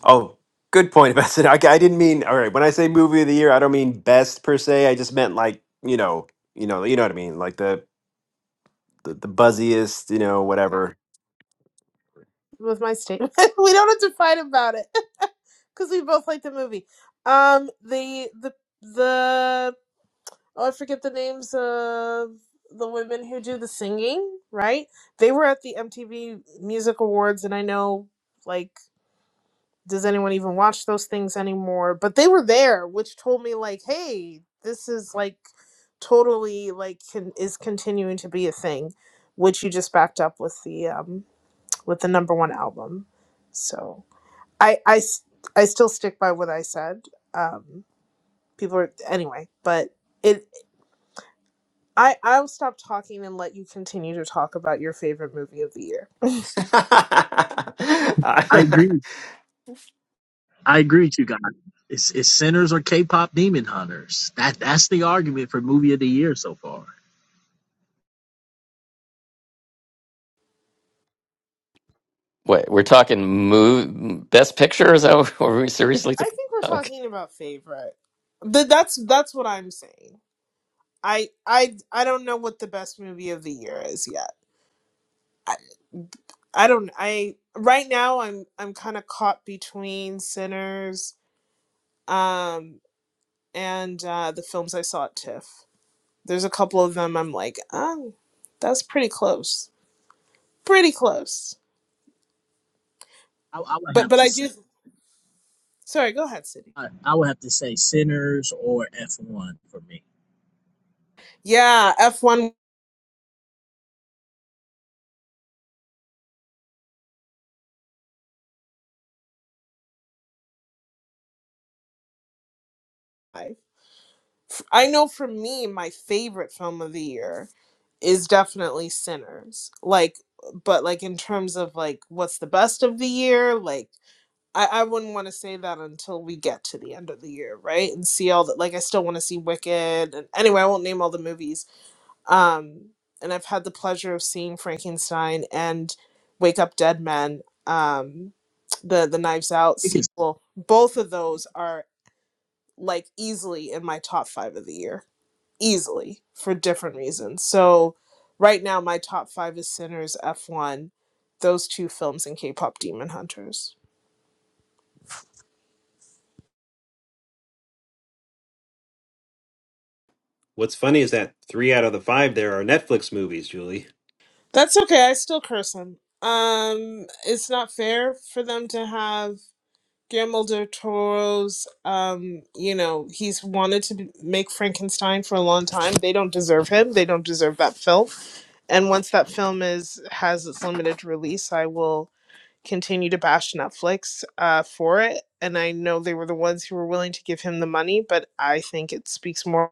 Speaker 1: oh, good point, Vincent. I, I didn't mean all right. When I say movie of the year, I don't mean best per se. I just meant like you know, you know, you know what I mean, like the the, the buzziest, you know, whatever.
Speaker 7: with my statement. we don't have to fight about it because we both like the movie. Um, the the the oh, I forget the names of the women who do the singing. Right? They were at the MTV Music Awards, and I know like does anyone even watch those things anymore? But they were there, which told me like, hey, this is like totally like can, is continuing to be a thing, which you just backed up with the um with the number one album. So I I s- I still stick by what I said. Um, people are anyway, but it I I'll stop talking and let you continue to talk about your favorite movie of the year.
Speaker 13: I agree. I agree with you guys. It's, it's sinners or K-pop demon hunters. That that's the argument for movie of the year so far.
Speaker 2: Wait, we're talking move best picture? Is that what are we seriously?
Speaker 7: I think we're
Speaker 2: Okay.
Speaker 7: talking about favorite. Th- that's that's what I'm saying. I I I don't know what the best movie of the year is yet. I, I don't I right now I'm I'm kind of caught between Sinners um and uh the films I saw at TIFF. There's a couple of them I'm like, oh, that's pretty close. Pretty close.
Speaker 13: I, I would
Speaker 7: But
Speaker 13: have
Speaker 7: but
Speaker 13: to
Speaker 7: I
Speaker 13: say.
Speaker 7: do sorry, go ahead, Sydney.
Speaker 13: I, I would have to say Sinners or F1 for me.
Speaker 7: Yeah, F1 F- one I know for me my favorite film of the year is definitely Sinners. Like but like in terms of like what's the best of the year, like I, I wouldn't want to say that until we get to the end of the year, right? And see all that like I still want to see Wicked and anyway, I won't name all the movies Um, and I've had the pleasure of seeing Frankenstein and Wake Up Dead Men, um, the the Knives Out
Speaker 13: Because
Speaker 7: sequel. Both of those are like easily in my top five of the year, easily for different reasons. So right now, my top five is Sinners, F one, those two films, and K-pop Demon Hunters.
Speaker 1: What's funny is that three out of the five there are Netflix movies, Julie.
Speaker 7: That's okay. I still curse him. Um, it's not fair for them to have Guillermo del Toro's, um, you know, he's wanted to be- make Frankenstein for a long time. They don't deserve him. They don't deserve that film. And once that film is has its limited release, I will continue to bash Netflix uh, for it. And I know they were the ones who were willing to give him the money, but I think it speaks more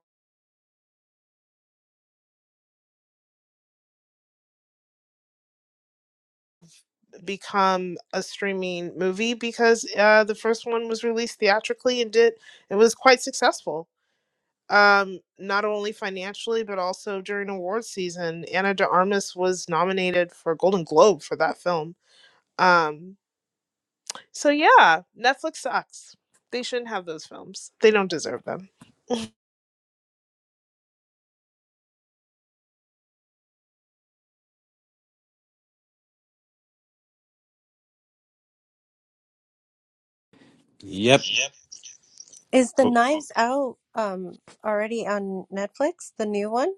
Speaker 7: become a streaming movie because uh, the first one was released theatrically and did it was quite successful. um not only financially but also during award season anna de armas was nominated for a golden globe for that film um so yeah netflix sucks they shouldn't have those films they don't deserve them
Speaker 1: yep.
Speaker 8: Is the Knives Out um already on Netflix, the new one?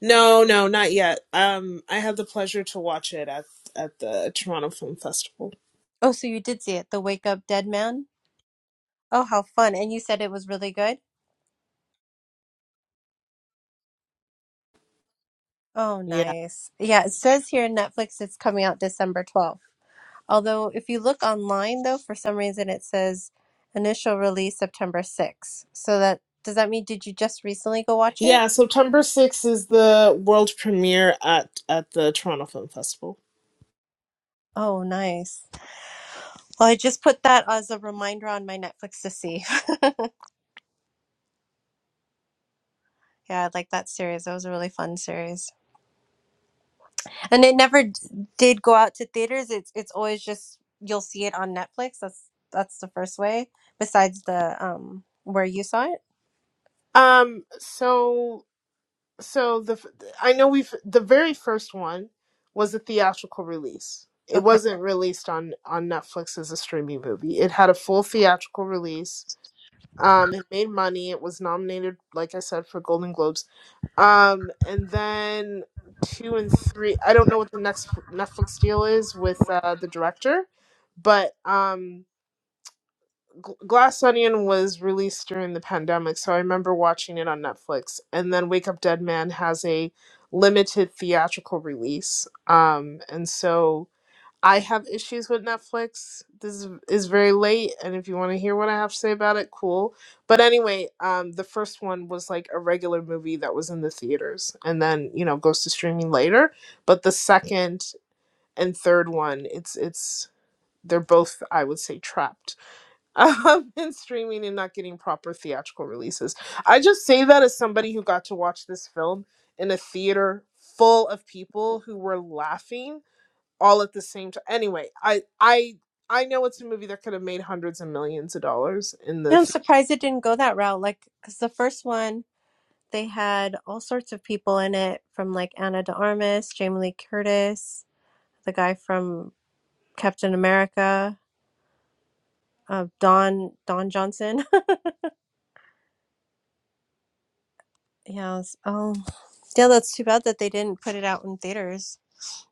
Speaker 7: No, no, not yet. Um, I had the pleasure to watch it at at the Toronto Film Festival.
Speaker 8: Oh, so you did see it, The Wake Up Dead Man? Oh, how fun. And you said it was really good? Oh,
Speaker 7: Yeah,
Speaker 8: nice. Yeah, it says here in Netflix it's coming out December 12th. Although if you look online though, for some reason it says initial release September 6th. So that does that mean did you just recently go watch it?
Speaker 7: yeah. September sixth is the world premiere at at the Toronto Film Festival.
Speaker 8: Oh, nice. Well, I just put that as a reminder on my Netflix to see. Yeah, I like that series. That was a really fun series, and it never d- did go out to theaters. It's it's always just you'll see it on Netflix. That's that's the first way. Besides the um where you saw it.
Speaker 7: Um, so so the f- I know we've the very first one was a theatrical release. It
Speaker 8: Okay,
Speaker 7: wasn't released on on Netflix as a streaming movie. It had a full theatrical release Um, it made money. It was nominated, like I said, for Golden Globes. Um, and then two and three. I don't know what the next Netflix deal is with uh, the director, but um, G- Glass Onion was released during the pandemic, so I remember watching it on Netflix. And then Wake Up Dead Man has a limited theatrical release. Um, and so I have issues with Netflix. This is very late, and if you want to hear what I have to say about it, cool. But anyway, um, the first one was like a regular movie that was in the theaters, and then you know goes to streaming later. But the second and third one, it's it's they're both I would say trapped um, in streaming and not getting proper theatrical releases. I just say that as somebody who got to watch this film in a theater full of people who were laughing all at the same time. Anyway, I I I know it's a movie that could have made hundreds of millions of dollars in the.
Speaker 8: Yeah, I'm
Speaker 7: Th-
Speaker 8: surprised it didn't go that route. Like, cause the first one they had all sorts of people in it, from like Anna de Armas, Jamie Lee Curtis, the guy from Captain America, uh, Don Don Johnson. Yes. Oh, yeah. That's too bad that they didn't put it out in theaters.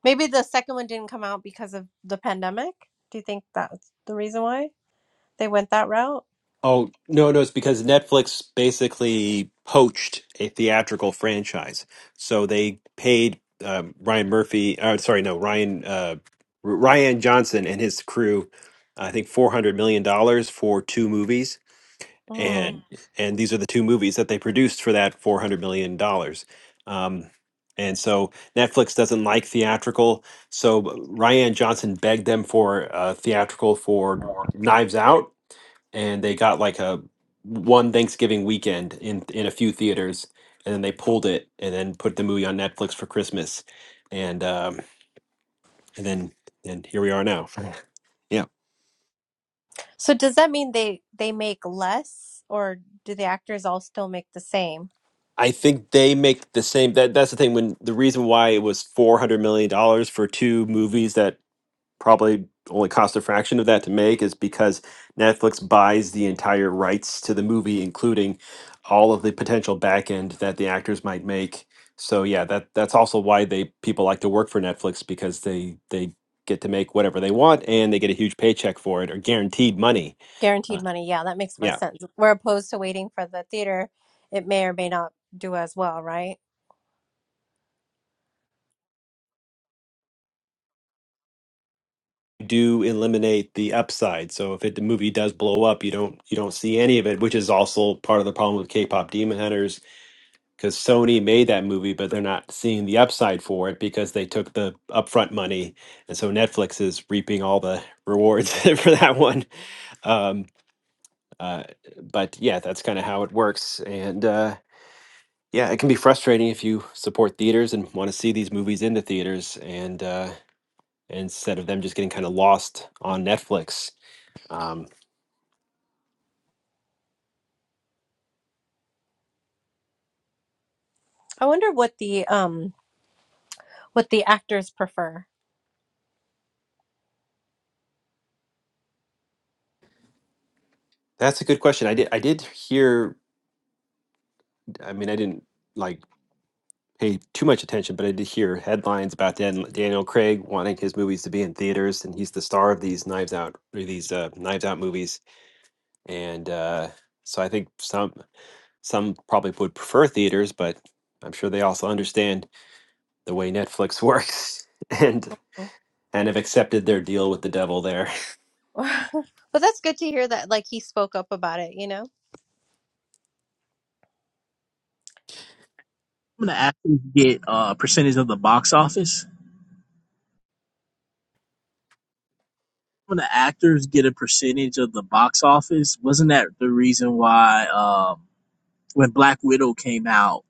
Speaker 8: Maybe the second one didn't come out because of the pandemic. Do you think that's the reason why they went that route?
Speaker 1: Oh, no, no, it's because Netflix basically poached a theatrical franchise. So they paid um, Ryan Murphy, uh, sorry, no, Ryan uh, R- Ryan Johnson and his crew, I think $400 million dollars for two movies.
Speaker 8: Mm.
Speaker 1: And Mm. and these are the two movies that they produced for that $400 million. dollars. Um, and so Netflix doesn't like theatrical. So Ryan Johnson begged them for uh, theatrical for Knives Out and they got like a one Thanksgiving weekend in in a few theaters, and then they pulled it and then put the movie on Netflix for Christmas, and um, and then and here we are now. yeah,
Speaker 8: So does that mean they they make less, or do the actors all still make the same
Speaker 1: I think they make the same. That that's the thing. When the reason why it was four hundred million dollars for two movies that probably only cost a fraction of that to make is because Netflix buys the entire rights to the movie, including all of the potential back end that the actors might make. So yeah, that that's also why they people like to work for Netflix because they they get to make whatever they want and they get a huge paycheck for it or guaranteed money. Uh,
Speaker 8: guaranteed money? Yeah, that makes more
Speaker 1: yeah,
Speaker 8: sense. We're opposed to waiting for the theater. It may or may not do as well, right?
Speaker 1: do eliminate the upside. So if it, the movie does blow up, you don't you don't see any of it, which is also part of the problem with K-pop Demon Hunters because Sony made that movie, but they're not seeing the upside for it because they took the upfront money, and so Netflix is reaping all the rewards for that one. Um, uh, but yeah, that's kind of how it works, and uh, yeah, it can be frustrating if you support theaters and want to see these movies in the theaters, and uh, instead of them just getting kind of lost on Netflix. Um,
Speaker 8: I wonder what the um what the actors prefer.
Speaker 1: that's a good question. I did. I did hear. I mean, I didn't like pay too much attention, but I did hear headlines about Dan, Daniel Craig wanting his movies to be in theaters, and he's the star of these Knives Out or these uh, Knives Out movies. And uh, so I think some some probably would prefer theaters, but I'm sure they also understand the way Netflix works and and have accepted their deal with the devil there.
Speaker 8: but that's good to hear that like he spoke up about it, you know?
Speaker 13: some of the actors get a percentage of the box office. Some of the actors get a percentage of the box office. Wasn't that the reason why um, when Black Widow came out,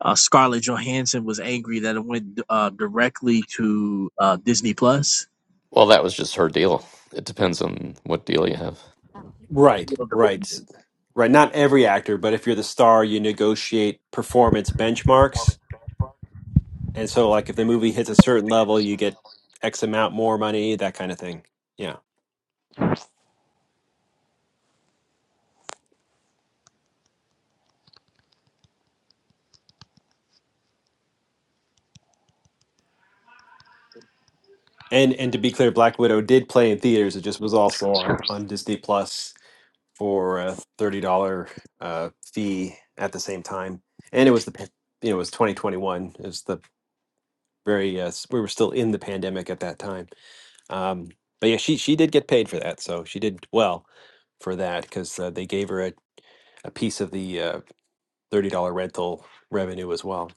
Speaker 13: uh, Scarlett Johansson was angry that it went uh, directly to uh, Disney Plus?
Speaker 2: Well, that was just her deal. It depends on what deal you have.
Speaker 1: Right, right,
Speaker 13: Is
Speaker 1: right. Not every actor, but if you're the star, you negotiate performance benchmarks And so, like, if the movie hits a certain level, you get X amount more money, that kind of thing. Yeah. And and to be clear, Black Widow did play in theaters. It just was also on on Disney Plus for a thirty dollar uh, fee at the same time. And it was the pa- you know it was twenty twenty one. It was the very uh, s- we were still in the pandemic at that time. Um, but yeah, she she did get paid for that, so she did well for that because uh, they gave her a, a piece of the uh, thirty dollar rental revenue as well.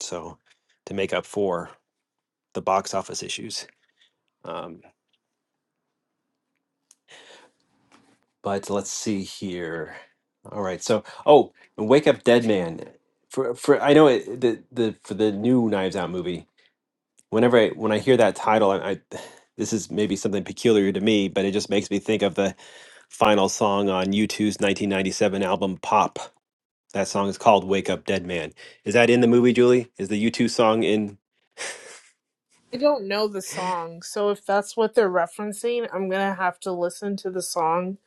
Speaker 1: So to make up for the box office issues. Um, but let's see here. All right. So oh, Wake Up Dead Man. For for I know it, the the for the new Knives Out movie. Whenever I when I hear that title, I, I this is maybe something peculiar to me, but it just makes me think of the final song on U2's 1997 album Pop. That song is called Wake Up Dead Man. Is that in the movie, Julie? Is the U2 song in?
Speaker 7: I don't know the song, so if that's what they're referencing, I'm gonna have to listen to the song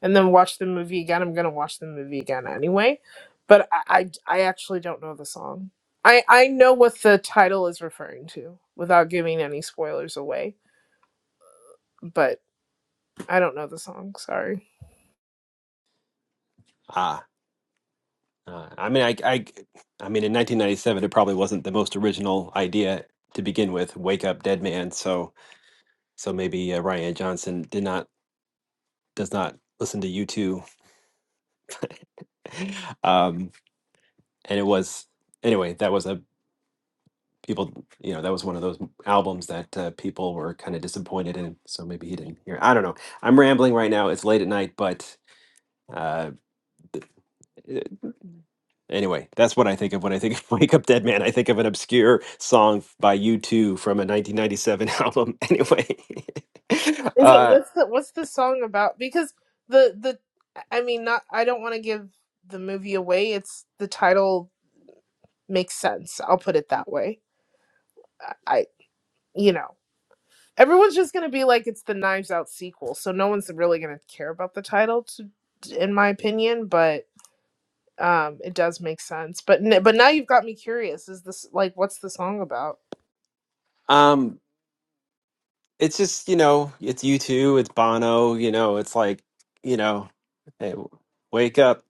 Speaker 7: and then watch the movie again. I'm gonna watch the movie again anyway, but I I, I actually don't know the song. I I know what the title is referring to without giving any spoilers away, but I don't know the song. Sorry.
Speaker 1: Ah, Uh, I mean, I, I, I mean, in 1997, it probably wasn't the most original idea to begin with. Wake up, dead man. So, so maybe uh, Ryan Johnson did not does not listen to you two. Um, and it was anyway. That was a people, you know, that was one of those albums that uh, people were kind of disappointed in. So maybe he didn't hear. I don't know. I'm rambling right now. It's late at night, but uh, Anyway, that's what I think of when I think of Wake Up Dead Man. I think of an obscure song f- by U2 from a 1997 album. Anyway,
Speaker 7: Is it
Speaker 1: uh,
Speaker 7: what's the what's the song about? Because the the I mean not I don't want to give the movie away. It's the title makes sense. I'll put it that way. I, I you know everyone's just gonna be like it's the Knives Out sequel, so no one's really gonna care about the title, to, in my opinion. But um, it does make sense. But n- but now you've got me curious. Is this like what's the song about?
Speaker 1: um, it's just, you know, it's U2, it's Bono, you know, it's like, you know, hey, w- wake up,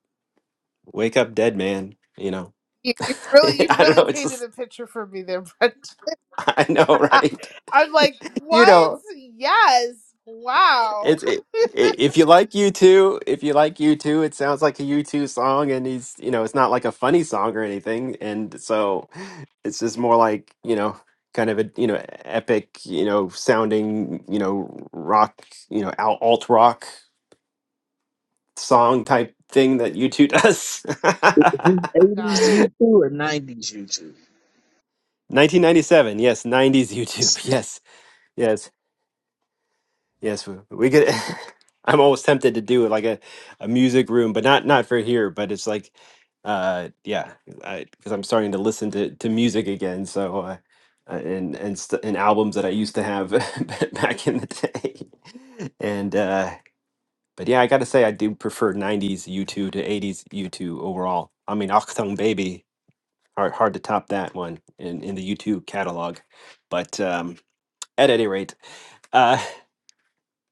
Speaker 1: wake up, dead man, you know.
Speaker 7: You, you really
Speaker 1: I
Speaker 7: you've
Speaker 1: don't
Speaker 7: really
Speaker 1: know, it's
Speaker 7: painted
Speaker 1: just,
Speaker 7: a picture for me there, Brenda.
Speaker 1: I know, right?
Speaker 7: I'm like,
Speaker 1: you
Speaker 7: what?
Speaker 1: know,
Speaker 7: Yes. Wow.
Speaker 1: It's it, i- if you like U2, if you like U2, it sounds like a U2 song, and he's you know it's not like a funny song or anything, and so it's just more like you know kind of a you know epic you know sounding you know rock you know al- alt rock song type thing that U2 does.
Speaker 13: this
Speaker 7: Got it.
Speaker 13: 80s YouTube or 90s YouTube?
Speaker 1: 1997, yes, 90s YouTube, yes, yes. Yes, we, we could. I'm almost tempted to do it like a, a music room, but not not for here. But it's like, uh, yeah, because I'm starting to listen to, to music again. So, uh, uh, and and st- and albums that I used to have back in the day. And uh, but yeah, I got to say I do prefer '90s U2 to '80s U2 overall. I mean, Achtung Baby, hard hard to top that one in in the U2 catalog. But um, at any rate. uh,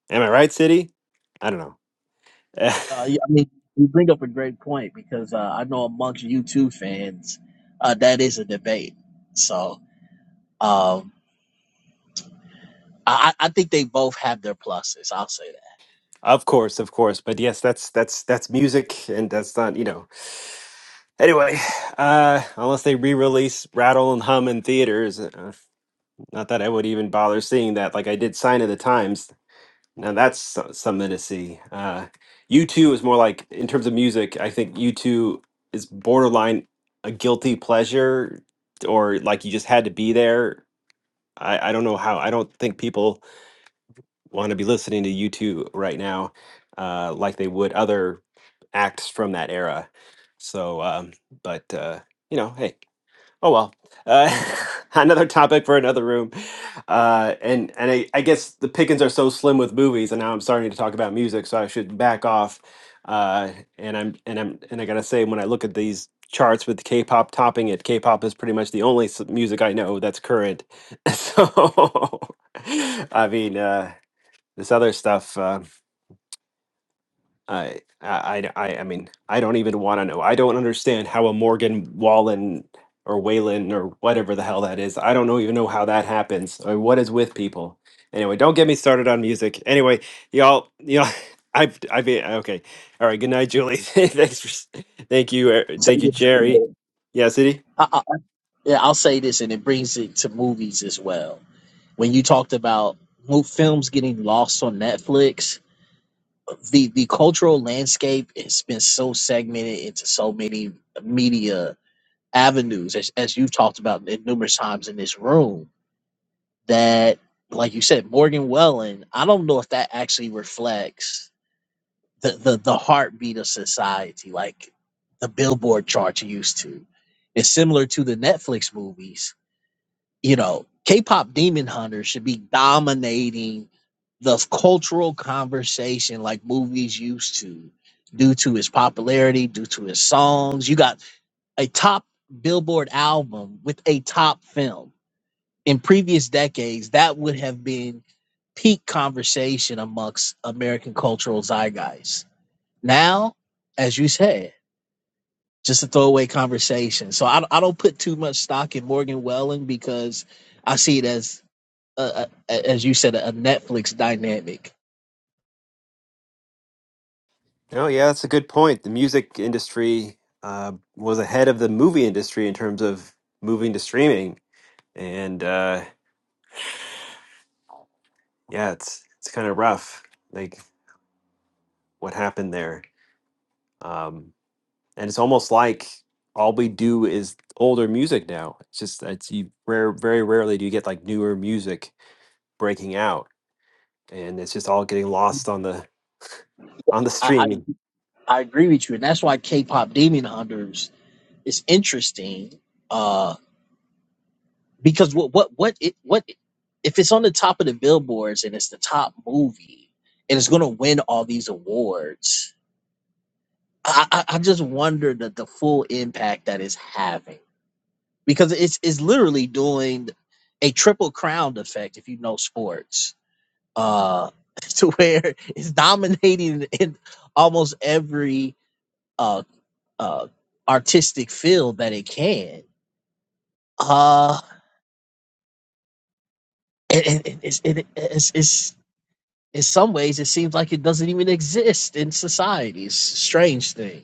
Speaker 1: Am I right, City? I don't know. Eh,
Speaker 13: Uh, yeah, I mean, you bring up a great point because uh, I know amongst U2 fans, uh, that is a debate. So um, I, I think they both have their pluses. I'll say that.
Speaker 1: of course, of course. But yes, that's that's that's music, and that's not you know. Anyway, uh, unless they re-release Rattle and Hum in theaters, uh, not that I would even bother seeing that. Like I did Sign of the Times. Now that's so- something to see. Uh, U two is more like in terms of music. I think U two is borderline a guilty pleasure, or like you just had to be there. I, I don't know how. I don't think people want to be listening to you two right now, uh, like they would other acts from that era. So, um, but uh, you know, hey, oh well. Uh, another topic for another room. Uh, and and I, I guess the pickings are so slim with movies, and now I'm starting to talk about music, so I should back off. Uh, and I'm and I'm and I gotta say, when I look at these charts with K-pop topping it, K-pop is pretty much the only s- music I know that's current. so, I mean. Uh, this other stuff uh, I, I i i mean i don't even want to know i don't understand how a morgan wallen or whalen or whatever the hell that is i don't know even know how that happens I mean, what is with people anyway don't get me started on music anyway y'all y'all i've i've okay all right good night julie thanks for s- thank you uh,
Speaker 13: I'll say
Speaker 1: thank you
Speaker 13: this, and
Speaker 1: jerry yeah city
Speaker 13: I, I, yeah, I'll say this, and it brings it to movies as well. When you talked about mo- films getting lost on Netflix, the the cultural landscape has been so segmented into so many media avenues, as as you've talked about numerous times in this room that, like you said, Morgan Wallen, I don't know if that actually reflects the, the, the heartbeat of society, like the Billboard chart used to. It's similar to the Netflix movies. You know, K pop Demon Hunter should be dominating the cultural conversation like movies used to due to its popularity, due to its songs. You got a top Billboard album with a top film in previous decades, that would have been peak conversation amongst American cultural zeitgeist. Now, as you said, just a throwaway conversation. So I, I don't put too much stock in Morgan Welling because I see it as, uh, as you said, a Netflix dynamic.
Speaker 1: oh yeah that's a good point the music industry uh, was ahead of the movie industry in terms of moving to streaming and uh yeah, it's it's kind of rough, like what happened there. Um, and it's almost like all we do is older music now. It's just it's you rare, very rarely do you get like newer music breaking out, and it's just all getting lost on the on the
Speaker 13: I,
Speaker 1: streaming.
Speaker 13: I, I agree with you. And that's why K pop Demon Hunters is interesting Uh, because what what what it what if it's on the top of the billboards and it's the top movie and it's gonna win all these awards i i, I just wonder the, the full impact that it's having because it's it's literally doing a triple crown effect if you know sports uh to where it's dominating in almost every uh uh artistic field that it can uh and, and, and it's, it, it's it's in some ways it seems like it doesn't even exist in societies strange thing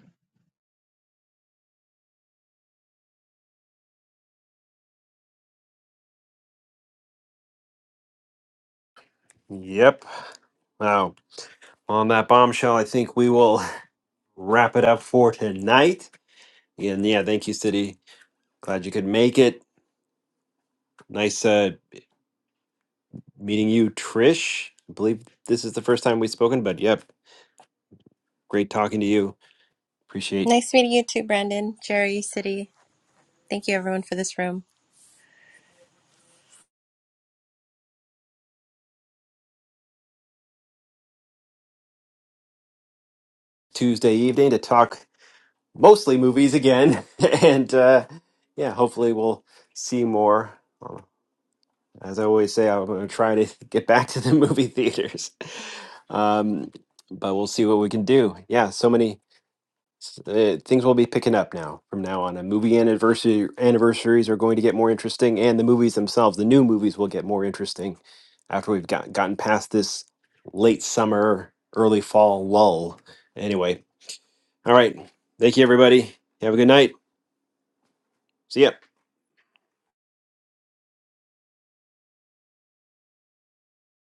Speaker 1: Yep. Wow. On that bombshell, I think we will wrap it up for tonight. And yeah, thank you, City. Glad you could make it. Nice uh, meeting you, Trish. I believe this is the first time we've spoken, but yep, Great talking to you. Appreciate
Speaker 8: Nice meeting you too, Brandon, Jerry, City. Thank you, everyone, for this room.
Speaker 1: Tuesday evening to talk mostly movies again. and uh, yeah, hopefully we'll see more. Um, As I always say, I'm going to try to get back to the movie theaters. Um, but we'll see what we can do. Yeah, so many S- uh, things will be picking up now from now on. And movie anniversary anniversaries are going to get more interesting, and the movies themselves, the new movies, will get more interesting after we've got, gotten past this late summer, early fall lull. Anyway, all right. Thank you, everybody. Have a good night. See ya.